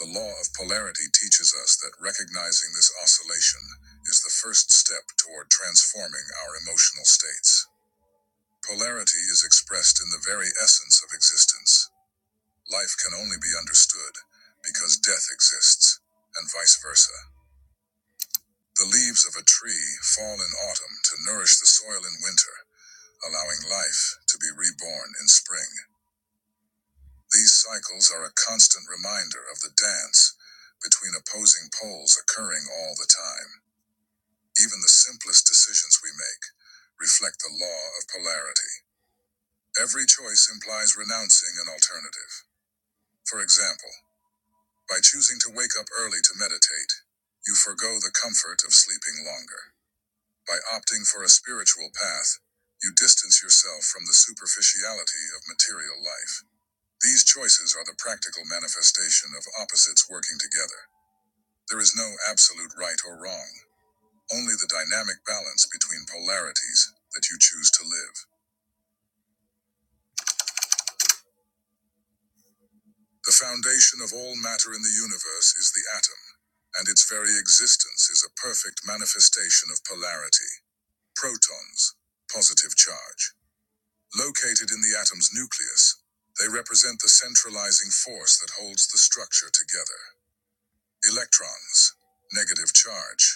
[SPEAKER 1] The law of polarity teaches us that recognizing this oscillation is the first step toward transforming our emotional states. Polarity is expressed in the very essence of existence. Life can only be understood because death exists, and vice versa. The leaves of a tree fall in autumn to nourish the soil in winter. allowing life to be reborn in spring. These cycles are a constant reminder of the dance between opposing poles occurring all the time. Even the simplest decisions we make reflect the law of polarity. Every choice implies renouncing an alternative. For example, by choosing to wake up early to meditate, you forego the comfort of sleeping longer. By opting for a spiritual path, you distance yourself from the superficiality of material life. These choices are the practical manifestation of opposites working together. There is no absolute right or wrong, only the dynamic balance between polarities that you choose to live. The foundation of all matter in the universe is the atom, and its very existence is a perfect manifestation of polarity. Protons, positive charge, located in the atom's nucleus, they represent the centralizing force that holds the structure together. Electrons, negative charge.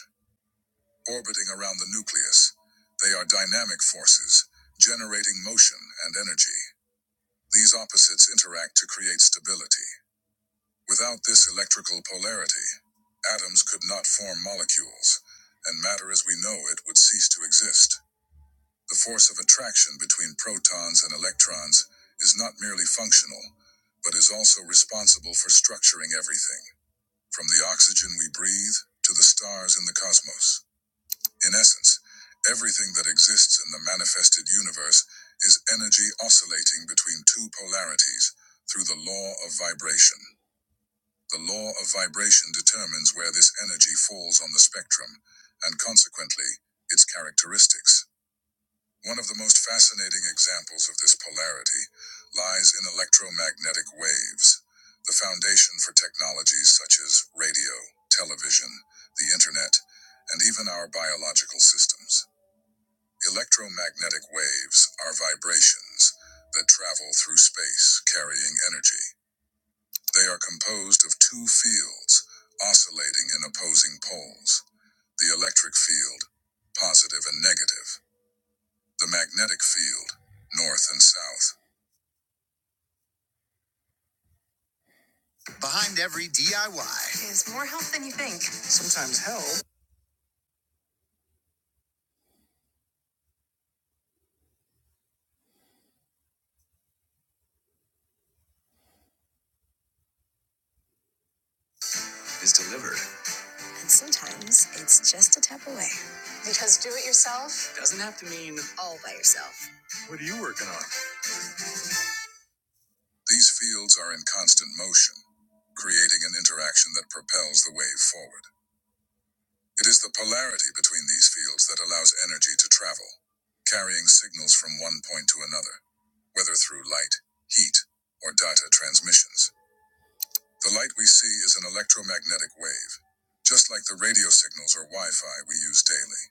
[SPEAKER 1] Orbiting around the nucleus, they are dynamic forces, generating motion and energy. These opposites interact to create stability. Without this electrical polarity, atoms could not form molecules, and matter as we know it would cease to exist. The force of attraction between protons and electrons is not merely functional, but is also responsible for structuring everything, from the oxygen we breathe to the stars in the cosmos. In essence, everything that exists in the manifested universe is energy oscillating between two polarities through the law of vibration. The law of vibration determines where this energy falls on the spectrum and consequently its characteristics. One of the most fascinating examples of this polarity lies in electromagnetic waves, the foundation for technologies such as radio, television, the internet, and even our biological systems. Electromagnetic waves are vibrations that travel through space carrying energy. They are composed of two fields oscillating in opposing poles the electric field, positive and negative, the magnetic field, north and south. Is more help than you think. Sometimes help. And sometimes it's just a tap away. Because do it yourself, I mean all by yourself. These fields are in constant motion, creating an interaction that propels the wave forward. It is the polarity between these fields that allows energy to travel, carrying signals from one point to another, whether through light, heat, or data transmissions. The light we see is an electromagnetic wave, just like the radio signals or Wi Fi we use daily.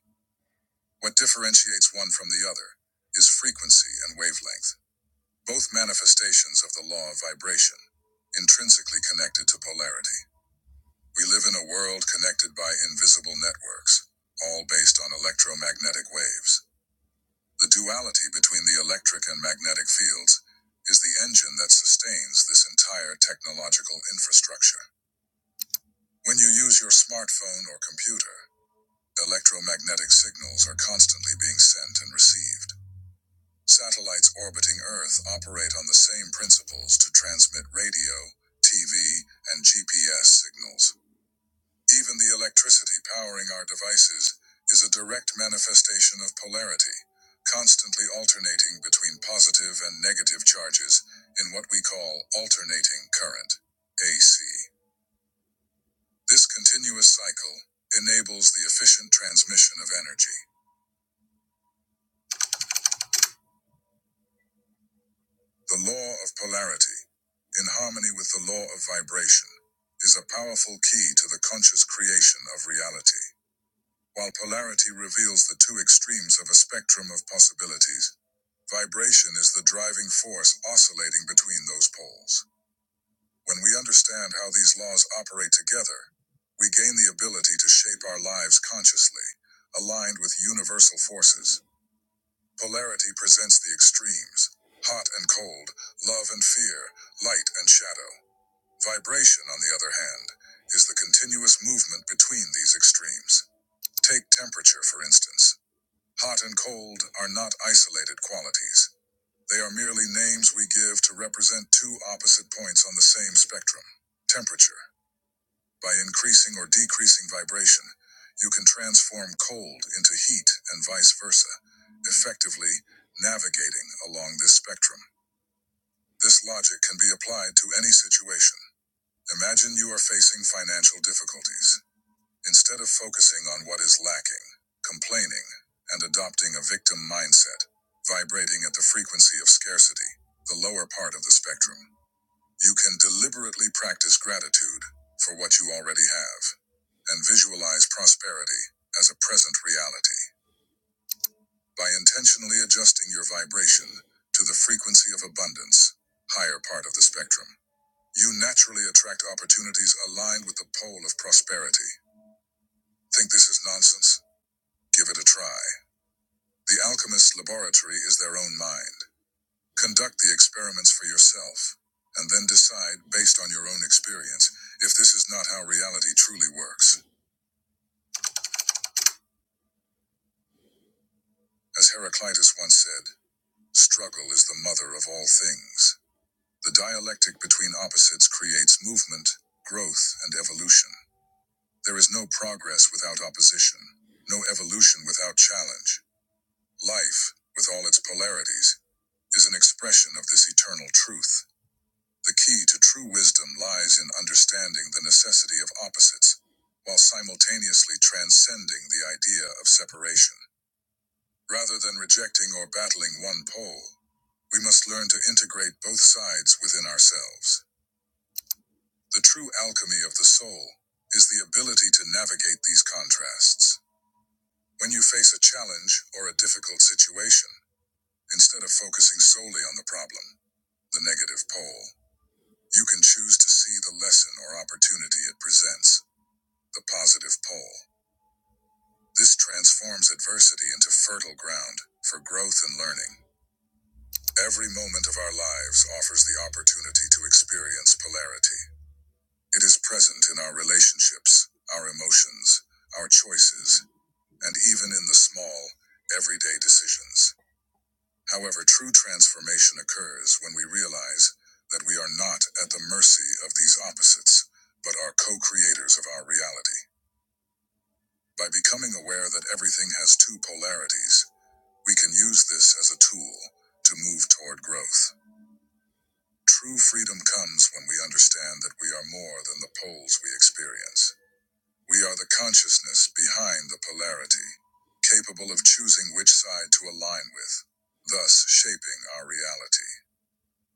[SPEAKER 1] What differentiates one from the other is frequency and wavelength. Both manifestations of the law of vibration, intrinsically connected to polarity. We live in a world connected by invisible networks, all based on electromagnetic waves. The duality between the electric and magnetic fields is the engine that sustains this entire technological infrastructure. When you use your smartphone or computer, electromagnetic signals are constantly being sent and received. Satellites orbiting Earth operate on the same principles to transmit radio, TV, and GPS signals. Even the electricity powering our devices is a direct manifestation of polarity, constantly alternating between positive and negative charges in what we call alternating current, AC. This continuous cycle enables the efficient transmission of energy. The law of polarity, in harmony with the law of vibration, is a powerful key to the conscious creation of reality. While polarity reveals the two extremes of a spectrum of possibilities, vibration is the driving force oscillating between those poles. When we understand how these laws operate together, we gain the ability to shape our lives consciously, aligned with universal forces. Polarity presents the extremes hot and cold, love and fear, light and shadow. Vibration, on the other hand, is the continuous movement between these extremes. Take temperature, for instance. Hot and cold are not isolated qualities, they are merely names we give to represent two opposite points on the same spectrum. Temperature. By increasing or decreasing vibration, you can transform cold into heat and vice versa, effectively navigating along this spectrum. This logic can be applied to any situation. Imagine you are facing financial difficulties. Instead of focusing on what is lacking, complaining, and adopting a victim mindset, vibrating at the frequency of scarcity, the lower part of the spectrum. You can deliberately practice gratitude for what you already have and visualize prosperity as a present reality by intentionally adjusting your vibration to the frequency of abundance, higher part of the spectrum. You naturally attract opportunities aligned with the pole of prosperity. Think this is nonsense? Give it a try. The Alchemist's laboratory is their own mind. Conduct the experiments for yourself, and then decide, based on your own experience, if this is not how reality truly works. As Heraclitus once said, struggle is the mother of all things. The dialectic between opposites creates movement, growth, and evolution. There is no progress without opposition, no evolution without challenge. Life, with all its polarities, is an expression of this eternal truth. The key to true wisdom lies in understanding the necessity of opposites, while simultaneously transcending the idea of separation. Rather than rejecting or battling one pole, we must learn to integrate both sides within ourselves. The true alchemy of the soul is the ability to navigate these contrasts. When you face a challenge or a difficult situation, instead of focusing solely on the problem, the negative pole, you can choose to see the lesson or opportunity it presents the positive pole. This transforms adversity into fertile ground for growth and learning. Every moment of our lives offers the opportunity to experience polarity. It is present in our relationships, our emotions, our choices, and even in the small, everyday decisions. However, true transformation occurs when we realize that we are not at the mercy of these opposites, but are co creators of our reality. By becoming aware that everything has two polarities, we can use this as a tool to move toward growth. True freedom comes when we understand that we are more than the poles we experience. We are the consciousness behind the polarity, capable of choosing which side to align with, thus shaping our reality.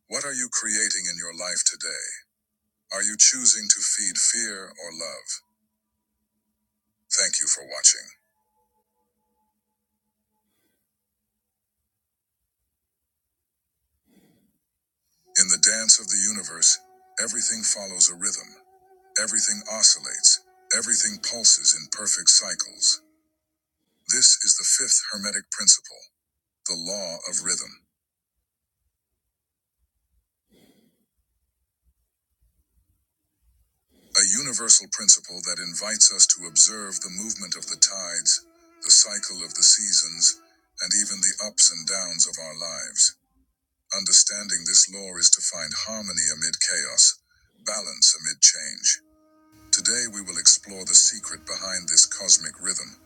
[SPEAKER 1] What are you creating in your life today? Are you choosing to feed fear or love? Thank you for watching. In the dance of the universe, everything follows a rhythm. Everything oscillates. Everything pulses in perfect cycles. This is the fifth Hermetic principle, the law of rhythm, a universal principle that invites us to observe the movement of the tides, the cycle of the seasons, and even the ups and downs of our lives. Understanding this law is to find harmony amid chaos, balance amid change Today we will explore the secret behind this cosmic rhythm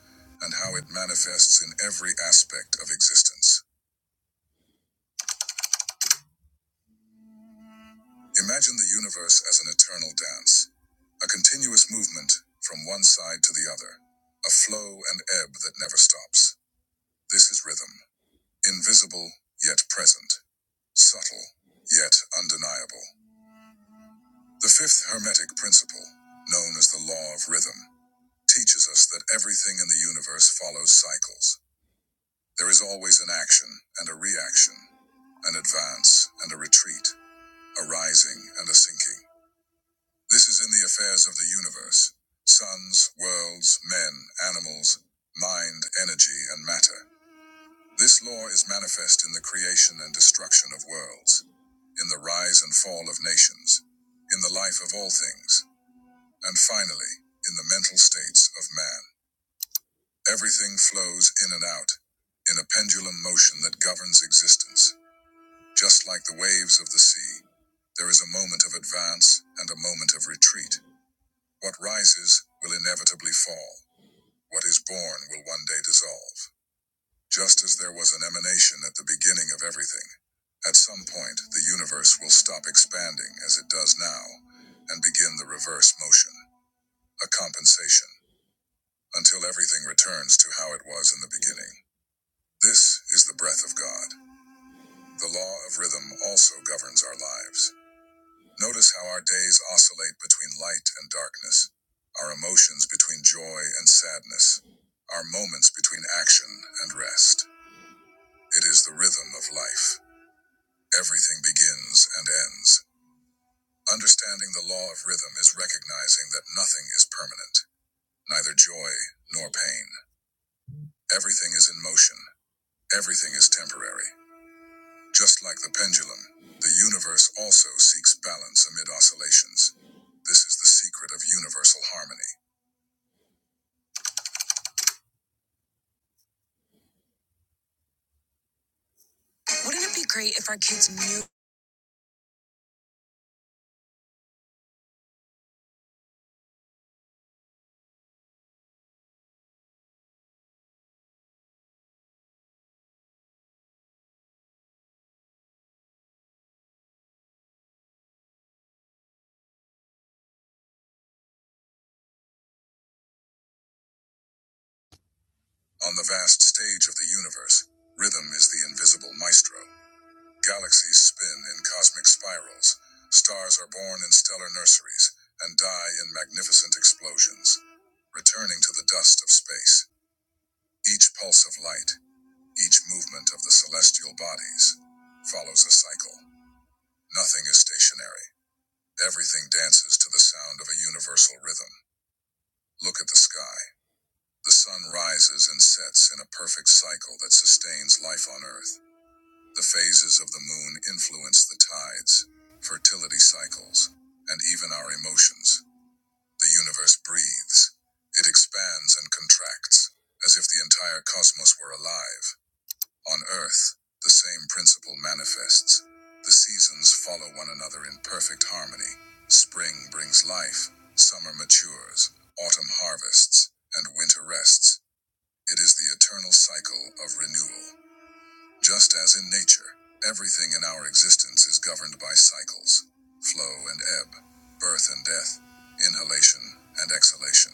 [SPEAKER 1] and how it manifests in every aspect of existence. Imagine the universe as an eternal dance, a continuous movement from one side to the other, a flow and ebb that never stops. This is rhythm, invisible yet present, subtle yet undeniable. The fifth hermetic principle, known as the law of rhythm, teaches us that everything in the universe follows cycles. There is always an action and a reaction, an advance and a retreat, a rising and a sinking. This is in the affairs of the universe suns, worlds, men, animals, mind, energy, and matter. This law is manifest in the creation and destruction of worlds, in the rise and fall of nations, in the life of all things, and finally, in the mental states of man. Everything flows in and out, in a pendulum motion that governs existence. Just like the waves of the sea, there is a moment of advance and a moment of retreat. What rises will inevitably fall. What is born will one day dissolve. Just as there was an emanation at the beginning of everything, at some point the universe will stop expanding as it does now and begin the reverse motion, a compensation, until everything returns to how it was in the beginning. This is the breath of God. The law of rhythm also governs our lives. Notice how our days oscillate between light and darkness, our emotions between joy and sadness, our moments between action and rest. It is the rhythm of life. Everything begins and ends. Understanding the law of rhythm is recognizing that nothing is permanent, neither joy nor pain. Everything is in motion, everything is temporary. Just like the pendulum, the universe also seeks balance amid oscillations. This is the secret of universal harmony. Wouldn't it be great if our kids knew? On the vast stage of the universe, rhythm is the invisible maestro. Galaxies spin in cosmic spirals. Stars are born in stellar nurseries and die in magnificent explosions, returning to the dust of space. Each pulse of light, each movement of the celestial bodies, follows a cycle. Nothing is stationary. Everything dances to the sound of a universal rhythm. Look at the sky. The sun rises and sets in a perfect cycle that sustains life on Earth. The phases of the moon influence the tides, fertility cycles, and even our emotions. The universe breathes. It expands and contracts, as if the entire cosmos were alive. On Earth, the same principle manifests. The seasons follow one another in perfect harmony. Spring brings life, summer matures, autumn harvests, and winter rests. It is the eternal cycle of renewal. Just as in nature, everything in our existence is governed by cycles flow and ebb, birth and death, inhalation and exhalation.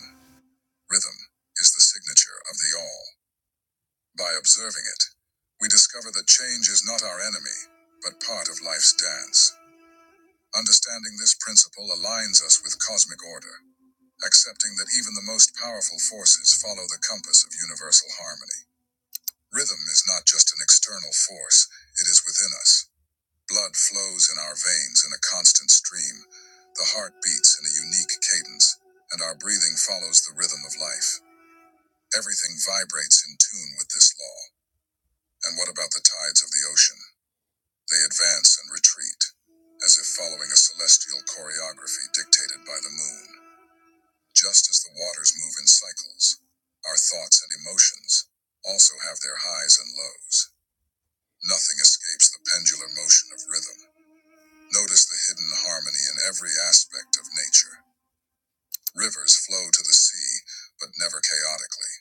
[SPEAKER 1] Rhythm is the signature of the all. By observing it, we discover that change is not our enemy, but part of life's dance. Understanding this principle aligns us with cosmic order, accepting that even the most powerful forces follow the compass of universal harmony. Rhythm is not just an external force, it is within us. Blood flows in our veins in a constant stream. The heart beats in a unique cadence, and our breathing follows the rhythm of life. Everything vibrates in tune with this law. And what about the tides of the ocean? They advance and retreat, as if following a celestial choreography dictated by the moon. Just as the waters move in cycles, our thoughts and emotions also have their highs and lows. Nothing escapes the pendular motion of rhythm. Notice the hidden harmony in every aspect of nature. Rivers flow to the sea, but never chaotically.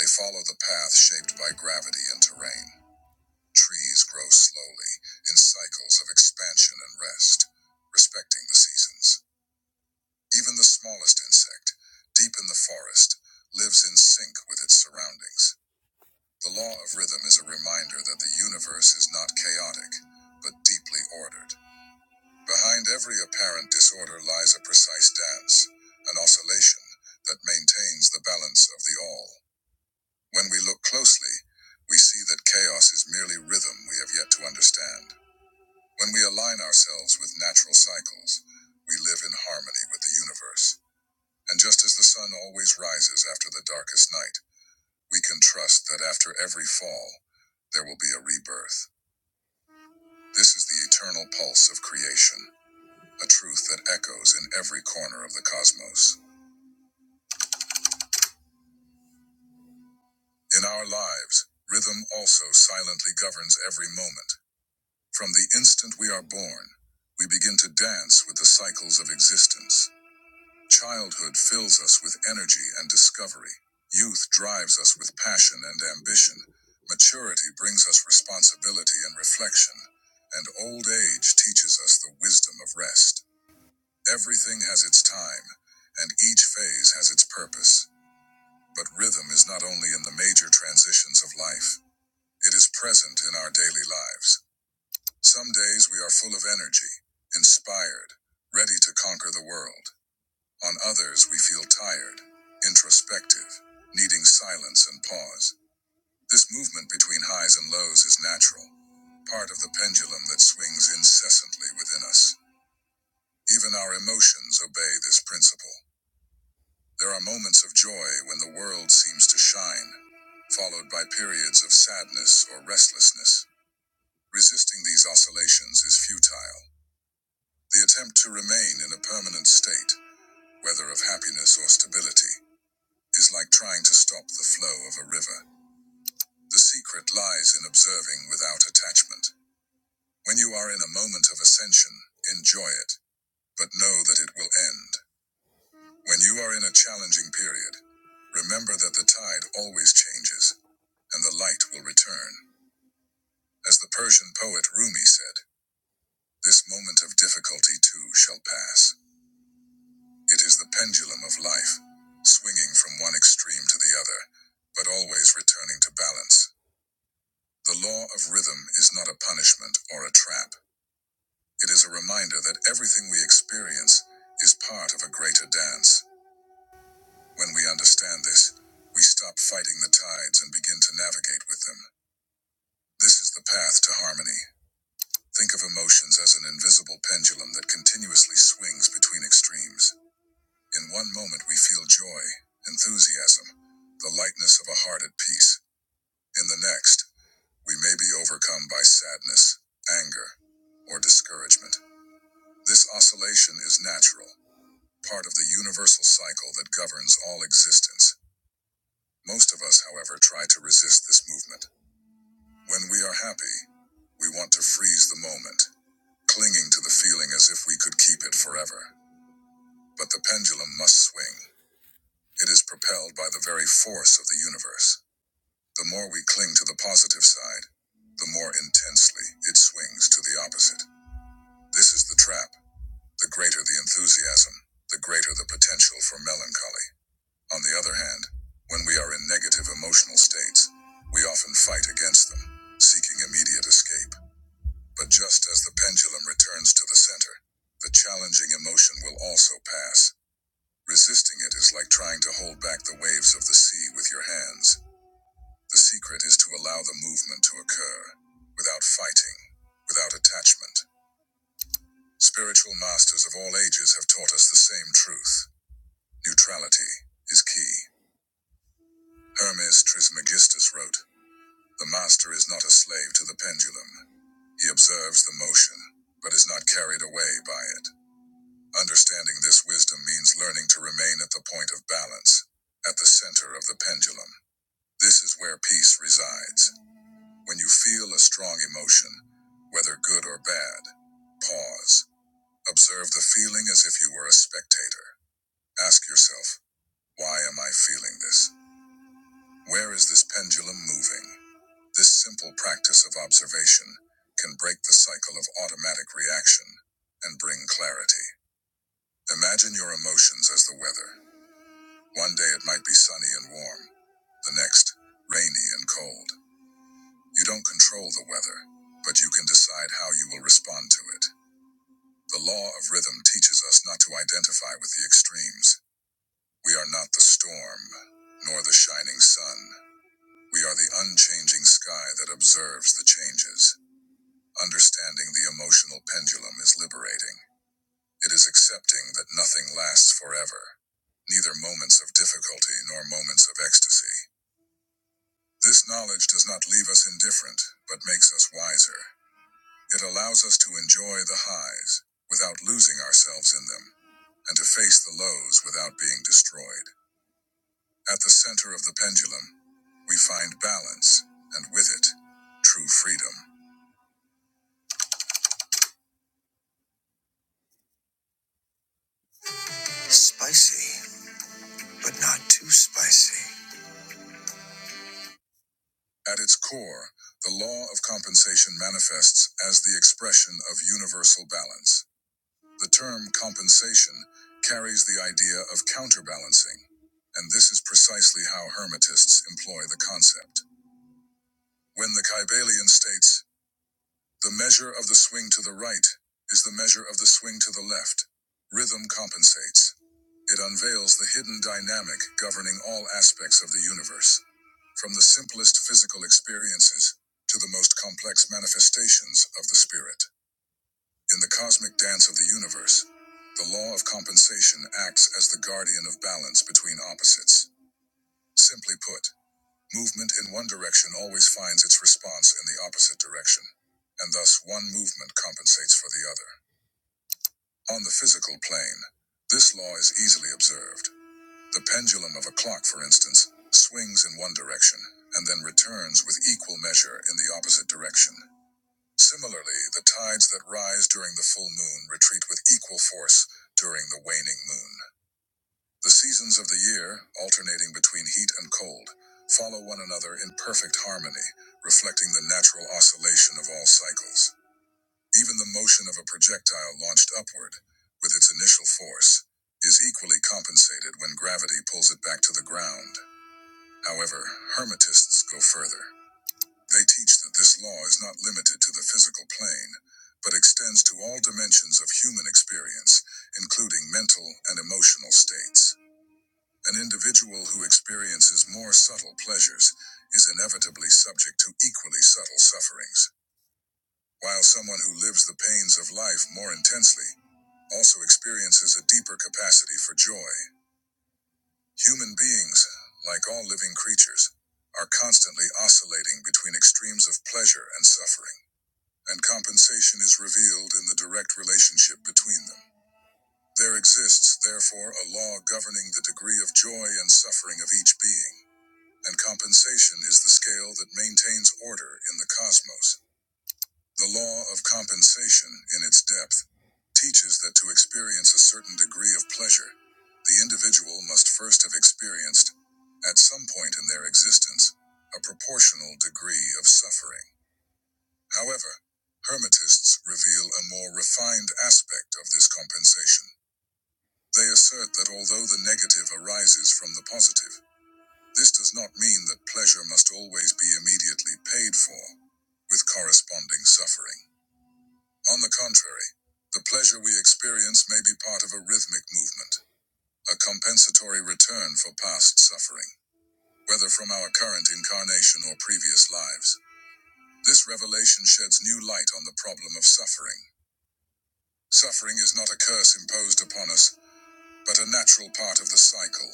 [SPEAKER 1] They follow the path shaped by gravity and terrain. Trees grow slowly, in cycles of expansion and rest, respecting the seasons. Even the smallest insect, deep in the forest, lives in sync with its surroundings. The law of rhythm is a reminder that the universe is not chaotic, but deeply ordered. Behind every apparent disorder lies a precise dance, an oscillation that maintains the balance of the all. When we look closely, we see that chaos is merely rhythm we have yet to understand. When we align ourselves with natural cycles, we live in harmony with the universe. And just as the sun always rises after the darkest night, we can trust that after every fall, there will be a rebirth. This is the eternal pulse of creation a truth that echoes in every corner of the cosmos. In our lives, rhythm also silently governs every moment. From the instant we are born, we begin to dance with the cycles of existence. Childhood fills us with energy and discovery. Youth drives us with passion and ambition. Maturity brings us responsibility and reflection. And old age teaches us the wisdom of rest. Everything has its time, and each phase has its purpose. But rhythm is not only in the major transitions of life, it is present in our daily lives. Some days we are full of energy, inspired, ready to conquer the world. On others, we feel tired, introspective, needing silence and pause. This movement between highs and lows is natural, part of the pendulum that swings incessantly within us. Even our emotions obey this principle. There are moments of joy when the world seems to shine, followed by periods of sadness or restlessness. Resisting these oscillations is futile. The attempt to remain in a permanent state, whether of happiness or stability, is like trying to stop the flow of a river. The secret lies in observing without attachment. When you are in a moment of ascension, enjoy it, but know that it will end. When you are in a challenging period, remember that the tide always changes, and the light will return. As the Persian poet Rumi said, this moment of difficulty too shall pass. It is the pendulum of life, swinging from one extreme to the other, but always returning to balance. The law of rhythm is not a punishment or a trap. It is a reminder that everything we experience is part of a greater dance. When we understand this, we stop fighting the tides and begin to navigate with them. This is the path to harmony. Think of emotions as an invisible pendulum that continuously swings between extremes. In one moment, we feel joy, enthusiasm, the lightness of a heart at peace. In the next, we may be overcome by sadness, anger, or discouragement. This oscillation is natural, part of the universal cycle that governs all existence. Most of us, however, try to resist this movement. When we are happy, we want to freeze the moment, clinging to the feeling as if we could keep it forever. But the pendulum must swing. It is propelled by the very force of the universe. The more we cling to the positive side, the more intensely it swings to the opposite. This is the trap. The greater the enthusiasm, the greater the potential for melancholy. On the other hand, when we are in negative emotional states, we often fight against them, seeking immediate escape. But just as the pendulum returns to the center, the challenging emotion will also pass. Resisting it is like trying to hold back the waves of the sea with your hands. The secret is to allow the movement to occur, without fighting, without attachment. Spiritual masters of all ages have taught us the same truth. Neutrality is key. Hermes Trismegistus wrote, The master is not a slave to the pendulum. He observes the motion, but is not carried away by it. Understanding this wisdom means learning to remain at the point of balance, at the center of the pendulum. This is where peace resides. When you feel a strong emotion, whether good or bad, pause. Observe the feeling as if you were a spectator. Ask yourself, why am I feeling this? Where is this pendulum moving? This simple practice of observation can break the cycle of automatic reaction and bring clarity. Imagine your emotions as the weather. One day it might be sunny and warm, the next, rainy and cold. You don't control the weather, but you can decide how you will respond to it. The law of rhythm teaches us not to identify with the extremes. We are not the storm, nor the shining sun. We are the unchanging sky that observes the changes. Understanding the emotional pendulum is liberating. It is accepting that nothing lasts forever, neither moments of difficulty nor moments of ecstasy. This knowledge does not leave us indifferent, but makes us wiser. It allows us to enjoy the highs without losing ourselves in them, and to face the lows without being destroyed. At the center of the pendulum, we find balance, and with it, true freedom. At its core, the law of compensation manifests as the expression of universal balance. The term compensation carries the idea of counterbalancing, and this is precisely how Hermetists employ the concept. When the Kybalion states, the measure of the swing to the right is the measure of the swing to the left. Rhythm compensates. It unveils the hidden dynamic governing all aspects of the universe. From the simplest physical experiences to the most complex manifestations of the spirit. In the cosmic dance of the universe, the law of compensation acts as the guardian of balance between opposites. Simply put, Movement in one direction always finds its response in the opposite direction, and thus one movement compensates for the other. On the physical plane, this law is easily observed. The pendulum of a clock, for instance, swings in one direction and then returns with equal measure in the opposite direction. Similarly, the tides that rise during the full moon retreat with equal force during the waning moon. The seasons of the year, alternating between heat and cold, follow one another in perfect harmony, reflecting the natural oscillation of all cycles. Even the motion of a projectile launched upward, with its initial force, is equally compensated when gravity pulls it back to the ground. However, Hermetists go further. They teach that this law is not limited to the physical plane, but extends to all dimensions of human experience, including mental and emotional states. An individual who experiences more subtle pleasures is inevitably subject to equally subtle sufferings, while someone who lives the pains of life more intensely also experiences a deeper capacity for joy. Human beings, like all living creatures, are constantly oscillating between extremes of pleasure and suffering, and compensation is revealed in the direct relationship between them. There exists, therefore, a law governing the degree of joy and suffering of each being. and compensation is the scale that maintains order in the cosmos. The law of compensation, in its depth, teaches that to experience a certain degree of pleasure, the individual must first have experienced, at some point in their existence, a proportional degree of suffering. However, Hermetists reveal a more refined aspect of this compensation. They assert that although the negative arises from the positive, this does not mean that pleasure must always be immediately paid for, with corresponding suffering. On the contrary, the pleasure we experience may be part of a rhythmic movement, a compensatory return for past suffering, whether from our current incarnation or previous lives. This revelation sheds new light on the problem of suffering. Suffering is not a curse imposed upon us, but a natural part of the cycle.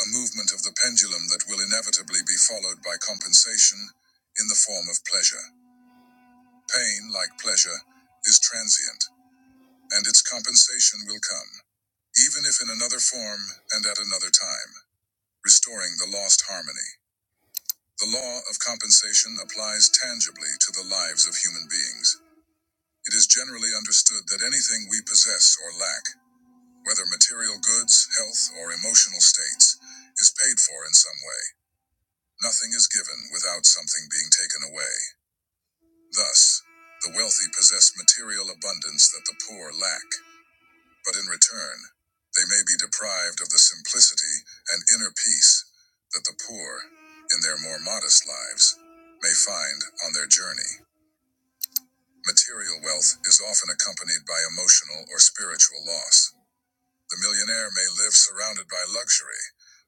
[SPEAKER 1] a movement of the pendulum that will inevitably be followed by compensation in the form of pleasure. Pain, like pleasure, is transient, and its compensation will come, even if in another form and at another time, restoring the lost harmony. The law of compensation applies tangibly to the lives of human beings. It is generally understood that anything we possess or lack, whether material goods, health, or emotional states, is paid for in some way Nothing is given without something being taken away. Thus, the wealthy possess material abundance that the poor lack, but in return, they may be deprived of the simplicity and inner peace that the poor, in their more modest lives, may find on their journey. Material wealth is often accompanied by emotional or spiritual loss. The millionaire may live surrounded by luxury,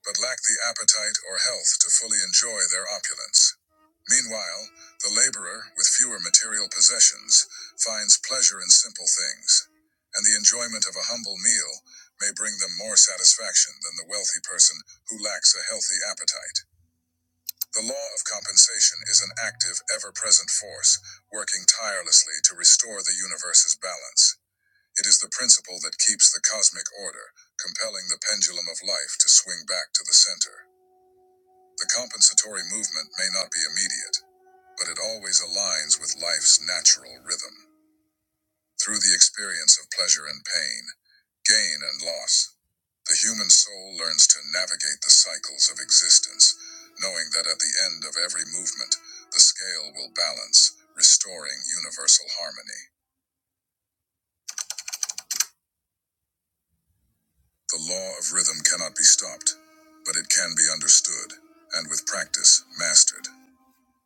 [SPEAKER 1] but lack the appetite or health to fully enjoy their opulence. Meanwhile, the laborer, with fewer material possessions, finds pleasure in simple things, and the enjoyment of a humble meal may bring them more satisfaction than the wealthy person who lacks a healthy appetite. The law of compensation is an active, ever present force, working tirelessly to restore the universe's balance. It is the principle that keeps the cosmic order, compelling the pendulum of life to swing back to the center. The compensatory movement may not be immediate, but it always aligns with life's natural rhythm. Through the experience of pleasure and pain, gain and loss, the human soul learns to navigate the cycles of existence, knowing that at the end of every movement, the scale will balance, restoring universal harmony. The law of rhythm cannot be stopped, but it can be understood, and with practice, mastered.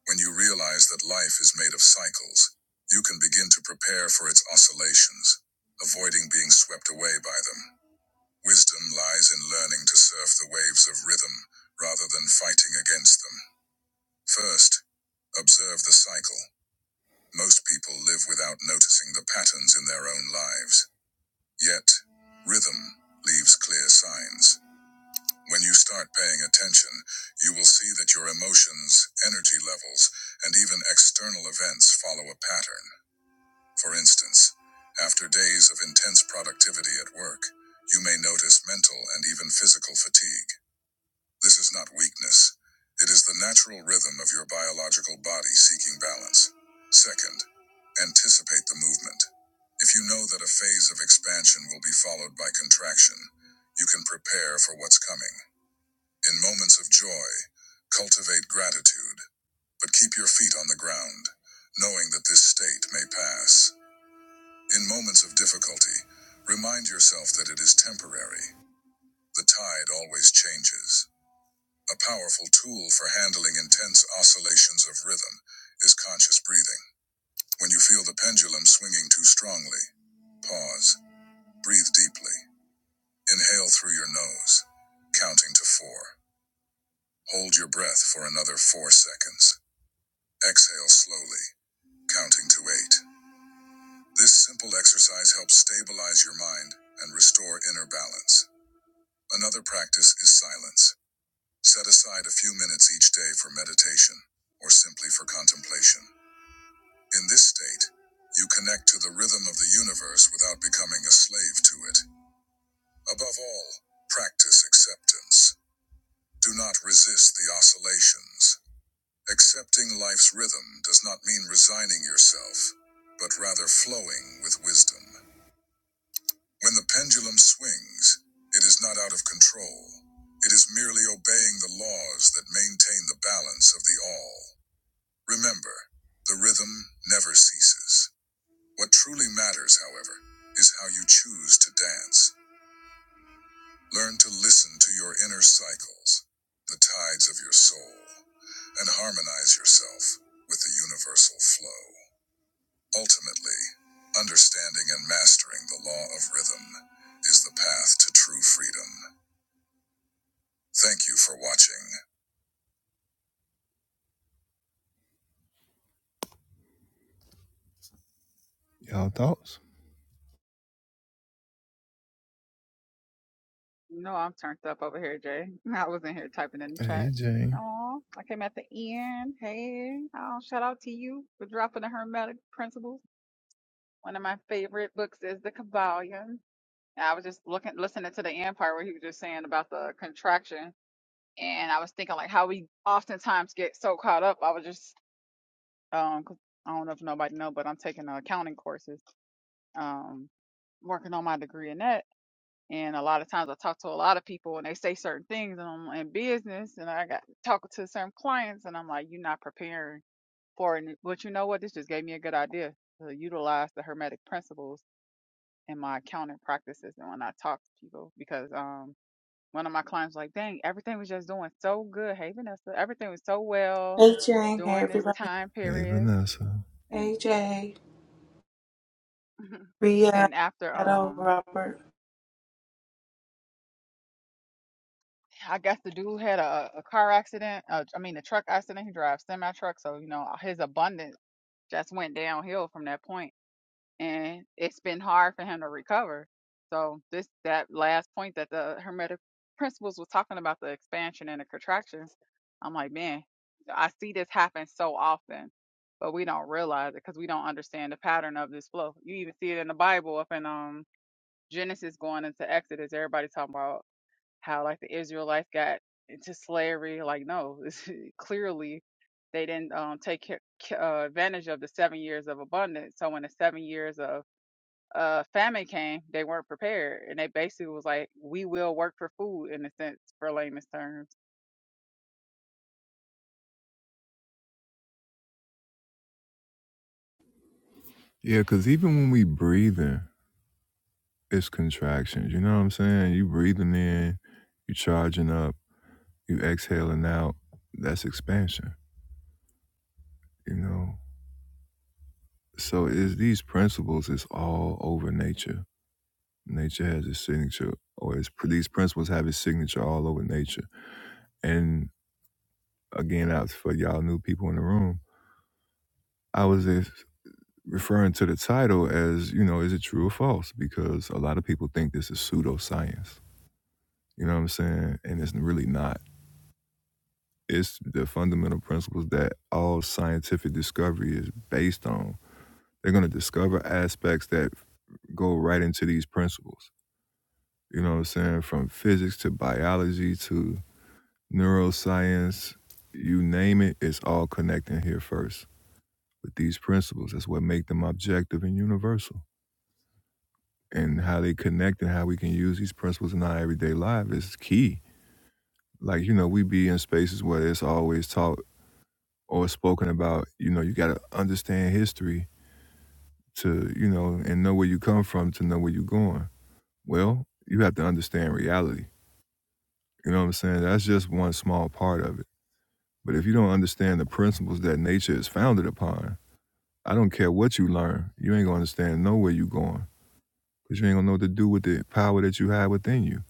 [SPEAKER 1] When you realize that life is made of cycles, you can begin to prepare for its oscillations, avoiding being swept away by them. Wisdom lies in learning to surf the waves of rhythm rather than fighting against them. First, observe the cycle. Most people live without noticing the patterns in their own lives. Yet, rhythm leaves clear signs. When you start paying attention, you will see that your emotions, energy levels, and even external events follow a pattern. For instance, after days of intense productivity at work, you may notice mental and even physical fatigue. This is not weakness. It is the natural rhythm of your biological body seeking balance. Second, anticipate the movement. If you know that a phase of expansion will be followed by contraction, you can prepare for what's coming. In moments of joy, cultivate gratitude, but keep your feet on the ground, knowing that this state may pass. In moments of difficulty, remind yourself that it is temporary. The tide always changes. A powerful tool for handling intense oscillations of rhythm is conscious breathing. When you feel the pendulum swinging too strongly, pause, breathe deeply, inhale through your nose, counting to four. Hold your breath for another four seconds. Exhale slowly, counting to eight. This simple exercise helps stabilize your mind and restore inner balance. Another practice is silence. Set aside a few minutes each day for meditation or simply for contemplation. In this state, you connect to the rhythm of the universe without becoming a slave to it. Above all, practice acceptance. Do not resist the oscillations. Accepting life's rhythm does not mean resigning yourself, but rather flowing with wisdom. When the pendulum swings, it is not out of control. It is merely obeying the laws that maintain the balance of the all. Remember, the rhythm never ceases. What truly matters, however, is how you choose to dance. Learn to listen to your inner cycles, the tides of your soul, and harmonize yourself with the universal flow. Ultimately, understanding and mastering the law of rhythm is the path to true freedom. Thank you for watching. Y'all thoughts?
[SPEAKER 18] No, I'm turned up over here, Jay. I was in here typing in the chat.
[SPEAKER 1] Hey, Jane.
[SPEAKER 18] Oh, I came at the end. Hey, oh, shout out to you for dropping the Hermetic Principles. One of my favorite books is The Kabbalion. And I was just looking, listening to the end part where he was just saying about the contraction, and I was thinking like how we oftentimes get so caught up. I was just, um, 'cause I don't know if nobody know, but I'm taking uh, accounting courses. Um, working on my degree in that. And a lot of times I talk to a lot of people and they say certain things and I'm in business and I got talking to some clients and I'm like, you're not preparing for it. But you know what? This just gave me a good idea to utilize the Hermetic principles in my accounting practices and when I talk to people because um one of my clients was like, dang, everything was just doing so good. Hey, Vanessa, everything was so well
[SPEAKER 19] Hey Jane, hey
[SPEAKER 18] during this
[SPEAKER 19] everybody.
[SPEAKER 18] time
[SPEAKER 1] Hey,
[SPEAKER 18] period.
[SPEAKER 1] Vanessa.
[SPEAKER 18] And
[SPEAKER 19] Hey Jay, Ria,
[SPEAKER 18] then after
[SPEAKER 19] Shadow,
[SPEAKER 18] um
[SPEAKER 19] Robert.
[SPEAKER 18] I guess the dude had a, a car accident. Uh, I mean, a truck accident. He drives semi truck, so you know his abundance just went downhill from that point, and it's been hard for him to recover. So this that last point that the hermetic principles was talking about the expansion and the contractions. I'm like, man, I see this happen so often, but we don't realize it because we don't understand the pattern of this flow. You even see it in the Bible, up in um Genesis going into Exodus. Everybody talking about how like the Israelites got into slavery. Like, no, this, clearly they didn't um, take ca- ca- uh, advantage of the seven years of abundance. So when the seven years of uh, famine came, they weren't prepared, and they basically was like, "We will work for food," in a sense, for layman's terms.
[SPEAKER 1] Yeah, because even when we breathing, it's contractions. You know what I'm saying? You breathing in, you charging up, you exhaling out. That's expansion, you know? So it's these principles It's all over nature. Nature has its signature, or its, these principles have its signature all over nature. And again, out for y'all new people in the room, I was if referring to the title as, you know, is it true or false? Because a lot of people think this is pseudoscience. You know what I'm saying? And it's really not. It's the fundamental principles that all scientific discovery is based on. They're going to discover aspects that go right into these principles. You know what I'm saying? From physics to biology to neuroscience, you name it, it's all connecting here first with these principles. That's what make them objective and universal. And how they connect and how we can use these principles in our everyday life is key. Like, you know, we be in spaces where it's always taught or spoken about, you know, you gotta understand history to, you know, and know where you come from to know where you're going. Well, you have to understand reality. You know what I'm saying? That's just one small part of it. But if you don't understand the principles that nature is founded upon, I don't care what you learn. You ain't gonna understand nowhere you going because you ain't gonna know what to do with the power that you have within you.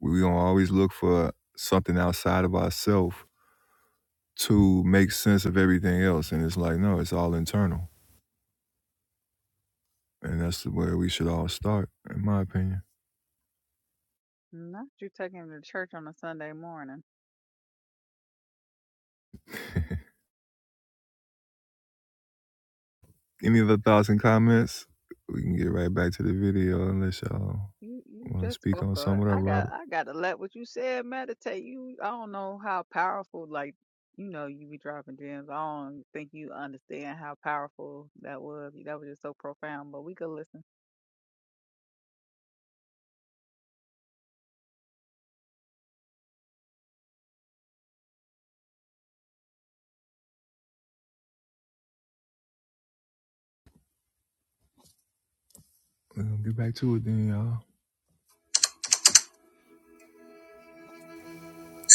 [SPEAKER 1] We gonna always look for something outside of ourselves to make sense of everything else, and it's like no, it's all internal, and that's where we should all start, in my opinion.
[SPEAKER 18] Not you taking him to church on a Sunday morning.
[SPEAKER 1] Any other thoughts and comments? We can get right back to the video unless y'all
[SPEAKER 18] You you
[SPEAKER 1] want to
[SPEAKER 18] just
[SPEAKER 1] speak
[SPEAKER 18] spoke
[SPEAKER 1] on
[SPEAKER 18] of
[SPEAKER 1] some of that,
[SPEAKER 18] I got
[SPEAKER 1] Robert.
[SPEAKER 18] I gotta let what you said meditate. You I don't know how powerful like you know you be dropping gems. I don't think you understand how powerful that was. That was just so profound. But we could listen.
[SPEAKER 1] We're gonna get back to it then, y'all.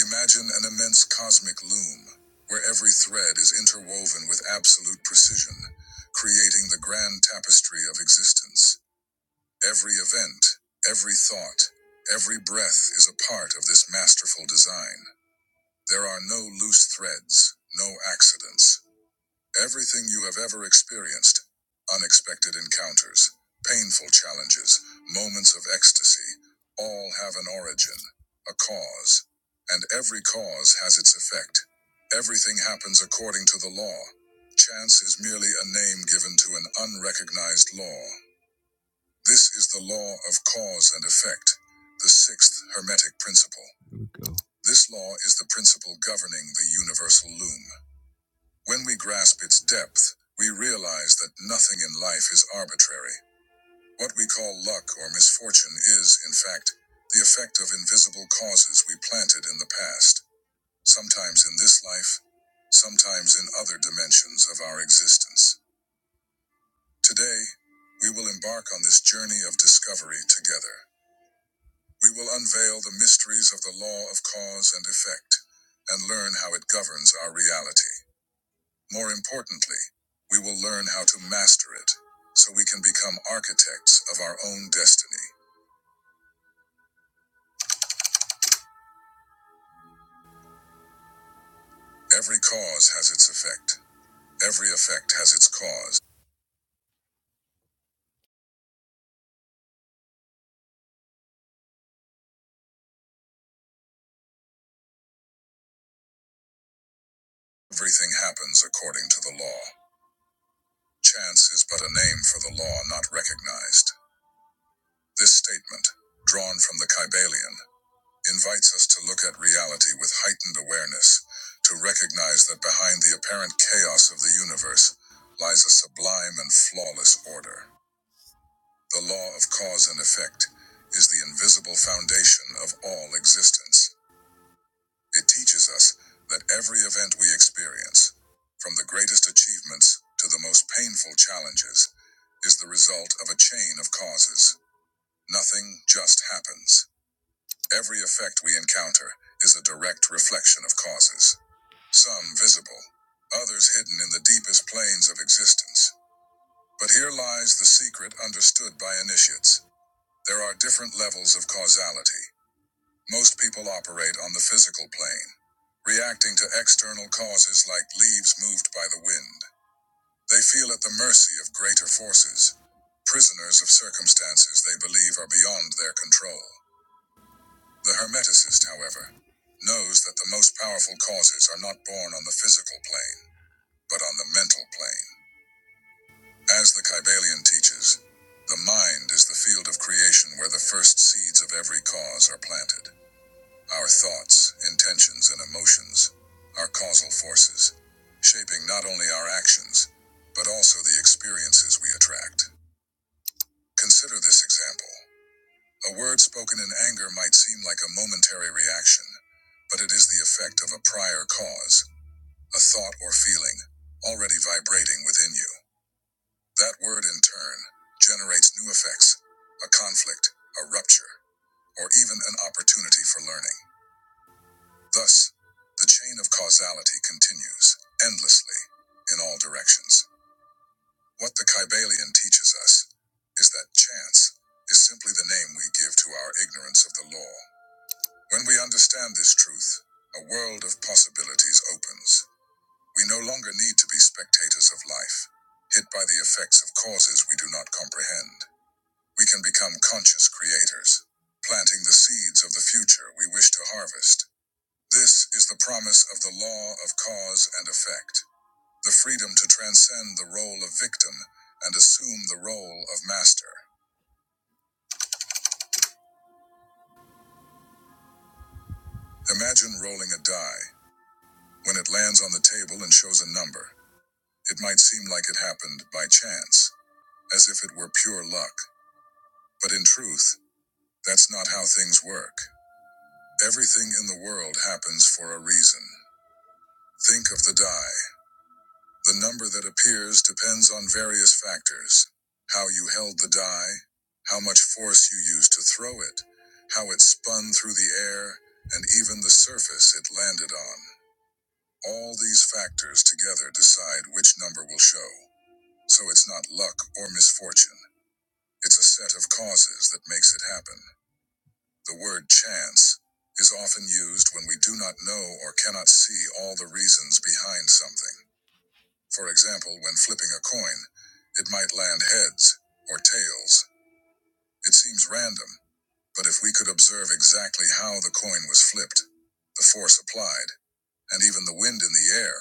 [SPEAKER 1] Imagine an immense cosmic loom, where every thread is interwoven with absolute precision, creating the grand tapestry of existence. Every event, every thought, every breath is a part of this masterful design. There are no loose threads, no accidents. Everything you have ever experienced unexpected encounters, painful challenges, moments of ecstasy all have an origin, a cause, and every cause has its effect. Everything happens according to the law. Chance is merely a name given to an unrecognized law. This is the law of cause and effect, the sixth hermetic principle. There we go. This law is the principle governing the universal loom. When we grasp its depth, we realize that nothing in life is arbitrary. What we call luck or misfortune is, in fact, the effect of invisible causes we planted in the past, sometimes in this life, sometimes in other dimensions of our existence. Today, we will embark on this journey of discovery together. We will unveil the mysteries of the law of cause and effect and learn how it governs our reality. More importantly, we will learn how to master it so we can become architects of our own destiny. Every cause has its effect, every effect has its cause. Everything happens according to the law. Chance is but a name for the law not recognized. This statement, drawn from the Kybalion, invites us to look at reality with heightened awareness, to recognize that behind the apparent chaos of the universe lies a sublime and flawless order. The law of cause and effect is the invisible foundation of all existence. It teaches us that every event we experience, from the greatest achievements to the most painful challenges, is the result of a chain of causes. Nothing just happens. Every effect we encounter is a direct reflection of causes, some visible, others hidden in the deepest planes of existence. But here lies the secret understood by initiates. There are different levels of causality. Most people operate on the physical plane, reacting to external causes like leaves moved by the wind. They feel at the mercy of greater forces, prisoners of circumstances they believe are beyond their control. The Hermeticist, however, knows that the most powerful causes are not born on the physical plane, but on the mental plane. As the Kybalion teaches, the mind is the field of creation where the first seeds of every cause are planted. Our thoughts, intentions, and emotions are causal forces, shaping not only our actions, but also the experiences we attract. Consider this example. A word spoken in anger might seem like a momentary reaction, but it is the effect of a prior cause, a thought or feeling, already vibrating within you. That word, in turn, generates new effects, a conflict, a rupture, or even an opportunity for learning. Thus, the chain of causality continues endlessly in all directions. What the Kybalion teaches us is that chance is simply the name we give to our ignorance of the law. When we understand this truth, a world of possibilities opens. We no longer need to be spectators of life, hit by the effects of causes we do not comprehend. We can become conscious creators, planting the seeds of the future we wish to harvest. This is the promise of the law of cause and effect, the freedom to transcend the role of victim and assume the role of master. Imagine rolling a die. When it lands on the table and shows a number, it might seem like it happened by chance, as if it were pure luck. But in truth, that's not how things work. Everything in the world happens for a reason. Think of the die. The number that appears depends on various factors how you held the die, how much force you used to throw it, how it spun through the air, and even the surface it landed on. All these factors together decide which number will show. So it's not luck or misfortune, it's a set of causes that makes it happen. The word chance is often used when we do not know or cannot see all the reasons behind something. For example, when flipping a coin, it might land heads or tails. It seems random, but if we could observe exactly how the coin was flipped, the force applied, and even the wind in the air,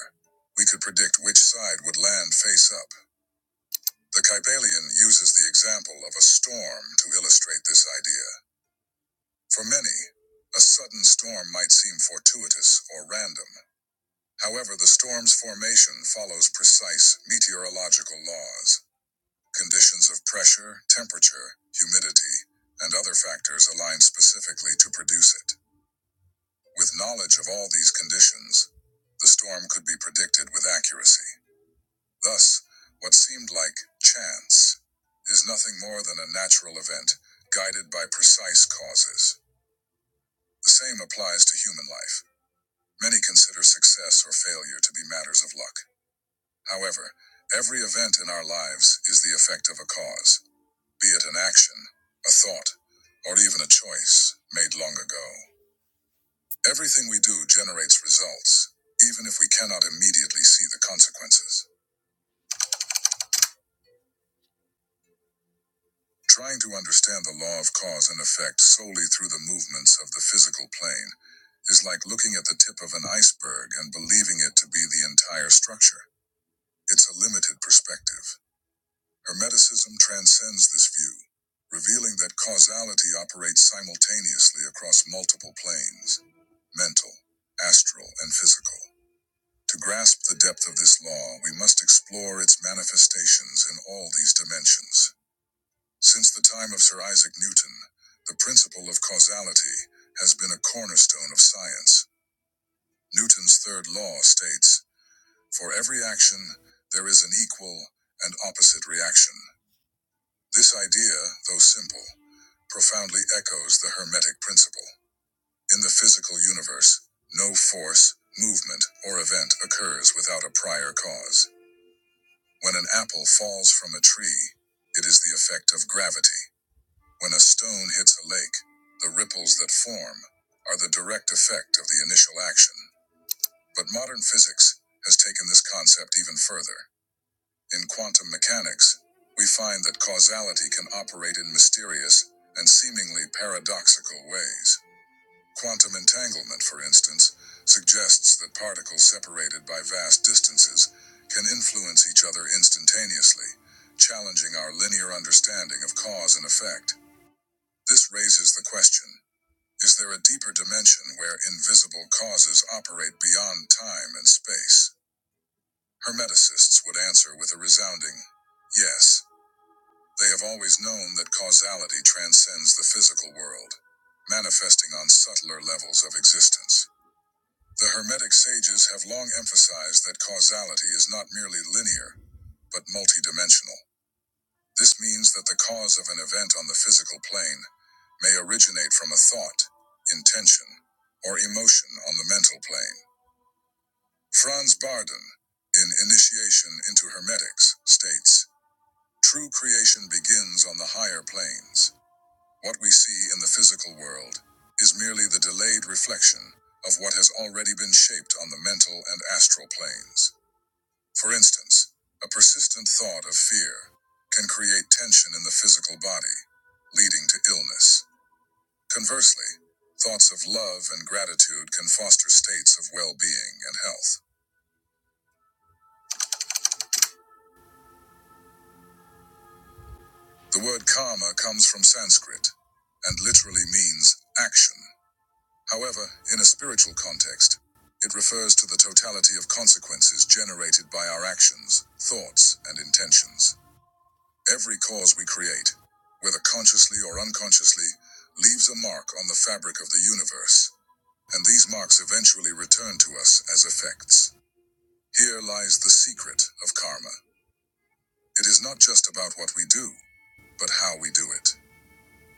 [SPEAKER 1] we could predict which side would land face up. The Kybalion uses the example of a storm to illustrate this idea. For many, a sudden storm might seem fortuitous or random. However, the storm's formation follows precise meteorological laws. Conditions of pressure, temperature, humidity, and other factors align specifically to produce it. With knowledge of all these conditions, the storm could be predicted with accuracy. Thus, what seemed like chance is nothing more than a natural event guided by precise causes. The same applies to human life. Many consider success or failure to be matters of luck. However, every event in our lives is the effect of a cause. be it an action, a thought, or even a choice made long ago. Everything we do generates results, even if we cannot immediately see the consequences. Trying to understand the law of cause and effect solely through the movements of the physical plane is like looking at the tip of an iceberg and believing it to be the entire structure. It's a limited perspective. Hermeticism transcends this view, revealing that causality operates simultaneously across multiple planes mental, astral, and physical. To grasp the depth of this law, we must explore its manifestations in all these dimensions. Since the time of Sir Isaac Newton, the principle of causality has been a cornerstone of science. Newton's third law states For every action, there is an equal and opposite reaction. This idea, though simple, profoundly echoes the Hermetic principle. In the physical universe, no force, movement, or event occurs without a prior cause. When an apple falls from a tree, it is the effect of gravity. When a stone hits a lake, the ripples that form are the direct effect of the initial action. But modern physics has taken this concept even further. In quantum mechanics, we find that causality can operate in mysterious and seemingly paradoxical ways. Quantum entanglement, for instance, suggests that particles separated by vast distances can influence each other instantaneously, challenging our linear understanding of cause and effect. This raises the question is there a deeper dimension where invisible causes operate beyond time and space? Hermeticists would answer with a resounding yes. They have always known that causality transcends the physical world, manifesting on subtler levels of existence. The Hermetic sages have long emphasized that causality is not merely linear, but multidimensional. This means that the cause of an event on the physical plane may originate from a thought, intention, or emotion on the mental plane. Franz Bardon, in Initiation into Hermetics, states True creation begins on the higher planes. What we see in the physical world is merely the delayed reflection of what has already been shaped on the mental and astral planes. For instance, a persistent thought of fear can create tension in the physical body, leading to illness. Conversely, thoughts of love and gratitude can foster states of well being and health. The word karma comes from Sanskrit and literally means action. However, in a spiritual context, it refers to the totality of consequences generated by our actions, thoughts, and intentions. Every cause we create, whether consciously or unconsciously, leaves a mark on the fabric of the universe, and these marks eventually return to us as effects. Here lies the secret of karma. It is not just about what we do, but how we do it.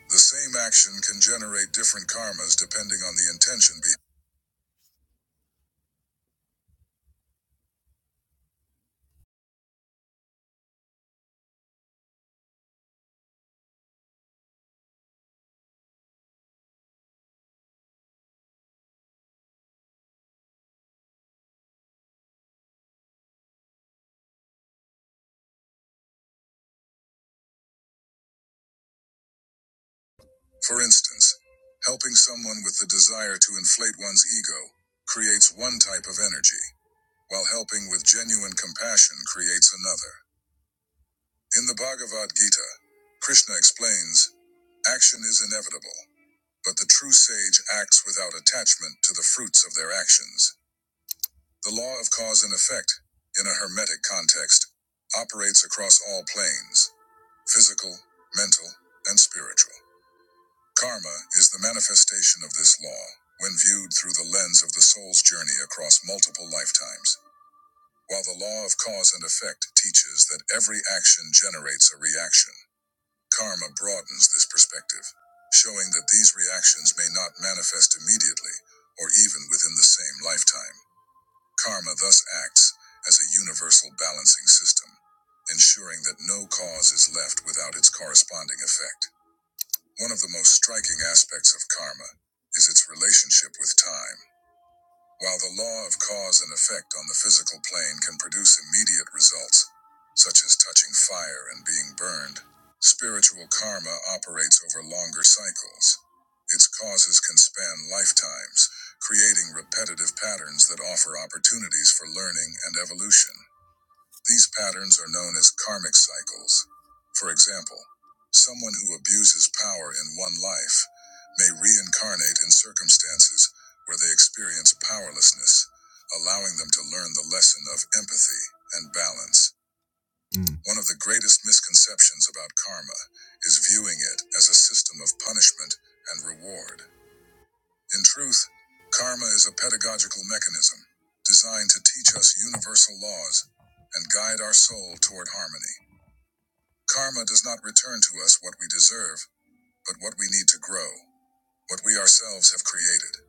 [SPEAKER 1] The same action can generate different karmas depending on the intention behind For instance, helping someone with the desire to inflate one's ego creates one type of energy, while helping with genuine compassion creates another. In the Bhagavad Gita, Krishna explains action is inevitable, but the true sage acts without attachment to the fruits of their actions. The law of cause and effect, in a hermetic context, operates across all planes physical, mental, and spiritual. Karma is the manifestation of this law when viewed through the lens of the soul's journey across multiple lifetimes. While the law of cause and effect teaches that every action generates a reaction, karma broadens this perspective, showing that these reactions may not manifest immediately or even within the same lifetime. Karma thus acts as a universal balancing system, ensuring that no cause is left without its corresponding effect. One of the most striking aspects of karma is its relationship with time. While the law of cause and effect on the physical plane can produce immediate results, such as touching fire and being burned, spiritual karma operates over longer cycles. Its causes can span lifetimes, creating repetitive patterns that offer opportunities for learning and evolution. These patterns are known as karmic cycles. For example, someone who abuses power in one life may reincarnate in circumstances where they experience powerlessness, allowing them to learn the lesson of empathy and balance. Mm. One of the greatest misconceptions about karma is viewing it as a system of punishment and reward. In truth, karma is a pedagogical mechanism designed to teach us universal laws and guide our soul toward harmony. Karma does not return to us what we deserve, but what we need to grow, what we ourselves have created.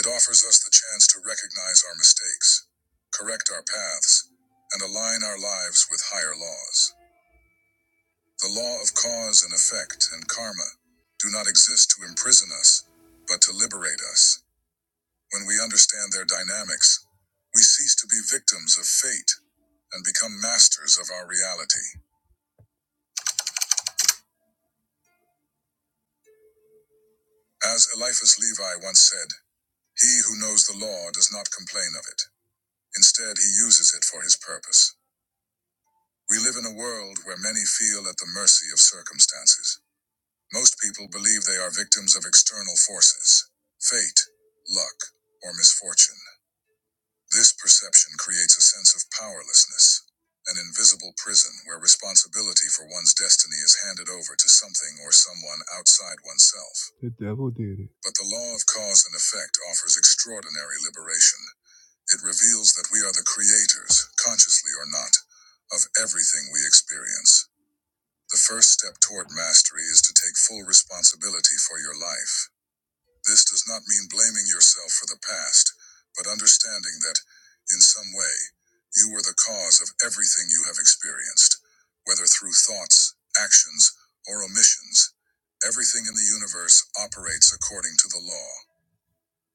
[SPEAKER 1] It offers us the chance to recognize our mistakes, correct our paths, and align our lives with higher laws. The law of cause and effect and karma do not exist to imprison us, but to liberate us. When we understand their dynamics, we cease to be victims of fate and become masters of our reality. As Eliphas Levi once said, he who knows the law does not complain of it. Instead, he uses it for his purpose. We live in a world where many feel at the mercy of circumstances. Most people believe they are victims of external forces fate, luck, or misfortune. This perception creates a sense of powerlessness, an invisible prison where responsibility for one's destiny is handed over to something or someone outside oneself. The devil did it. But the law of cause and effect offers extraordinary liberation. It reveals that we are the creators, consciously or not, of everything we experience. The first step toward mastery is to take full responsibility for your life. This does not mean blaming yourself for the past, but understanding that, in some way, you were the cause of everything you have experienced, whether through thoughts, actions, or omissions. Everything in the universe operates according to the law.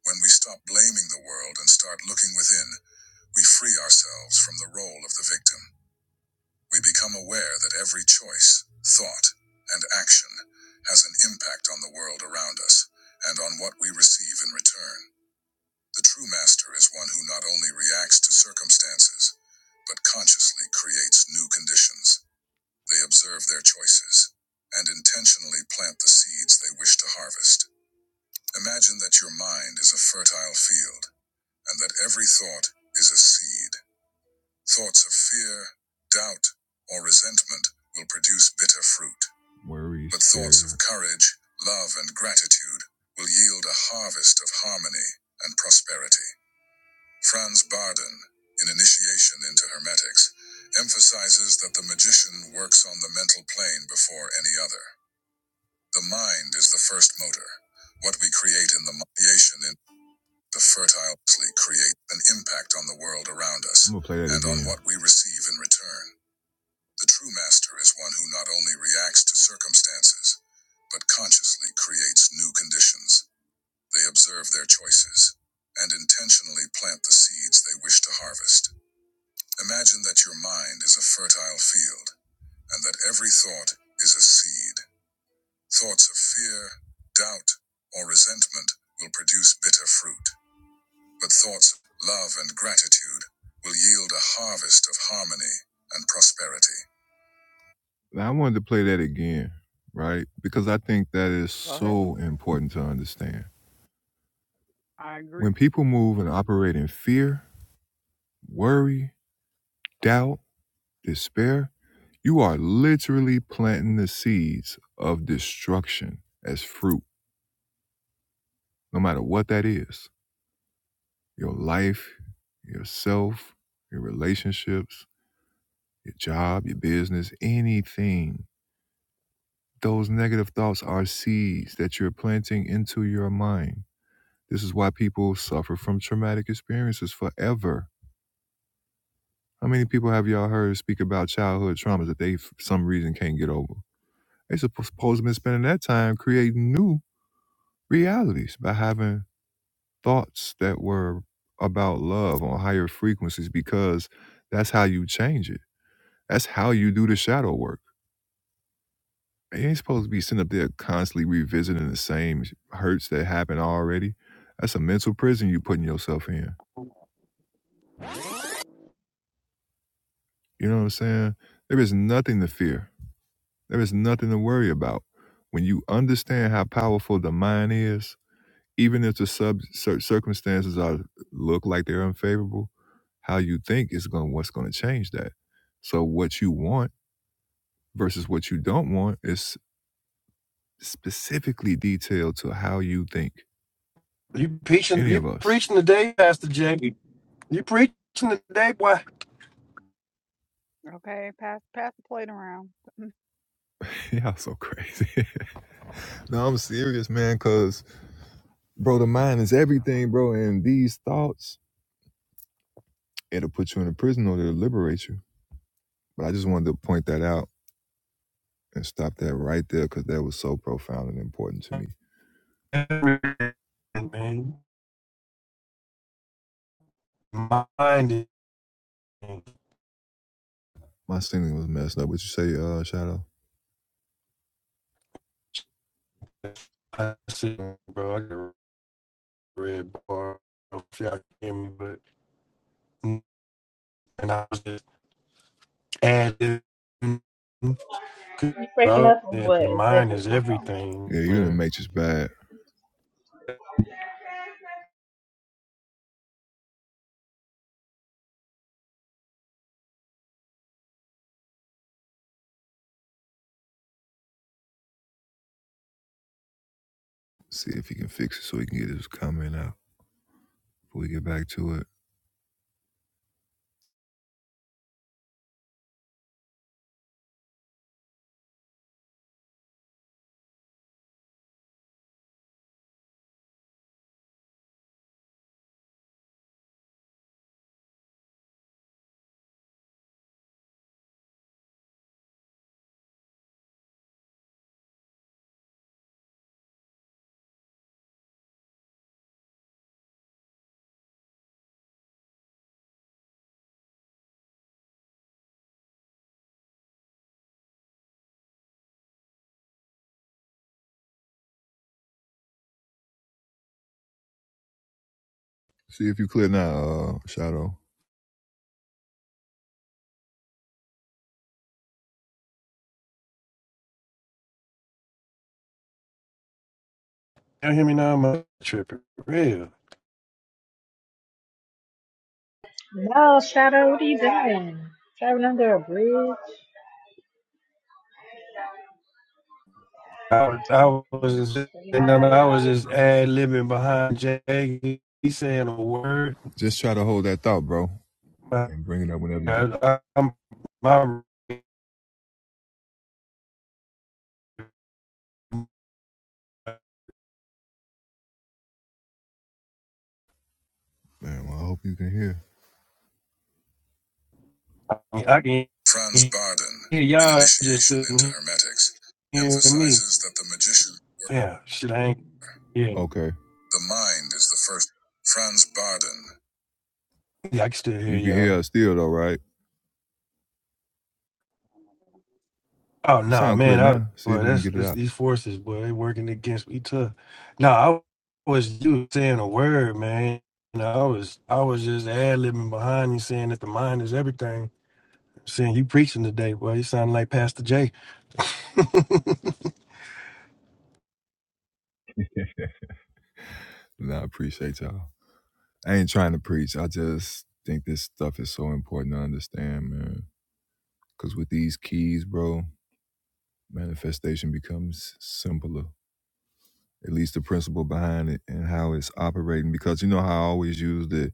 [SPEAKER 1] When we stop blaming the world and start looking within, we free ourselves from the role of the victim. We become aware that every choice, thought, and action has an impact on the world around us and on what we receive in return. The true master is one who not only reacts to circumstances, but consciously creates new conditions. They observe their choices and intentionally plant the seeds they wish to harvest. Imagine that your mind is a fertile field and that every thought is a seed. Thoughts of fear, doubt, or resentment will produce bitter fruit. Worry, but thoughts fear. of courage, love, and gratitude will yield a harvest of harmony and prosperity. Franz Bardon, in Initiation into Hermetics, emphasizes that the magician works on the mental plane before any other. The mind is the first motor. What we create in the creation in the fertile create an impact on the world around us I'm and again. on what we receive in return. The true master is one who not only reacts to circumstances, but consciously creates new conditions. They observe their choices and intentionally plant the seeds they wish to harvest. Imagine that your mind is a fertile field and that every thought is a seed. Thoughts of fear, doubt, or resentment will produce bitter fruit, but thoughts of love and gratitude will yield a harvest of harmony and prosperity. Now, I wanted to play that again, right? Because I think that is
[SPEAKER 18] Go ahead.
[SPEAKER 1] so important to understand.
[SPEAKER 18] I
[SPEAKER 1] When
[SPEAKER 18] agree.
[SPEAKER 1] people move and operate in fear, worry, doubt, despair, You are literally planting the seeds of destruction as fruit, no matter what that is your life, yourself, your relationships, your job, your business, anything. Those negative thoughts are seeds that you're planting into your mind. This is why people suffer from traumatic experiences forever. How many people have y'all heard speak about childhood traumas that they, for some reason, can't get over? They supposed to have been spending that time creating new realities by having thoughts that were about love on higher frequencies because that's how you change it. That's how you do the shadow work. You ain't supposed to be sitting up there constantly revisiting the same hurts that happened already. That's a mental prison you putting yourself in. You know what I'm saying? There is nothing to fear. There is nothing to worry about. When you understand how powerful the mind is, even if the sub cir- circumstances are look like they're unfavorable, how you think is going what's going to change that. So what you want versus what you don't want is specifically detailed to how you think.
[SPEAKER 4] You preaching?
[SPEAKER 1] Any
[SPEAKER 4] You
[SPEAKER 1] of us.
[SPEAKER 4] preaching today, Pastor Jay? You preaching today, boy?
[SPEAKER 18] Okay, pass pass the plate around.
[SPEAKER 1] Y'all so crazy. no, I'm serious, man, cause bro, the mind is everything, bro. And these thoughts, it'll put you in a prison or it'll liberate you. But I just wanted to point that out and stop that right there because that was so profound and important to me.
[SPEAKER 4] Man, mind is-
[SPEAKER 1] My singing was messed up. What you say, uh, Shadow?
[SPEAKER 4] I see, bro. I got a red bar. I don't know if y'all can hear me, but and I was just adding.
[SPEAKER 2] You breaking
[SPEAKER 4] Well,
[SPEAKER 2] up or
[SPEAKER 4] and
[SPEAKER 2] what?
[SPEAKER 4] the
[SPEAKER 2] Is that
[SPEAKER 4] mind
[SPEAKER 2] just
[SPEAKER 4] is
[SPEAKER 2] my phone?
[SPEAKER 4] everything,
[SPEAKER 1] Yeah, you're in the
[SPEAKER 4] man.
[SPEAKER 1] Matrix bad. See if he can fix it so he can get his comment out before we get back to it. See if you clear now, uh, Shadow.
[SPEAKER 4] You hear me now? I'm tripping. Real.
[SPEAKER 2] No, Shadow, what are you doing?
[SPEAKER 4] I, I was just, and i I was just ad libbing behind Jay. He saying a word.
[SPEAKER 1] Just try to hold that thought, bro,
[SPEAKER 4] I,
[SPEAKER 1] and bring it up whenever you can.
[SPEAKER 4] I, I'm my.
[SPEAKER 1] Man, well, I hope you can hear.
[SPEAKER 4] I can
[SPEAKER 1] Franz
[SPEAKER 4] hear
[SPEAKER 1] Barden, in
[SPEAKER 4] y'all. Just
[SPEAKER 1] Initiation into
[SPEAKER 4] couldn't
[SPEAKER 1] Hermetics,
[SPEAKER 4] hear me.
[SPEAKER 1] emphasizes that the magician.
[SPEAKER 4] Yeah, shit. I ain't. Yeah,
[SPEAKER 1] Okay. The mind is the first. Franz Barden.
[SPEAKER 4] yeah. I can still hear
[SPEAKER 1] You can
[SPEAKER 4] y'all.
[SPEAKER 1] hear us still, though, right?
[SPEAKER 4] Oh
[SPEAKER 1] You
[SPEAKER 4] no,
[SPEAKER 1] sound
[SPEAKER 4] man!
[SPEAKER 1] clear
[SPEAKER 4] I
[SPEAKER 1] now. See
[SPEAKER 4] boy,
[SPEAKER 1] if you can
[SPEAKER 4] that's
[SPEAKER 1] get it
[SPEAKER 4] this
[SPEAKER 1] out.
[SPEAKER 4] these forces, boy, they working against me too. No, I was you saying a word, man. You know, I was I was just ad libbing behind you, saying that the mind is everything. Saying you preaching today, boy, you sound like Pastor J.
[SPEAKER 1] And I appreciate y'all. I ain't trying to preach. I just think this stuff is so important to understand, man. Because with these keys, bro, manifestation becomes simpler. At least the principle behind it and how it's operating. Because you know how I always use the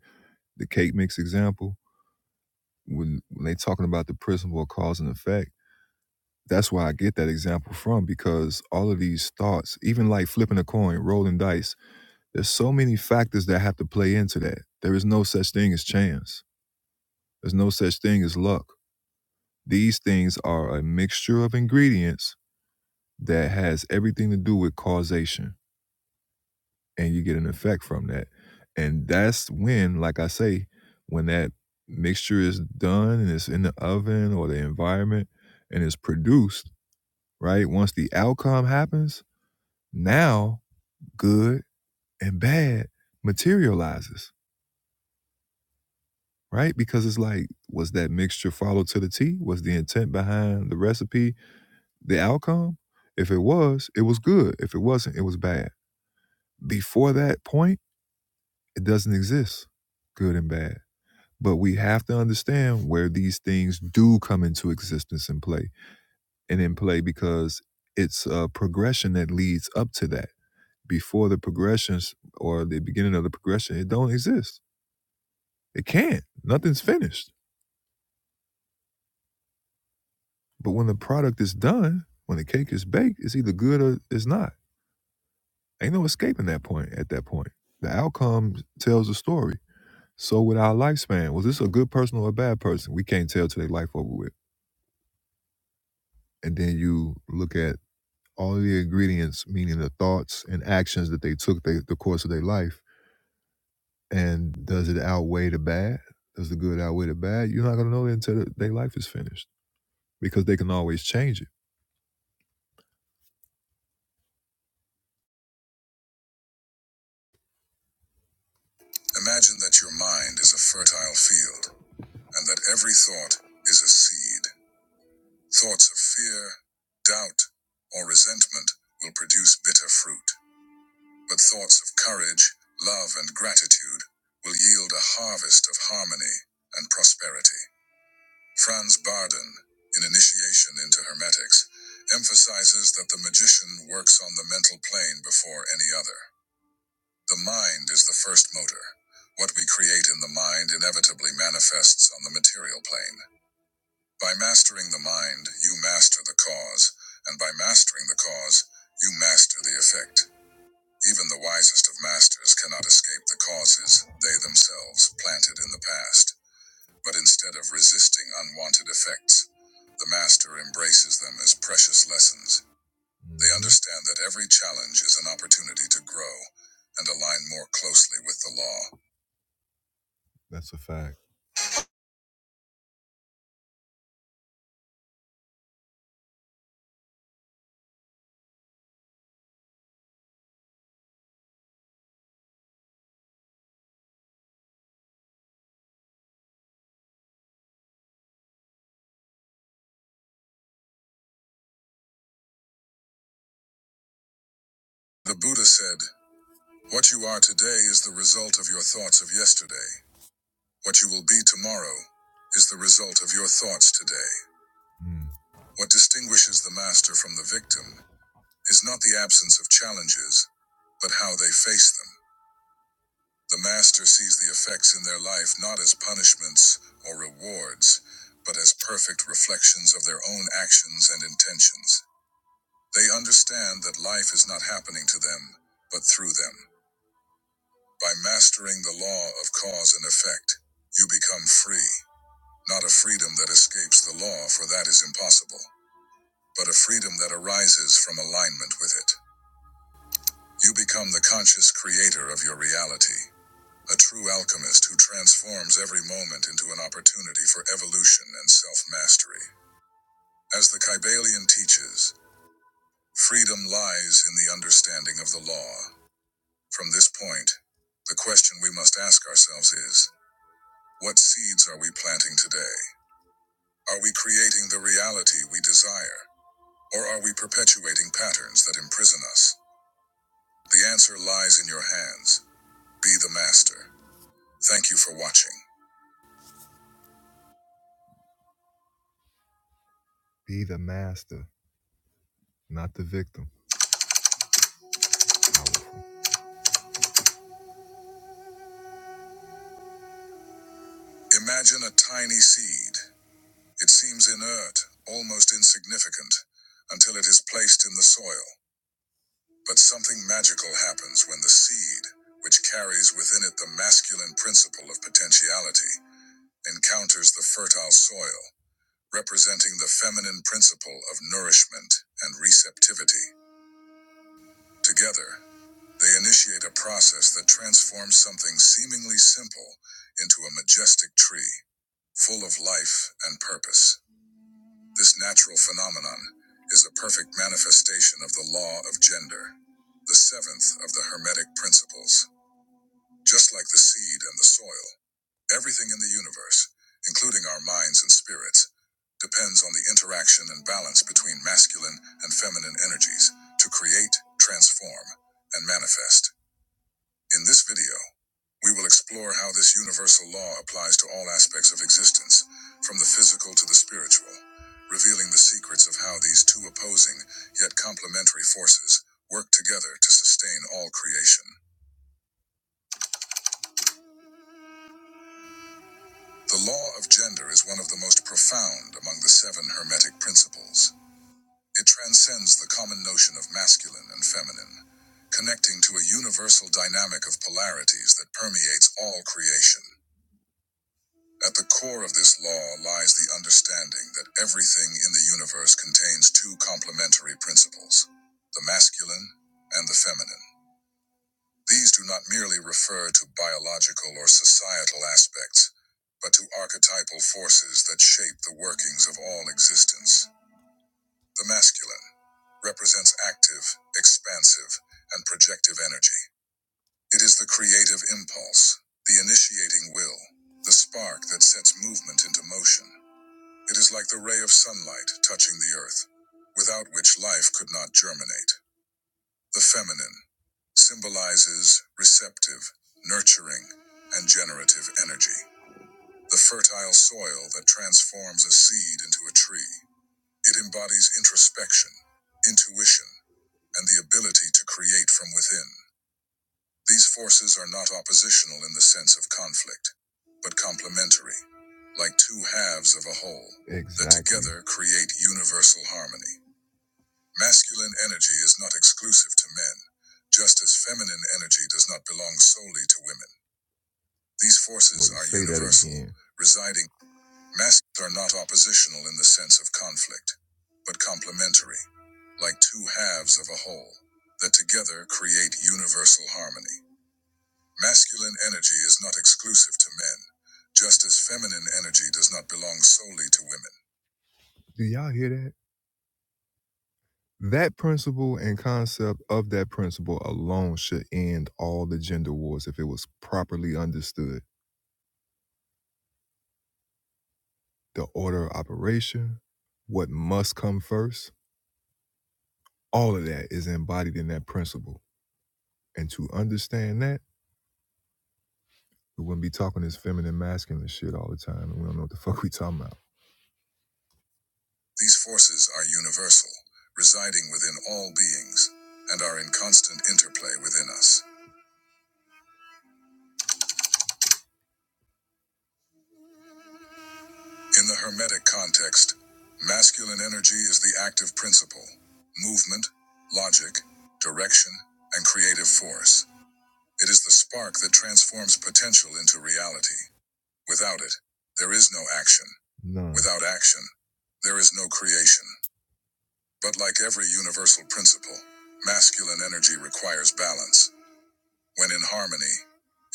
[SPEAKER 1] the cake mix example when when they talking about the principle of cause and effect. That's where I get that example from because all of these thoughts, even like flipping a coin, rolling dice, there's so many factors that have to play into that. There is no such thing as chance. There's no such thing as luck. These things are a mixture of ingredients that has everything to do with causation, and you get an effect from that. And that's when, like I say, when that mixture is done and it's in the oven or the environment and it's produced, right? Once the outcome happens, now good and bad materializes, right? Because it's like, was that mixture followed to the T? Was the intent behind the recipe the outcome? If it was, it was good. If it wasn't, it was bad. Before that point, it doesn't exist, good and bad. But we have to understand where these things do come into existence and play, and in play because it's a progression that leads up to that. Before the progressions or the beginning of the progression, it don't exist. It can't. Nothing's finished. But when the product is done, when the cake is baked, it's either good or it's not Ain't no escaping that point at that point. The outcome tells the story. So with our lifespan, was this a good person or a bad person? We can't tell till they life over with. And then you look at all the ingredients, meaning the thoughts and actions that they took the, the course of their life. And does it outweigh the bad? Does the good outweigh the bad? You're not gonna know that until their life is finished. Because they can always change it. Imagine that your mind is a fertile field and that every thought is a seed. Thoughts of fear, doubt, or resentment will produce bitter fruit, but thoughts of courage, love, and gratitude will yield a harvest of harmony and prosperity. Franz Barden, in Initiation into Hermetics, emphasizes that the magician works on the mental plane before any other. The mind is the first motor. What we create in the mind inevitably manifests on the material plane. By mastering the mind, you master the cause, and by mastering the cause, you master the effect. Even the wisest of masters cannot escape the causes they themselves planted in the past, but instead of resisting unwanted effects, the master embraces them as precious lessons. They understand that every challenge is an opportunity to grow and align more closely with the law. That's a fact. The Buddha said, What you are today is the result of your thoughts of yesterday. What you will be tomorrow is the result of your thoughts today. Mm. What distinguishes the master from the victim is not the absence of challenges, but how they face them. The master sees the effects in their life not as punishments or rewards, but as perfect reflections of their own actions and intentions. They understand that life is not happening to them, but through them. By mastering the law of cause and effect, you become free. Not a freedom that escapes the law, for that is impossible, but a freedom that arises from alignment with it. You become the conscious creator of your reality, a true alchemist who transforms every moment into an opportunity for evolution and self mastery. As the Kybalion teaches, freedom lies in the understanding of the law. From this point, the question we must ask ourselves is what seeds are we planting today? Are we creating the reality we desire? Or are we perpetuating patterns that imprison us? The answer lies in your hands. Be the master. Thank you for watching. Be the master, not the victim. Imagine a tiny seed. It seems inert, almost insignificant, until it is placed in the soil. But something magical happens when the seed, which carries within it the masculine principle of potentiality, encounters the fertile soil. representing the feminine principle of nourishment and receptivity. Together, they initiate a process that transforms something seemingly simple into a majestic tree, full of life and purpose. This natural phenomenon is a perfect manifestation of the law of gender, the seventh of the Hermetic principles. Just like the seed and the soil, everything in the universe, including our minds and spirits, depends on the interaction and balance between masculine and feminine energies to create, transform, and manifest. In this video, we will explore how this universal law applies to all aspects of existence, from the physical to the spiritual, revealing the secrets of how these two opposing yet complementary forces work together to sustain all creation. The law of gender is one of the most profound among the seven Hermetic principles. It transcends the common notion of masculine and feminine, connecting to a universal dynamic of polarities that permeates all creation. At the core of this law lies the understanding that everything in the universe contains two complementary principles the masculine and the feminine. These do not merely refer to biological or societal aspects, but to archetypal forces that shape the workings of all existence. The masculine represents active, expansive, and projective energy. It is the creative impulse, the initiating will, the spark that sets movement into motion. It is like the ray of sunlight touching the earth, without which life could not germinate. The feminine symbolizes receptive, nurturing, and generative energy, the fertile soil that transforms a seed into a tree. It embodies introspection, intuition, and the ability to create from within. These forces are not oppositional in the sense of conflict, but complementary, like two halves of a whole exactly, that Exactly. together create universal harmony. Masculine energy is not exclusive to men, just as feminine energy does not belong solely to women. These forces Wait, are universal, residing. Masculines are not oppositional in the sense of conflict, but complementary, like two halves of a whole, that together create universal harmony. Masculine energy is not exclusive to men, just as feminine energy does not belong solely to women. Do y'all hear that? That principle and concept of that principle alone should end all the gender wars if it was properly understood. The order of operation, what must come first, all of that is embodied in that principle. And to understand that, we wouldn't be talking this feminine masculine shit all the time, and we don't know what the fuck we talking about. These forces are universal, residing within all beings, and are in constant interplay within us. In the Hermetic context, masculine energy is the active principle, movement, logic, direction, and creative force. It is the spark that transforms potential into reality. Without it, there is no action. None. Without action, there is no creation. But like every universal principle, masculine energy requires balance. When in harmony,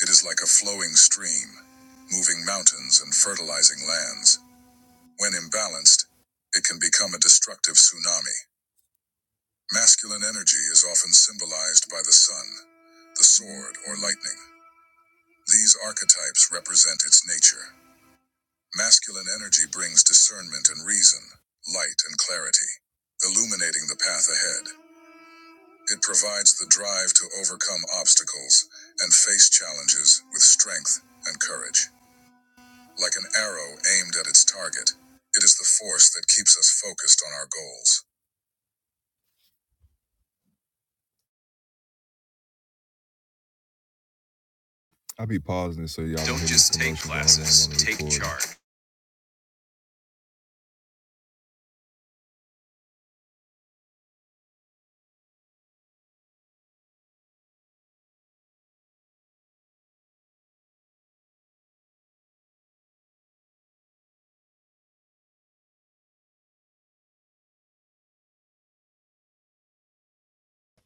[SPEAKER 1] it is like a flowing stream, moving mountains and fertilizing lands. When imbalanced, it can become a destructive tsunami. Masculine energy is often symbolized by the sun, the sword, or lightning. These archetypes represent its nature. Masculine energy brings discernment and reason, light and clarity, illuminating the path ahead. It provides the drive to overcome obstacles and face challenges with strength and courage. Like an arrow aimed at its target, it is the force that keeps us focused on our goals. I'll be pausing it so y'all.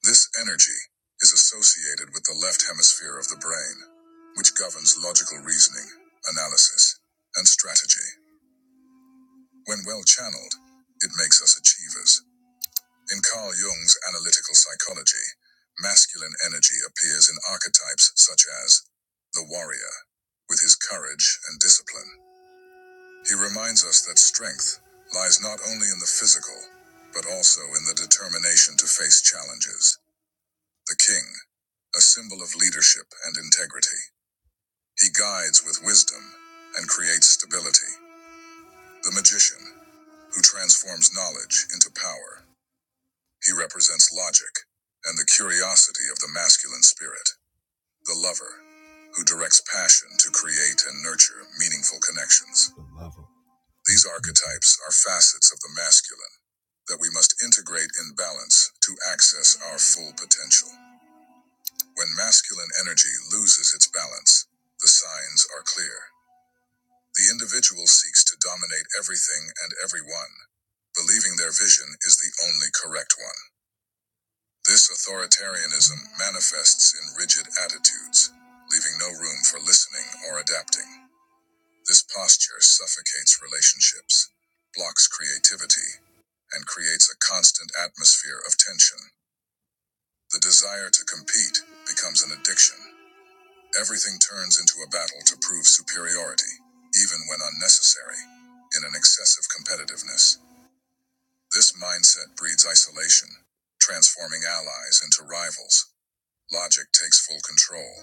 [SPEAKER 1] This energy is associated with the left hemisphere of the brain, which governs logical reasoning, analysis, and strategy. When well channeled, it makes us achievers. In Carl Jung's analytical psychology, masculine energy appears in archetypes such as the warrior, with his courage and discipline. He reminds us that strength lies not only in the physical, but also in the determination to face challenges. The king, a symbol of leadership and integrity. He guides with wisdom and creates stability. The magician, who transforms knowledge into power. He represents logic and the curiosity of the masculine spirit. The lover, who directs passion to create and nurture meaningful connections. These archetypes are facets of the masculine that we must integrate in balance to access our full potential. When masculine energy loses its balance, the signs are clear. The individual seeks to dominate everything and everyone, believing their vision is the only correct one. This authoritarianism manifests in rigid attitudes, leaving no room for listening or adapting. This posture suffocates relationships, blocks creativity, and creates a constant atmosphere of tension. The desire to compete becomes an addiction, Everything turns into a battle to prove superiority, even when unnecessary, in an excessive competitiveness. This mindset breeds isolation, transforming allies into rivals. Logic takes full control,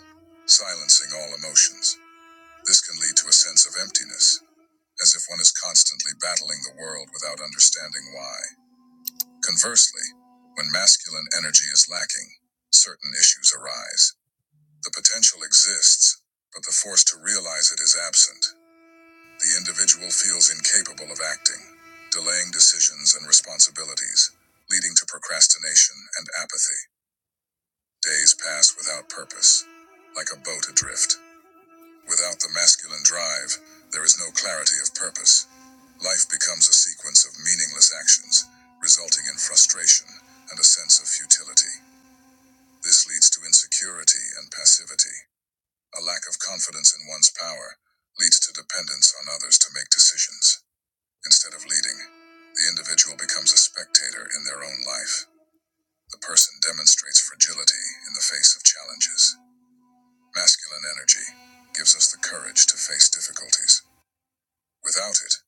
[SPEAKER 1] silencing all emotions. This can lead to a sense of emptiness, as if one is constantly battling the world without understanding why. Conversely, when masculine energy is lacking, certain issues arise the potential exists, but the force to realize it is absent. The individual feels incapable of acting, delaying decisions and responsibilities, leading to procrastination and apathy. Days pass without purpose, like a boat adrift. Without the masculine drive, there is no clarity of purpose. Life becomes a sequence of meaningless actions, resulting in frustration and a sense of futility. This leads to insecurity and passivity. A lack of confidence in one's power leads to dependence on others to make decisions. Instead of leading, the individual becomes a spectator in their own life. The person demonstrates fragility in the face of challenges. Masculine energy gives us the courage to face difficulties. Without it,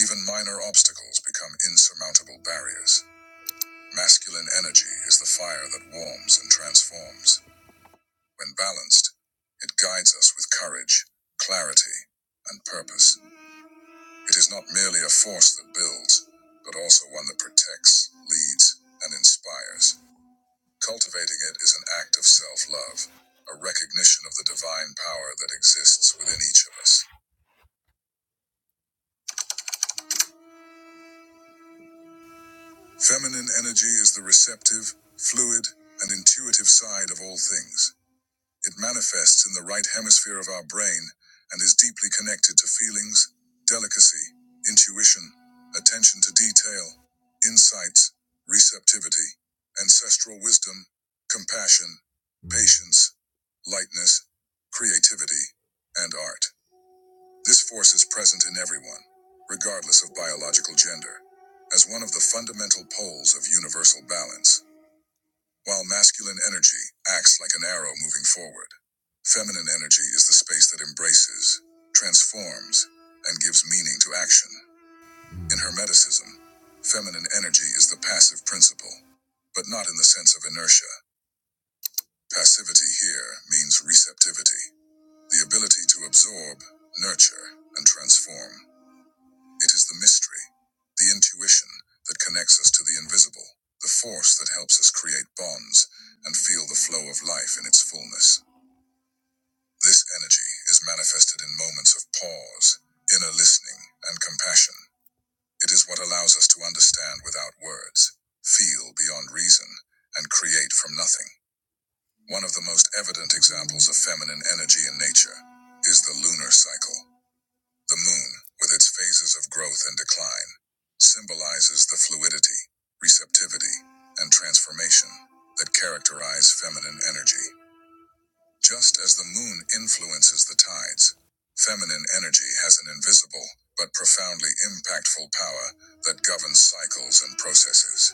[SPEAKER 1] even minor obstacles become insurmountable barriers. Masculine energy is the fire that warms and transforms. When balanced, it guides us with courage, clarity, and purpose. It is not merely a force that builds, but also one that protects, leads, and inspires. Cultivating it is an act of self love, a recognition of the divine power that exists within each of us. Feminine energy is the receptive, fluid, and intuitive side of all things. It manifests in the right hemisphere of our brain and is deeply connected to feelings, delicacy, intuition, attention to detail, insights, receptivity, ancestral wisdom, compassion, patience, lightness, creativity, and art. This force is present in everyone, regardless of biological gender, as one of the fundamental poles of universal balance. While masculine energy acts like an arrow moving forward, feminine energy is the space that embraces, transforms, and gives meaning to action. In Hermeticism, feminine energy is the passive principle, but not in the sense of inertia. Passivity here means receptivity, the ability to absorb, nurture, and transform. It is the mystery, the intuition that connects us to the invisible, the force that helps us create bonds and feel the flow of life in its fullness. This energy is manifested in moments of pause, inner listening, and compassion. It is what allows us to understand without words, feel beyond reason, and create from nothing. One of the most evident examples of feminine energy in nature is the lunar cycle. The moon, with its phases of growth and decline, symbolizes the fluidity, receptivity, and transformation that characterize feminine energy. Just as the moon influences the tides, feminine energy has an invisible but profoundly impactful power that governs cycles and processes.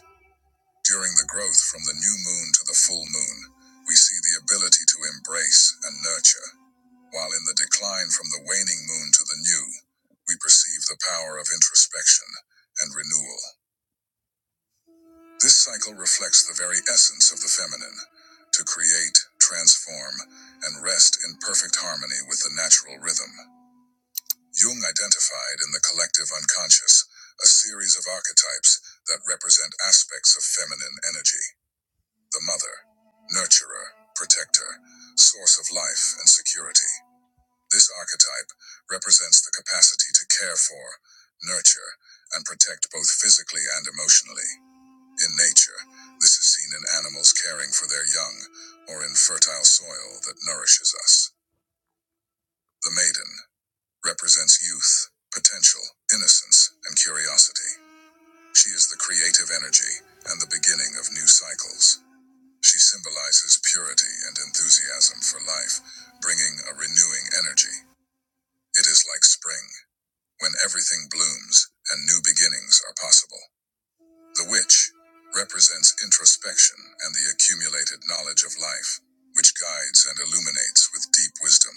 [SPEAKER 1] During the growth from the new moon to the full moon, we see the ability to embrace and nurture while in the decline from the waning moon to the new, we perceive the power of introspection and renewal. This cycle reflects the very essence of the feminine to create, transform, and rest in perfect harmony with the natural rhythm. Jung identified in the collective unconscious a series of archetypes that represent aspects of feminine energy the mother, nurturer, protector, source of life and security. This archetype represents the capacity to care for, nurture, and protect both physically and emotionally. In nature, this is seen in animals caring for their young or in fertile soil that nourishes us. The maiden represents youth, potential, innocence, and curiosity. She is the creative energy and the beginning of new cycles. She symbolizes purity and enthusiasm for life, bringing a renewing energy. It is like spring when everything blooms and new beginnings are possible. The witch represents introspection and the accumulated knowledge of life, which guides and illuminates with deep wisdom,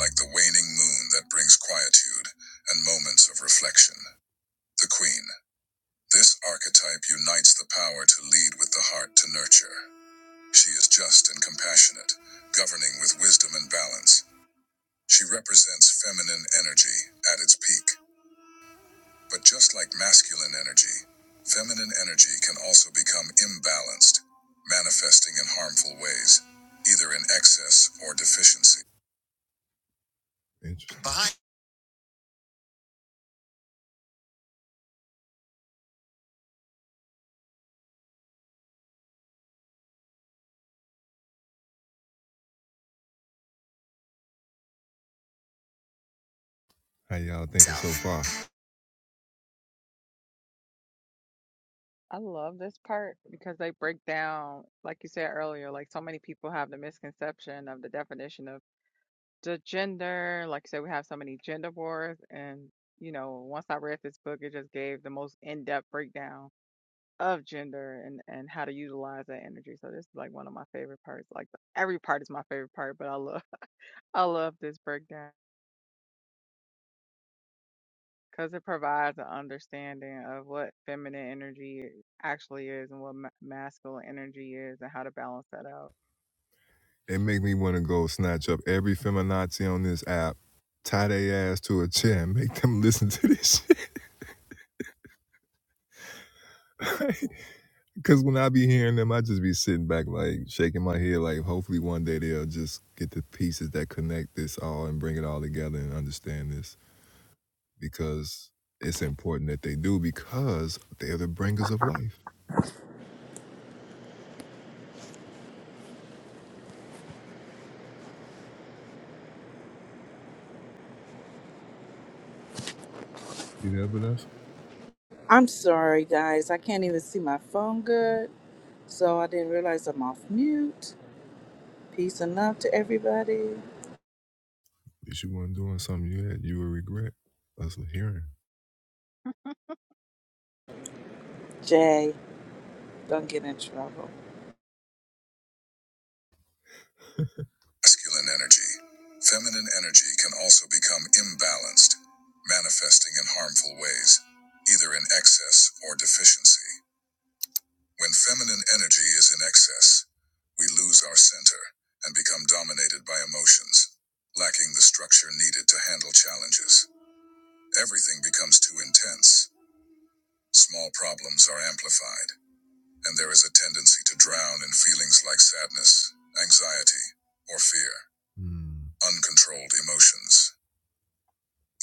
[SPEAKER 1] like the waning moon that brings quietude and moments of reflection. The queen. This archetype unites the power to lead with the heart to nurture. She is just and compassionate, governing with wisdom and balance. She represents feminine energy at its peak But just like masculine energy, feminine energy can also become imbalanced, manifesting in harmful ways, either in excess or deficiency. Interesting. How y'all thinking so far?
[SPEAKER 18] I love this part because they break down, like you said earlier, like so many people have the misconception of the definition of the gender, like I said, we have so many gender wars, and you know, once I read this book, it just gave the most in-depth breakdown of gender and and how to utilize that energy. So this is like one of my favorite parts. Like every part is my favorite part, but I love I love this breakdown because it provides an understanding of what feminine energy actually is and what ma- masculine energy is and how to balance that out.
[SPEAKER 1] It make me want to go snatch up every feminazi on this app, tie their ass to a chair, and make them listen to this shit. Because when I be hearing them, I just be sitting back, like shaking my head, like hopefully one day they'll just get the pieces that connect this all and bring it all together and understand this. because it's important that they do because they are the bringers of life. You there, Vanessa?
[SPEAKER 19] I'm sorry, guys. I can't even see my phone good, so I didn't realize I'm off mute. Peace and love to everybody.
[SPEAKER 1] If you weren't doing something you had, you would regret us hearing.
[SPEAKER 19] Jay, don't get in trouble.
[SPEAKER 1] Masculine energy. Feminine energy can also become imbalanced, manifesting in harmful ways, either in excess or deficiency. When feminine energy is in excess, we lose our center and become dominated by emotions, lacking the structure needed to handle challenges. Everything becomes too intense Small problems are amplified, and there is a tendency to drown in feelings like sadness, anxiety, or fear. Hmm. Uncontrolled emotions.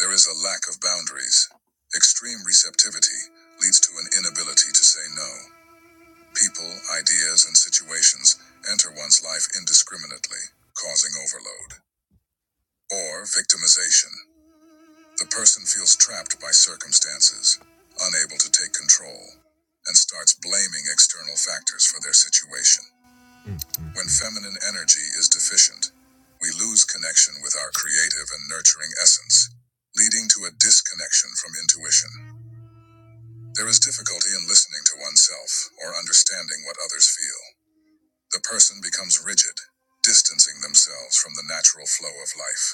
[SPEAKER 1] There is a lack of boundaries. Extreme receptivity leads to an inability to say no. People, ideas, and situations enter one's life indiscriminately, causing overload. Or victimization. The person feels trapped by circumstances, unable to take control, and starts blaming external factors for their situation. When feminine energy is deficient, we lose connection with our creative and nurturing essence, leading to a disconnection from intuition. There is difficulty in listening to oneself or understanding what others feel. The person becomes rigid, distancing themselves from the natural flow of life.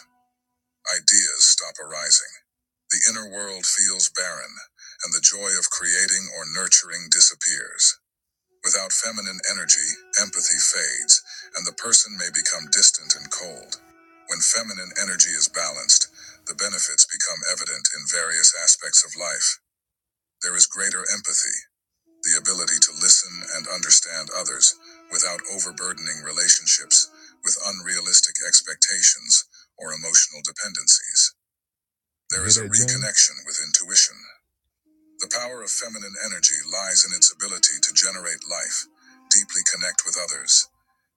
[SPEAKER 1] Ideas stop arising. The inner world feels barren, and the joy of creating or nurturing disappears. Without feminine energy, empathy fades, and the person may become distant and cold. When feminine energy is balanced, the benefits become evident in various aspects of life. There is greater empathy, the ability to listen and understand others without overburdening relationships with unrealistic expectations or emotional dependencies. There is a reconnection with intuition. The power of feminine energy lies in its ability to generate life, deeply connect with others,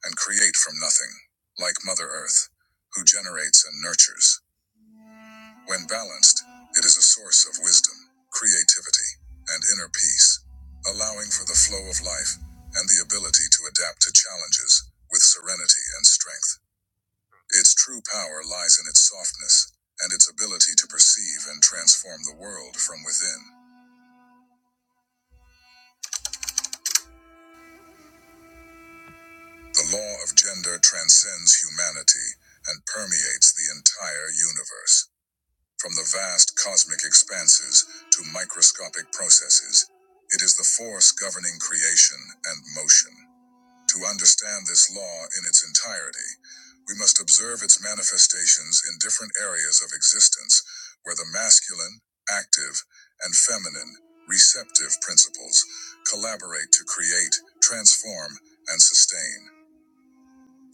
[SPEAKER 1] and create from nothing, like Mother Earth, who generates and nurtures. When balanced, it is a source of wisdom, creativity, and inner peace, allowing for the flow of life and the ability to adapt to challenges with serenity and strength. Its true power lies in its softness and its ability to perceive and transform the world from within. The law of gender transcends humanity and permeates the entire universe. From the vast cosmic expanses to microscopic processes, it is the force governing creation and motion. To understand this law in its entirety, we must observe its manifestations in different areas of existence where the masculine, active, and feminine, receptive principles collaborate to create, transform, and sustain.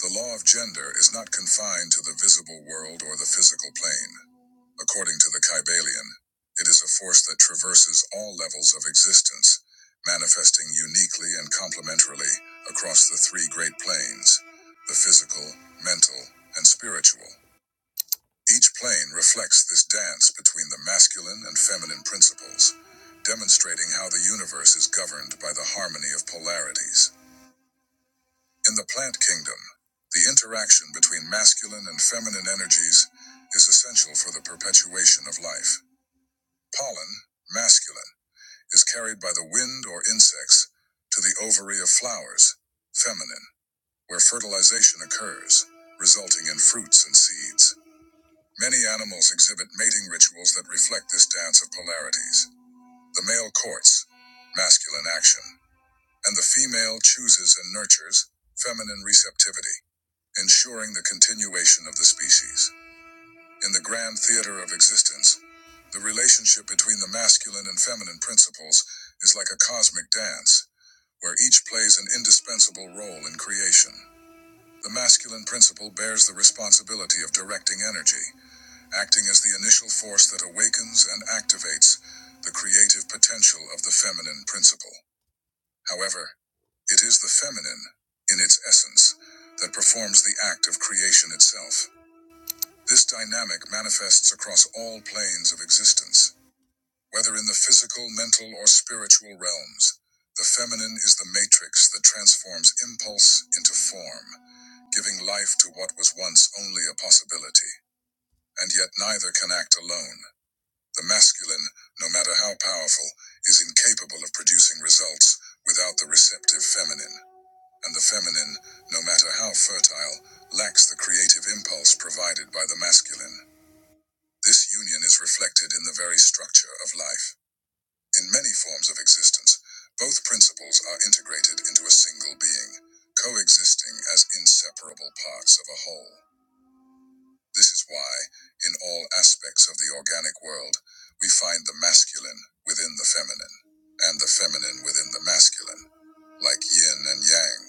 [SPEAKER 1] The law of gender is not confined to the visible world or the physical plane. According to the Kybalion, it is a force that traverses all levels of existence, manifesting uniquely and complementarily across the three great planes the physical, mental, and spiritual. Each plane reflects this dance between the masculine and feminine principles, demonstrating how the universe is governed by the harmony of polarities. In the plant kingdom, the interaction between masculine and feminine energies is essential for the perpetuation of life. Pollen, masculine, is carried by the wind or insects to the ovary of flowers, feminine, where fertilization occurs, resulting in fruits and seeds. Many animals exhibit mating rituals that reflect this dance of polarities. The male courts, masculine action, and the female chooses and nurtures feminine receptivity, ensuring the continuation of the species. In the grand theater of existence, the relationship between the masculine and feminine principles is like a cosmic dance, where each plays an indispensable role in creation. The masculine principle bears the responsibility of directing energy, acting as the initial force that awakens and activates the creative potential of the feminine principle. However, it is the feminine, in its essence, that performs the act of creation itself. This dynamic manifests across all planes of existence, whether in the physical, mental, or spiritual realms. The feminine is the matrix that transforms impulse into form, giving life to what was once only a possibility. And yet neither can act alone. The masculine, no matter how powerful, is incapable of producing results without the receptive feminine and the feminine, no matter how fertile, lacks the creative impulse provided by the masculine. This union is reflected in the very structure of life. In many forms of existence, both principles are integrated into a single being, coexisting as inseparable parts of a whole. This is why, in all aspects of the organic world, we find the masculine within the feminine, and the feminine within the masculine, like yin and yang,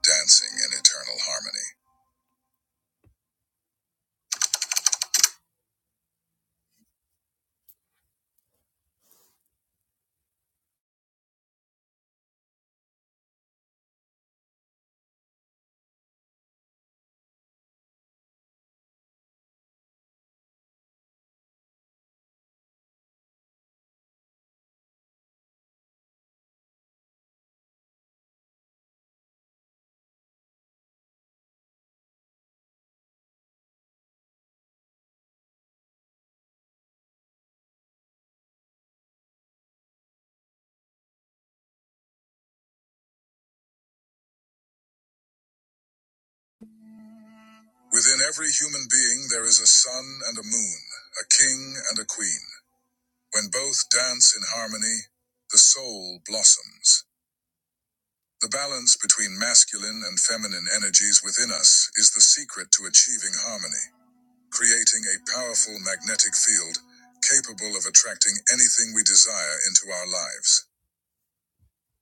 [SPEAKER 1] dancing in eternal harmony. Within every human being there is a sun and a moon, a king and a queen. When both dance in harmony, the soul blossoms. The balance between masculine and feminine energies within us is the secret to achieving harmony, creating a powerful magnetic field capable of attracting anything we desire into our lives.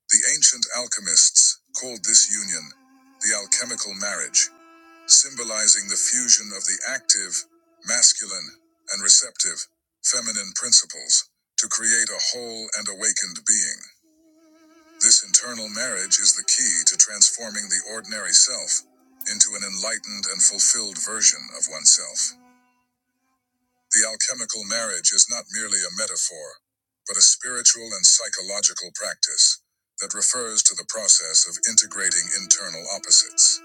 [SPEAKER 1] The ancient alchemists called this union the alchemical marriage symbolizing the fusion of the active, masculine, and receptive, feminine principles to create a whole and awakened being. This internal marriage is the key to transforming the ordinary self into an enlightened and fulfilled version of oneself. The alchemical marriage is not merely a metaphor, but a spiritual and psychological practice that refers to the process of integrating internal opposites.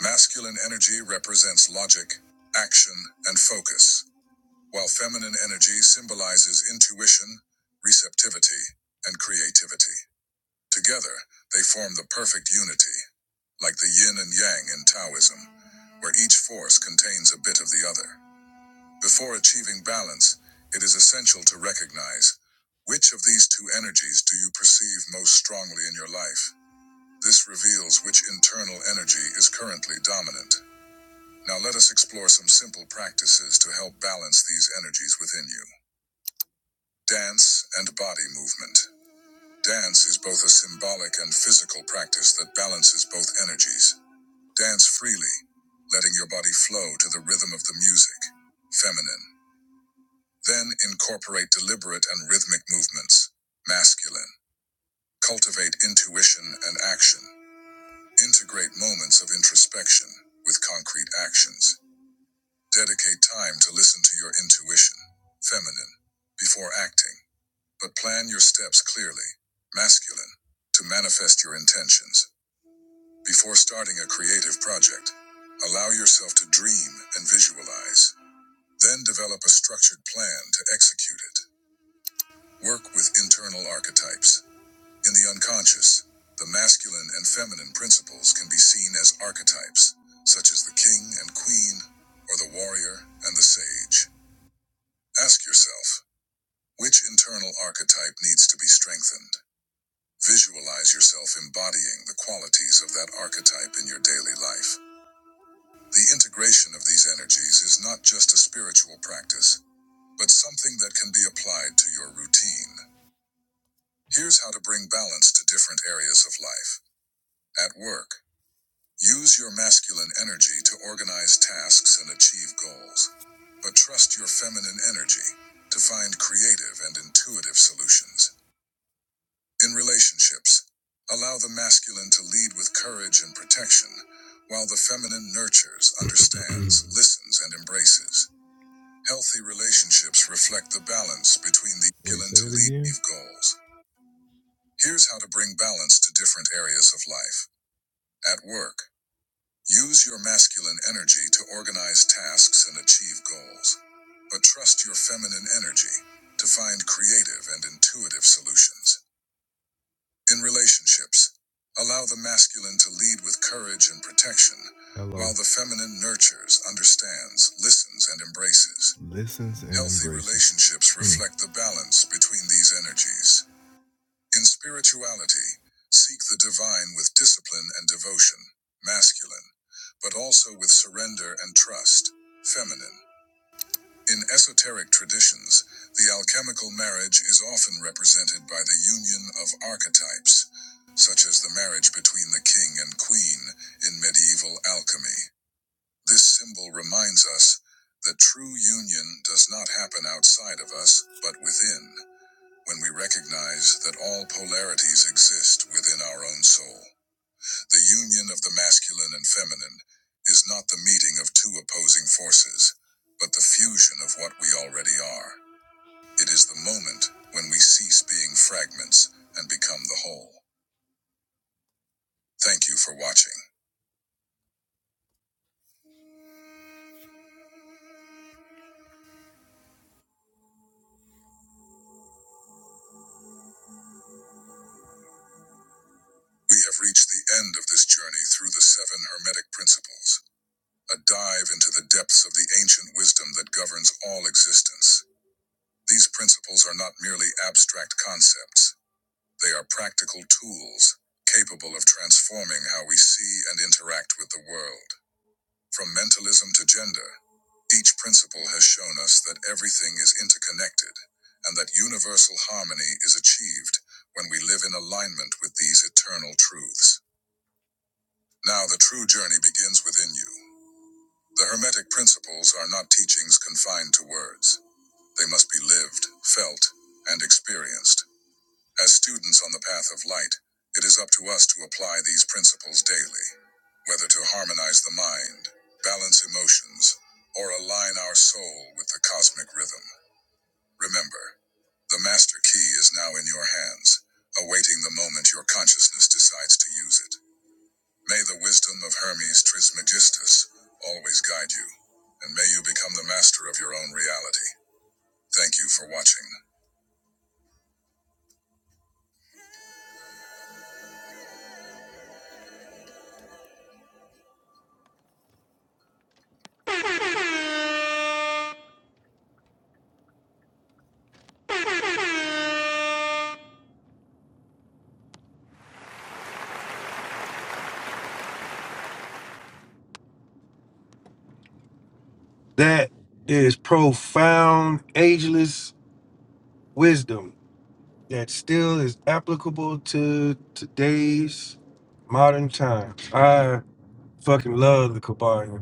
[SPEAKER 1] Masculine energy represents logic, action, and focus, while feminine energy symbolizes intuition, receptivity, and creativity. Together, they form the perfect unity, like the yin and yang in Taoism, where each force contains a bit of the other. Before achieving balance, it is essential to recognize which of these two energies do you perceive most strongly in your life. This reveals which internal energy is currently dominant. Now let us explore some simple practices to help balance these energies within you. Dance and body movement. Dance is both a symbolic and physical practice that balances both energies. Dance freely, letting your body flow to the rhythm of the music. Feminine. Then incorporate deliberate and rhythmic movements. Masculine. Cultivate intuition and action. Integrate moments of introspection with concrete actions. Dedicate time to listen to your intuition, feminine, before acting, but plan your steps clearly, masculine, to manifest your intentions. Before starting a creative project, allow yourself to dream and visualize. Then develop a structured plan to execute it. Work with internal archetypes. In the unconscious, the masculine and feminine principles can be seen as archetypes, such as the king and queen, or the warrior and the sage. Ask yourself, which internal archetype needs to be strengthened? Visualize yourself embodying the qualities of that archetype in your daily life. The integration of these energies is not just a spiritual practice, but something that can be applied to your routine. Here's how to bring balance to different areas of life. At work, use your masculine energy to organize tasks and achieve goals, but trust your feminine energy to find creative and intuitive solutions. In relationships, allow the masculine to lead with courage and protection, while the feminine nurtures, understands, listens, and embraces. Healthy relationships reflect the balance between the masculine to lead goals. Here's how to bring balance to different areas of life. At work, use your masculine energy to organize tasks and achieve goals, but trust your feminine energy to find creative and intuitive solutions. In relationships, allow the masculine to lead with courage and protection, Hello. while the feminine nurtures, understands, listens, and embraces. Listens and Healthy embraces. relationships Hmm. reflect mm. the balance between these energies. In spirituality, seek the divine with discipline and devotion, masculine, but also with surrender and trust, feminine. In esoteric traditions, the alchemical marriage is often represented by the union of archetypes, such as the marriage between the king and queen in medieval alchemy. This symbol reminds us that true union does not happen outside of us, but within, when we recognize that all polarities exist within our own soul. The union of the masculine and feminine is not the meeting of two opposing forces, but the fusion of what we already are. It is the moment when we cease being fragments and become the whole. Thank you for watching. We have reached the end of this journey through the seven Hermetic principles, a dive into the depths of the ancient wisdom that governs all existence. These principles are not merely abstract concepts. They are practical tools capable of transforming how we see and interact with the world. From mentalism to gender, each principle has shown us that everything is interconnected and that universal harmony is achieved when we live in alignment with these eternal truths. Now, the true journey begins within you. The Hermetic principles are not teachings confined to words, they must be lived, felt, and experienced. As students on the path of light, it is up to us to apply these principles daily, whether to harmonize the mind, balance emotions, or align our soul with the cosmic rhythm. Remember, the master key is now in your hands, awaiting the moment your consciousness decides to use it. May the wisdom of Hermes Trismegistus always guide you, and may you become the master of your own reality. Thank you for watching.
[SPEAKER 4] that is profound, ageless wisdom that still is applicable to today's modern time. I fucking love the Kabbalah.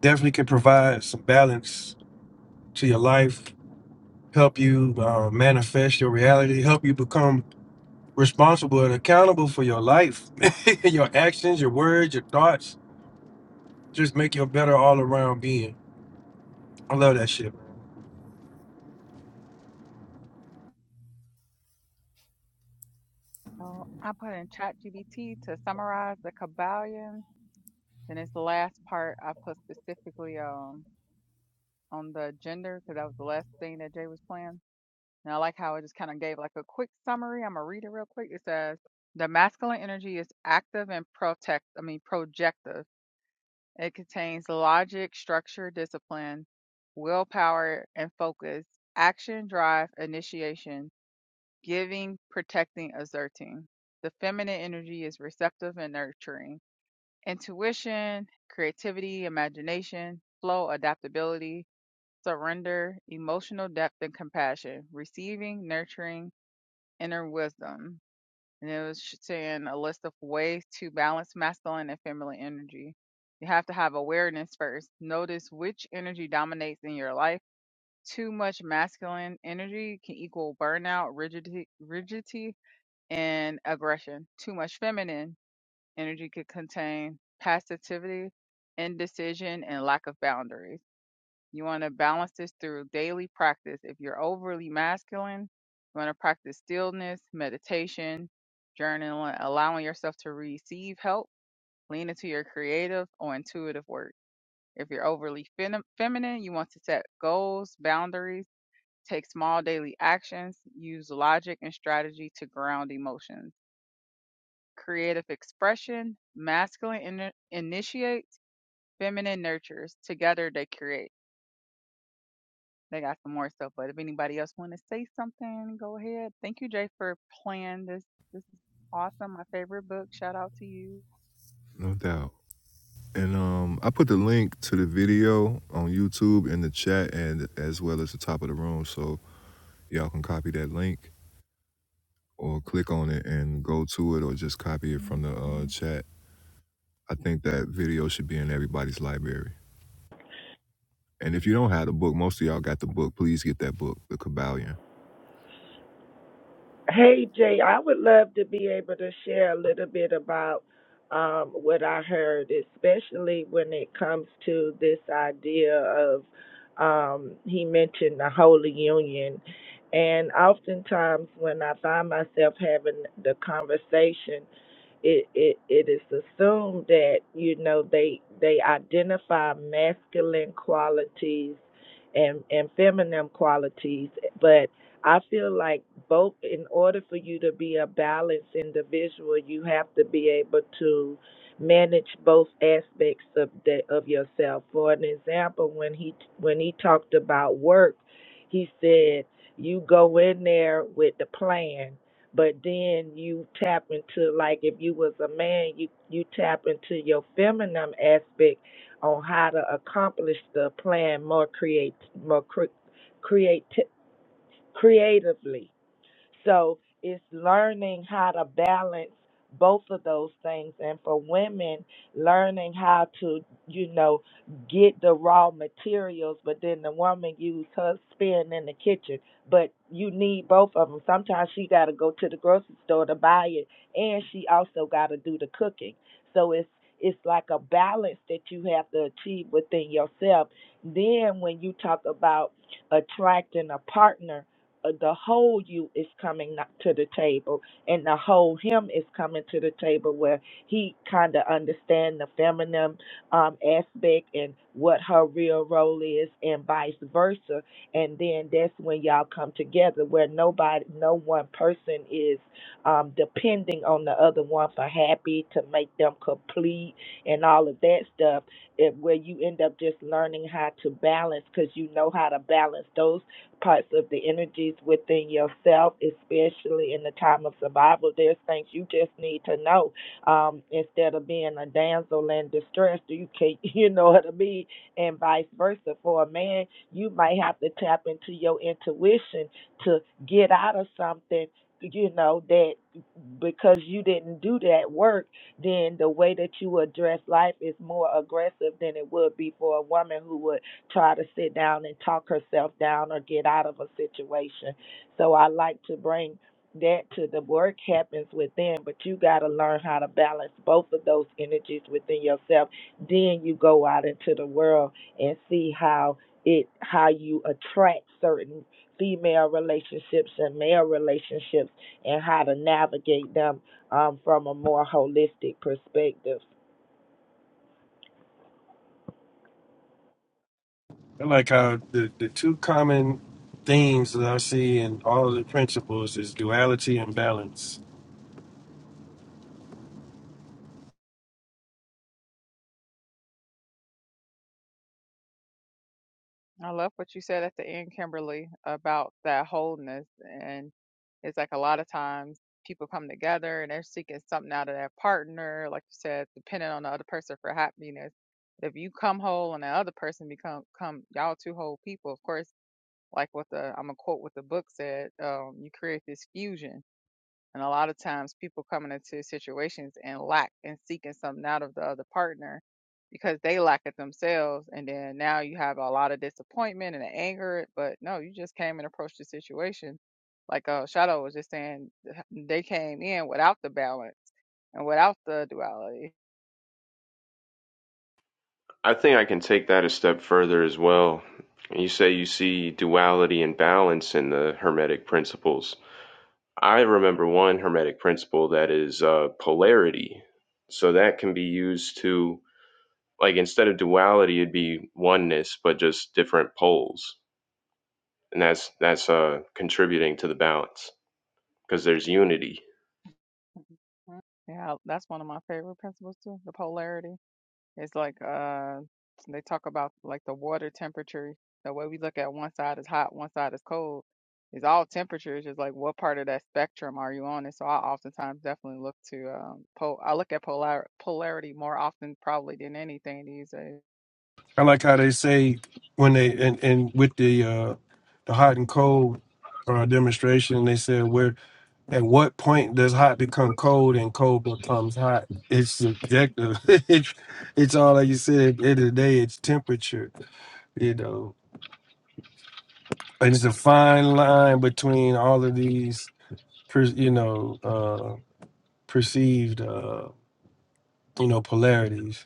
[SPEAKER 4] definitely can provide some balance to your life, help you uh, manifest your reality, help you become responsible and accountable for your life, your actions, your words, your thoughts. Just make you a better all around being. I love that shit, man.
[SPEAKER 18] So I put in ChatGPT to summarize the Kabbalion. Then it's the last part I put specifically on. on the gender, because that was the last thing that Jay was playing. And I like how it just kind of gave like a quick summary. I'm gonna read it real quick. It says the masculine energy is active and protect. I mean projective. It contains logic, structure, discipline, willpower, and focus. Action, drive, initiation, giving, protecting, asserting. The feminine energy is receptive and nurturing. Intuition, creativity, imagination, flow, adaptability, surrender, emotional depth, and compassion, receiving, nurturing, inner wisdom. And it was sh- saying a list of ways to balance masculine and feminine energy. You have to have awareness first. Notice which energy dominates in your life. Too much masculine energy can equal burnout, rigidity, rigidity, and aggression. Too much feminine energy could contain passivity, indecision, and lack of boundaries you want to balance this through daily practice. If you're overly masculine, you want to practice stillness, meditation, journaling, allowing yourself to receive help, lean into your creative or intuitive work. If you're overly fem- feminine, you want to set goals, boundaries, take small daily actions, use logic and strategy to ground emotions. Creative expression, masculine in- initiates, feminine nurtures. Together they create. They got some more stuff, but if anybody else want to say something, go ahead. Thank you, Jay, for playing this. This is awesome. My favorite book. Shout out to you.
[SPEAKER 1] No doubt. And um, I put the link to the video on YouTube in the chat and as well as the top of the room. So y'all can copy that link or click on it and go to it or just copy it from the uh, chat. I think that video should be in everybody's library. And if you don't have the book, most of y'all got the book. Please get that book, The Kabbalion.
[SPEAKER 5] Hey Jay, I would love to be able to share a little bit about um, what I heard, especially when it comes to this idea of um, he mentioned the Holy Union. And oftentimes, when I find myself having the conversation, it, it, it is assumed that you know they they identify masculine qualities and and feminine qualities, but I feel like both, in order for you to be a balanced individual, you have to be able to manage both aspects of the, of yourself. For an example, when he when he talked about work, he said you go in there with the plan, but then you tap into like if you was a man, you you tap into your feminine aspect on how to accomplish the plan more create more cre- creatively. So it's learning how to balance both of those things. And for women, learning how to, you know, get the raw materials, but then the woman use her spin in the kitchen. But you need both of them. Sometimes she got to go to the grocery store to buy it, and she also got to do the cooking. So it's it's like a balance that you have to achieve within yourself. Then when you talk about attracting a partner uh, the whole you is coming not to the table and the whole him is coming to the table where he kind of understand the feminine um, aspect and what her real role is and vice versa and then that's when y'all come together where nobody no one person is um, depending on the other one for happy to make them complete and all of that stuff it, where you end up just learning how to balance because you know how to balance those parts of the energies within yourself, especially in the time of survival. There's things you just need to know. Um, instead of being a damsel in distress, you can you know what I mean, and vice versa. For a man, you might have to tap into your intuition to get out of something, you know, that because you didn't do that work, then the way that you address life is more aggressive than it would be for a woman who would try to sit down and talk herself down or get out of a situation. So I like to bring that to the work happens within, but you got to learn how to balance both of those energies within yourself. Then you go out into the world and see how it how you attract certain female relationships and male relationships and how to navigate them um, from a more holistic perspective.
[SPEAKER 4] I like how the, the two common themes that I see in all of the principles is duality and balance.
[SPEAKER 18] I love what you said at the end, Kimberly, about that wholeness. And it's like a lot of times people come together and they're seeking something out of their partner, like you said, depending on the other person for happiness. If you come whole and the other person become come y'all two whole people, of course, like what the I'm gonna quote what the book said, um, you create this fusion And a lot of times people coming into situations and lack and seeking something out of the other partner because they lack it themselves. And then now you have a lot of disappointment and anger, but no, you just came and approached the situation. Like uh, Shadow was just saying, they came in without the balance and without the duality.
[SPEAKER 20] I think I can take that a step further as well. You say you see duality and balance in the Hermetic principles. I remember one Hermetic principle that is uh, polarity. So that can be used to, like, instead of duality, it'd be oneness, but just different poles. And that's that's uh, contributing to the balance because there's unity.
[SPEAKER 18] Mhm. Yeah, that's one of my favorite principles too, the polarity. It's like uh, they talk about like the water temperature. The way we look at one side is hot, one side is cold. It's all temperatures. Just like what part of that spectrum are you on? And so I oftentimes definitely look to um, pol. I look at polar polarity more often probably than anything these days.
[SPEAKER 4] I like how they say when they and, and with the uh, the hot and cold uh, demonstration, they said where At what point does hot become cold and cold becomes hot? It's subjective. it's, it's all like you said. At the end of the day, it's temperature, you know, and it's a fine line between all of these, per, you know, uh, perceived, uh, you know, polarities.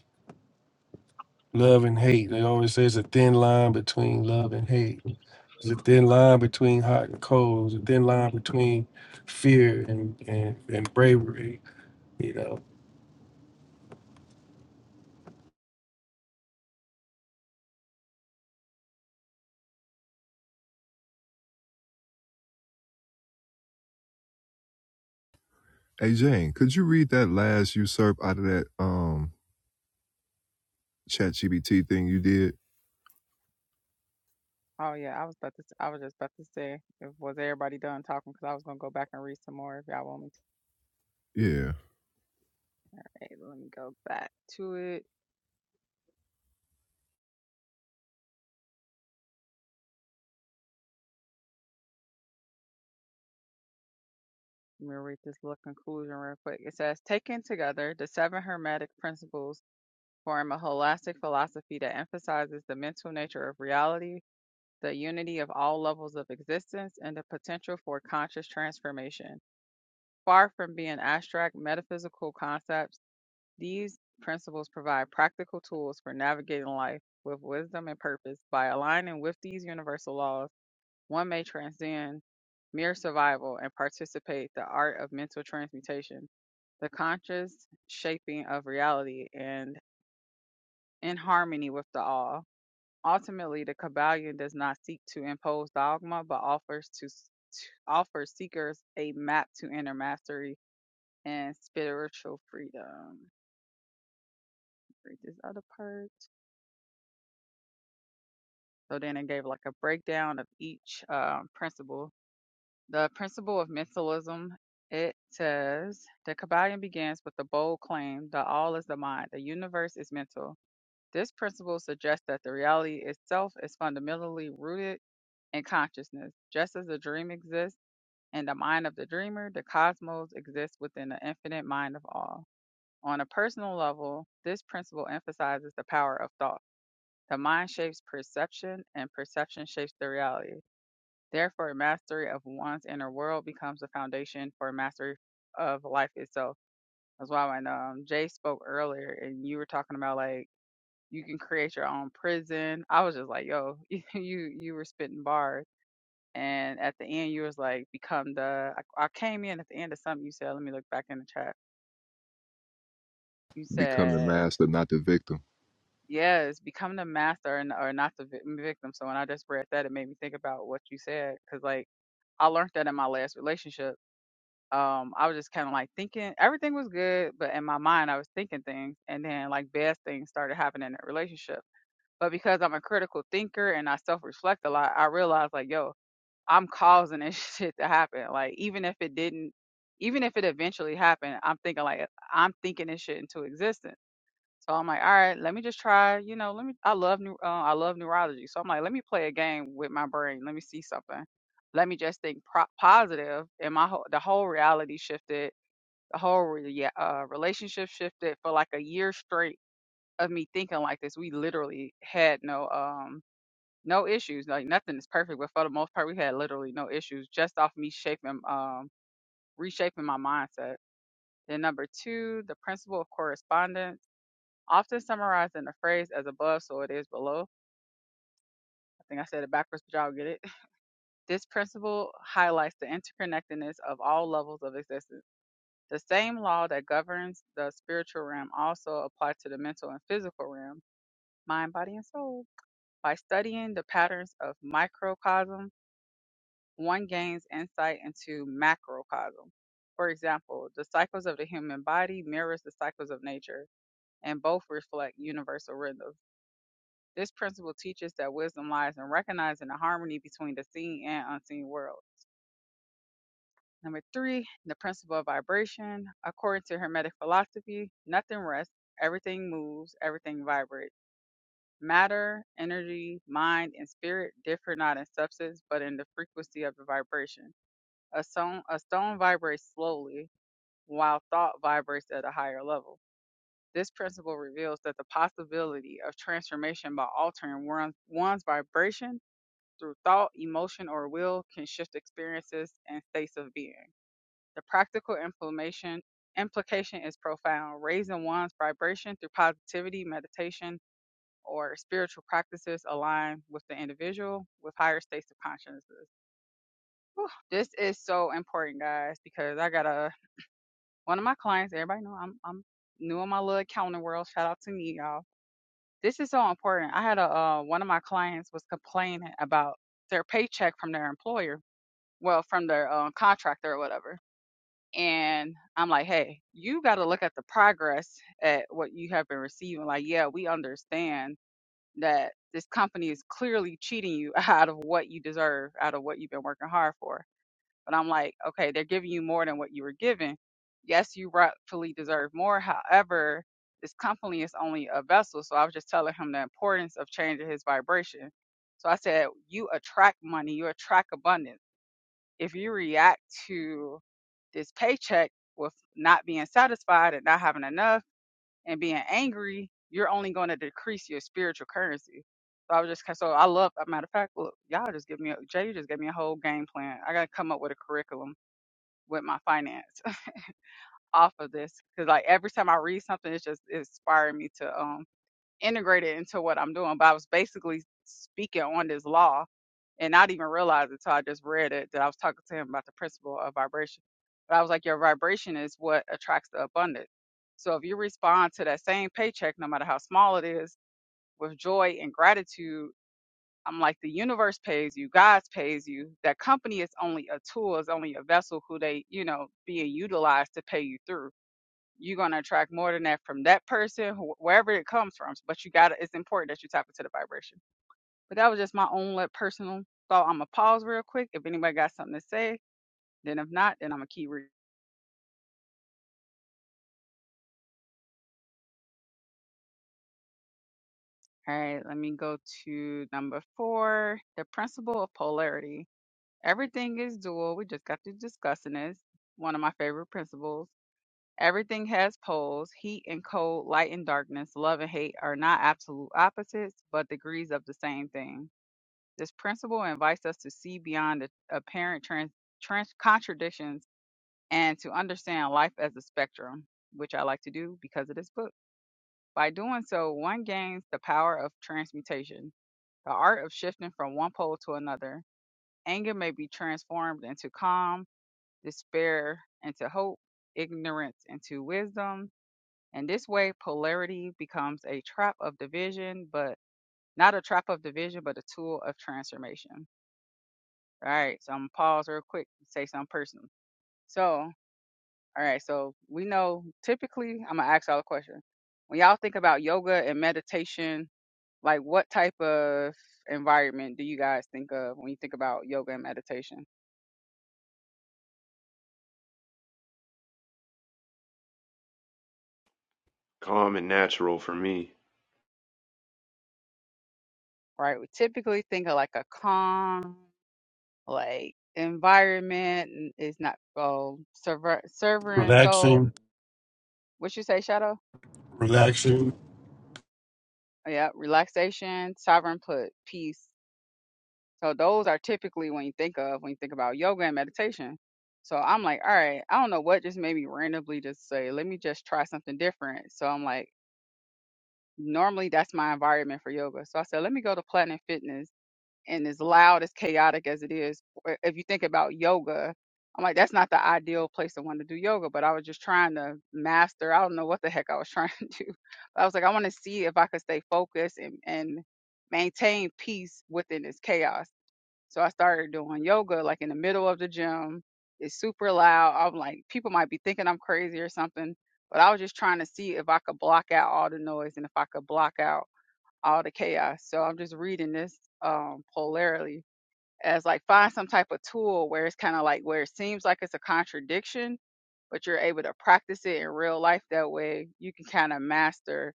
[SPEAKER 4] Love and hate. They always say it's a thin line between love and hate. There's a thin line between hot and cold. There's a thin line between fear and, and, and bravery. You know,
[SPEAKER 1] Hey Jane, could you read that last usurp out of that um chat GPT thing you did?
[SPEAKER 18] Oh yeah, I was about to. s- I was just about to say, if, was everybody done talking? Because I was gonna go back and read some more if y'all want me to.
[SPEAKER 1] Yeah.
[SPEAKER 18] Hey, let me go back to it. Let me read this little conclusion real quick. It says, taken together, the seven hermetic principles form a holistic philosophy that emphasizes the mental nature of reality, the unity of all levels of existence, and the potential for conscious transformation. Far from being abstract metaphysical concepts, these principles provide practical tools for navigating life with wisdom and purpose. By aligning with these universal laws, one may transcend mere survival and participate in the art of mental transmutation, the conscious shaping of reality, and in harmony with the all. Ultimately, the Kabbalion does not seek to impose dogma, but offers to, to offers seekers a map to inner mastery and spiritual freedom. Read this other part. So then it gave like a breakdown of each um, principle. The principle of mentalism. It says the Kabbalion begins with the bold claim that all is the mind, the universe is mental. This principle suggests that the reality itself is fundamentally rooted in consciousness. Just as a dream exists In the mind of the dreamer, the cosmos exists within the infinite mind of all. On a personal level, this principle emphasizes the power of thought. The mind shapes perception, and perception shapes the reality. Therefore, mastery of one's inner world becomes the foundation for mastery of life itself. That's why when um, Jay spoke earlier, and you were talking about like you can create your own prison, I was just like, yo, you you were spitting bars and at the end, you was like, become the. I, I came in at the end of something you said. Let me look back in the chat. You
[SPEAKER 1] Become the
[SPEAKER 18] said,
[SPEAKER 1] master, not the victim.
[SPEAKER 18] yes, become the master and or not the vic- victim. So when I just read that, it made me think about what you said. Cause like, I learned that in my last relationship. Um, I was just kind of like thinking everything was good, but in my mind, I was thinking things, and then like bad things started happening in that relationship. But because I'm a critical thinker and I self reflect a lot, I realized like, yo, I'm causing this shit to happen. Like even if it didn't, even if it eventually happened, I'm thinking like I'm thinking this shit into existence. So I'm like, all right, let me just try. You know, let me. I love new. Uh, I love neurology. So I'm like, let me play a game with my brain. Let me see something. Let me just think pro- positive, and my whole, the whole reality shifted. The whole re- yeah, uh, relationship shifted for like a year straight of me thinking like this. We literally had no um no issues. Like nothing is perfect, but for the most part, we had literally no issues just off me shaping, um, reshaping my mindset. Then number two, the principle of correspondence, often summarized in the phrase "as above, so it is below." I think I said it backwards, but y'all get it. This principle highlights the interconnectedness of all levels of existence. The same law that governs the spiritual realm also applies to the mental and physical realm, mind, body, and soul. By studying the patterns of microcosm one gains insight into macrocosm. For example, the cycles of the human body mirrors the cycles of nature, and both reflect universal rhythms. This principle teaches that wisdom lies in recognizing the harmony between the seen and unseen world. Number three, the principle of vibration. According to Hermetic philosophy, nothing rests, everything moves, everything vibrates. Matter, energy, mind, and spirit differ not in substance, but in the frequency of the vibration. A stone, a stone vibrates slowly, while thought vibrates at a higher level. This principle reveals that the possibility of transformation by altering one, one's vibration through thought, emotion, or will can shift experiences and states of being. The practical implementation implication is profound. Raising one's vibration through positivity, meditation, or spiritual practices align with the individual with higher states of consciousness. This is so important, guys, because I gotta one of my clients, everybody know I'm I'm new in my little accounting world. Shout out to me, y'all. This is so important. I had a uh, one of my clients was complaining about their paycheck from their employer, well, from their uh, contractor or whatever. And I'm like, hey, you got to look at the progress at what you have been receiving. Like, yeah, we understand that this company is clearly cheating you out of what you deserve, out of what you've been working hard for but I'm like, okay, they're giving you more than what you were given. Yes, you rightfully deserve more. However, this company is only a vessel. So I was just telling him the importance of changing his vibration. So I said, you attract money, you attract abundance. If you react to this paycheck with not being satisfied and not having enough and being angry, you're only going to decrease your spiritual currency. So I was just so I love. a matter of fact, look, y'all just give me a, Jay. You just gave me a whole game plan. I gotta come up with a curriculum with my finance off of this because like every time I read something, it's just it's inspiring me to um integrate it into what I'm doing. But I was basically speaking on this law and not even realize it until I just read it that I was talking to him about the principle of vibration. But I was like, your vibration is what attracts the abundance. So if you respond to that same paycheck, no matter how small it is, with joy and gratitude I'm like, the universe pays you, God pays you. That company is only a tool, is only a vessel who they, you know, being utilized to pay you through. You're gonna attract more than that from that person, wh- wherever it comes from. But you gotta, it's important that you tap into the vibration. But that was just my own like, personal thought. I'm gonna pause real quick. If anybody got something to say, then if not, then I'm gonna keep reading. All right, let me go to number four, the principle of polarity. Everything is dual. We just got to discussing this. One of my favorite principles. Everything has poles. Heat and cold, light and darkness, love and hate are not absolute opposites, but degrees of the same thing. This principle invites us to see beyond the apparent trans, trans contradictions and to understand life as a spectrum, which I like to do because of this book. By doing so, one gains the power of transmutation, the art of shifting from one pole to another. Anger may be transformed into calm, despair into hope, ignorance into wisdom, and this way, polarity becomes a trap of division, but not a trap of division, but a tool of transformation. All right, so I'm gonna pause real quick and say something personal. So, all right, so we know typically, I'm gonna ask y'all a question. When y'all think about yoga and meditation, like what type of environment do you guys think of when you think about yoga and meditation?
[SPEAKER 20] Calm and natural for me.
[SPEAKER 18] Right, we typically think of like a calm, like environment, and it's not oh, server, server and soul
[SPEAKER 4] relaxing,
[SPEAKER 18] what you say, Shadow?
[SPEAKER 4] relaxing.
[SPEAKER 18] Yeah, relaxation, sovereign put, peace. So those are typically when you think of when you think about yoga and meditation. So I'm like, all right, I don't know what just made me randomly just say, let me just try something different. So I'm like, normally that's my environment for yoga. So I said, let me go to Platinum Fitness and as loud as chaotic as it is i- if you think about yoga i'm like that's not the ideal place to want to do yoga but i was just trying to master i don't know what the heck i was trying to do i was like i want to see if i could stay focused and, and maintain peace within this chaos so i started doing yoga like in the middle of the gym it's super loud i'm like people might be thinking i'm crazy or something but i was just trying to see if i could block out all the noise and if i could block out all the chaos. So I'm just reading this um, polarly as like find some type of tool where it's kind of like where it seems like it's a contradiction, but you're able to practice it in real life. That way you can kind of master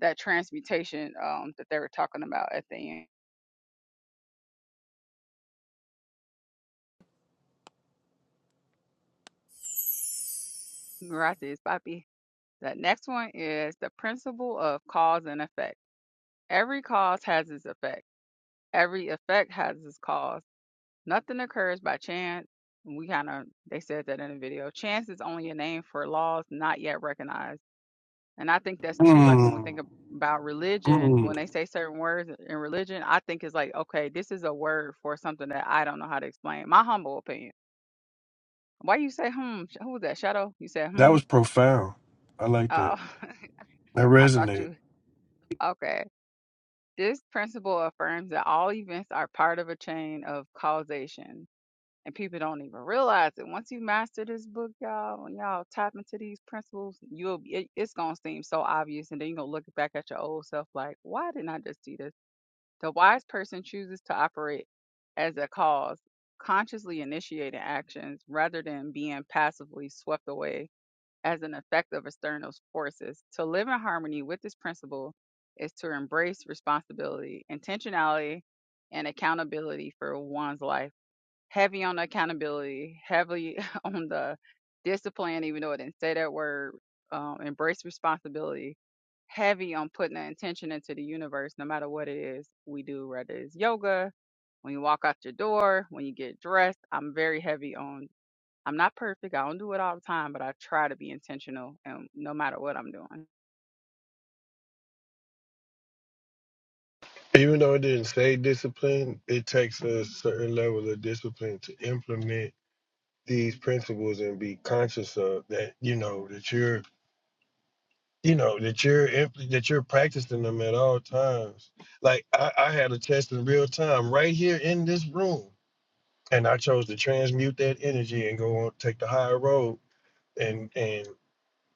[SPEAKER 18] that transmutation um, that they were talking about at the end. Gracias, papi. The next one is the principle of cause and effect. Every cause has its effect. Every effect has its cause Nothing occurs by chance. We kind of, they said that in the video. Chance is only a name for laws not yet recognized. And I think that's too, like when we
[SPEAKER 4] Mm,
[SPEAKER 18] think ab- about religion,
[SPEAKER 4] mm.
[SPEAKER 18] when they say certain words in religion, I think it's like, okay, this is a word for something that I don't know how to explain. My humble opinion. Why you say, hmm, Sh- who was that, Shadow? You said,
[SPEAKER 4] That
[SPEAKER 18] hmm.
[SPEAKER 4] was profound. I like
[SPEAKER 18] Oh,
[SPEAKER 4] that. That
[SPEAKER 18] I thought
[SPEAKER 4] resonated.
[SPEAKER 18] you, okay. This principle affirms that all events are part of a chain of causation and people don't even realize it. Once you master this book, y'all, and y'all tap into these principles, you'll be, it, it's gonna seem so obvious, and then you're gonna look back at your old self like, why didn't I just do this? The wise person chooses to operate as a cause, consciously initiating actions rather than being passively swept away as an effect of external forces. To live in harmony with this principle is to embrace responsibility, intentionality, and accountability for one's life heavy on the accountability, heavily on the discipline, even though I didn't say that word, um, embrace responsibility, heavy on putting the intention into the universe, no matter what it is we do, whether it's yoga, when you walk out your door, when you get dressed. I'm very heavy on, I'm not perfect. I don't do it all the time, but I try to be intentional and no matter what I'm doing.
[SPEAKER 4] Even though it didn't say discipline, it takes a certain level of discipline to implement these principles and be conscious of that, you know, that you're, you know, that you're impl- that you're practicing them at all times. Like I, I had a test in real time right here in this room, and I chose to transmute that energy and go on take the higher road, and and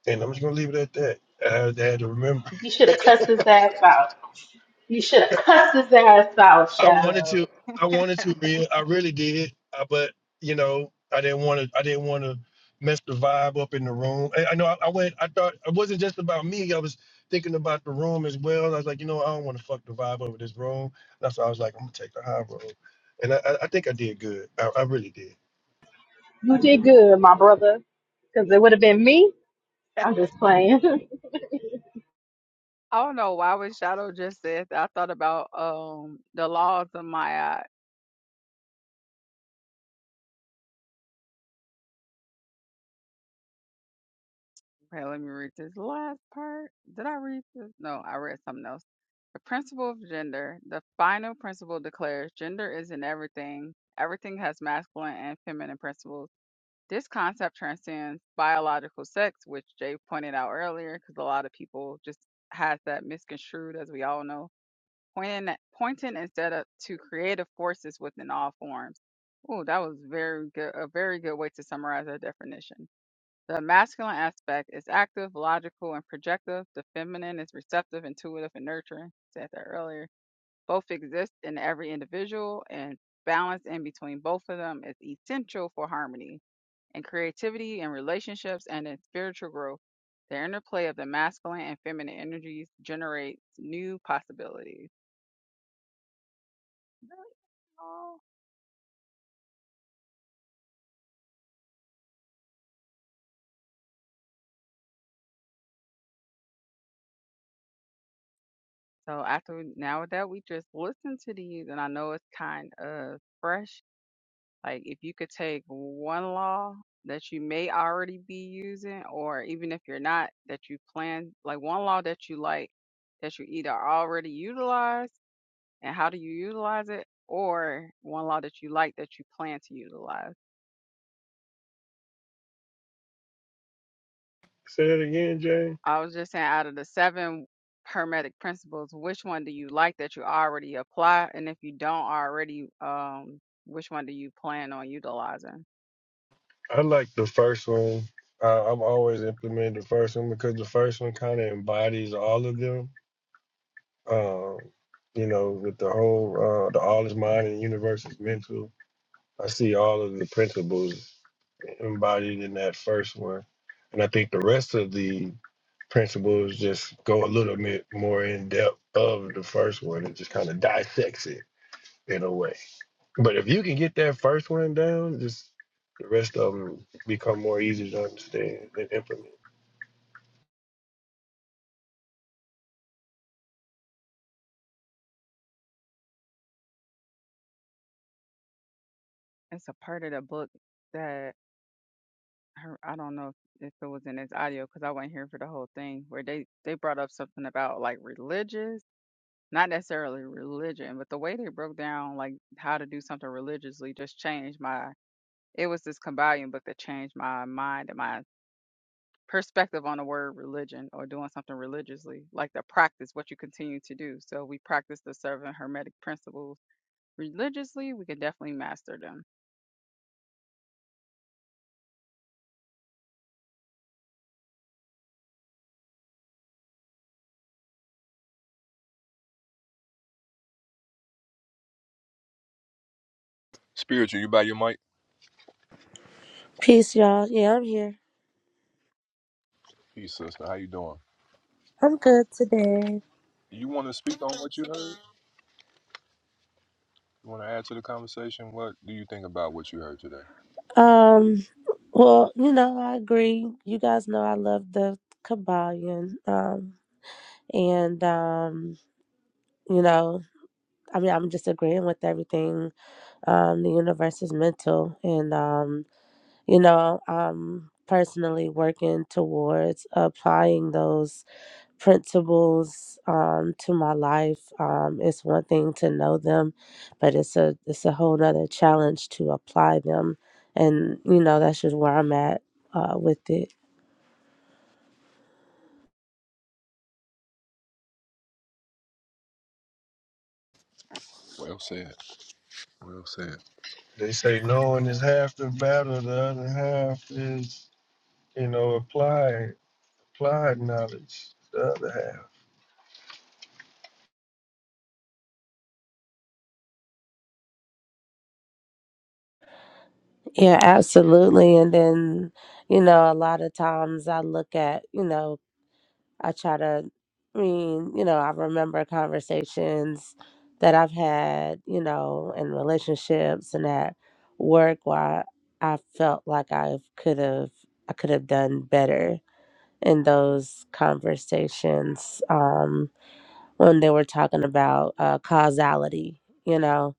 [SPEAKER 4] and I'm just gonna leave it at that. I had, I had to remember.
[SPEAKER 2] You should have cussed his ass out. You should have cussed his ass out,
[SPEAKER 4] I wanted
[SPEAKER 2] Shadow.
[SPEAKER 4] to. I wanted to read. I really did. Uh, but you know, I didn't want to. I didn't want to mess the vibe up in the room. I, I know. I, I went. I thought it wasn't just about me. I was thinking about the room as well. I was like, you know, I don't want to fuck the vibe over this room. That's why I was like, I'm gonna take the high road. And I, I I think I did good. I, I really did.
[SPEAKER 2] Me?
[SPEAKER 18] I don't know why when Shadow just said that, I thought about um the laws of Maya Okay, let me read this last part. Did I read this? No, I read something else. The principle of gender, the final principle declares gender is in everything. Everything has masculine and feminine principles. This concept transcends biological sex, which Jay pointed out earlier, because a lot of people just has that misconstrued, as we all know, pointing at, pointing instead of to creative forces within all forms. Oh, that was very good. A very good way to summarize that definition. The masculine aspect is active, logical, and projective. The feminine is receptive, intuitive, and nurturing. Said that earlier. Both exist in every individual, and balance in between both of them is essential for harmony and creativity in relationships and in spiritual growth. The interplay of the masculine and feminine energies generates new possibilities. Really, y'all? So after now that we just listened to these, and I know it's kind of fresh Like if you could take one law that you may already be using, or even if you're not, that you plan, like one law that you like, that you either already utilize, and how do you utilize it, or one law that you like that you plan to utilize.
[SPEAKER 4] Say that again, Jay.
[SPEAKER 18] I was just saying, out of the seven hermetic principles, which one do you like that you already apply, and if you don't already, um, which one do you plan on utilizing?
[SPEAKER 4] I like the first one. Uh, I've always implemented the first one because the first one kind of embodies all of them Um, you know, with the whole uh, the all is mind and the universe is mental. I see all of the principles embodied in that first one, and I think the rest of the principles just go a little bit more in depth of the first one and just kind of dissects it in a way. But if you can get that first one down, just the rest of them become more easy to understand and implement.
[SPEAKER 18] It's a part of the book that. her- I don't know if if it was in this audio because I wasn't here for the whole thing where they they brought up something about like religious, not necessarily religion, but the way they broke down like how to do something religiously just changed my. It was this Kabbalion book that changed my mind and my perspective on the word religion or doing something religiously, like the practice, what you continue to do. So we practice the seven hermetic principles religiously. We can definitely master them.
[SPEAKER 1] Spiritual, you by your mic?
[SPEAKER 21] Peace, y'all. Yeah, I'm here.
[SPEAKER 1] Hey, sister, how you doing?
[SPEAKER 21] I'm good today.
[SPEAKER 1] You want to speak on what you heard? You want to add to the conversation? What do you think about what you heard today?
[SPEAKER 21] Um, well, you know, I agree. You guys know I love the Kabbalion. Um, and um, you know, I mean, I'm just agreeing with everything. Um, the universe is mental, and um, you know, I'm personally working towards applying those principles um, to my life. Um, it's one thing to know them, but it's a it's a whole other challenge to apply them, and you know that's just where I'm at uh, with it.
[SPEAKER 1] Well said. Well said.
[SPEAKER 4] They say knowing is half the battle, the other half is, you know, apply. applied knowledge, to the other half.
[SPEAKER 21] Yeah, absolutely. And then you know a lot of times I look at you know I try to, I mean, you know, I remember conversations that I've had, you know, in relationships and at work where I felt like I could have, I could have done better in those conversations um, when they were talking about uh, causality. You know,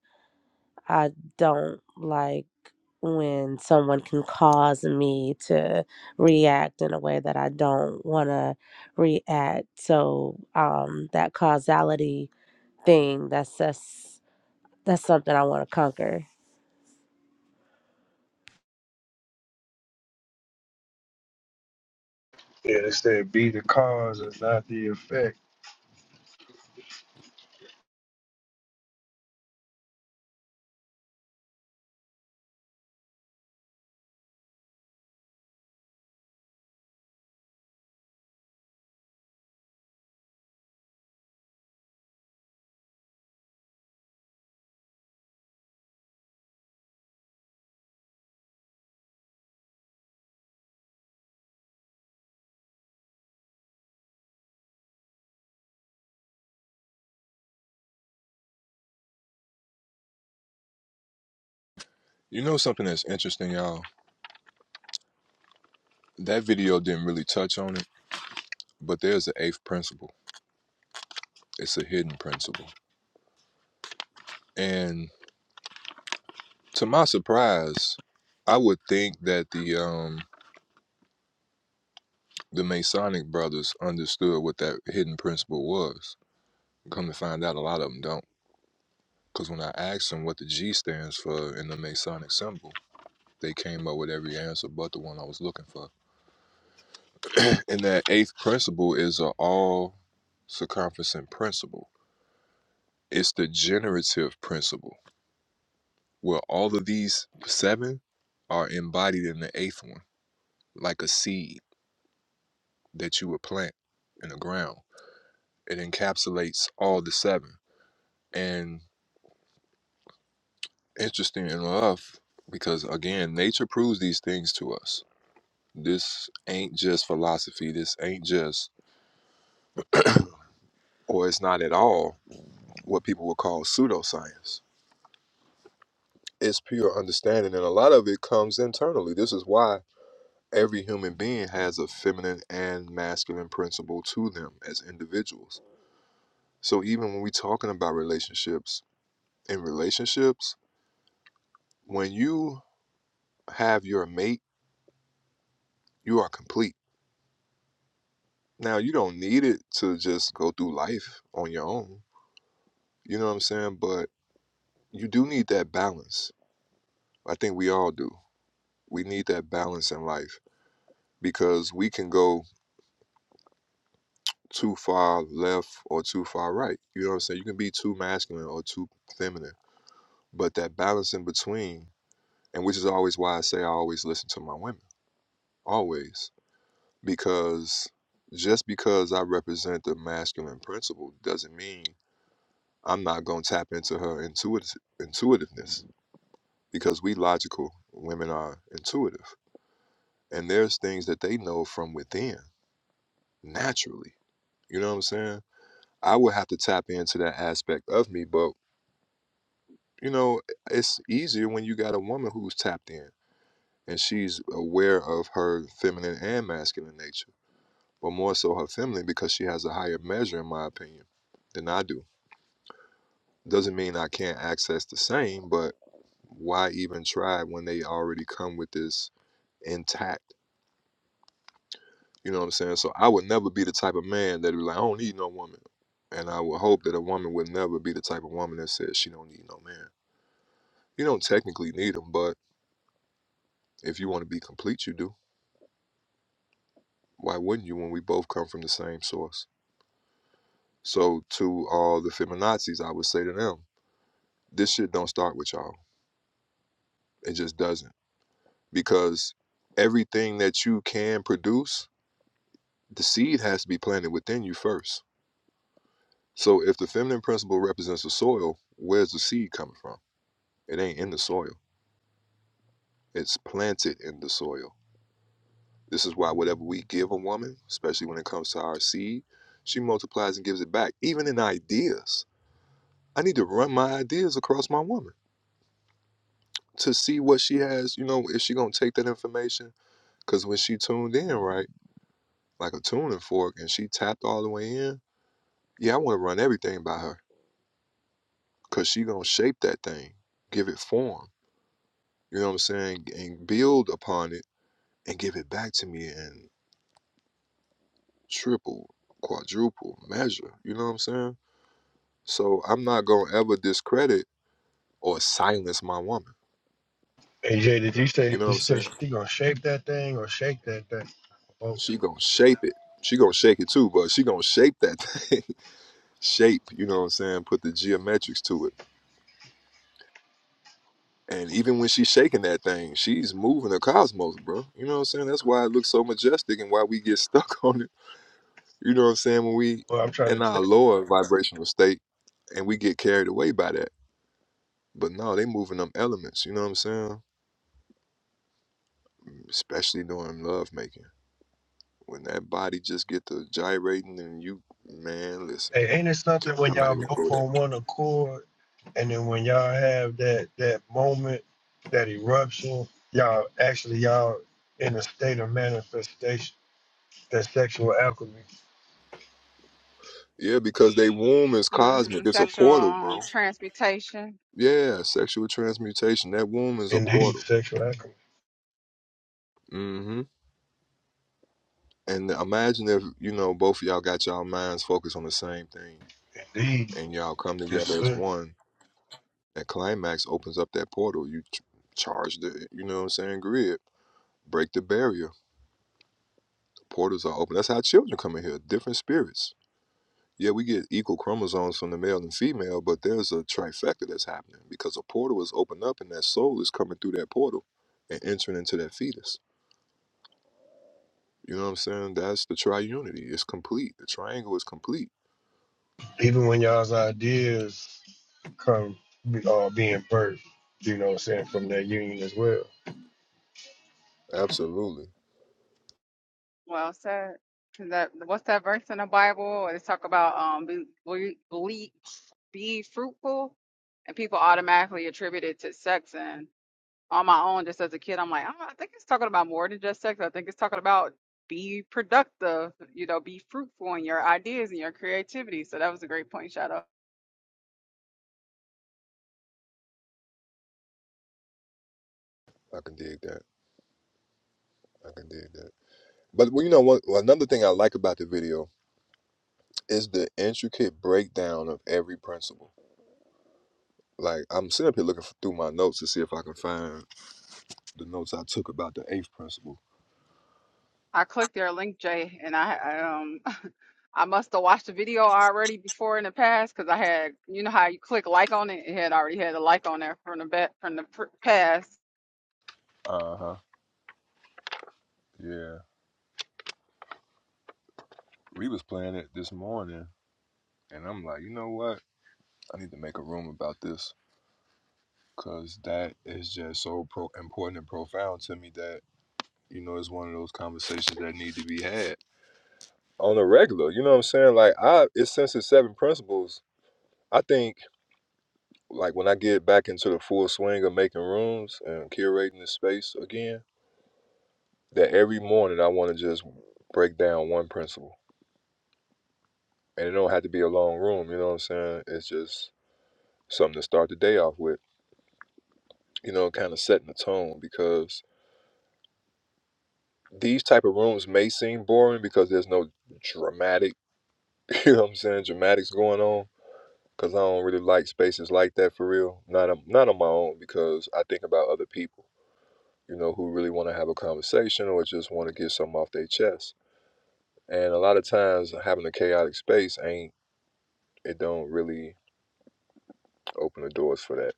[SPEAKER 21] I don't like when someone can cause me to react in a way that I don't want to react. So um, that causality thing, that's that's, that's something I want to conquer.
[SPEAKER 4] Yeah, they said be the cause and not the effect.
[SPEAKER 1] You know something that's interesting, y'all? That video didn't really touch on it, but there's an eighth principle. It's a hidden principle. And to my surprise, I would think that the um the Masonic brothers understood what that hidden principle was. Come to find out a lot of them don't. Because when I asked them what the G stands for in the Masonic symbol, they came up with every answer but the one I was looking for. And that eighth principle is an all circumferencing principle. It's the generative principle, where all of these seven are embodied in the eighth one, like a seed that you would plant in the ground. It encapsulates all the seven. And interesting enough, because again, nature proves these things to us This ain't just philosophy. This ain't just, or it's not at all, what people would call pseudoscience. It's pure understanding, and a lot of it comes internally. This is why every human being has a feminine and masculine principle to them as individuals. So even when we're talking about relationships, in relationships, when you have your mate, you are complete. Now, you don't need it to just go through life on your own. You know what I'm saying? But you do need that balance I think we all do. We need that balance in life because we can go too far left or too far right. You know what I'm saying? You can be too masculine or too feminine, but that balance in between, and which is always why I say I always listen to my women, always, because just because I represent the masculine principle doesn't mean I'm not going to tap into her intuitive, intuitiveness because we logical women are intuitive and there's things that they know from within naturally You know what I'm saying? I would have to tap into that aspect of me, but you know, it's easier when you got a woman who's tapped in and she's aware of her feminine and masculine nature, but more so her feminine because she has a higher measure, in my opinion, than I do. Doesn't mean I can't access the same, but why even try when they already come with this intact? You know what I'm saying? So I would never be the type of man that would be like, I don't need no woman. And I would hope that a woman would never be the type of woman that says she don't need no man. You don't technically need them, but if you want to be complete, you do. Why wouldn't you when we both come from the same source? So, to all the feminazis, I would say to them, this shit don't start with y'all. It just doesn't. Because everything that you can produce, the seed has to be planted within you first. So, if the feminine principle represents the soil, where's the seed coming from? It ain't in the soil, it's planted in the soil. This is why whatever we give a woman, especially when it comes to our seed, she multiplies and gives it back. Even in ideas, I need to run my ideas across my woman to see what she has. You know, if she gonna take that information? Because when she tuned in, right, like a tuning fork, and she tapped all the way in, yeah, I want to run everything by her because she gonna shape that thing, give it form. You know what I'm saying? And build upon it and give it back to me in triple, quadruple measure. You know what I'm saying? So I'm not gonna ever discredit or silence my woman.
[SPEAKER 4] AJ, did you say
[SPEAKER 1] You know
[SPEAKER 4] did you
[SPEAKER 1] what I'm
[SPEAKER 4] say
[SPEAKER 1] saying?
[SPEAKER 4] she gonna shape that thing or shake that thing? Well,
[SPEAKER 1] She gonna shape it. She gonna shake it too, but she gonna shape that thing. shape, you know what I'm saying? Put the geometrics to it. And even when she's shaking that thing, she's moving the cosmos, bro. You know what I'm saying? That's why it looks so majestic and why we get stuck on it. You know what I'm saying? When we
[SPEAKER 4] well I'm trying to
[SPEAKER 1] in
[SPEAKER 4] tell
[SPEAKER 1] our lower vibrational state and we get carried away by that. But no, they moving them elements, you know what I'm saying? Especially during love making. when that body just get to gyrating and you man listen
[SPEAKER 4] Hey, ain't it something when
[SPEAKER 1] i'm not
[SPEAKER 4] y'all
[SPEAKER 1] even
[SPEAKER 4] both
[SPEAKER 1] gonna go there
[SPEAKER 4] on one accord and then when y'all have that that moment, that eruption, y'all actually y'all in a state of manifestation, that sexual alchemy.
[SPEAKER 1] yeah because they womb is
[SPEAKER 18] hmm
[SPEAKER 1] cosmic it's a
[SPEAKER 18] Sexual
[SPEAKER 1] portal bro
[SPEAKER 18] um, transmutation.
[SPEAKER 1] yeah sexual transmutation that womb is a
[SPEAKER 4] Indeed,
[SPEAKER 1] portal
[SPEAKER 4] sexual alchemy.
[SPEAKER 1] mm hmm and imagine if you know both of y'all got y'all minds focused on the same thing
[SPEAKER 4] Indeed.
[SPEAKER 1] and y'all come
[SPEAKER 4] Yes,
[SPEAKER 1] together as
[SPEAKER 4] sir.
[SPEAKER 1] one that climax opens up that portal you ch- charge the you know what i'm saying grid break the barrier portals are open that's how children come in here different spirits Yeah, we get equal chromosomes from the male and female, but there's a trifecta that's happening because a portal is opened up and that soul is coming through that portal and entering into that fetus. You know what I'm saying? That's the triunity. It's complete. The triangle is complete.
[SPEAKER 4] even when y'all's ideas come be- uh, being birthed, you know what I'm saying, from that union as well.
[SPEAKER 1] Absolutely.
[SPEAKER 18] Well said. 'Cause that what's that verse in the Bible? It's talk about um be be, be be fruitful, and people automatically attribute it to sex. And on my own, just as a kid, I'm like, oh, I think it's talking about more than just sex. I think it's talking about be productive. You know, be fruitful in your ideas and your creativity. So that was a great point, Shadow.
[SPEAKER 1] I can dig that. I can dig that. But well, you know what? well, Another thing I like about the video is the intricate breakdown of every principle. Like I'm sitting up here looking f- through my notes to see if I can find the notes I took about the eighth principle.
[SPEAKER 18] I clicked their link, Jay, and I I, um I must have watched the video already before in the past because I had you know how you click like on it, it had already had a like on there from the bet from the pr- past.
[SPEAKER 1] Uh huh. Yeah, we was playing it this morning And I'm like, you know what? I need to make a room about this because that is just so pro- important and profound to me that, you know, it's one of those conversations that need to be had on a regular. You know what I'm saying? Like, I, it's since it's seven principles. I think, like, when I get back into the full swing of making rooms and curating the space again, that every morning I want to just break down one principle. And it don't have to be a long room, you know what I'm saying? It's just something to start the day off with, you know, kind of setting the tone because these type of rooms may seem boring because there's no dramatic, you know what I'm saying, dramatics going on. Cause I don't really like spaces like that for real. Not on, not on my own because I think about other people, you know, who really want to have a conversation or just want to get something off their chest. And a lot of times, having a chaotic space ain't it don't really open the doors for that.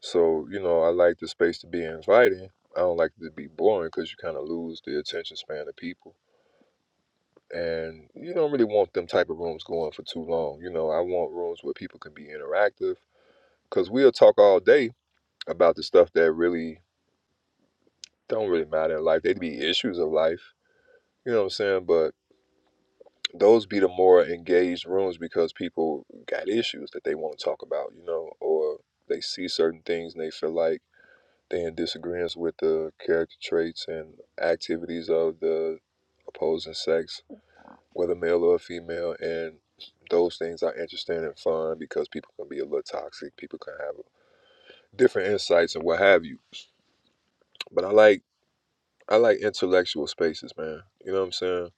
[SPEAKER 1] So you know, I like the space to be inviting. I don't like it to be boring because you kind of lose the attention span of people and you don't really want them type of rooms going for too long. You know, I want rooms where people can be interactive because we'll talk all day about the stuff that really don't really matter in life. They'd be issues of life, you know what I'm saying? But those be the more engaged rooms because people got issues that they want to talk about, you know, or they see certain things and they feel like they in disagreements with the character traits and activities of the opposing sex whether male or female, and those things are interesting and fun because people can be a little toxic. People can have different insights and what have you. But I like I like intellectual spaces, man. You know what I'm saying?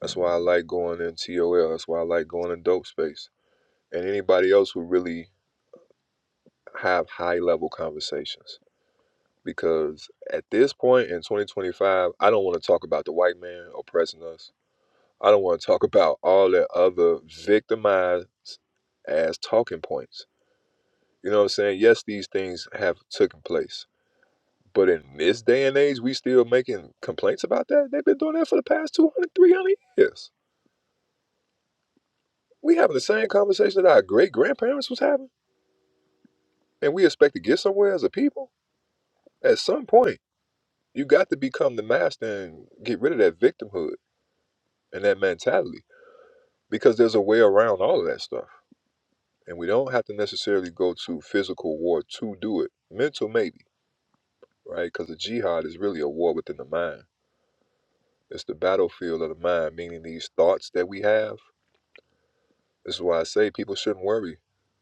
[SPEAKER 1] That's why I like going in TOL. That's why I like going in dope space and anybody else who really have high level conversations. Because at this point in 2025, I don't want to talk about the white man oppressing us. I don't want to talk about all that other victimized as talking points You know what I'm saying? Yes, these things have taken place. But in this day and age, we still making complaints about that. They've been doing that for the past 200, 300 years. We having the same conversation that our great grandparents was having, and we expect to get somewhere as a people. At some point, you got to become the master and get rid of that victimhood and that mentality because there's a way around all of that stuff. And we don't have to necessarily go to physical war to do it. Mental, maybe, right? Because the jihad is really a war within the mind It's the battlefield of the mind, meaning these thoughts that we have. This is why I say people shouldn't worry.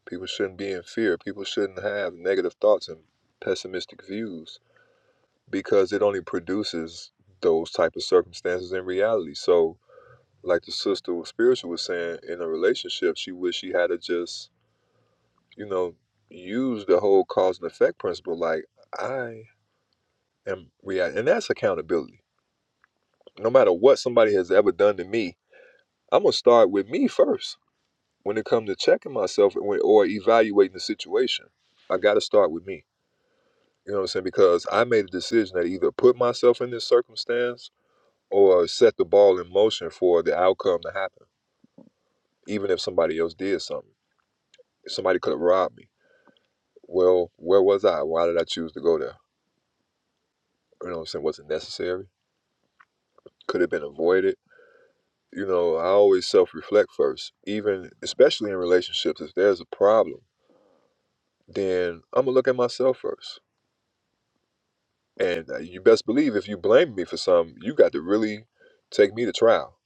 [SPEAKER 1] People shouldn't be in fear. People shouldn't have negative thoughts and pessimistic views because it only produces those type of circumstances in reality. So, like the sister spiritual was saying, in a relationship, she wished she had to just, you know, use the whole cause and effect principle. Like I am react, and that's accountability. No matter what somebody has ever done to me, I'm gonna start with me first when it comes to checking myself and or evaluating the situation, I got to start with me. You know what I'm saying? Because I made a decision that either put myself in this circumstance or set the ball in motion for the outcome to happen, even if somebody else did something. If somebody could have robbed me, well, where was I? Why did I choose to go there? You know what I'm saying? Was it necessary? Could have been avoided. You know, I always self reflect first, even especially in relationships. If there's a problem, then I'm going to look at myself first And uh, you best believe if you blame me for something, you got to really take me to trial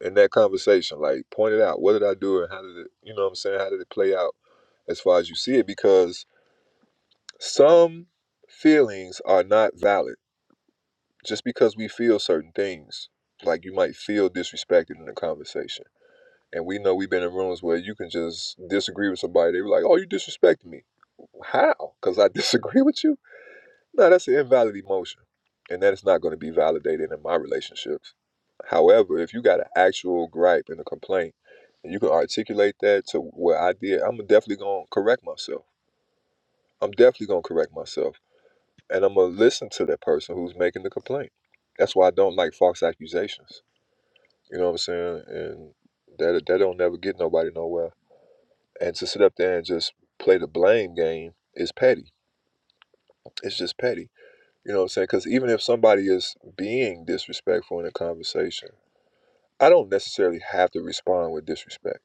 [SPEAKER 1] in that conversation. Like, point it out. What did I do? And how did it, you know what I'm saying? How did it play out as far as you see it? Because some feelings are not valid just because we feel certain things. Like, you might feel disrespected in a conversation. And we know we've been in rooms where you can just disagree with somebody. They were like, oh, you disrespected me. How? Because I disagree with you? No, that's an invalid emotion. And that is not going to be validated in my relationships. However, if you got an actual gripe and a complaint, and you can articulate that to what I did, I'm definitely going to correct myself. I'm definitely going to correct myself. And I'm going to listen to that person who's making the complaint. That's why I don't like false accusations. You know what I'm saying? And that, that don't never get nobody nowhere. And to sit up there and just play the blame game is petty. It's just petty You know what I'm saying? Because even if somebody is being disrespectful in a conversation, I don't necessarily have to respond with disrespect.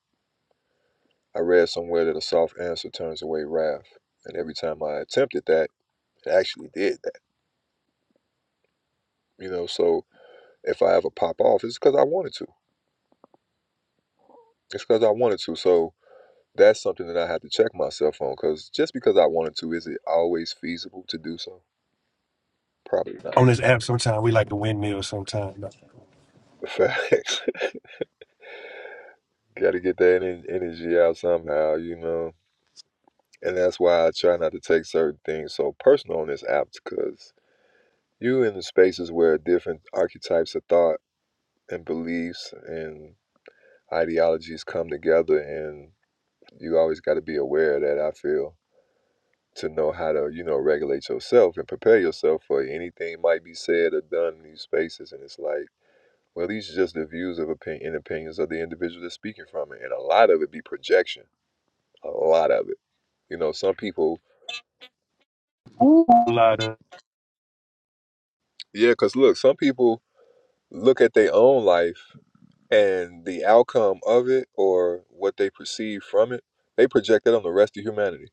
[SPEAKER 1] I read somewhere that a soft answer turns away wrath. And every time I attempted that, it actually did that. You know, so if I ever pop off, it's because I wanted to. It's because I wanted to. So that's something that I have to check myself on because just because I wanted to, is it always feasible to do so? Probably not.
[SPEAKER 4] On this app, sometimes we like the windmill sometimes.
[SPEAKER 1] Facts. Got to get that energy out somehow, you know. and that's why I try not to take certain things so personal on this app because you in the spaces where different archetypes of thought and beliefs and ideologies come together and you always got to be aware of that I feel to know how to you know regulate yourself and prepare yourself for anything might be said or done in these spaces and it's like well these are just the views of opinion and opinions of the individual that's speaking from it and a lot of it be projection a lot of it you know some people
[SPEAKER 4] Ooh. A lot of
[SPEAKER 1] yeah because look some people look at their own life and the outcome of it or what they perceive from it, they project that on the rest of humanity.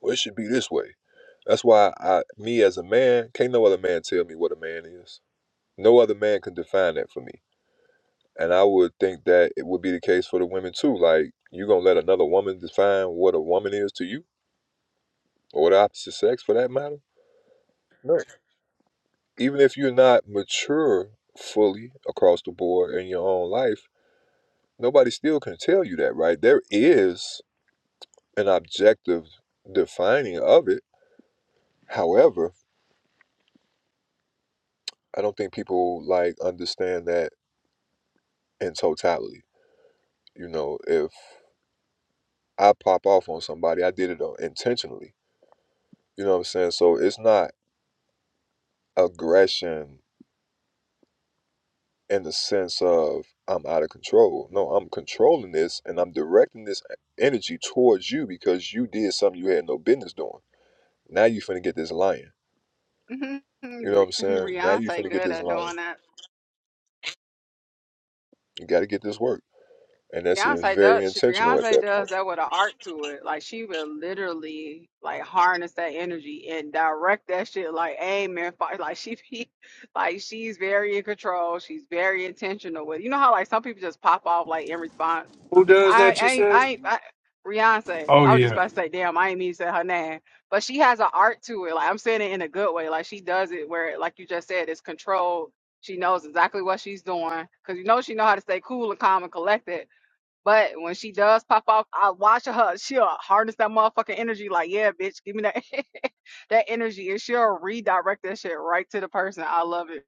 [SPEAKER 1] Well, it should be this way. That's why I, me as a man, can't no other man tell me what a man is. No other man can define that for me. And I would think that it would be the case for the women too. Like, you gonna let another woman define what a woman is to you, or the opposite sex for that matter? No. Even if you're not mature fully across the board in your own life Nobody still can tell you that, right? There is an objective defining of it. However, I don't think people like understand that in totality. You know, if I pop off on somebody, I did it uh, intentionally. You know what I'm saying? So it's not aggression in the sense of I'm out of control. No, I'm controlling this and I'm directing this uh, energy towards you because you did something you had no business doing. Now you finna get this lion.
[SPEAKER 18] Re-
[SPEAKER 1] You know what I'm saying? Now you
[SPEAKER 18] Beyonce
[SPEAKER 1] finna get
[SPEAKER 18] good
[SPEAKER 1] this
[SPEAKER 18] at
[SPEAKER 1] lion.
[SPEAKER 18] doing that.
[SPEAKER 1] You got to get this work. And that's it's
[SPEAKER 18] Beyonce
[SPEAKER 1] very
[SPEAKER 18] does she
[SPEAKER 1] intentional at
[SPEAKER 18] Beyonce
[SPEAKER 1] that
[SPEAKER 18] does
[SPEAKER 1] point.
[SPEAKER 18] that with an art to it. Like she will literally like harness that energy and direct that shit like amen. fi- Like she be like she's very in control. She's very intentional with you know how like some people just pop off like in response
[SPEAKER 4] who does
[SPEAKER 18] I
[SPEAKER 4] that, you
[SPEAKER 18] I ain't-
[SPEAKER 4] said?
[SPEAKER 18] I, ain't- I Beyonce.
[SPEAKER 4] Oh,
[SPEAKER 18] I was just
[SPEAKER 4] yeah,
[SPEAKER 18] about to say, damn, I ain't mean to say her name, but she has an art to it. Like I'm saying it in a good way. Like she does it where, like you just said, it's controlled. She knows exactly what she's doing because you know she know how to stay cool and calm and collected. But when she does pop off, I watch her. She'll harness that motherfucking energy. Like, yeah, bitch, give me that that energy, and she'll redirect that shit right to the person. I love it.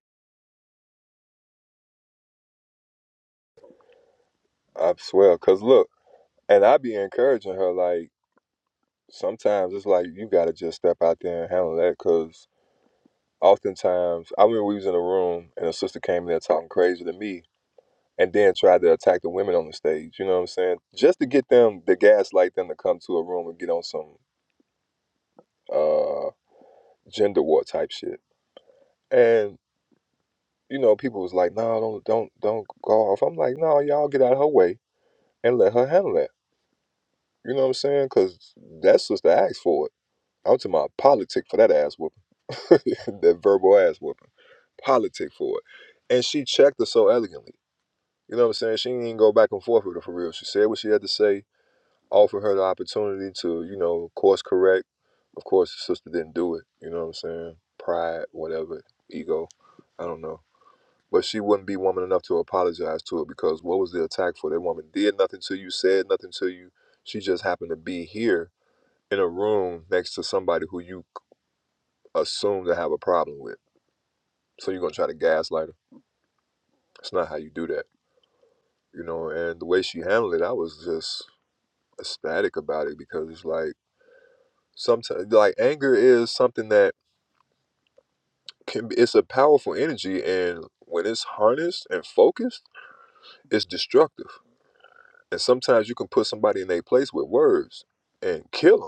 [SPEAKER 1] I swear. Because look, and I be encouraging her, like, sometimes it's like, you got to just step out there and handle that. Because oftentimes, I remember we was in a room and a sister came in there talking crazy to me and then tried to attack the women on the stage. You know what I'm saying? Just to get them, the gaslight them to come to a room and get on some uh gender war type shit. And, you know, people was like, no, don't, don't, don't go off. I'm like, no, y'all get out of her way and let her handle that. You know what I'm saying? Because that sister asked for it. I'm to my politic for that ass whooping, that verbal ass whooping, politic for it. And she checked her so elegantly. You know what I'm saying? She didn't even go back and forth with her for real. She said what she had to say, offered her the opportunity to, you know, course correct. Of course, the sister didn't do it. You know what I'm saying? Pride, whatever, ego, I don't know. But she wouldn't be woman enough to apologize to it because what was the attack for? That woman did nothing to you, said nothing to you. She just happened to be here in a room next to somebody who you assume to have a problem with. So you're gonna try to gaslight her. It's not how you do that, you know. And the way she handled it, I was just ecstatic about it because it's like sometimes like anger is something that can be, it's a powerful energy and when it's harnessed and focused, it's destructive. And sometimes you can put somebody in their place with words and kill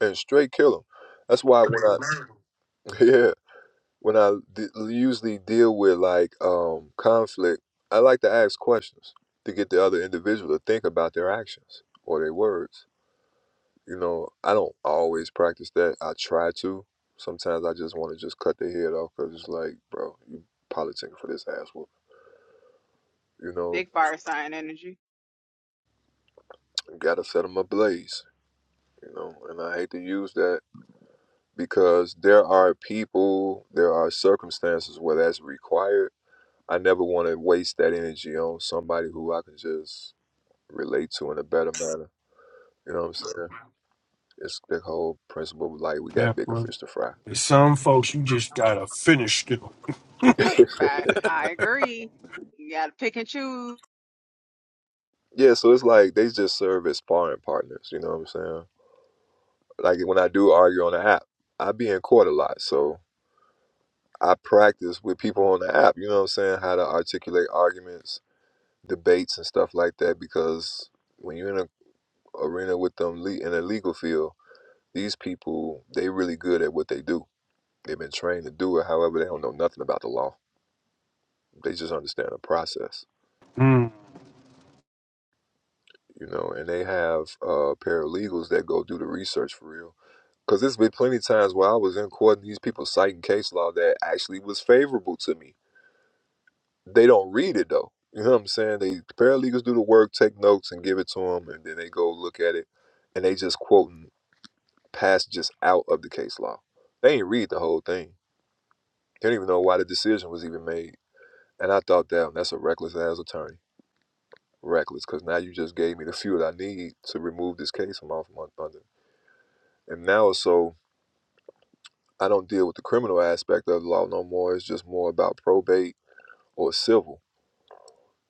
[SPEAKER 1] them and straight kill them. That's why when I, yeah, when I d- usually deal with like um, conflict, I like to ask questions to get the other individual to think about their actions or their words. You know, I don't always practice that. I try to. Sometimes I just want to just cut their head off because it's like, bro, you politicking for this ass whooping. You know,
[SPEAKER 18] Big fire sign energy.
[SPEAKER 1] gotta set them ablaze. You know, and I hate to use that because there are people, there are circumstances where that's required. I never want to waste that energy on somebody who I can just relate to in a better manner. You know what I'm saying? It's the whole principle of like we got bigger
[SPEAKER 4] definitely.
[SPEAKER 1] fish to fry.
[SPEAKER 4] There's Some folks, you just gotta finish them.
[SPEAKER 18] Fact. I agree. You gotta pick and choose.
[SPEAKER 1] yeah, so it's like they just serve as sparring partners. You know what I'm saying? Like when I do argue on the app, I be in court a lot, so I practice with people on the app. You know what I'm saying? How to articulate arguments, debates, and stuff like that. Because when you're in an arena with them le- in a legal field, these people they really good at what they do. They've been trained to do it. However, they don't know nothing about the law. They just understand the process.
[SPEAKER 4] Mm.
[SPEAKER 1] you know, and they have uh, paralegals that go do the research for real. Because there's been plenty of times where I was in court and these people citing case law that actually was favorable to me. They don't read it though. You know what I'm saying? They paralegals do the work, take notes, and give it to them, and then they go look at it, and they just quoting passages out of the case law. They ain't read the whole thing. They don't even know why the decision was even made. And I thought, damn, that's a reckless ass attorney. Reckless, because now you just gave me the fuel I need to remove this case from off my under. And now it's so I don't deal with the criminal aspect of the law no more. It's just more about probate or civil.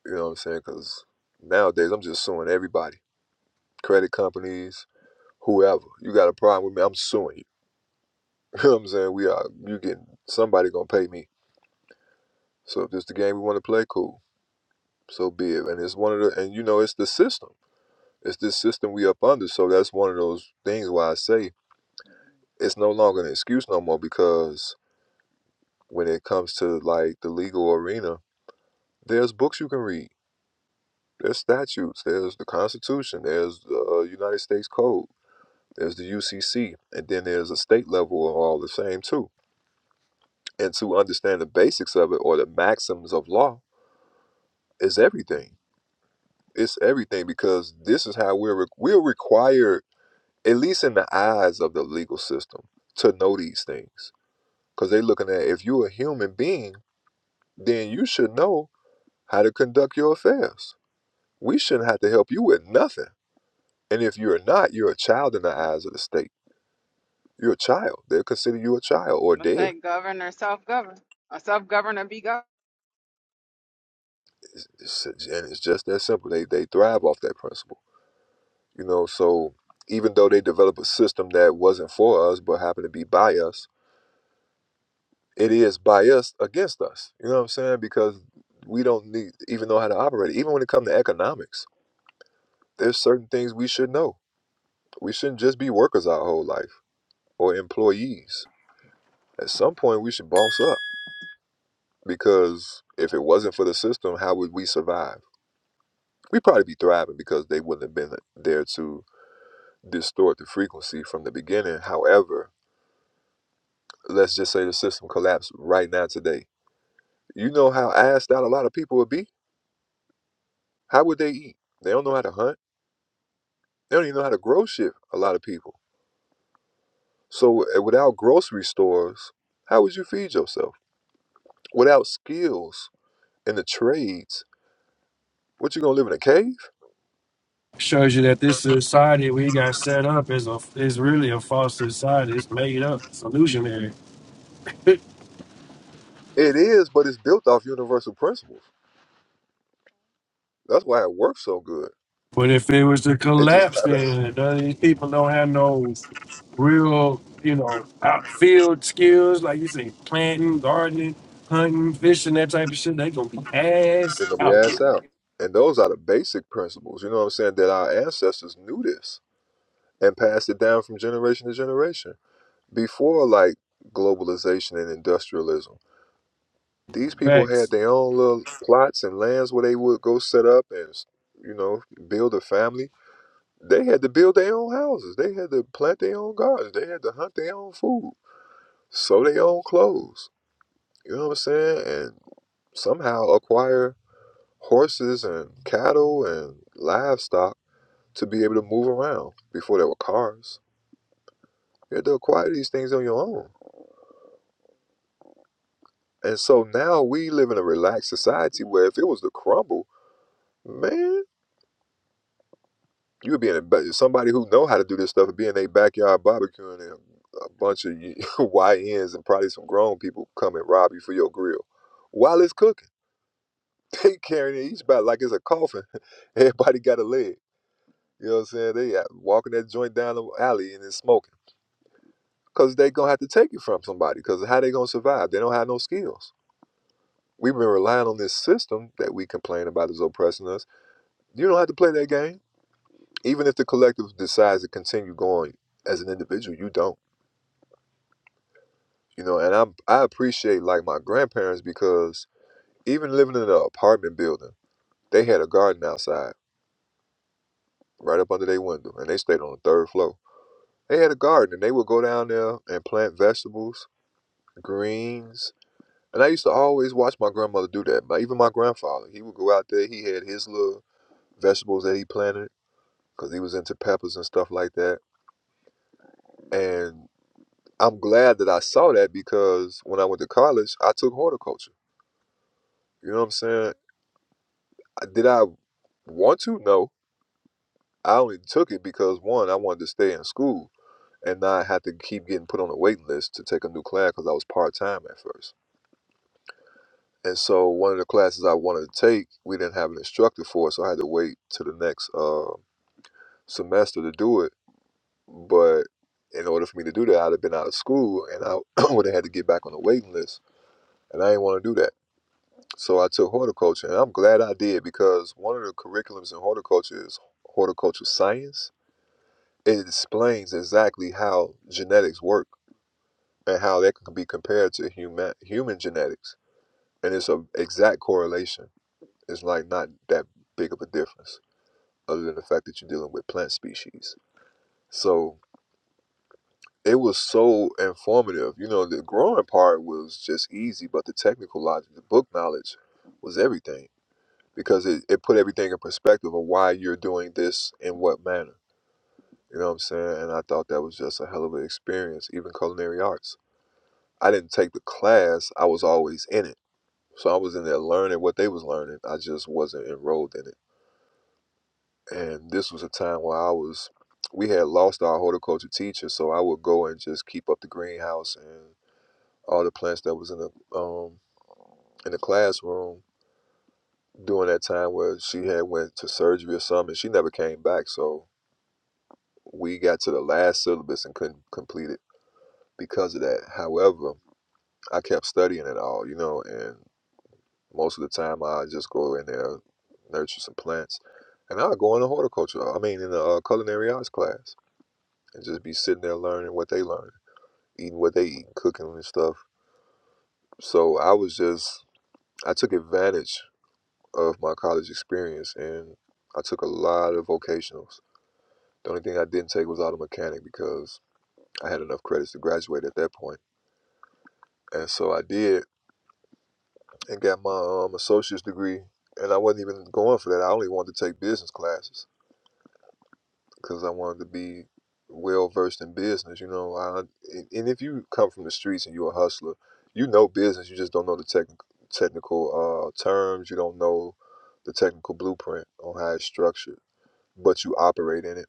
[SPEAKER 1] You know what I'm saying? Because nowadays I'm just suing everybody, credit companies, whoever. You got a problem with me? I'm suing you. You know what I'm saying? We are. You getting somebody gonna pay me. So if this the game we want to play, cool. So be it. And it's one of the and you know it's the system. It's this system we up under. So that's one of those things why I say it's no longer an excuse no more because when it comes to like the legal arena, there's books you can read There's statutes. There's the Constitution. There's the uh, United States Code. There's the UCC, and then there's a state level of all the same too. And to understand the basics of it or the maxims of law is everything. It's everything because this is how we're re- we're required, at least in the eyes of the legal system, to know these things. Because they're looking at if you're a human being, then you should know how to conduct your affairs. We shouldn't have to help you with nothing. And if you're not, you're a child in the eyes of the state You're a child. They'll consider you a child or
[SPEAKER 18] I'm gonna
[SPEAKER 1] dead.
[SPEAKER 18] say govern or self-govern, or self-govern or be governed.
[SPEAKER 1] It's, and it's just that simple. They, they thrive off that principle. You know, so even though they develop a system that wasn't for us but happened to be by us, it is by us against us. You know what I'm saying? Because we don't need even know how to operate. it. Even when it comes to economics, there's certain things we should know. We shouldn't just be workers our whole life or employees. At some point, we should boss up because if it wasn't for the system, how would we survive? we probably be thriving because they wouldn't have been there to distort the frequency from the beginning. However, let's just say the system collapsed right now today. You know how assed out a lot of people would be? How would they eat? They don't know how to hunt. They don't even know how to grow shit, a lot of people. So uh, without grocery stores, how would you feed yourself? Without skills in the trades, what you gonna live in a cave?
[SPEAKER 4] Shows you that this society we got set up is a is really a false society. It's made up, it's illusionary.
[SPEAKER 1] It is, but it's built off universal principles. That's why it works so good.
[SPEAKER 4] But if it was to
[SPEAKER 1] It just
[SPEAKER 4] collapse, then uh, these people don't have no real, you know, outfield skills like you say, planting, gardening, hunting, fishing, that type of shit. They gonna be ass
[SPEAKER 1] They're gonna be
[SPEAKER 4] out.
[SPEAKER 1] ass out. And those are the basic principles, you know what I'm saying, that our ancestors knew this and passed it down from generation to generation. Before like globalization and industrialism, these people had
[SPEAKER 4] Facts.
[SPEAKER 1] their own little plots and lands where they would go set up and you know, build a family. They had to build their own houses. They had to plant their own gardens. They had to hunt their own food, sew their own clothes. You know what I'm saying? And somehow acquire horses and cattle and livestock to be able to move around. Before there were cars, you had to acquire these things on your own. And so now we live in a relaxed society where if it was to crumble, man, you would be in a somebody who know how to do this stuff would be in their backyard barbecuing and a bunch of YNs and probably some grown people come and rob you for your grill while it's cooking. They carrying it each back like it's a coffin. Everybody got a leg. You know what I'm saying? They uh, walking that joint down the alley and it's smoking. because they gonna have to take it from somebody. Because how they gonna survive? They don't have no skills. We've been relying on this system that we complain about is oppressing us. You don't have to play that game, even if the collective decides to continue going as an individual. You don't, you know. And I am I appreciate like my grandparents because even living in an apartment building, they had a garden outside right up under their window, and they stayed on the third floor. They had a garden, and they would go down there and plant vegetables, greens, And I used to always watch my grandmother do that. My, even my grandfather, he would go out there. He had his little vegetables that he planted because he was into peppers and stuff like that. And I'm glad that I saw that because when I went to college, I took horticulture. You know what I'm saying? I- Did I want to? No. I only took it because one, I wanted to stay in school and not have to keep getting put on a waiting list to take a new class because I was part time at first. And so one of the classes I wanted to take, we didn't have an instructor for, so I had to wait to the next. uh, semester to do it. But in order for me to do that, I'd have been out of school and I would have had to get back on the waiting list. And I didn't want to do that. So I took horticulture and I'm glad I did because one of the curriculums in horticulture is horticultural science. It explains exactly how genetics work and how that can be compared to human human genetics. And it's a exact correlation. It's like not that big of a difference other than the fact that you're dealing with plant species. So it was so informative. You know, the growing part was just easy, but the technical logic, the book knowledge was everything because it, it put everything in perspective of why you're doing this in what manner. You know what I'm saying? It's even arts. I didn't take the class, I was always in it. So I was in there learning what they was learning. I just wasn't enrolled in it. And this was a time where I was we had lost our horticulture teacher, so I would go and just keep up the greenhouse and all the plants that was in the um in the classroom during that time where she had went to surgery or something and she never came back so we got to the last syllabus and couldn't complete it because of that however i kept studying it all you know and most of the time i just go in there nurture some plants and i'll go in the horticulture i mean in the uh, culinary arts class and just be sitting there learning what they learn eating what they eat cooking and stuff so i was just i took advantage of my college experience and i took a lot of vocationals the only thing I didn't take was auto mechanic because I had enough credits to graduate at that point, and so I did and got my um, associate's degree. And I wasn't even going for that. I only wanted to take business classes because I wanted to be well versed in business. You know, I, and and if you come from the streets and you're a hustler, you know business. You just don't know the tech, technical uh, terms. You don't know the technical blueprint on how it's structured, but you operate in it.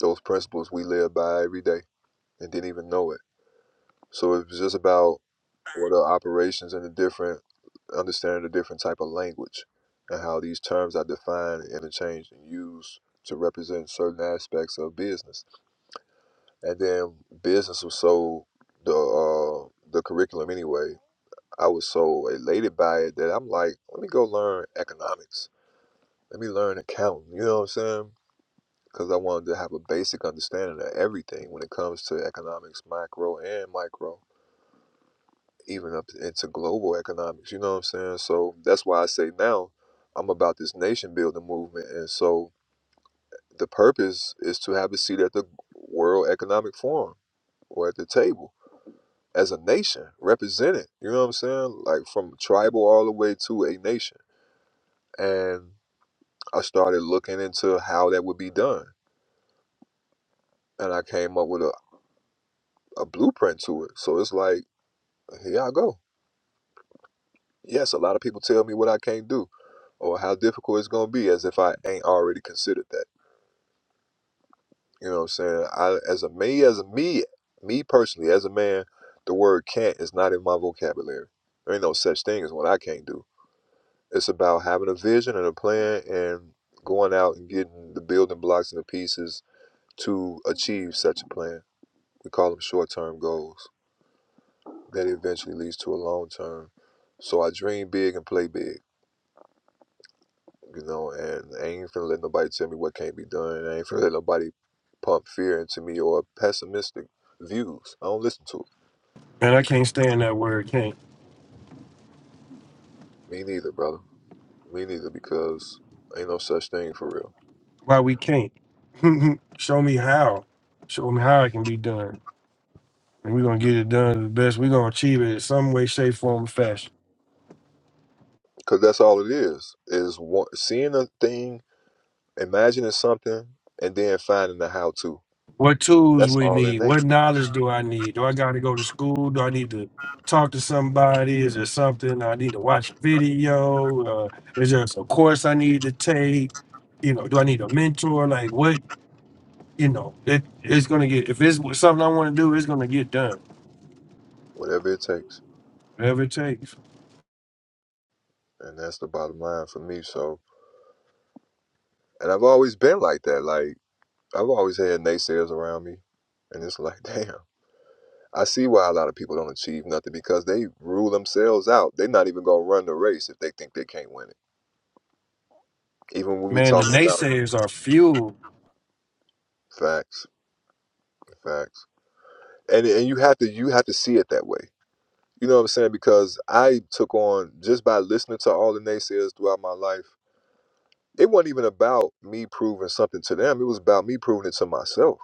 [SPEAKER 1] Those principles we live by every day and didn't even know it. So it was just about what are operations and the different understanding the different type of language and how these terms are defined and interchanged and used to represent certain aspects of business and then business was so the uh, the curriculum anyway i was so elated by it that i'm like let me go learn economics let me learn accounting you know what i'm saying because i wanted to have a basic understanding of everything when it comes to economics macro and micro even up into global economics. You know what I'm saying? So that's why I say now I'm about this nation building movement. And so the purpose is to have a seat at the World Economic Forum or at the table as a nation represented. You know what I'm saying? Like from tribal all the way to a nation. And I started looking into how that would be done. And I came up with a, a blueprint to it. So it's like, here I go. Yes, a lot of people tell me what I can't do or how difficult it's going to be as if I ain't already considered that. You know what I'm saying? I as a me as a me me personally as a man, the word can't is not in my vocabulary. There ain't no such thing as what I can't do. It's about having a vision and a plan and going out and getting the building blocks and the pieces to achieve such a plan. We call them short-term goals that eventually leads to a long-term. So I dream big and play big, you know, and I ain't finna let nobody tell me what can't be done. I ain't finna let nobody pump fear into me or pessimistic views. I don't listen to it.
[SPEAKER 4] And I can't stand that word. Can't.
[SPEAKER 1] Me neither, brother. Me neither, because ain't no such thing for real.
[SPEAKER 4] Why we can't? Show me how. Show me how it can be done, and we're gonna get it done the best. We're gonna achieve it in some way, shape, form, or fashion.
[SPEAKER 1] Because that's all it is: is one, seeing a thing, imagining something, and then finding the how-to.
[SPEAKER 4] What tools
[SPEAKER 1] That's
[SPEAKER 4] we
[SPEAKER 1] all in
[SPEAKER 4] need? What
[SPEAKER 1] nature,
[SPEAKER 4] knowledge do I need? Do I got to go to school? Do I need to talk to somebody? Is there something I need to watch video? Uh, is there a course I need to take? You know, do I need a mentor? Like what? You know, it, it's gonna get if it's something I want to do, it's gonna get done.
[SPEAKER 1] whatever it takes,
[SPEAKER 4] Whatever it takes.
[SPEAKER 1] and that's the bottom line for me. So, and I've always been like that. Like I've always had naysayers around me, and it's like, damn. I see why a lot of people don't achieve nothing because they rule themselves out. They're not even gonna run the race if they think they can't win it. Even when we
[SPEAKER 4] Man, the
[SPEAKER 1] talking about
[SPEAKER 4] naysayers are fueled
[SPEAKER 1] facts, facts. and and you have to you have to see it that way. You know what I'm saying? Because I took on just by listening to all the naysayers throughout my life. It wasn't even about me proving something to them. It was about me proving it to myself.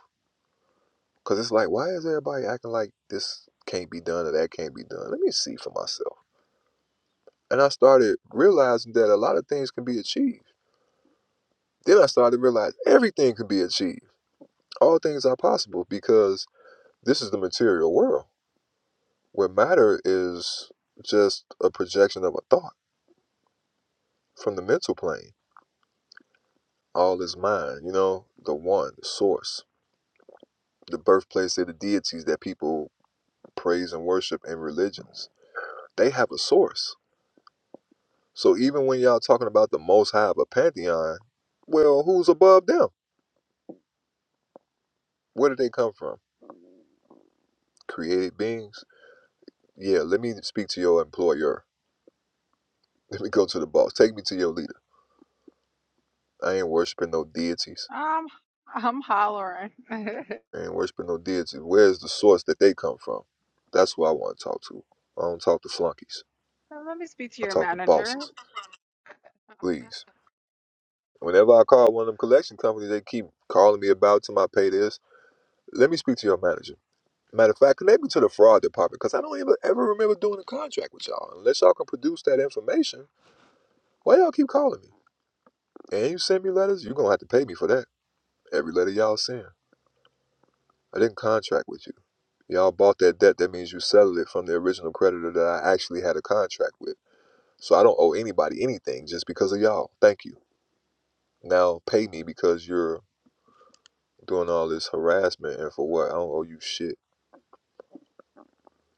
[SPEAKER 1] Because it's like, why is everybody acting like this can't be done or that can't be done? Let me see for myself. And I started realizing that a lot of things can be achieved. Then I started to realize everything can be achieved. All things are possible because this is the material world where matter is just a projection of a thought from the mental plane. All is mind, you know, the one, the source, the birthplace of the deities that people praise and worship in religions. They have a source. So even when y'all talking about the most high of a pantheon, well, who's above them? Where did they come from? Created beings? Yeah, let me speak to your employer. Let me go to the boss. Take me to your leader. I ain't worshiping no deities.
[SPEAKER 18] Um, I'm hollering. Let
[SPEAKER 1] I ain't worshiping no deities. Where's the source that they come from? That's who I want to talk to. I don't talk to flunkies.
[SPEAKER 18] me speak to
[SPEAKER 1] I
[SPEAKER 18] your
[SPEAKER 1] talk to
[SPEAKER 18] manager.
[SPEAKER 1] bosses. please. Whenever I call one of them collection companies, they keep calling me about to my pay this. Let me speak to your manager. Matter of fact, connect me to the fraud department because I don't even ever remember doing a contract with y'all. Unless y'all can produce that information, why y'all keep calling me? And you send me letters, you're going to have to pay me for that. Every letter y'all send. I didn't contract with you. Y'all bought that debt, that means you settled it from the original creditor that I actually had a contract with. So I don't owe anybody anything just because of y'all. Thank you. Now pay me because you're doing all this harassment and for what? I don't owe you shit.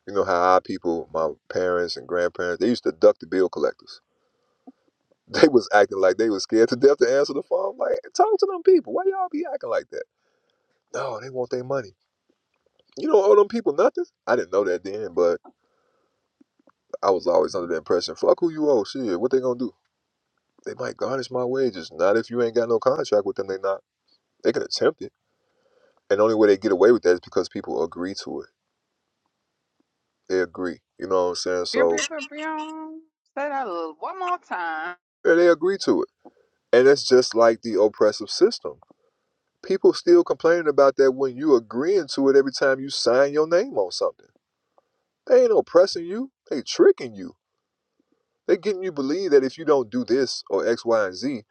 [SPEAKER 1] You know how our people, my parents and grandparents, they used to duck the bill collectors. They was acting like they was scared to death to answer the phone. Like, talk to them people. Why y'all be acting like that? No, they want their money. You don't owe them people nothing. I didn't know that then, but I was always under the impression, fuck who you owe. Shit, what they gonna do? They might garnish my wages. Not if you ain't got no contract with them. They not. They can attempt it, and the only way they get away with that is because people agree to it. They agree. You know what I'm saying?
[SPEAKER 18] Brum,
[SPEAKER 1] So
[SPEAKER 18] brum, brum, brum. Say that a little one more time.
[SPEAKER 1] yeah, they agree to it. And that's just like the oppressive system. People still complaining about that when you agreeing to it every time you sign your name on something. They ain't oppressing you. They tricking you. They getting you believe that if you don't do this or X, Y, and Z,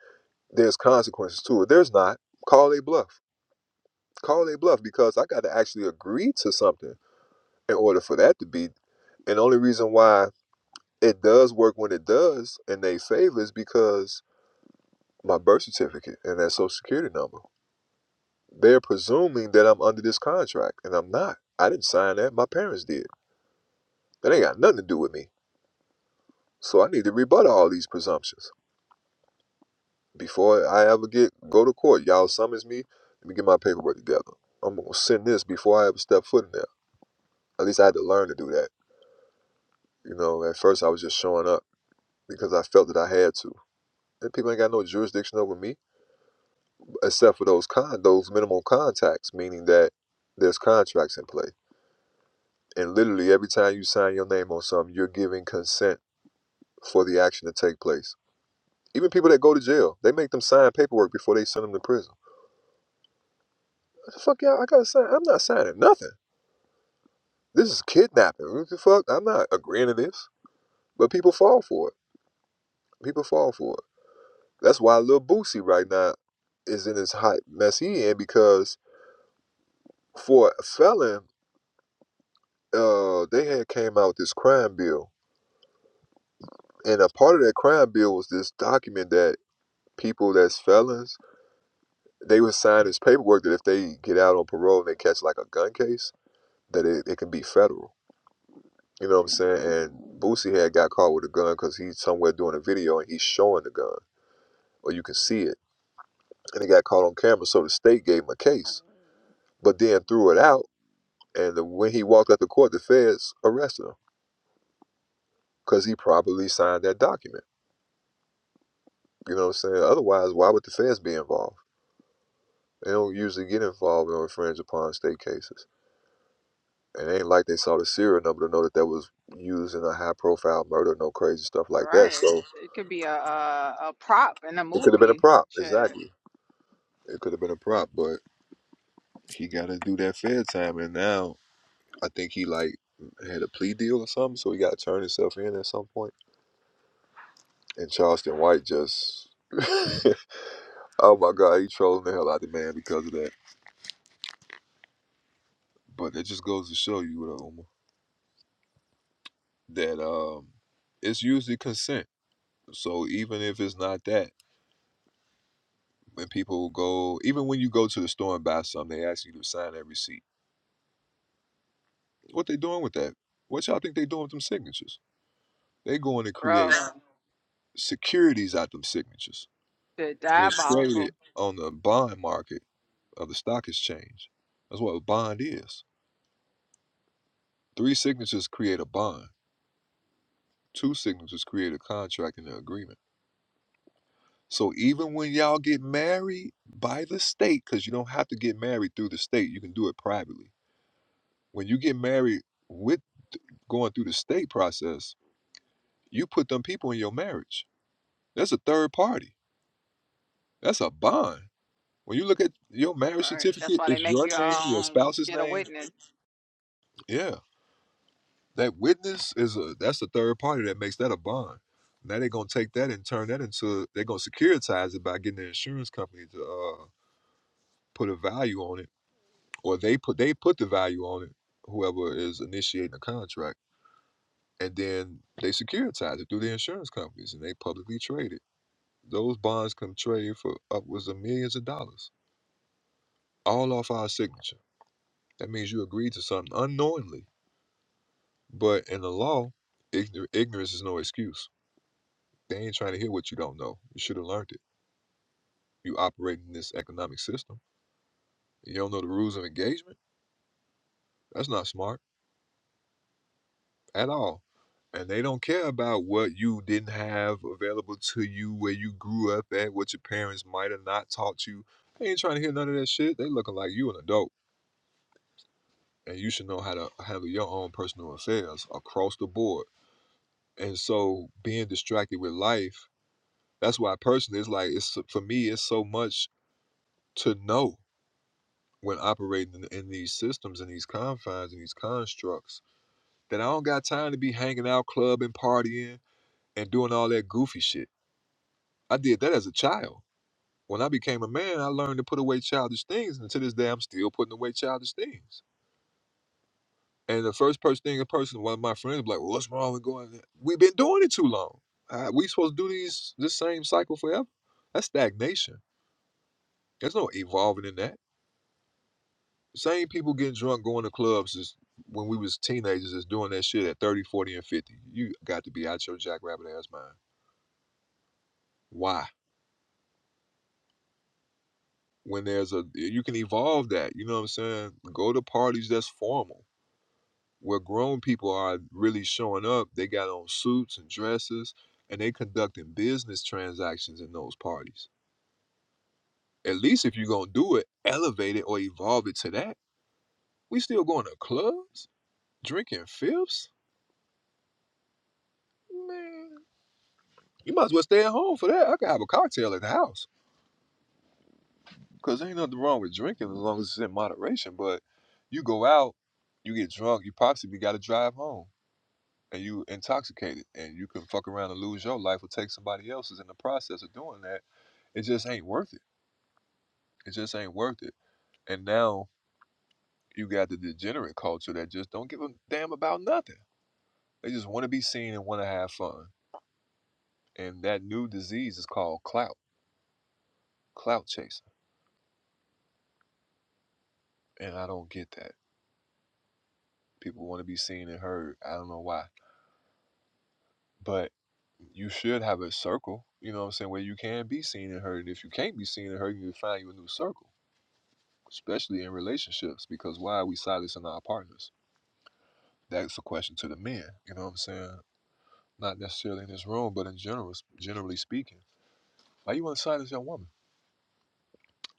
[SPEAKER 1] there's consequences to it. There's not. Call a bluff. Call a bluff because I got to actually agree to something in order for that to be. And the only reason why it does work when it does in they favor is because my birth certificate and that social security number. They're presuming that I'm under this contract, and I'm not. I didn't sign that. My parents did. That ain't got nothing to do with me. So I need to rebut all these presumptions before I ever get go to court. Y'all summons me. Let me get my paperwork together. I'm gonna send this before I ever step foot in there. At least I had to learn to do that. You know, at first I was just showing up because I felt that I had to. And people ain't got no jurisdiction over me except for those con those minimum contacts, meaning that there's contracts in play. And literally every time you sign your name on something, you're giving consent for the action to take place. Even people that go to jail, they make them sign paperwork before they send them to prison. What the fuck, y'all? I gotta sign. I'm not signing nothing. This is kidnapping. What the fuck? I'm not agreeing to this. But people fall for it. People fall for it. That's why Lil Boosie right now is in this hot mess he in because for a felon, uh, they had came out with this crime bill, and a part of that crime bill was this document that people that's felons they would sign this paperwork that if they get out on parole and they catch like a gun case that it, it can be federal. You know what I'm saying? And Boosie had got caught with a gun because he's somewhere doing a video and he's showing the gun, or you can see it. And he got caught on camera, so the state gave him a case, but then threw it out. And the, when he walked out the court, the feds arrested him because he probably signed that document. You know what I'm saying? Otherwise, why would the feds be involved? They don't usually get involved in infringe upon state cases. And it ain't like they saw the serial number to know that that was used in a high profile murder, no crazy stuff like that.
[SPEAKER 18] Right.
[SPEAKER 1] So
[SPEAKER 18] It could be a a, a prop in a
[SPEAKER 1] it could have been a
[SPEAKER 18] movie.
[SPEAKER 1] prop.
[SPEAKER 18] Shit,
[SPEAKER 1] Exactly. It could have been a prop, but he got to do that fair time. And now I think he like had a plea deal or something, so he got to turn himself in at some point. And Charleston White just, oh my God, he trolling the hell out of the man because of that. But it just goes to show you, though, Uma, that um, it's usually consent. So even if it's not that, when people go, even when you go to the store and buy something, they ask you to sign that receipt. What they doing with that? What y'all think they doing with them signatures? They going to create
[SPEAKER 18] bro.
[SPEAKER 1] securities out them signatures
[SPEAKER 18] Shit,
[SPEAKER 1] and it's traded
[SPEAKER 18] diabolical.
[SPEAKER 1] on the bond market of the stock exchange. That's what a bond is. Three signatures create a bond. Two signatures create a contract and an agreement. So even when y'all get married by the state, because you don't have to get married through the state, you can do it privately. When you get married with going through the state process, you put them people in your marriage. That's a third party. That's a bond. When you look at your marriage
[SPEAKER 18] All right. That's
[SPEAKER 1] certificate,
[SPEAKER 18] why they
[SPEAKER 1] it's
[SPEAKER 18] make
[SPEAKER 1] your
[SPEAKER 18] you
[SPEAKER 1] name, your
[SPEAKER 18] um
[SPEAKER 1] spouse's
[SPEAKER 18] get a
[SPEAKER 1] name.
[SPEAKER 18] witness.
[SPEAKER 1] Yeah. That witness is a that's the third party that makes that a bond. Now they're gonna take that and turn that into they're gonna securitize it by getting the insurance company to uh, put a value on it, or they put they put the value on it. Whoever is initiating the contract, and then they securitize it through the insurance companies, and they publicly trade it. Those bonds can trade for upwards of millions of dollars, all off our signature. That means you agreed to something unknowingly, but in the law, ignor- ignorance is no excuse They ain't trying to hear what you don't know. You should have learned it. You operate in this economic system. You don't know the rules of engagement. That's not smart at all. And they don't care about what you didn't have available to you, where you grew up at, what your parents might have not taught you. They ain't trying to hear none of that shit. They looking like you an adult, and you should know how to handle your own personal affairs across the board. And so, being distracted with life, that's why personally, it's like it's for me. It's so much to know when operating in, in these systems in these confines in these constructs that I don't got time to be hanging out, clubbing, partying, and doing all that goofy shit. I did that as a child. When I became a man, I learned to put away childish things, and to this day, I'm still putting away childish things. And the first person thing, a person, one of my friends, be like, well, "What's wrong with going? there? We've been doing it too long. Uh, we supposed to do these this same cycle forever? That's stagnation. There's no evolving in that." Same people getting drunk going to clubs is when we was teenagers is doing that shit at 30, 40, and 50. You got to be out your jackrabbit ass mind. Why? When there's a you can evolve that, you know what I'm saying? Go to parties that's formal. Where grown people are really showing up, they got on suits and dresses and they conducting business transactions in those parties. At least if you're gonna do it, elevate it or evolve it to that. We still going to clubs, drinking fifths? Man. You might as well stay at home for that. I can have a cocktail at the house because there ain't nothing wrong with drinking as long as it's in moderation. But you go out, you get drunk, you possibly got to drive home and you intoxicated and you can fuck around and lose your life or take somebody else's in the process of doing that. It just ain't worth it. It just ain't worth it. And now you got the degenerate culture that just don't give a damn about nothing. They just want to be seen and want to have fun. And that new disease is called clout, clout chasing. And I don't get that. People want to be seen and heard. I don't know why. But you should have a circle, you know what I'm saying, where you can be seen and heard. And if you can't be seen and heard, you need to find you a new circle, especially in relationships, because why are we silencing our partners? That's a question to the men, you know what I'm saying? Not necessarily in this room, but in general, generally speaking. Why you want to silence your woman?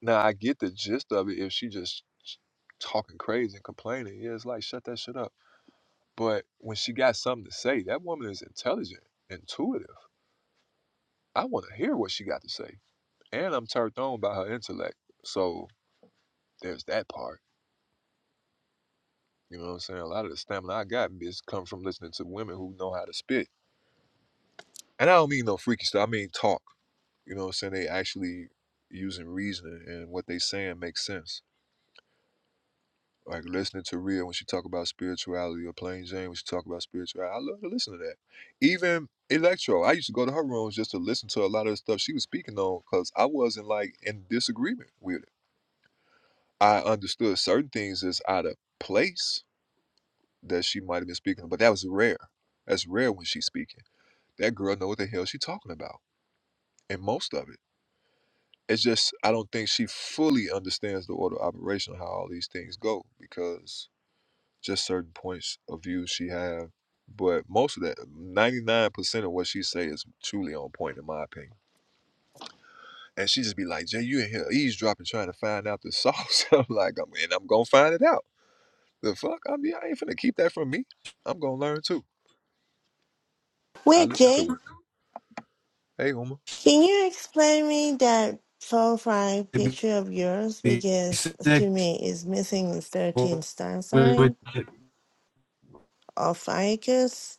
[SPEAKER 1] Now, I get the gist of it if she just talking crazy and complaining. Yeah, it's like, shut that shit up. But when she got something to say, that woman is intelligent, intuitive. I want to hear what she got to say. and I'm turned on by her intellect. So there's that part. You know what I'm saying? A lot of the stamina I got is come from listening to women who know how to spit. And I don't mean no freaky stuff. I mean talk. You know what I'm saying? They actually using reasoning and what they saying makes sense. Like listening to Rhea when she talk about spirituality or plain Jane when she talk about spirituality. I love to listen to that. Even Electro, I used to go to her rooms just to listen to a lot of the stuff she was speaking on because I wasn't like in disagreement with it. I understood certain things is out of place that she might have been speaking, but that was rare. That's rare when she's speaking. That girl know what the hell she's talking about, and most of it. It's just I don't think she fully understands the order of operation, how all these things go, because just certain points of view she have. But most of that, ninety nine percent of what she say is truly on point, in my opinion. And she just be like, "Jay, you in here eavesdropping, trying to find out the sauce." I'm like, "I'm and I'm gonna find it out." The fuck? I mean, I ain't finna keep that from me. I'm gonna learn too. I
[SPEAKER 22] Wait,
[SPEAKER 1] listen to.
[SPEAKER 22] Jake,
[SPEAKER 1] it. Hey, Uma.
[SPEAKER 22] can you explain me that profile
[SPEAKER 4] to
[SPEAKER 22] picture of yours?
[SPEAKER 4] be
[SPEAKER 22] Because to
[SPEAKER 4] sick
[SPEAKER 22] me, it's missing the 13
[SPEAKER 4] with,
[SPEAKER 22] star
[SPEAKER 4] with
[SPEAKER 22] sign of Ficus.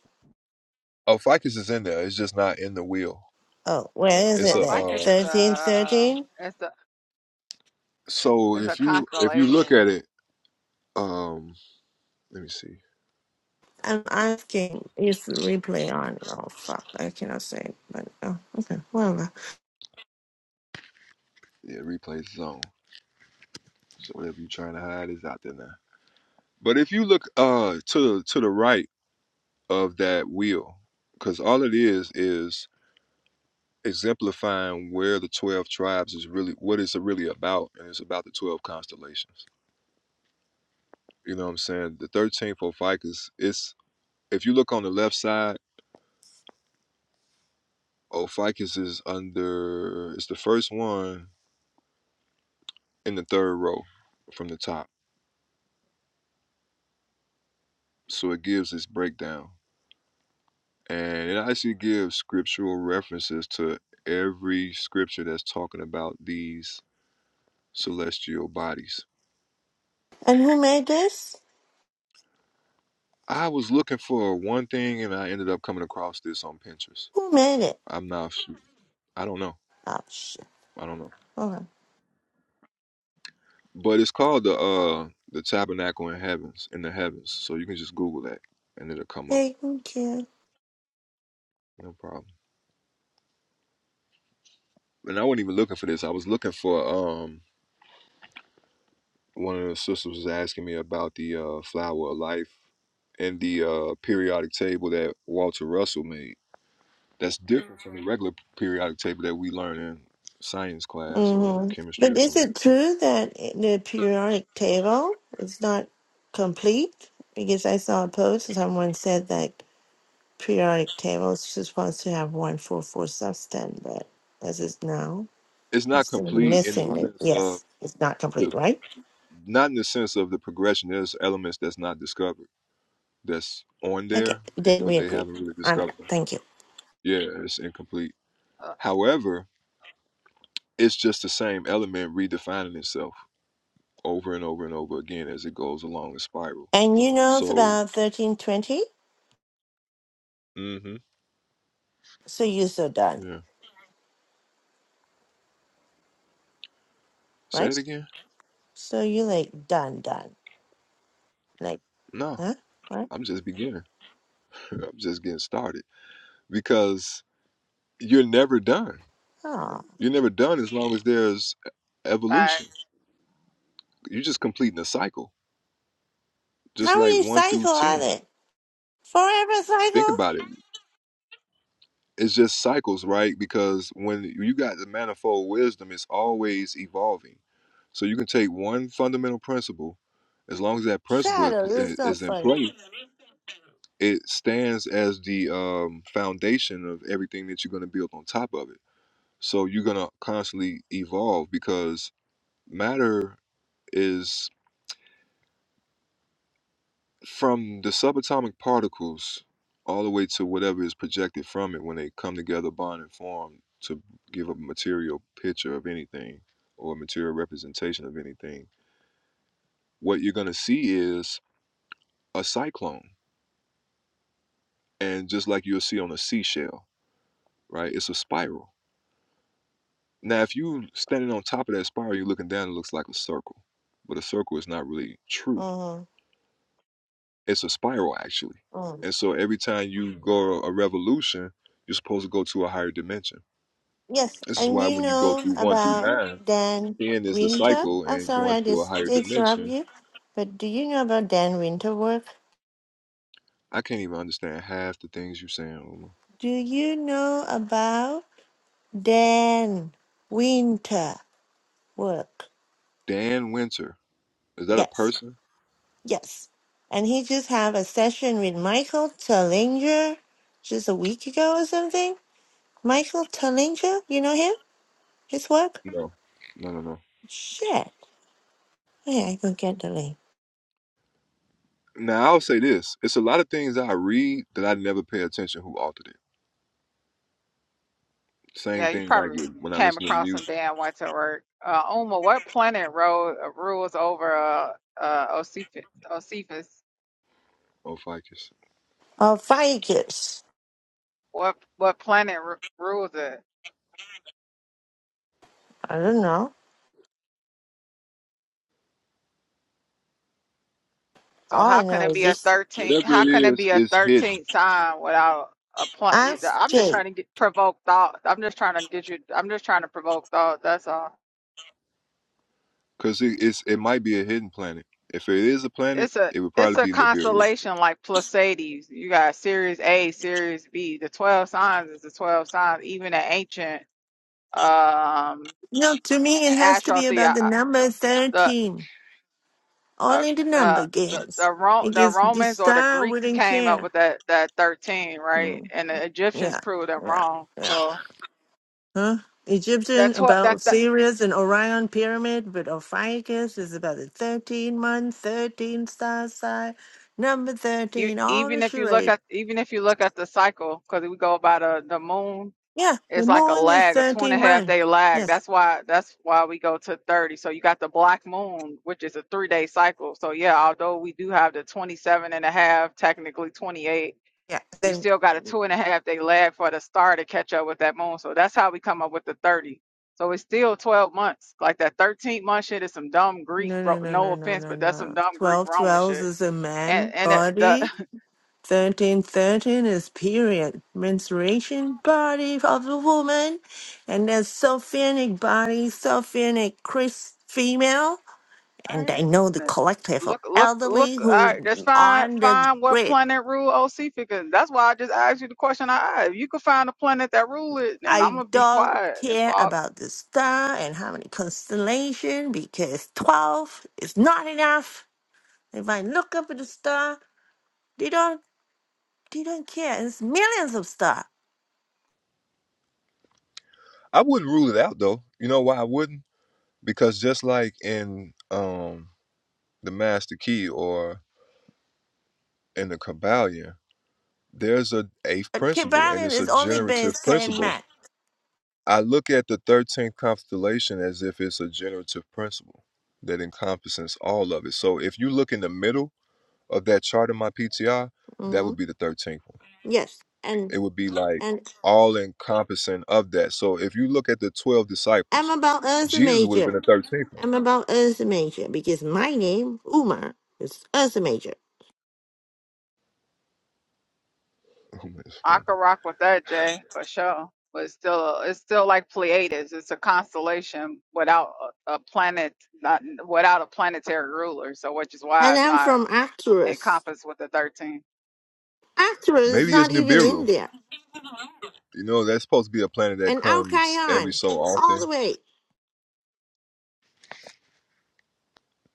[SPEAKER 1] Oh, ficus is in there. It's just not in the wheel.
[SPEAKER 22] Oh, where is
[SPEAKER 1] It's
[SPEAKER 22] it
[SPEAKER 18] Oh,
[SPEAKER 1] a
[SPEAKER 22] then?
[SPEAKER 1] um.
[SPEAKER 18] Ficus is
[SPEAKER 22] Thirteen,
[SPEAKER 18] a
[SPEAKER 22] thirteen?
[SPEAKER 18] it's a
[SPEAKER 1] So
[SPEAKER 18] it's a
[SPEAKER 1] if you if you look
[SPEAKER 18] constellation.
[SPEAKER 1] at it, um, let me see.
[SPEAKER 22] I'm asking, is the replay on? Oh, fuck, I cannot say it, but oh, okay, whatever.
[SPEAKER 1] Yeah, replay zone. So whatever you're trying to hide is out there now. But if you look uh to to the right of that wheel, because all it is is exemplifying where the twelve tribes is really what it's really about, and it's about the twelve constellations. You know what I'm saying? The thirteenth Ophiuchus. It's if you look on the left side, Ophiuchus is under. It's the first one in the third row from the top. So it gives this breakdown. And it actually gives scriptural references to every scripture that's talking about these celestial bodies.
[SPEAKER 22] And who made this?
[SPEAKER 1] I was looking for one thing and I ended up coming across this on Pinterest.
[SPEAKER 22] Who made it?
[SPEAKER 1] I'm not I don't know.
[SPEAKER 22] Oh, shit.
[SPEAKER 1] I don't know.
[SPEAKER 22] Okay.
[SPEAKER 1] But it's called the uh the tabernacle in heavens in the heavens. So you can just Google that and it'll come up.
[SPEAKER 22] Thank you.
[SPEAKER 1] No problem. And I wasn't even looking for this. I was looking for um. one of the sisters was asking me about the uh, flower of life and the uh, periodic table that Walter Russell made. That's different from the regular periodic table that we learn in science class or
[SPEAKER 22] hmm
[SPEAKER 1] chemistry
[SPEAKER 22] But
[SPEAKER 1] or
[SPEAKER 22] is
[SPEAKER 1] something.
[SPEAKER 22] it true that the periodic table is not complete? Because I saw a post someone said that periodic table is supposed to have one full four substance, but as is now,
[SPEAKER 1] It's not
[SPEAKER 22] it's still
[SPEAKER 1] complete in the
[SPEAKER 22] missing it.
[SPEAKER 1] sense of
[SPEAKER 22] Yes, it's not
[SPEAKER 1] the,
[SPEAKER 22] complete, right?
[SPEAKER 1] not in the sense of the progression. There's elements that's not discovered that's on
[SPEAKER 22] Okay,
[SPEAKER 1] there,
[SPEAKER 22] then we
[SPEAKER 1] but they
[SPEAKER 22] agree
[SPEAKER 1] haven't really
[SPEAKER 22] on that.
[SPEAKER 1] discovered.
[SPEAKER 22] Thank you.
[SPEAKER 1] Yeah, it's incomplete. However, it's just the same element redefining itself over and over and over again as it goes along the spiral.
[SPEAKER 22] And you know it's
[SPEAKER 1] So
[SPEAKER 22] about thirteen twenty,
[SPEAKER 1] Mm-hmm.
[SPEAKER 22] so you're so done,
[SPEAKER 1] Yeah. Say
[SPEAKER 22] right?
[SPEAKER 1] it again?
[SPEAKER 22] So you're like done, done, like
[SPEAKER 1] No,
[SPEAKER 22] huh, right?
[SPEAKER 1] I'm just beginning. I'm just getting started because you're never done.
[SPEAKER 22] Oh,
[SPEAKER 1] You're never done as long as there's e-,
[SPEAKER 18] Uh,
[SPEAKER 1] evolution. You're just completing a cycle, just
[SPEAKER 22] how
[SPEAKER 1] like
[SPEAKER 22] many
[SPEAKER 1] one through
[SPEAKER 22] cycle are
[SPEAKER 1] 10.
[SPEAKER 22] there? Forever
[SPEAKER 1] Think
[SPEAKER 22] cycle?
[SPEAKER 1] about it. It's just cycles, right? Because when you got the manifold wisdom, it's always evolving. So you can take one fundamental principle, as long as that principle is
[SPEAKER 22] Shadow. This is
[SPEAKER 1] pl-
[SPEAKER 22] so
[SPEAKER 1] is in
[SPEAKER 22] funny.
[SPEAKER 1] play, it stands as the um, foundation of everything that you're going to build on top of it So you're going to constantly evolve because matter is from the subatomic particles all the way to whatever is projected from it when they come together, bond, and form to give a material picture of anything or a material representation of anything. What you're going to see is a cyclone. And just like you'll see on a seashell, right? It's a spiral. Now, if you standing on top of that spiral, you're looking down, it looks like a circle. But a circle is not really true
[SPEAKER 22] Mm-hmm.
[SPEAKER 1] it's a spiral actually.
[SPEAKER 22] Mm.
[SPEAKER 1] And so every time you go a revolution, you're supposed to go to a higher dimension.
[SPEAKER 22] Yes,
[SPEAKER 1] This is
[SPEAKER 22] and
[SPEAKER 1] why
[SPEAKER 22] you
[SPEAKER 1] when you go
[SPEAKER 22] know
[SPEAKER 1] through one through
[SPEAKER 22] about
[SPEAKER 1] nine,
[SPEAKER 22] Dan
[SPEAKER 1] ten is the
[SPEAKER 22] Winter?
[SPEAKER 1] cycle
[SPEAKER 22] I'm
[SPEAKER 1] and
[SPEAKER 22] sorry
[SPEAKER 1] going
[SPEAKER 22] I
[SPEAKER 1] to a
[SPEAKER 22] just
[SPEAKER 1] higher
[SPEAKER 22] interrupt
[SPEAKER 1] dimension.
[SPEAKER 22] you, but do you know about Dan Winter work?
[SPEAKER 1] I can't even understand half the things you're saying, Uma.
[SPEAKER 22] Do you know about Dan Winter work?
[SPEAKER 1] Dan Winter. Is that a
[SPEAKER 22] Yes,
[SPEAKER 1] person?
[SPEAKER 22] yes. And he just have a session with Michael Tellinger just a week ago or something. Michael Tellinger, you know him? His work?
[SPEAKER 1] No. No, no, no.
[SPEAKER 22] Shit. Yeah, I can get the link.
[SPEAKER 1] Now I'll say this. It's a lot of things I read that I never pay attention who authored it.
[SPEAKER 18] Yeah,
[SPEAKER 1] Same
[SPEAKER 18] you
[SPEAKER 1] thing like
[SPEAKER 18] probably
[SPEAKER 1] with, when I
[SPEAKER 18] came
[SPEAKER 1] listen to
[SPEAKER 18] across him
[SPEAKER 1] music
[SPEAKER 18] day and went to work. Uh, Uma, what planet ro rules over uh, uh, Osiphus? Osiphus?
[SPEAKER 1] or ficus.
[SPEAKER 22] Oh, Vegas.
[SPEAKER 18] What what planet r rules it?
[SPEAKER 22] I don't know.
[SPEAKER 18] So
[SPEAKER 22] All
[SPEAKER 18] how
[SPEAKER 22] I
[SPEAKER 18] can
[SPEAKER 22] know
[SPEAKER 18] it
[SPEAKER 22] is
[SPEAKER 18] be a
[SPEAKER 22] this.
[SPEAKER 18] thirteenth?
[SPEAKER 1] Whatever
[SPEAKER 18] How
[SPEAKER 1] it
[SPEAKER 18] can it
[SPEAKER 1] is,
[SPEAKER 18] be a
[SPEAKER 1] it's hidden.
[SPEAKER 18] thirteenth sign without a planet?
[SPEAKER 22] Ask
[SPEAKER 18] I'm just
[SPEAKER 22] Jake.
[SPEAKER 18] trying to get provoke thought. I'm just trying to get you. I'm just trying to provoke thought. That's all.
[SPEAKER 1] Cause it, it's it might be a hidden planet. If it is a planet,
[SPEAKER 18] It's a
[SPEAKER 1] it would
[SPEAKER 18] it's
[SPEAKER 1] probably
[SPEAKER 18] a
[SPEAKER 1] be Nibiru.
[SPEAKER 18] constellation like Pleiades. You got Series A, Series B. The twelve signs is the twelve signs. Even the ancient. um
[SPEAKER 22] No, to me, it has to
[SPEAKER 18] astro
[SPEAKER 22] be
[SPEAKER 18] the
[SPEAKER 22] about
[SPEAKER 18] uh,
[SPEAKER 22] the number
[SPEAKER 18] the
[SPEAKER 22] 13.
[SPEAKER 18] uh,
[SPEAKER 22] Only the number
[SPEAKER 18] the the the,
[SPEAKER 22] games.
[SPEAKER 18] Ro- the
[SPEAKER 22] Because the
[SPEAKER 18] Romans or the
[SPEAKER 22] star
[SPEAKER 18] Greeks
[SPEAKER 22] wouldn't
[SPEAKER 18] came up
[SPEAKER 22] care.
[SPEAKER 18] with that that 13, right?
[SPEAKER 22] Mm,
[SPEAKER 18] And the Egyptians
[SPEAKER 22] Yeah,
[SPEAKER 18] proved it
[SPEAKER 22] yeah,
[SPEAKER 18] wrong.
[SPEAKER 22] yeah.
[SPEAKER 18] So
[SPEAKER 22] Huh? Egyptian
[SPEAKER 18] that's what that,
[SPEAKER 22] about
[SPEAKER 18] that
[SPEAKER 22] Sirius and Orion pyramid, but Ophiuchus is about the 13 month, 13 star sign, number
[SPEAKER 18] you
[SPEAKER 22] 13, all the
[SPEAKER 18] even if you look
[SPEAKER 22] charade.
[SPEAKER 18] at even if you look at the cycle because we go by the the moon,
[SPEAKER 22] Yeah, the
[SPEAKER 18] it's like a
[SPEAKER 22] moon is
[SPEAKER 18] lag, a two and a
[SPEAKER 22] 13
[SPEAKER 18] half
[SPEAKER 22] months.
[SPEAKER 18] day lag.
[SPEAKER 22] Yes.
[SPEAKER 18] That's why that's why we go to 30. So you got the black moon, which is a three day cycle. So yeah, although we do have the 27 and a half, technically 28
[SPEAKER 22] Yeah.
[SPEAKER 18] You
[SPEAKER 22] Then
[SPEAKER 18] still got a two and a half day lag for the star to catch up with that moon. So that's how we come up with the 30. So it's still 12 months. Like that 13th month shit is some dumb Greek,
[SPEAKER 22] no
[SPEAKER 18] bro.
[SPEAKER 22] no no
[SPEAKER 18] No
[SPEAKER 22] no no
[SPEAKER 18] offense,
[SPEAKER 22] no
[SPEAKER 18] but that's some
[SPEAKER 22] no.
[SPEAKER 18] dumb Greek
[SPEAKER 22] Twelve
[SPEAKER 18] Roman
[SPEAKER 22] twelves
[SPEAKER 18] shit.
[SPEAKER 22] is a
[SPEAKER 18] And
[SPEAKER 22] man
[SPEAKER 18] and the,
[SPEAKER 22] body.
[SPEAKER 18] the
[SPEAKER 22] Thirteen thirteen is period. Menstruation body of the woman. And there's Sophenic body, Sophenic Chris female.
[SPEAKER 18] all
[SPEAKER 22] And I
[SPEAKER 18] right,
[SPEAKER 22] know the
[SPEAKER 18] n-
[SPEAKER 22] collective of
[SPEAKER 18] look look look.
[SPEAKER 22] elderly
[SPEAKER 18] All right,
[SPEAKER 22] who
[SPEAKER 18] that's fine.
[SPEAKER 22] on the
[SPEAKER 18] Find what
[SPEAKER 22] grid.
[SPEAKER 18] planet rule OC because that's why I just asked you the question. I asked. If you could find a planet that rule it, then I'm
[SPEAKER 22] I
[SPEAKER 18] gonna be
[SPEAKER 22] don't
[SPEAKER 18] quiet and
[SPEAKER 22] care
[SPEAKER 18] fall.
[SPEAKER 22] about the star and how many constellation because twelve is not enough. If I look up at the star, They don't care. It's millions of stuff.
[SPEAKER 1] I wouldn't rule it out though. You know why I wouldn't? Because just like in um the Master Key or in the Kabbalion, there's a eighth
[SPEAKER 22] Uh, Cape
[SPEAKER 1] principle, and
[SPEAKER 22] Island
[SPEAKER 1] it's a
[SPEAKER 22] is only
[SPEAKER 1] generative
[SPEAKER 22] based 10
[SPEAKER 1] principle.
[SPEAKER 22] men.
[SPEAKER 1] I look at the thirteenth constellation as if it's a generative principle that encompasses all of it. So if you look in the middle of that chart in my PTR, that
[SPEAKER 22] hmm
[SPEAKER 1] would be the thirteenth one.
[SPEAKER 22] Yes. And
[SPEAKER 1] it would be like
[SPEAKER 22] and
[SPEAKER 1] all encompassing of that. So if you look at the 12
[SPEAKER 22] I'm
[SPEAKER 1] disciples,
[SPEAKER 22] about Ursa
[SPEAKER 1] Jesus would have been
[SPEAKER 22] Major.
[SPEAKER 1] the 13th
[SPEAKER 22] I'm
[SPEAKER 1] one.
[SPEAKER 22] about Ursa Major because my name, Uma, is Ursa Major.
[SPEAKER 1] Oh, that's
[SPEAKER 18] I
[SPEAKER 1] funny.
[SPEAKER 18] could rock with that, Jay, for sure. But it's still, it's still like Pleiades. It's a constellation without a, a planet, not without a planetary ruler. So, which is why
[SPEAKER 22] And
[SPEAKER 18] it's
[SPEAKER 22] I'm
[SPEAKER 18] not
[SPEAKER 22] from Arcturus.
[SPEAKER 18] encompassed with the thirteen.
[SPEAKER 22] Arcturus is
[SPEAKER 1] Maybe it's
[SPEAKER 22] not even in
[SPEAKER 1] Nibiru.
[SPEAKER 22] there.
[SPEAKER 1] You know, that's supposed to be a planet that
[SPEAKER 22] And Al
[SPEAKER 1] comes every so often.
[SPEAKER 22] all the way,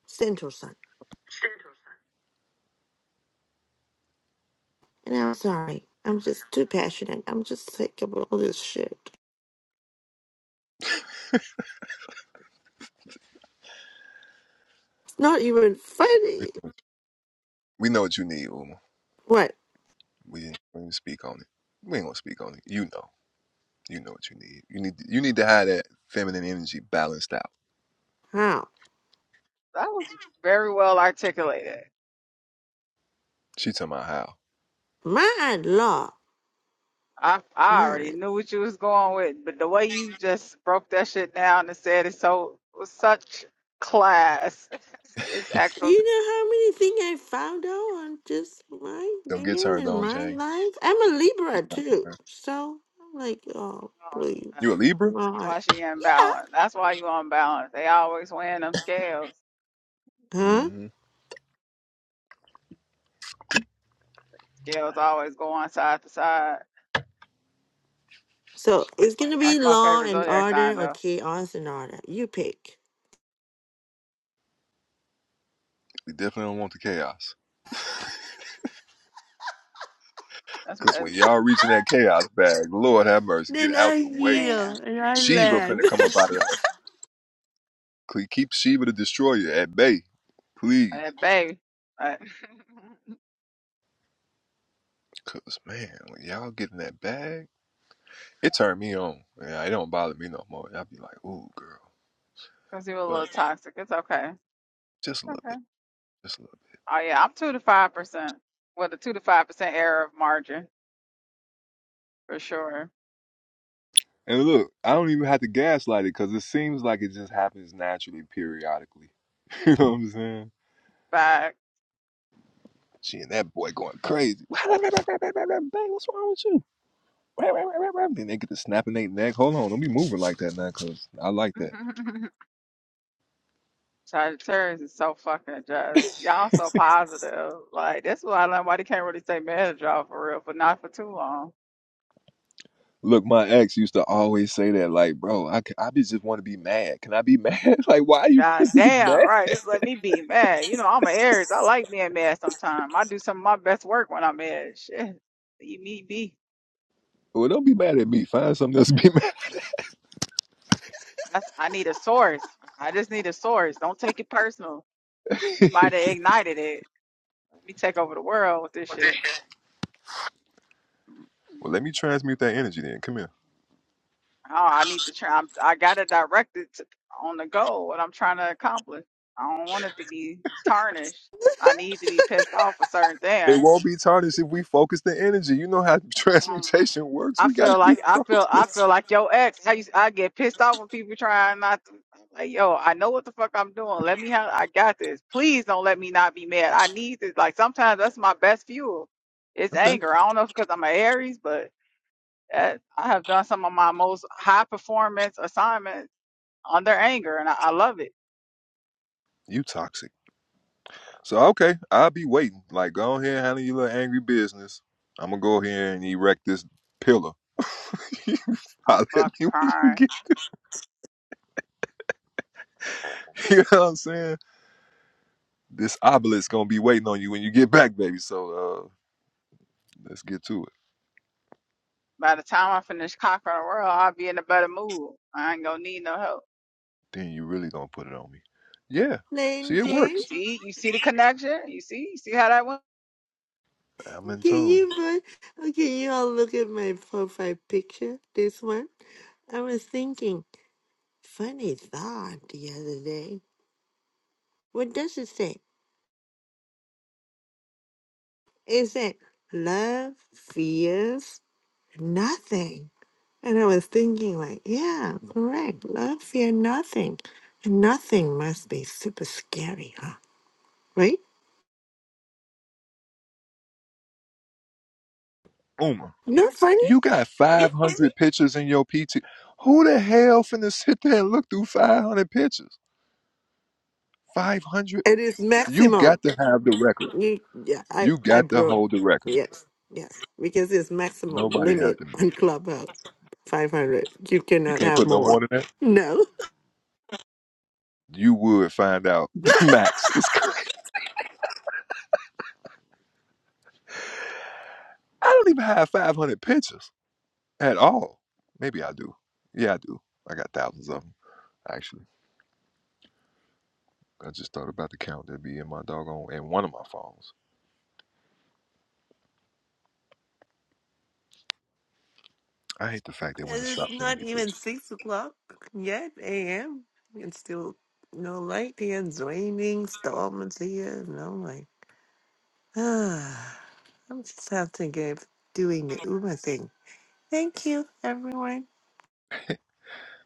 [SPEAKER 22] Central Sun. And I'm sorry. I'm just too passionate. I'm just sick of all this shit. It's not even funny.
[SPEAKER 1] We know what you need, Uma.
[SPEAKER 22] What?
[SPEAKER 1] We didn't, we didn't speak on it. We ain't gonna speak on it. You know. You know what you need. You need you need to have that feminine energy balanced out.
[SPEAKER 22] How?
[SPEAKER 18] That was very well articulated.
[SPEAKER 1] She talking about how.
[SPEAKER 22] My law.
[SPEAKER 18] I I already knew what you was going with, but the way you just broke that shit down and said it so with such class, it's excellent.
[SPEAKER 22] You know how many things I found out on just my
[SPEAKER 1] Don't
[SPEAKER 22] name
[SPEAKER 1] get turned
[SPEAKER 22] and
[SPEAKER 1] on,
[SPEAKER 22] my
[SPEAKER 1] Jane.
[SPEAKER 22] life? I'm a Libra too. So I'm like, oh, please,
[SPEAKER 1] You a
[SPEAKER 18] That's
[SPEAKER 1] Libra?
[SPEAKER 22] not.
[SPEAKER 18] why she unbalanced. That's why you unbalanced. They always win them scales.
[SPEAKER 22] Huh?
[SPEAKER 1] Mm-hmm.
[SPEAKER 18] Girls always go on side to side.
[SPEAKER 22] So it's gonna be
[SPEAKER 18] That's my
[SPEAKER 22] law
[SPEAKER 18] favorite
[SPEAKER 22] and
[SPEAKER 18] zodiac
[SPEAKER 22] order
[SPEAKER 18] sign,
[SPEAKER 22] or
[SPEAKER 18] though.
[SPEAKER 22] chaos and order. You pick.
[SPEAKER 1] We definitely don't want the chaos.
[SPEAKER 18] That's my
[SPEAKER 1] Cause
[SPEAKER 18] that's-
[SPEAKER 1] when y'all reaching that chaos bag, Lord have mercy, get
[SPEAKER 22] Then I
[SPEAKER 1] out the way.
[SPEAKER 18] man,
[SPEAKER 22] yield and I
[SPEAKER 1] Sheba
[SPEAKER 22] land.
[SPEAKER 1] finna come up out of her. Cle- Keep Sheba the Destroyer at bay, please.
[SPEAKER 18] that baby. Because
[SPEAKER 1] Cause man, when y'all get in that bag, it turned me on. Yeah, it don't bother me no more. I'll be like, ooh, girl,
[SPEAKER 18] he was a little
[SPEAKER 1] but
[SPEAKER 18] toxic. It's okay.
[SPEAKER 1] just a little
[SPEAKER 18] Okay.
[SPEAKER 1] bit, just a little bit.
[SPEAKER 18] Oh yeah, I'm two to five percent. Well, the two to five percent error of margin for sure.
[SPEAKER 1] And look, I don't even have to gaslight it because it seems like it just happens naturally, periodically. you know what I'm saying?
[SPEAKER 18] Fact.
[SPEAKER 1] She and that boy going crazy. Bang, what's wrong with you? Then they get to snapping their neck. Hold on, don't be moving like that now, cause I like that.
[SPEAKER 18] Sagittarius is so fucking just. Y'all so positive. Like that's why I learned why they can't really take advantage of y'all for real, but not for too long.
[SPEAKER 1] Look, my ex used to always say that, like, bro, I, c- I be- just want to be mad. Can I be mad? like, why you
[SPEAKER 18] God
[SPEAKER 1] want to be
[SPEAKER 18] damn,
[SPEAKER 1] mad?
[SPEAKER 18] right. This let me be mad. You know, I'm an Aries. I like being mad sometimes. I do some of my best work when I'm mad. Shit. Leave me be.
[SPEAKER 1] Well, don't be mad at me. Find something else to be mad.
[SPEAKER 18] That's I need a source. I just need a source. Don't take it personal. You might have ignited it. Let me take over the world with this shit.
[SPEAKER 1] Well, let me transmute that energy then. Come here.
[SPEAKER 18] Oh, I need to try. I'm, I gotta direct it to, on the goal. What I'm trying to accomplish. I don't want it to be tarnished. I need to be pissed off for certain things.
[SPEAKER 1] It won't be tarnished if we focus the energy. You know how
[SPEAKER 18] Mm,
[SPEAKER 1] transmutation works.
[SPEAKER 18] I
[SPEAKER 1] We gotta
[SPEAKER 18] feel
[SPEAKER 1] be
[SPEAKER 18] like I feel I
[SPEAKER 1] focused.
[SPEAKER 18] feel like your ex. How you, I get pissed off when people trying not to. I'm like yo, I know what the fuck I'm doing. Let me have. I got this. Please don't let me not be mad. I need this. Like sometimes that's my best fuel. It's
[SPEAKER 1] Okay.
[SPEAKER 18] anger. I don't know if because I'm an Aries, but that, I have done some of my most high performance assignments under anger, and I, I love it.
[SPEAKER 1] You toxic. So okay, I'll be waiting. Like go ahead and handle your little angry business. I'm gonna go here and erect this pillar.
[SPEAKER 18] I'm
[SPEAKER 1] Holler at
[SPEAKER 18] fucking
[SPEAKER 1] me when you
[SPEAKER 18] crying.
[SPEAKER 1] get. You know what I'm saying? This obelisk gonna be waiting on you when you get back, baby. So uh, let's get to it.
[SPEAKER 18] By the time I finish conquering the world, I'll be in a better mood. I ain't gonna need no help.
[SPEAKER 1] Then you really gonna put it on me. Yeah.
[SPEAKER 22] Lane
[SPEAKER 1] See, it
[SPEAKER 22] Jane,
[SPEAKER 1] works.
[SPEAKER 18] See, you see the connection. You see, you see how that went.
[SPEAKER 1] I'm in
[SPEAKER 22] can
[SPEAKER 1] tune.
[SPEAKER 22] you but okay, you all look at my profile picture, this one. I was thinking, funny thought the other day. What does it say? isn't love fears nothing. And I was thinking, like, yeah, correct. Love fear nothing. nothing must be super scary, huh? Right?
[SPEAKER 1] Uma,
[SPEAKER 22] Not funny?
[SPEAKER 1] you got 500 pictures in your PT. Who the hell finna sit there and look through 500 pictures? 500?
[SPEAKER 22] It is
[SPEAKER 1] You
[SPEAKER 22] maximum.
[SPEAKER 1] got to have the record.
[SPEAKER 22] You, yeah, I,
[SPEAKER 1] You
[SPEAKER 22] I
[SPEAKER 1] got to
[SPEAKER 22] broke.
[SPEAKER 1] hold the record.
[SPEAKER 22] Yes, yes. Because it's maximum
[SPEAKER 1] Nobody has
[SPEAKER 22] limit
[SPEAKER 1] the mean.
[SPEAKER 22] on Clubhouse 500. You
[SPEAKER 1] You
[SPEAKER 22] cannot
[SPEAKER 1] can't
[SPEAKER 22] have
[SPEAKER 1] put no
[SPEAKER 22] more.
[SPEAKER 1] more than that.
[SPEAKER 22] No.
[SPEAKER 1] You would find out the max. It's crazy. I don't even have 500 pictures. At all. Maybe I do. Yeah, I do. I got thousands of them, actually. I just thought about the count that'd be in my doggone in one of my phones. I hate the fact that
[SPEAKER 22] And
[SPEAKER 1] women
[SPEAKER 22] it's
[SPEAKER 1] stop sending
[SPEAKER 22] not
[SPEAKER 1] me
[SPEAKER 22] even
[SPEAKER 1] pictures.
[SPEAKER 22] six o'clock yet a.m. It's still no light here, it's raining, storms here, and I'm like, ah, I'm just having to give doing the Uber thing. Thank you, everyone.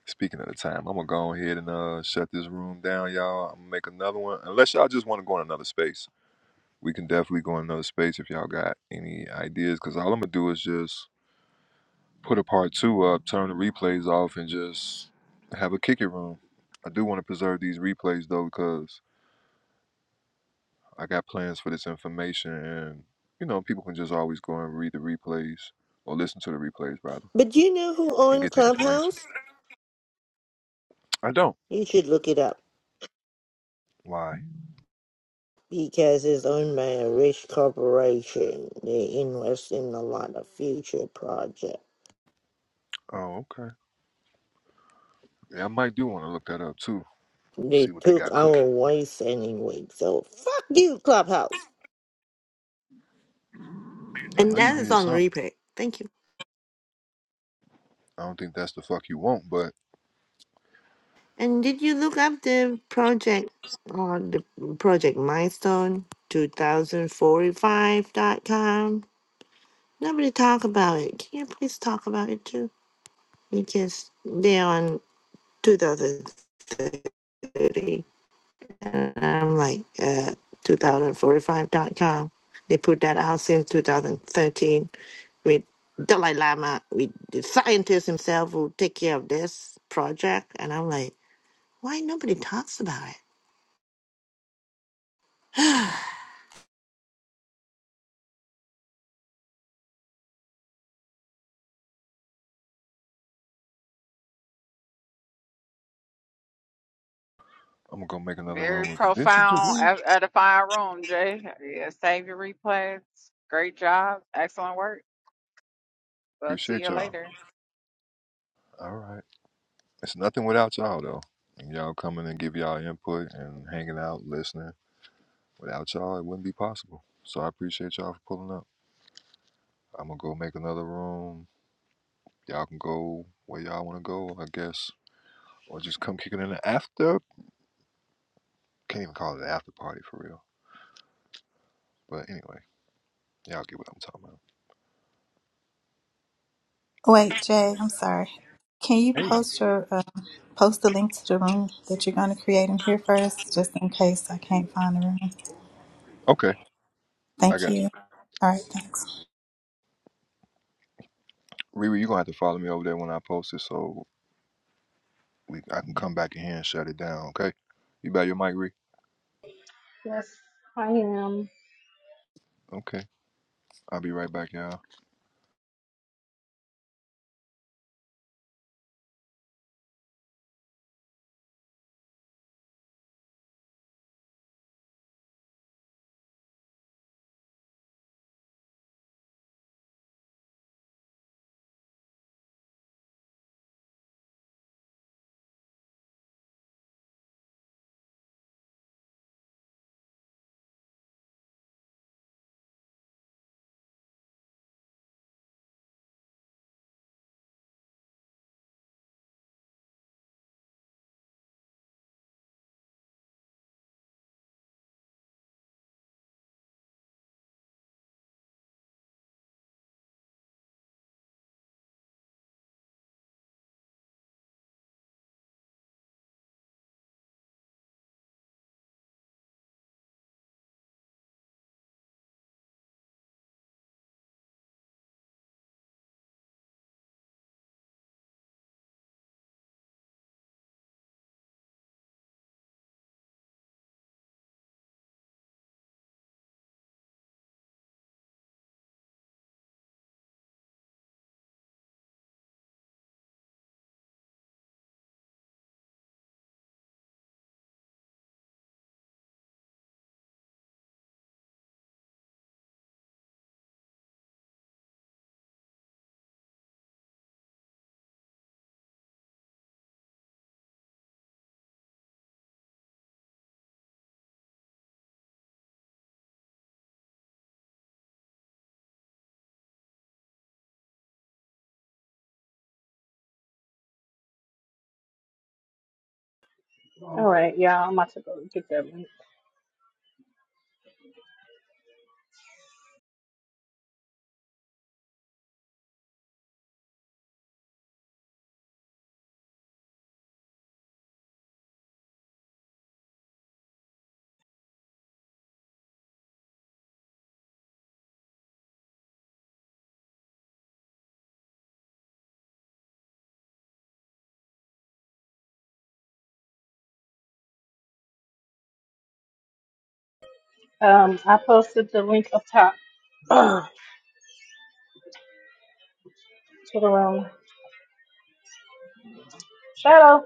[SPEAKER 1] Speaking of the time, I'm gonna go ahead and uh, shut this room down, y'all. I'm gonna make another one. Unless y'all just want to go in another space, we can definitely go in another space if y'all got any ideas. Cause all I'm gonna do is just put a part two up, turn the replays off, and just have a kick it room. I do want to preserve these replays though, because I got plans for this information, and you know, people can just always go and read the replays or listen to the replays rather
[SPEAKER 22] But you know who
[SPEAKER 1] and
[SPEAKER 22] owns
[SPEAKER 1] get the information.
[SPEAKER 22] Clubhouse?
[SPEAKER 1] I don't.
[SPEAKER 22] You should look it up
[SPEAKER 1] Why?
[SPEAKER 22] because it's owned by a rich corporation. They invest in a lot of future projects.
[SPEAKER 1] Oh, okay. Yeah, I might do want to look that up too.
[SPEAKER 22] They
[SPEAKER 1] See what they
[SPEAKER 22] took
[SPEAKER 1] got cooking.
[SPEAKER 22] our voice anyway, so fuck you, Clubhouse.
[SPEAKER 1] I
[SPEAKER 22] And
[SPEAKER 1] know you
[SPEAKER 22] that is
[SPEAKER 1] needed
[SPEAKER 22] on
[SPEAKER 1] something.
[SPEAKER 22] replay. Thank you.
[SPEAKER 1] I don't think that's the fuck you want, but
[SPEAKER 22] And did you look up the project or the project milestone 2045 dot com? Nobody talk about it. Can you please talk about it too? Because they're on 2030. And I'm like, uh, two thousand forty-five dot com. They put that out since 2013 with Dalai Lama, with the scientist himself who take care of this project. And I'm like, Why nobody talks about it?
[SPEAKER 1] I'm gonna go make another room.
[SPEAKER 18] Very
[SPEAKER 1] Did she just
[SPEAKER 18] profound,
[SPEAKER 1] leave?
[SPEAKER 18] ed- edifying room, Jay. Yeah, save your replays. Great job. Excellent work. We'll see
[SPEAKER 1] Appreciate
[SPEAKER 18] you
[SPEAKER 1] y'all.
[SPEAKER 18] later.
[SPEAKER 1] All right. It's nothing without y'all though. And y'all coming and give y'all input and hanging out, listening. Without y'all, it wouldn't be possible. So I appreciate y'all for pulling up. I'm gonna go make another room Y'all can go where y'all want to go, I guess, or just come kick it in the after. Can't even call it an after party for real. But anyway, y'all get what I'm talking about.
[SPEAKER 23] Oh, Wait, Jay, I'm sorry. Can you
[SPEAKER 1] Hey,
[SPEAKER 23] post your uh, post the link to the room that you're going to create in here first, just in case I can't find the room?
[SPEAKER 1] Okay, I
[SPEAKER 23] Thank
[SPEAKER 1] got you.
[SPEAKER 23] you. All right, thanks.
[SPEAKER 1] Riri, you gonna have to follow me over there when I post it so we I can come back in here and shut it down. Okay, you got your mic, Riri.
[SPEAKER 2] Yes, I am.
[SPEAKER 1] Okay, I'll be right back, y'all.
[SPEAKER 2] All right. Um, I posted the link up top to the room. Shadow,